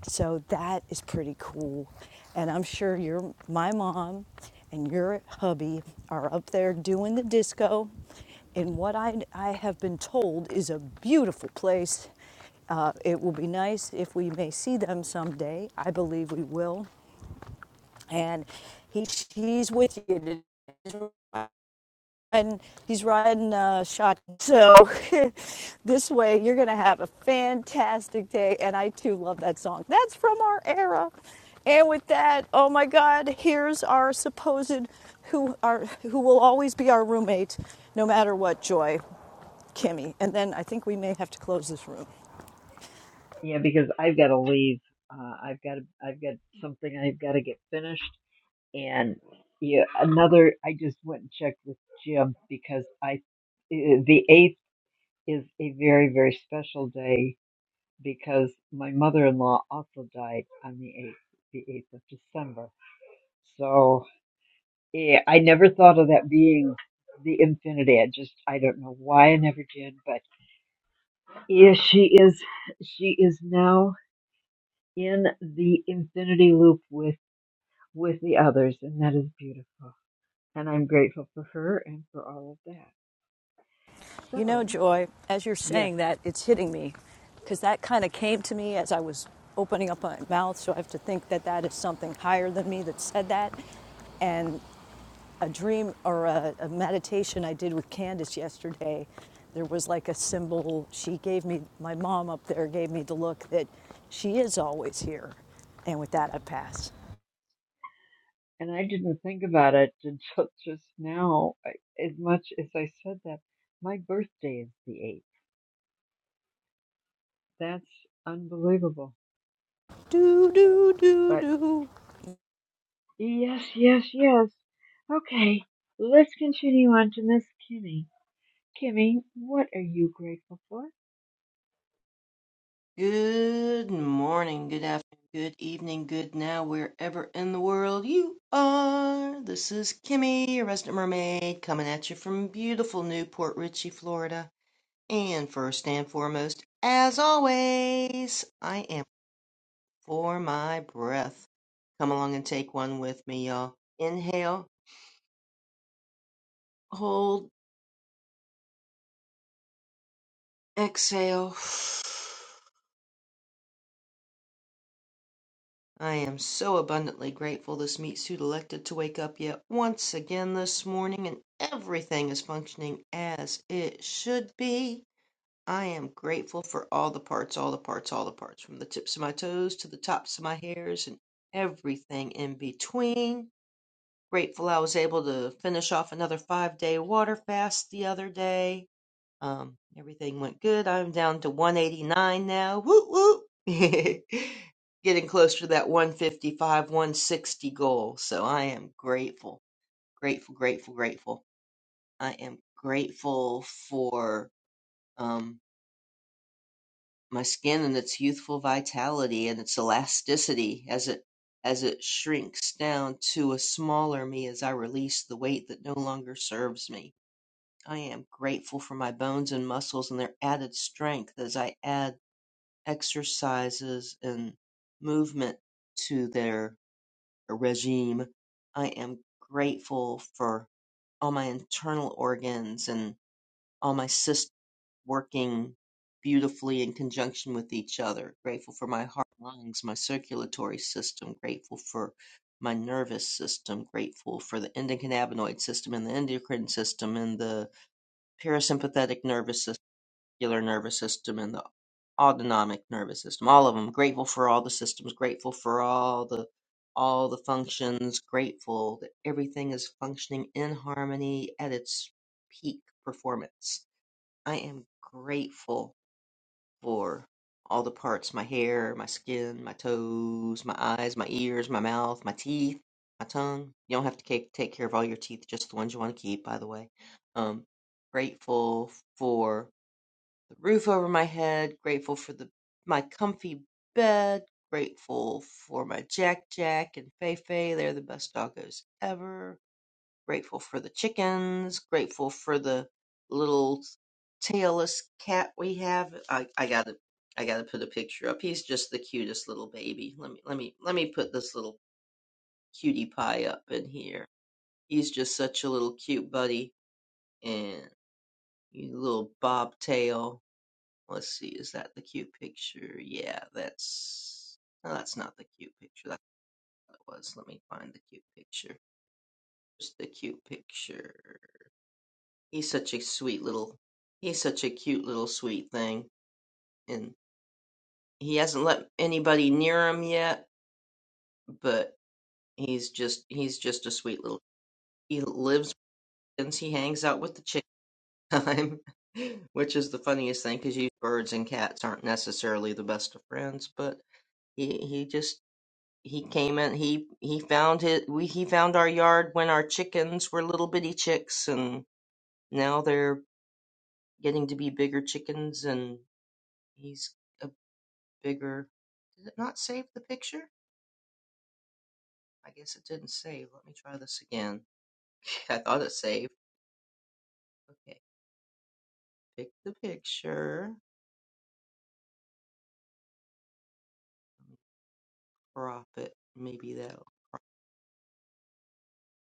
S19: So that is pretty cool. And I'm sure your my mom and your hubby are up there doing the disco in what I, I have been told is a beautiful place. Uh, it will be nice if we may see them someday. I believe we will. And he, he's with you and he's riding uh, shotgun. So this way, you're gonna have a fantastic day. And I too love that song. That's from our era. And with that, oh my God, here's our supposed who are who will always be our roommate, no matter what. Joy, Kimmy, and then I think we may have to close this room.
S18: Yeah, because I've got to leave. Uh, I've got to, I've got something I've got to get finished, and yeah, another. I just went and checked with Jim because I, eh, the eighth is a very very special day because my mother-in-law also died on the eighth, the eighth of December. So yeah, I never thought of that being the infinity. I just I don't know why I never did, but yeah, she is she is now in the infinity loop with. with the others, and that is beautiful. And I'm grateful for her and for all of that.
S19: You know,
S18: So,
S19: Joy, as you're
S18: yes,
S19: saying that, it's hitting me because that kind of came to me as I was opening up my mouth. So I have to think that that is something higher than me that said that. And a dream or a, a meditation I did with Candace yesterday, there was like a symbol she gave me, my mom up there gave me the look that she is always here. And with that, I pass.
S18: and I didn't think about it until just now. I- As much as I said that, my birthday is the 8th. That's unbelievable.
S19: Do, do, do,
S18: But
S19: do.
S18: yes, yes, yes. Okay, let's continue on to Miss Kimmy. Kimmy, what are you grateful for?
S27: Good morning, good afternoon, good evening, good now, wherever in the world you are. This is Kimmy, your resident mermaid, coming at you from beautiful Newport Richey, Florida. And first and foremost, as always, I am for my breath. Come along and take one with me, y'all. Inhale, hold, exhale. I am so abundantly grateful this meat suit elected to wake up yet once again this morning and everything is functioning as it should be. I am grateful for all the parts, all the parts, all the parts, from the tips of my toes to the tops of my hairs and everything in between. Grateful I was able to finish off another five day water fast the other day um, everything went good. I'm down to 189 now. Whoop whoop. Getting close to that 155, 160 goal. So I am grateful, grateful, grateful, grateful. I am grateful for um, my skin and its youthful vitality and its elasticity as it as it shrinks down to a smaller me as I release the weight that no longer serves me. I am grateful for my bones and muscles and their added strength as I add exercises and movement to their uh, regime. I am grateful for all my internal organs and all my systems working beautifully in conjunction with each other. Grateful for my heart, lungs, my circulatory system. Grateful for my nervous system. Grateful for the endocannabinoid system and the endocrine system and the parasympathetic nervous system nervous system and the autonomic nervous system all of them grateful for all the systems grateful for all the all the functions grateful that everything is functioning in harmony at its peak performance i am grateful for all the parts my hair my skin my toes my eyes my ears my mouth my teeth my tongue you don't have to ca- take care of all your teeth just the ones you want to keep by the way um grateful for the roof over my head, grateful for the my comfy bed, grateful for my Jack Jack and Fei Fei. They're the best doggos ever. Grateful for the chickens. Grateful for the little tailless cat we have. I, I gotta I gotta put a picture up. He's just the cutest little baby. Let me let me let me put this little cutie pie up in here. He's just such a little cute buddy and you little bobtail. Let's see, is that the cute picture? Yeah, that's. No, that's not the cute picture. That's what it was. Let me find the cute picture. Just the cute picture. He's such a sweet little. He's such a cute little sweet thing. And he hasn't let anybody near him yet, but he's just. He's just a sweet little. He lives. He hangs out with the chick time, which is the funniest thing because you birds and cats aren't necessarily the best of friends, but. He, he just he came in he he found his we he found our yard when our chickens were little bitty chicks and now they're getting to be bigger chickens and he's a bigger did it not save the picture i guess it didn't save let me try this again i thought it saved okay pick the picture crop it maybe that'll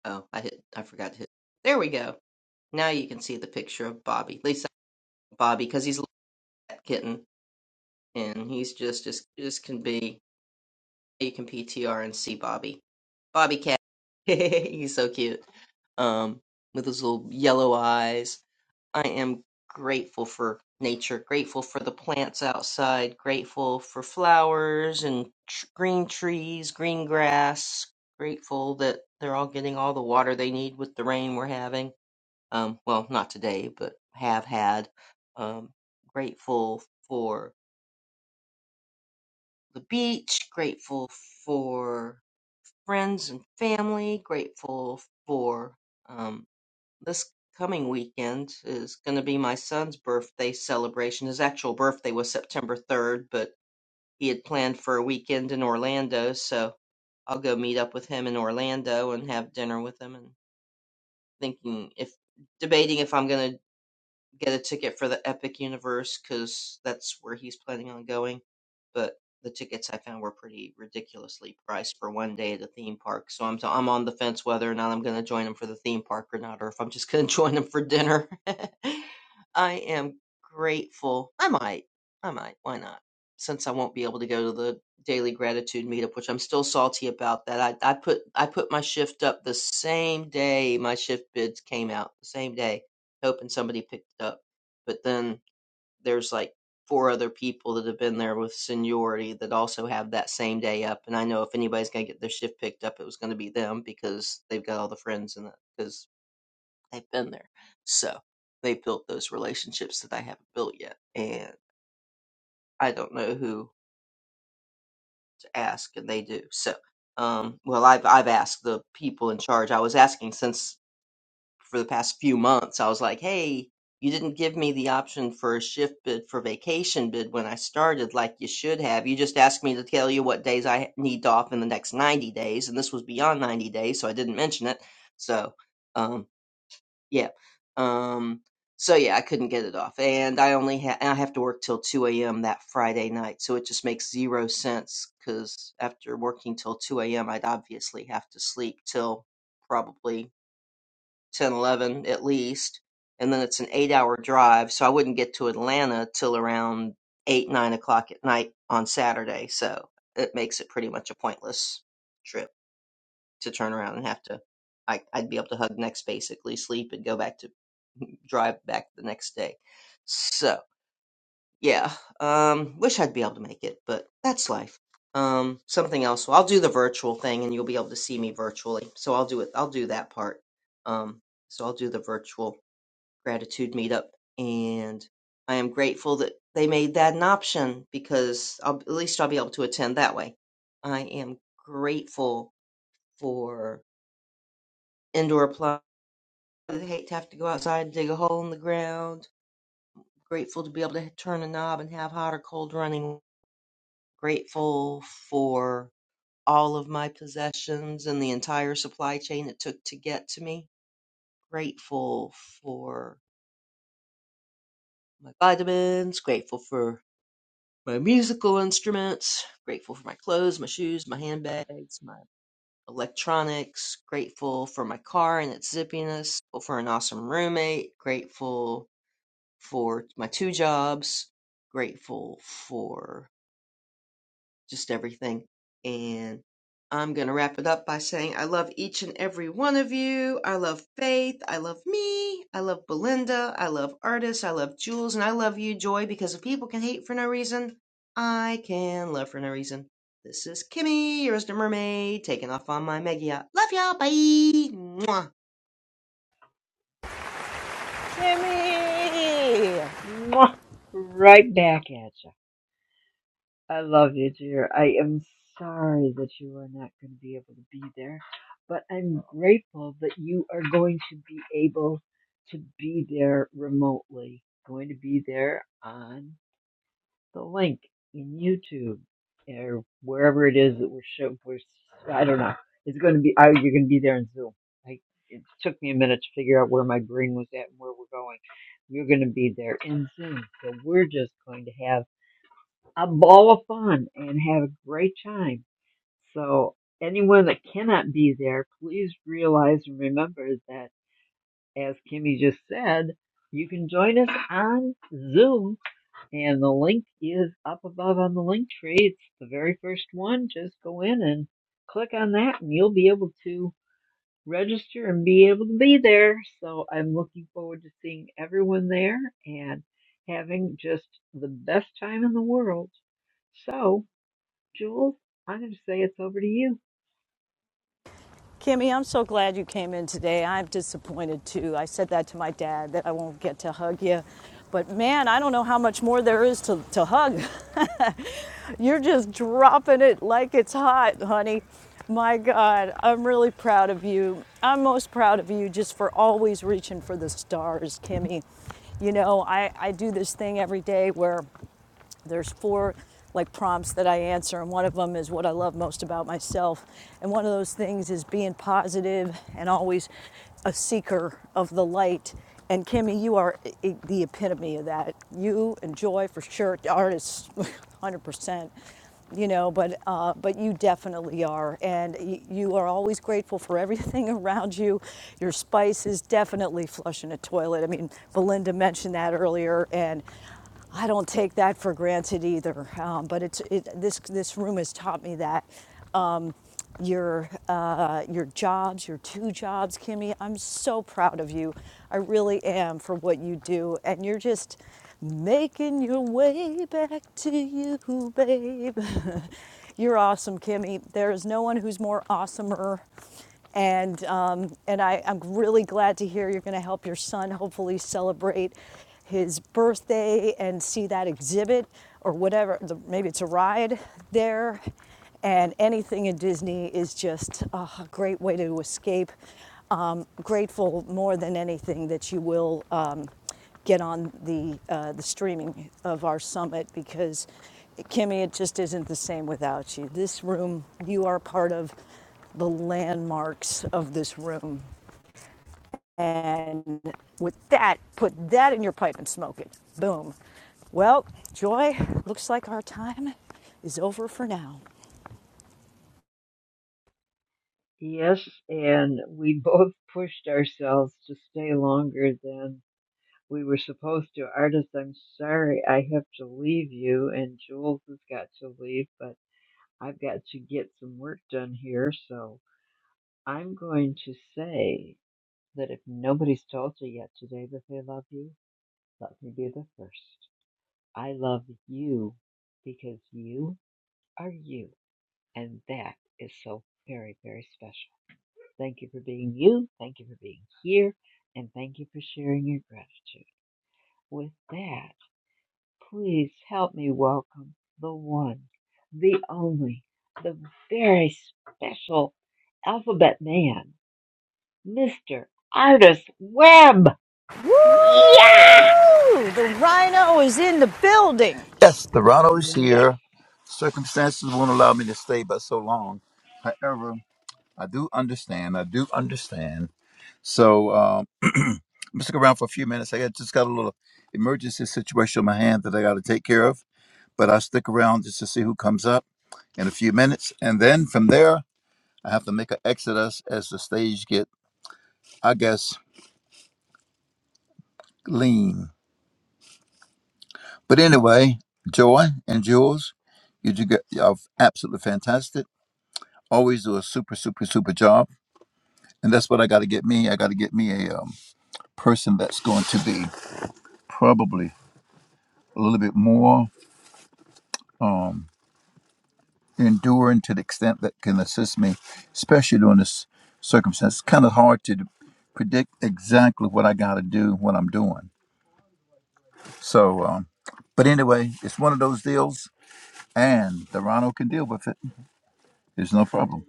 S27: oh i hit i forgot to hit there we go now you can see the picture of bobby at least bobby because he's a little cat kitten and he's just as cute as can be You can PTR and see Bobby. Bobby Cat. He's so cute. Um, with his little yellow eyes. I am grateful for nature, grateful for the plants outside, grateful for flowers and tr- green trees, green grass, grateful that they're all getting all the water they need with the rain we're having. Um, well, not today, but have had. Um, grateful for the beach, grateful for friends and family. Grateful for um, this coming weekend is going to be my son's birthday celebration. His actual birthday was September 3rd, but he had planned for a weekend in Orlando, so I'll go meet up with him in Orlando and have dinner with him. And thinking if debating if I'm going to get a ticket for the Epic Universe because that's where he's planning on going. But the tickets I found were pretty ridiculously priced for one day at a theme park. So I'm I'm on the fence whether or not I'm going to join him for the theme park or not, or if I'm just going to join him for dinner. I am grateful. I might. I might. Why not? Since I won't be able to go to the daily gratitude meetup, which I'm still salty about that. I, I put I put my shift up the same day my shift bids came out, the same day hoping somebody picked it up. But then there's like four other people that have been there with seniority that also have that same day up. And I know if anybody's going to get their shift picked up, it was going to be them because they've got all the friends and because they've been there. So they built those relationships that I haven't built yet. And I don't know who to ask, and they do. So, um, well, I've I've asked the people in charge. I was asking since for the past few months, I was like, hey, you didn't give me the option for a shift bid for vacation bid when I started, like you should have. You just asked me to tell you what days I need off in the next 90 days, and this was beyond 90 days, so I didn't mention it. So, um, yeah. Um, so yeah, I couldn't get it off, and I only ha- I have to work till 2 a.m. that Friday night, so it just makes zero sense because after working till 2 a.m., I'd obviously have to sleep till probably 10, 11, at least. And then it's an eight hour drive. So I wouldn't get to Atlanta till around eight, nine o'clock at night on Saturday. So it makes it pretty much a pointless trip to turn around and have to. I, I'd be able to hug next, basically sleep and go back to drive back the next day. So yeah, um, wish I'd be able to make it, but that's life. Um, something else. Well, I'll do the virtual thing, and you'll be able to see me virtually. So I'll do it. I'll do that part. Um, so I'll do the virtual gratitude meetup, and I am grateful that they made that an option because I'll, at least I'll be able to attend that way. I am grateful for indoor plumbing. I hate to have to go outside and dig a hole in the ground. Grateful to be able to turn a knob and have hot or cold running. Grateful for all of my possessions and the entire supply chain it took to get to me. Grateful for my vitamins. Grateful for my musical instruments, grateful for my clothes, my shoes, my handbags, my electronics, grateful for my car and its zippiness, grateful for an awesome roommate, grateful for my two jobs, grateful for just everything. And I'm going to wrap it up by saying I love each and every one of you. I love Faith. I love me. I love Belinda. I love Artis. I love Jules. And I love you, Joy, because if people can hate for no reason, I can love for no reason. This is Kimmy, your Resident Mermaid, taking off on my mega yacht. Love y'all. Bye. Mwah.
S19: Kimmy!
S18: Mwah! Right back at ya. I love you, dear. I am sorry that you are not going to be able to be there, but I'm grateful that you are going to be able to be there remotely, going to be there on the link in YouTube or wherever it is that we're showing. We're, I don't know. It's going to be. Oh, you're going to be there in Zoom. I, it took me a minute to figure out where my brain was at and where we're going. You're going to be there in Zoom, so we're just going to have a ball of fun and have a great time. So, anyone that cannot be there, please realize and remember that, as Kimmy just said, you can join us on Zoom, and the link is up above on the link tree. It's the very first one. Just go in and click on that, and you'll be able to register and be able to be there. So, I'm looking forward to seeing everyone there and having just the best time in the world. So, Jules, I'm going to say it's over to you.
S19: Kimmy, I'm so glad you came in today. I'm disappointed too. I said that to my dad that I won't get to hug you. But man, I don't know how much more there is to, to hug. You're just dropping it like it's hot, honey. My God, I'm really proud of you. I'm most proud of you just for always reaching for the stars, Kimmy. You know, I, I do this thing every day where there's four like prompts that I answer, and one of them is what I love most about myself. And one of those things is being positive and always a seeker of the light. And Kimmy, you are e- e- the epitome of that. You and Joy, for sure, artists, 100%. You know, but uh, but you definitely are, and y- you are always grateful for everything around you. Your spice is definitely flushing a toilet. I mean, Belinda mentioned that earlier, and I don't take that for granted either. Um, but it's it, this this room has taught me that um, your uh, your jobs, your two jobs, Kimmy. I'm so proud of you. I really am for what you do, and you're just making your way back to you, babe. you're awesome, Kimmy. There is no one who's more awesomer and, um, and I, I'm really glad to hear you're going to help your son hopefully celebrate his birthday and see that exhibit or whatever. The, maybe it's a ride there. And anything in Disney is just uh, a great way to escape. Um, grateful more than anything that you will um, get on the uh, the streaming of our summit because Kimmy, it just isn't the same without you. This room, you are part of the landmarks of this room. And with that, put that in your pipe and smoke it. Boom. Well, Joy, looks like our time is over for now.
S18: Yes, and we both pushed ourselves to stay longer than we were supposed to. Artist, I'm sorry I have to leave you, and Jules has got to leave, but I've got to get some work done here. So I'm going to say that if nobody's told you yet today that they love you, let me be the first. I love you because you are you, and that is so very, very special. Thank you for being you. Thank you for being here. And thank you for sharing your gratitude. With that, please help me welcome the one, the only, the very special alphabet man, Mr. Artist Webb.
S19: Woo!
S18: Yeah!
S19: The rhino is in the building.
S28: Yes, Toronto is
S18: Yes!
S28: here. Circumstances won't allow me to stay but so long. However, I do understand. I do understand. So um, I'm gonna stick around for a few minutes. I got, just got a little emergency situation on my hand that I got to take care of. But I stick around just to see who comes up in a few minutes, and then from there I have to make an exodus as the stage get, I guess, lean. But anyway, Joy and Jules, you do get, you are absolutely fantastic always do a super super super job and that's what i got to get me i got to get me a um, person that's going to be probably a little bit more um, enduring to the extent that can assist me especially during this circumstance it's kind of hard to predict exactly what i got to do what i'm doing so um, but anyway it's one of those deals and the can deal with it there's no problem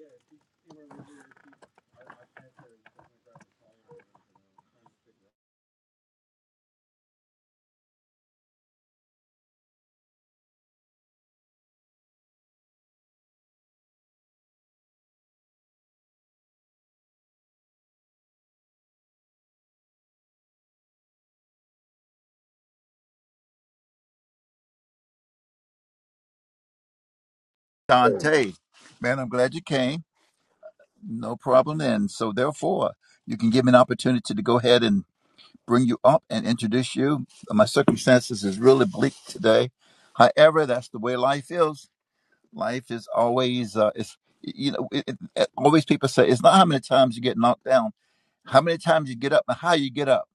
S28: dante man i'm glad you came No problem then. So therefore, you can give me an opportunity to go ahead and bring you up and introduce you. My circumstances is really bleak today. However, that's the way life is. Life is always uh, it's you know it, it, always people say it's not how many times you get knocked down, how many times you get up, and how you get up.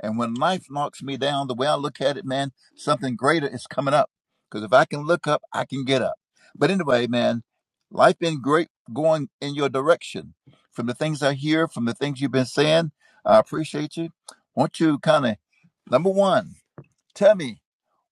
S28: And when life knocks me down, the way I look at it, man, something greater is coming up. Because if I can look up, I can get up. But anyway, man, life been great going in your direction. From the things I hear, from the things you've been saying, I appreciate you. Want you kind of number one, tell me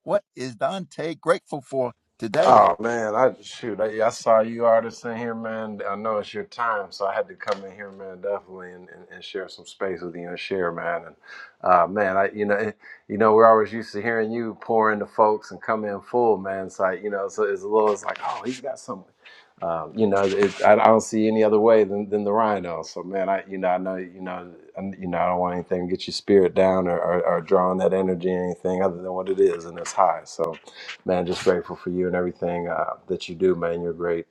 S28: what is Dante grateful for today?
S29: Oh man, I shoot. I, I saw you artists in here, man. I know it's your time, so I had to come in here, man, definitely, and, and, and share some space with you and share, man. And uh, man, I you know it- you know we're always used to hearing you pour into folks and come in full, man. So I, you know, so it's a little, it's like, oh, he's got something. Um, you know, it, I, I don't see any other way than, than the Rhino. So man, I you know I know you know I, you know I don't want anything to get your spirit down or, or, or drawing that energy or anything other than what it is and it's high. So. man, just grateful for you and everything uh, that you do, man. You're a great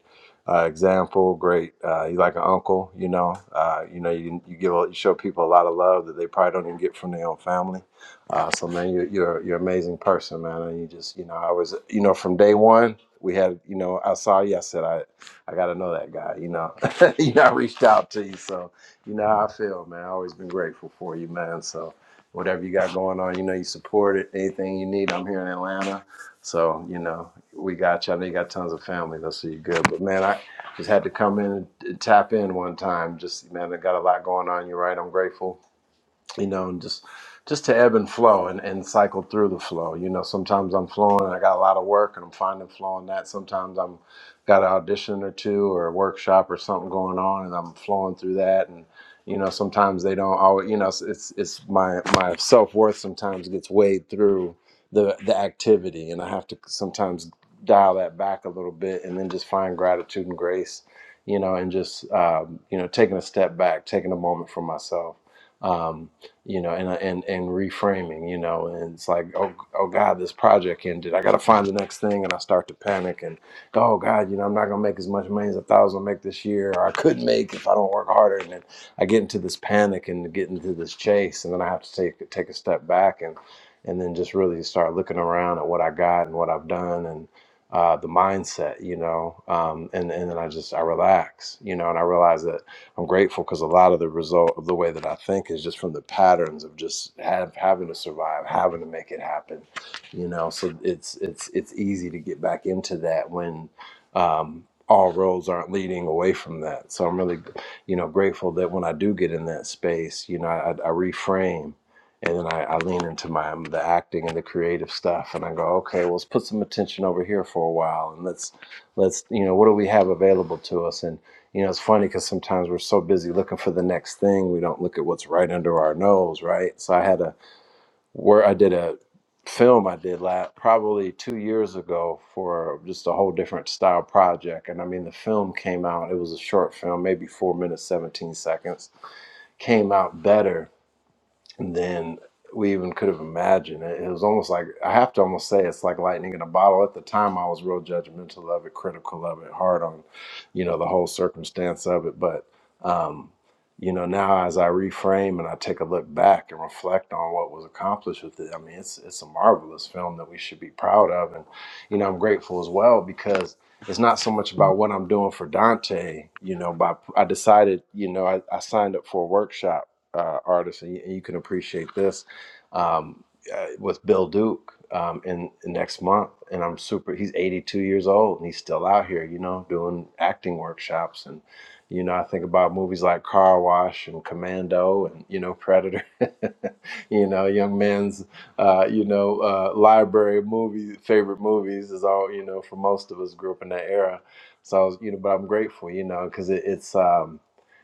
S29: uh, example, great. Uh, you're like an uncle, you know. Uh, you know, you, you give a- you show people a lot of love that they probably don't even get from their own family. Uh, so, man, you're you're you're an amazing person, man. And you just, you know, I was, you know, from day one. We had, you know, I saw you. I said, I, I got to know that guy. You know, you know, I reached out to you, so you know how I feel, man. I've always been grateful for you, man. So, whatever you got going on, you know, you support it. Anything you need, I'm here in Atlanta so, you know, we got you. I know you got tons of family. That's so you good. But man, I just had to come in and tap in one time. Just man, I got a lot going on. You're right. I'm grateful you know, and just just to ebb and flow and, and cycle through the flow. You know, sometimes I'm flowing and I got a lot of work and I'm finding flow in that. Sometimes I'm got an audition or two or a workshop or something going on and I'm flowing through that and you know, sometimes they don't always you know, it's it's, it's my my self worth sometimes gets weighed through the the activity and I have to sometimes dial that back a little bit and then just find gratitude and grace, you know, and just um, you know, taking a step back, taking a moment for myself Um, you know, and and and reframing, you know, and it's like, oh, oh God, this project ended. I got to find the next thing, and I start to panic and, go, oh God, you know, I'm not gonna make as much money as I thought I was gonna make this year, or I could make if I don't work harder. And then I get into this panic and get into this chase, and then I have to take take a step back and and then just really start looking around at what I got and what I've done and uh, the mindset, you know, um, and and then I just I relax, you know, and I realize that. I'm grateful because a lot of the result of the way that I think is just from the patterns of just have, having to survive, having to make it happen, you know. So it's it's it's easy to get back into that when um, all roads aren't leading away from that. So I'm really, you know, grateful that when I do get in that space, you know, I, I reframe and then I, I lean into my the acting and the creative stuff and i go okay well let's put some attention over here for a while and let's let's you know what do we have available to us and you know, it's funny because sometimes we're so busy looking for the next thing, we don't look at what's right under our nose, right? So I had a where I did a film I did last probably two years ago for just a whole different style project, and I mean the film came out. It was a short film, maybe four minutes, seventeen seconds, came out better than we even could have imagined. It, it was almost like I have to almost say it's like lightning in a bottle. At the time, I was real judgmental of it, critical of it, hard on, you know, the whole circumstance of it. But, um, you know, now as I reframe and I take a look back and reflect on what was accomplished with it, I mean, it's it's a marvelous film that we should be proud of, and you know, I'm grateful as well because it's not so much about what I'm doing for Dante. You know, by I decided, you know, I, I signed up for a workshop uh, artists, and you, and you can appreciate this um, uh, with Bill Duke um, in, in next month. And I'm super. He's 82 years old, and he's still out here, you know, doing acting workshops. And you know, I think about movies like Car Wash and Commando, and you know, Predator. you know, young man's uh, you know uh, library of movie favorite movies is all you know for most of us grew up in that era. So I was, you know, but I'm grateful, you know, because it, it's. Um,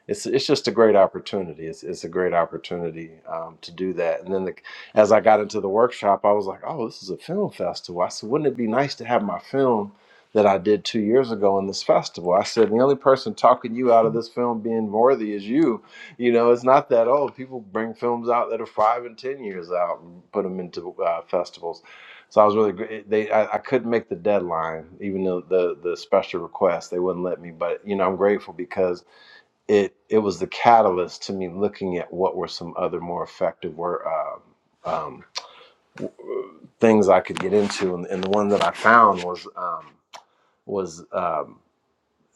S29: it's it's just a great opportunity. It's it's a great opportunity um, to do that. And then the, as I got into the workshop, I was like, oh, this is a film festival. I said, wouldn't it be nice to have my film that I did two years ago in this festival? I said, the only person talking you out of this film being worthy is you. You know, it's not that old. People bring films out that are five and ten years out and put them into uh, festivals. So I was really gr- it- they I, I couldn't make the deadline even though the the special request they wouldn't let me but you know I'm grateful because it it was the catalyst to me looking at what were some other more effective were um, um, things I could get into, and, and the one that I found was um, was um,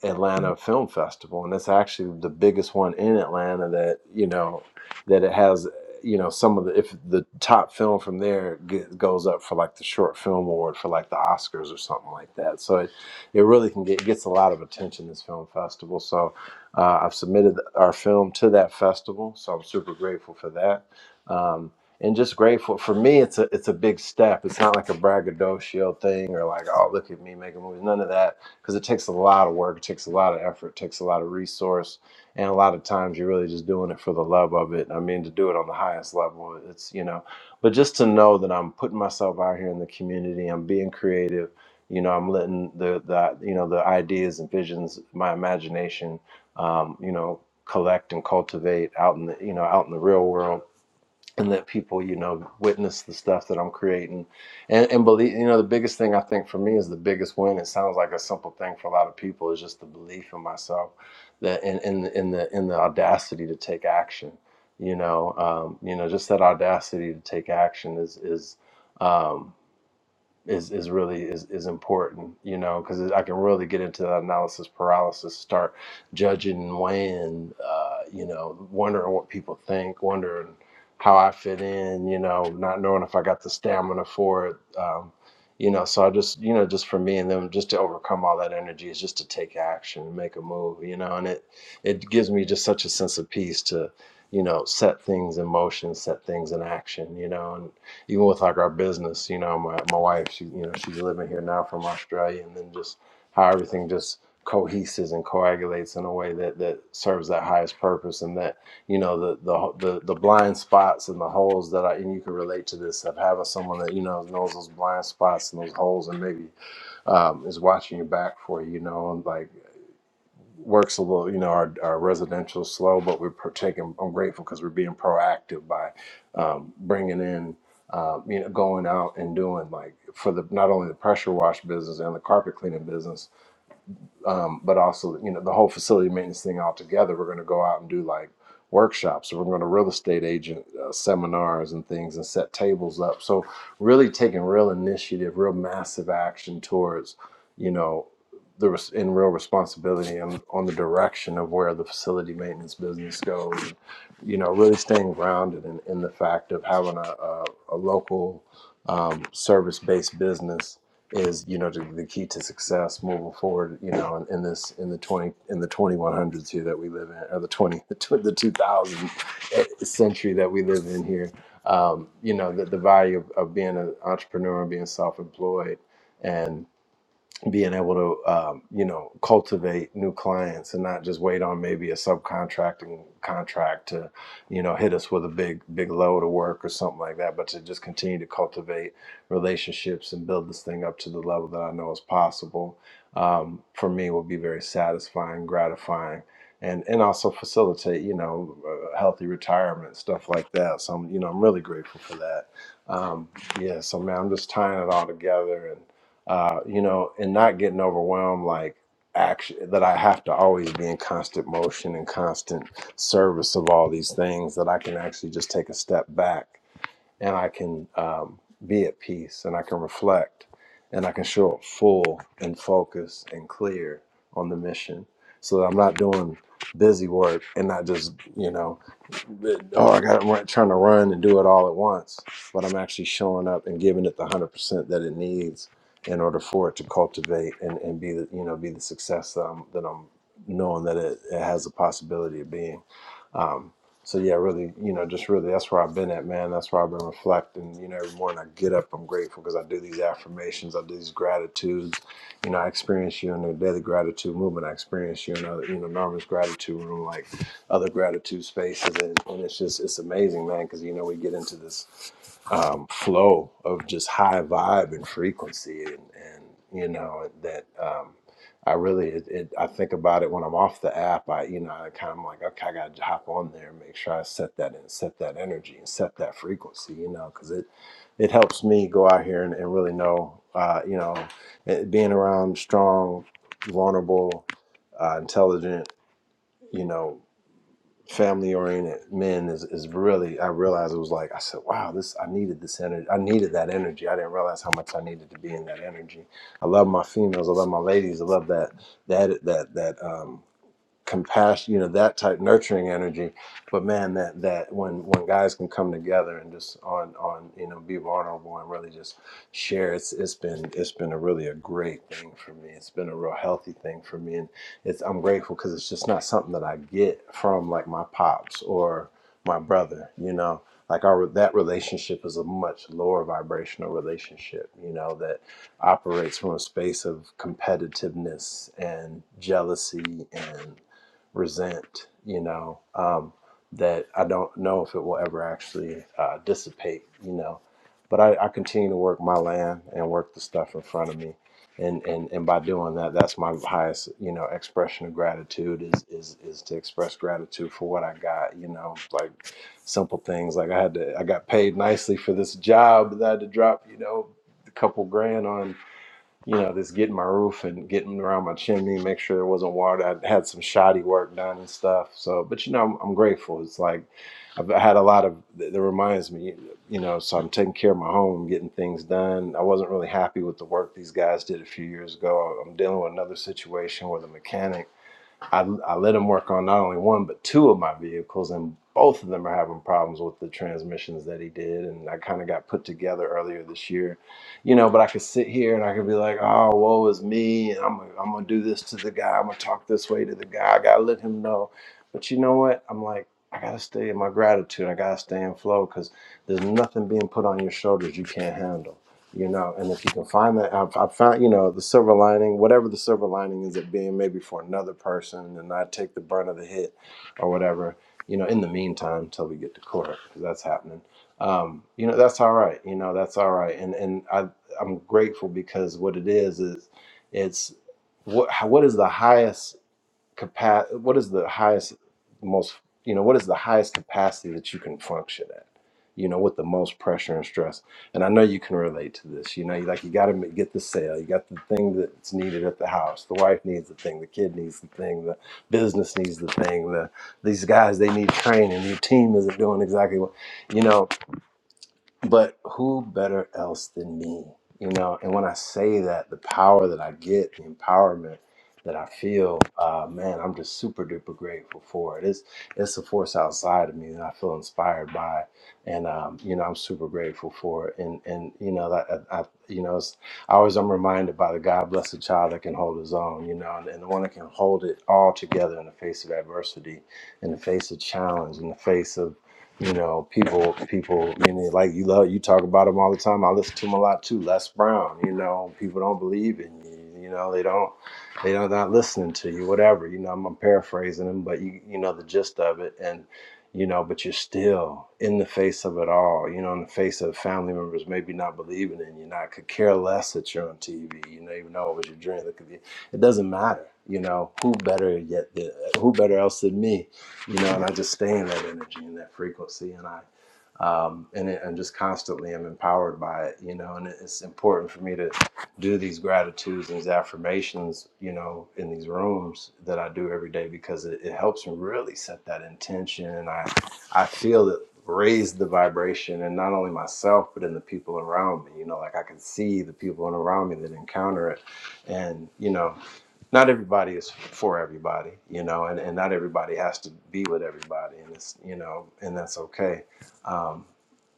S29: Atlanta Film Festival, and it's actually the biggest one in Atlanta that you know that it has you know some of the if the top film from there get, goes up for like the short film award for like the Oscars or something like that. So it, it really can get gets a lot of attention this film festival. So uh, I've submitted our film to that festival, so I'm super grateful for that. Um, and just grateful for me it's a it's a big step it's not like a braggadocio thing or like oh look at me making movies none of that because it takes a lot of work, it takes a lot of effort, it takes a lot of resource, and a lot of times you're really just doing it for the love of it. I mean, to do it on the highest level, it's you know, but just to know that I'm putting myself out here in the community, I'm being creative, you know, I'm letting the the you know the ideas and visions, my imagination, um, you know, collect and cultivate out in the you know out in the real world and let people you know witness the stuff that i'm creating and and believe you know the biggest thing i think for me is the biggest win it sounds like a simple thing for a lot of people is just the belief in myself that in in, in the in the audacity to take action you know um, you know just that audacity to take action is is um, is is really is is important, you know, because I can really get into that analysis paralysis, start judging and weighing, uh, you know, wondering what people think, wondering how I fit in, you know, not knowing if I got the stamina for it, um, you know. So I just, you know, just for me and them, just to overcome all that energy is just to take action and make a move, you know, and it it gives me just such a sense of peace to, you know, set things in motion, set things in action, you know, even with like our business, you know, my, my wife, she, you know, she's living here now from Australia and then just how everything just coheses and coagulates in a way that, that serves that highest purpose and that, you know, the, the, the, the blind spots and the holes that I, and you can relate to this of having someone that, you know, knows those blind spots and those holes and maybe um, is watching your back for, you you know, and like work's a little, you know, our, our residential is slow, but we're taking, I'm grateful because we're being proactive by um, bringing in, uh, you know, going out and doing like for the, not only the pressure wash business and the carpet cleaning business, um, but also you know the whole facility maintenance thing altogether. We're going to go out and do like workshops. We're going to real estate agent uh, seminars and things, and set tables up. So really taking real initiative, real massive action towards you know the res- in real responsibility and on the direction of where the facility maintenance business goes. And, you know, really staying grounded in, in the fact of having a, a, a local um, service based business is you know the, the key to success moving forward you know in, in this in the 20 in the 2100s here that we live in or the 20 the, tw- the 2000 century that we live in here um, you know the, the value of, of being an entrepreneur and being self-employed being able to um, you know cultivate new clients and not just wait on maybe a subcontracting contract to you know hit us with a big big load of work or something like that but to just continue to cultivate relationships and build this thing up to the level that i know is possible um, for me will be very satisfying gratifying and and also facilitate you know a healthy retirement stuff like that so i'm you know i'm really grateful for that um, yeah so man i'm just tying it all together and uh, you know, and not getting overwhelmed like action that I have to always be in constant motion and constant service of all these things that I can actually just take a step back and I can um, be at peace and I can reflect and I can show up full and focused and clear on the mission so that I'm not doing busy work and not just, you know, oh, I got i trying to run and do it all at once, but I'm actually showing up and giving it the 100% that it needs in order for it to cultivate and, and be the, you know, be the success that I'm, that I'm knowing that it, it has a possibility of being. Um, so yeah, really, you know, just really, that's where I've been at, man. That's where I've been reflecting. You know, every morning I get up, I'm grateful because I do these affirmations, I do these gratitudes. You know, I experience you in the daily gratitude movement. I experience you in other, you know, Norman's gratitude room, like other gratitude spaces, and, and it's just, it's amazing, man. Because you know, we get into this um, flow of just high vibe and frequency, and and you know that. Um, I really, it, it, I think about it when I'm off the app. I, you know, I kind of like, okay, I got to hop on there and make sure I set that and set that energy and set that frequency, you know, because it, it helps me go out here and, and really know, uh, you know, it, being around strong, vulnerable, uh, intelligent, you know family oriented men is, is really I realized it was like I said, wow, this I needed this energy. I needed that energy. I didn't realize how much I needed to be in that energy. I love my females, I love my ladies, I love that that that that um compassion, you know, that type nurturing energy. But man, that that when when guys can come together and just on on you know be vulnerable and really just share, it's it's been it's been a really a great thing for me. It's been a real healthy thing for me, and it's I'm grateful because it's just not something that I get from like my pops or my brother. You know, like our that relationship is a much lower vibrational relationship. You know that operates from a space of competitiveness and jealousy and resent, you know, um, that I don't know if it will ever actually uh, dissipate, you know. But I, I continue to work my land and work the stuff in front of me. And, and, and by doing that, that's my highest, you know, expression of gratitude is, is, is to express gratitude for what I got, you know, like simple things. Like I had to, I got paid nicely for this job that I had to drop, you know, a couple grand on you know, just getting my roof and getting around my chimney, make sure there wasn't water. I had some shoddy work done and stuff. So, but you know, I'm, I'm grateful. It's like I've had a lot of that that reminds me, you know, so I'm taking care of my home, getting things done. I wasn't really happy with the work these guys did a few years ago. I'm dealing with another situation with a mechanic I, I let him work on not only one but two of my vehicles, and both of them are having problems with the transmissions that he did. And I kind of got put together earlier this year, you know. But I could sit here and I could be like, "Oh, woe is me," and I'm I'm gonna do this to the guy. I'm gonna talk this way to the guy. I gotta let him know. But you know what? I'm like, I gotta stay in my gratitude. I gotta stay in flow because there's nothing being put on your shoulders you can't handle you know and if you can find that i've, I've found you know the silver lining whatever the silver lining is it being maybe for another person and i take the brunt of the hit or whatever you know in the meantime till we get to court because that's happening um, you know that's all right you know that's all right and and i i'm grateful because what it is is it's what what is the highest capacity what is the highest most you know what is the highest capacity that you can function at you know with the most pressure and stress and i know you can relate to this you know you like you got to get the sale you got the thing that's needed at the house the wife needs the thing the kid needs the thing the business needs the thing the these guys they need training your team isn't doing exactly what you know but who better else than me? You know, and when I say that, the power that I get, the empowerment that I feel, uh, man, I'm just super duper grateful for it. It's it's a force outside of me that I feel inspired by, and um, you know, I'm super grateful for it. And and you know that I, I you know, it's, I always I'm reminded by the God bless the child that can hold his own, you know, and, and the one that can hold it all together in the face of adversity, in the face of challenge, in the face of you know, people, people, you know, like you love, you talk about him all the time. I listen to him a lot too. Les Brown, you know, people don't believe in you. You know, they don't, they don't not listening to you. Whatever, you know. I'm, I'm paraphrasing him, but you, you know, the gist of it, and you know, but you're still in the face of it all. You know, in the face of family members maybe not believing in you, not could care less that you're on TV. You know, even though it was your dream, it, could be, it doesn't matter. You know, who better yet? Who better else than me? you know, and I just stay in that energy and that frequency, and I um, and it, and just constantly am empowered by it, you know, and it- it's important for me to do these gratitudes and these affirmations, you know, in these rooms that I do every day because it, it helps me really set that intention, and I I feel it raise the vibration and not only myself but in the people around me you know like i can see the people around me that encounter it and you know not everybody is for everybody, you know, and, and not everybody has to be with everybody, and it's you know, and that's okay. Um,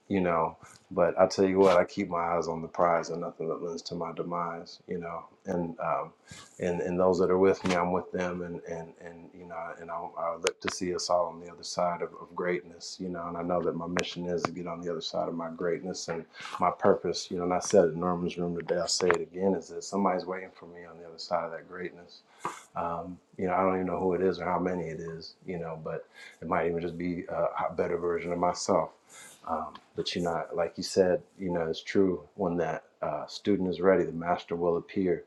S29: you know. But I tell you what, I keep my eyes on the prize and nothing that lends to my demise, you know. And um, and and those that are with me, I'm with them, and and and you know, and I, I look to see us all on the other side of, of greatness, you know. And I know that my mission is to get on the other side of my greatness and my purpose, you know. And I said it in Norman's room today. I'll say it again: is that somebody's waiting for me on the other side of that greatness. Um, you know, I don't even know who it is or how many it is, you know, but it might even just be a better version of myself. Um, but you know, like you said, you know, it's true. When that uh, student is ready, the master will appear.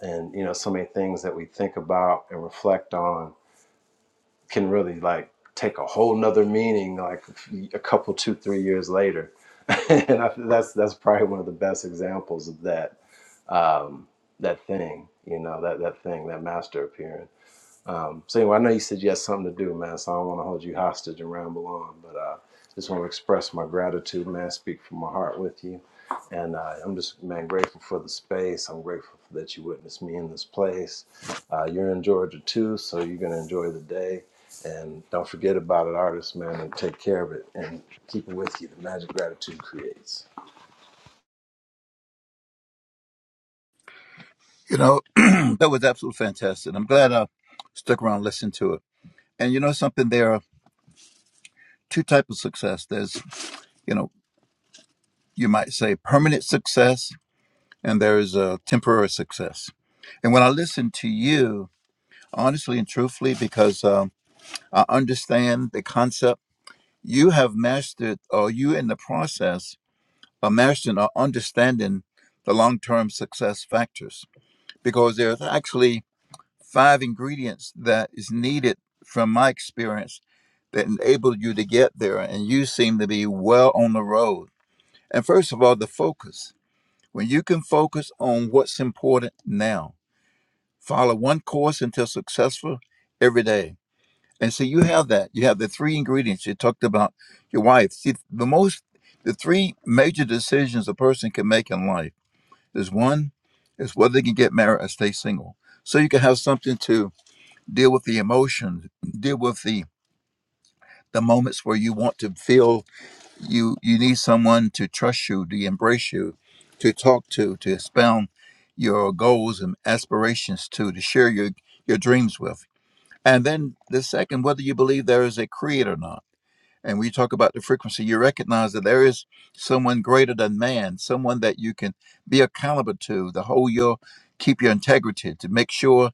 S29: And you know, so many things that we think about and reflect on can really like take a whole nother meaning, like a couple, two, three years later. and I, that's that's probably one of the best examples of that um, that thing. You know, that that thing, that master appearing. Um, so anyway, I know you said you had something to do, man. So I don't want to hold you hostage and ramble on, but uh, just want to express my gratitude, man. Speak from my heart with you, and uh, I'm just, man, grateful for the space. I'm grateful that you witnessed me in this place. Uh, you're in Georgia too, so you're gonna enjoy the day, and don't forget about it, artist, man, and take care of it and keep it with you. The magic gratitude creates.
S28: You know, that was absolutely fantastic. I'm glad I stuck around and listened to it. And you know something, there are two types of success. There's you know. you might say, permanent success, and there is a temporary success. And when I listen to you, honestly and truthfully, because um, I understand the concept, you have mastered, or you in the process of mastering or understanding the long term success factors, because there's actually five ingredients that is needed from my experience that enabled you to get there. And you seem to be well on the road. And first of all, the focus When you can focus on what's important now, follow one course until successful every day. And so you have that. You have the three ingredients you talked about your wife. See, the most, the three major decisions a person can make in life is one, is whether they can get married or stay single. So you can have something to deal with the emotions, deal with the the moments where you want to feel you you need someone to trust you to embrace you to talk to to expound your goals and aspirations to to share your your dreams with and then the second whether you believe there is a creator or not and we talk about the frequency you recognize that there is someone greater than man someone that you can be accountable to to hold your keep your integrity to make sure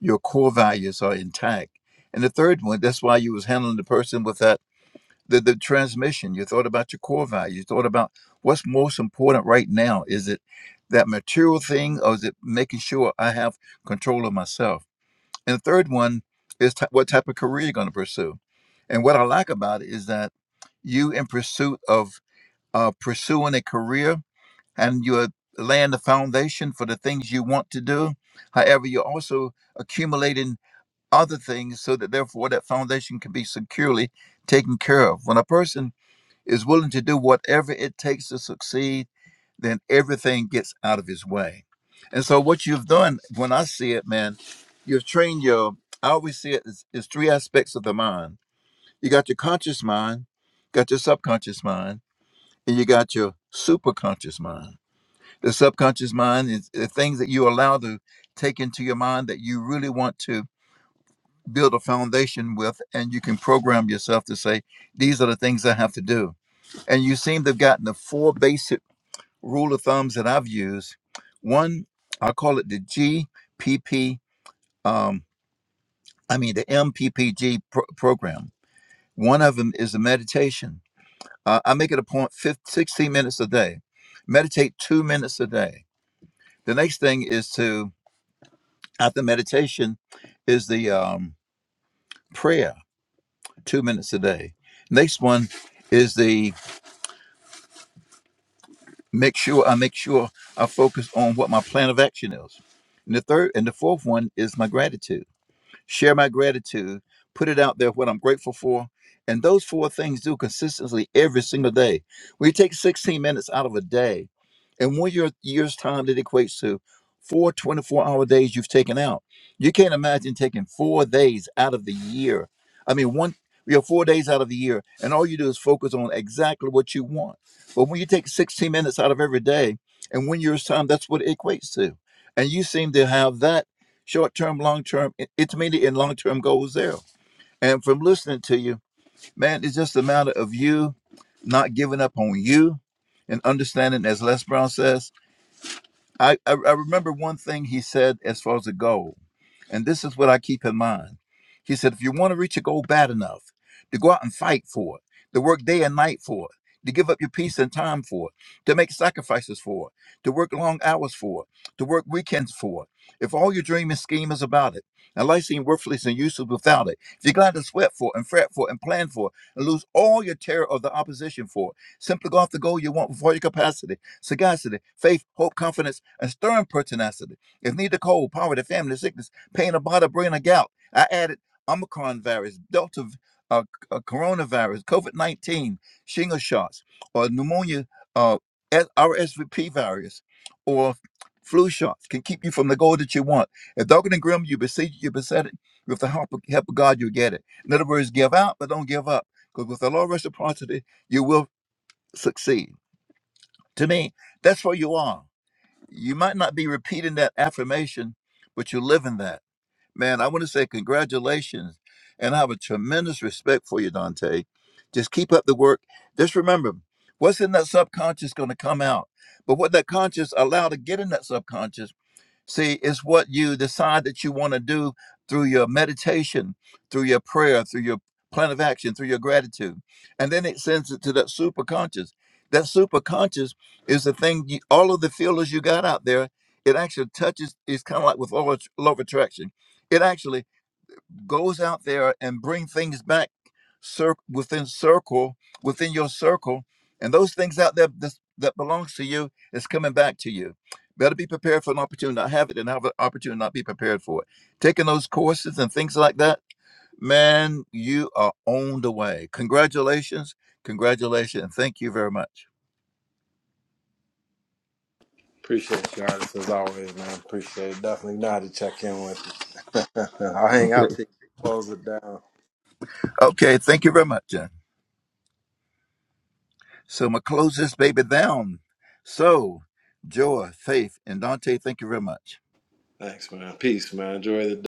S28: your core values are intact and the third one that's why you was handling the person with that the, the transmission you thought about your core value you thought about what's most important right now is it that material thing or is it making sure i have control of myself and the third one is t- what type of career you're going to pursue and what i like about it is that you in pursuit of uh, pursuing a career and you're laying the foundation for the things you want to do however you're also accumulating other things so that therefore that foundation can be securely taken care of when a person is willing to do whatever it takes to succeed, then everything gets out of his way. And so, what you've done, when I see it, man, you've trained your, I always see it as, as three aspects of the mind. You got your conscious mind, got your subconscious mind, and you got your superconscious mind. The subconscious mind is the things that you allow to take into your mind that you really want to build a foundation with, and you can program yourself to say, these are the things I have to do and you seem to have gotten the four basic rule of thumbs that I've used. One, I call it the GPP, um, I mean the MPPG pro- program. One of them is the meditation. Uh, I make it a point, 15, 16 minutes a day. Meditate two minutes a day. The next thing is to, after meditation, is the um, prayer, two minutes a day. Next one is the make sure I make sure I focus on what my plan of action is. And the third and the fourth one is my gratitude share my gratitude, put it out there what I'm grateful for. And those four things do consistently every single day. We take 16 minutes out of a day. And one year, year's time that equates to four 24 hour days you've taken out. You can't imagine taking four days out of the year. I mean, one, you know, four days out of the year, and all you do is focus on exactly what you want. But when you take 16 minutes out of every day, and one year's time, that's what it equates to. And you seem to have that short term, long term, i- intermediate, and long term goals there. And from listening to you, man, it's just a matter of you not giving up on you and understanding, as Les Brown says. I, I, I remember one thing he said as far as a goal. And this is what I keep in mind. He said, if you want to reach a goal bad enough, to go out and fight for it, to work day and night for it, to give up your peace and time for it, to make sacrifices for it, to work long hours for it, to work weekends for it. If all your dream and scheme is about it, and life seems worthless and useless without it, if you're glad to sweat for it and fret for it and plan for it, and lose all your terror of the opposition for it, simply go after the goal you want with all your capacity, sagacity, faith, hope, confidence, and stern pertinacity. If need to cold, poverty, family, sickness, pain about a brain a gout. I added Omicron virus, Delta uh, uh, coronavirus, COVID 19, shingle shots, or pneumonia, uh, R S- RSVP virus, or flu shots can keep you from the goal that you want. If dark and grim, you besiege, you beset it. With the help of, help of God, you'll get it. In other words, give out, but don't give up. Because with the law of reciprocity, you will succeed. To me, that's where you are. You might not be repeating that affirmation, but you're living that. Man, I want to say congratulations. And I have a tremendous respect for you, Dante. Just keep up the work. Just remember, what's in that subconscious going to come out. But what that conscious allowed to get in that subconscious See, it's what you decide that you want to do through your meditation, through your prayer, through your plan of action, through your gratitude. And then it sends it to that superconscious. That superconscious is the thing, you, all of the feelers you got out there, it actually touches, it's kind of like with law of law of attraction. It actually goes out there and bring things back cir- within circle within your circle and those things out there that's, that belongs to you is coming back to you better be prepared for an opportunity not have it and have an opportunity not be prepared for it taking those courses and things like that man you are on the way congratulations congratulations thank you very much
S29: Appreciate you, artist, as always, man. Appreciate it. Definitely know how to check in with you. I'll hang out
S28: Okay.
S29: till you close it down.
S28: okay thank you very much Jen. so i'm gonna close this baby down so joy faith and dante thank you very much
S29: Thanks, man. Peace, man. Enjoy the day.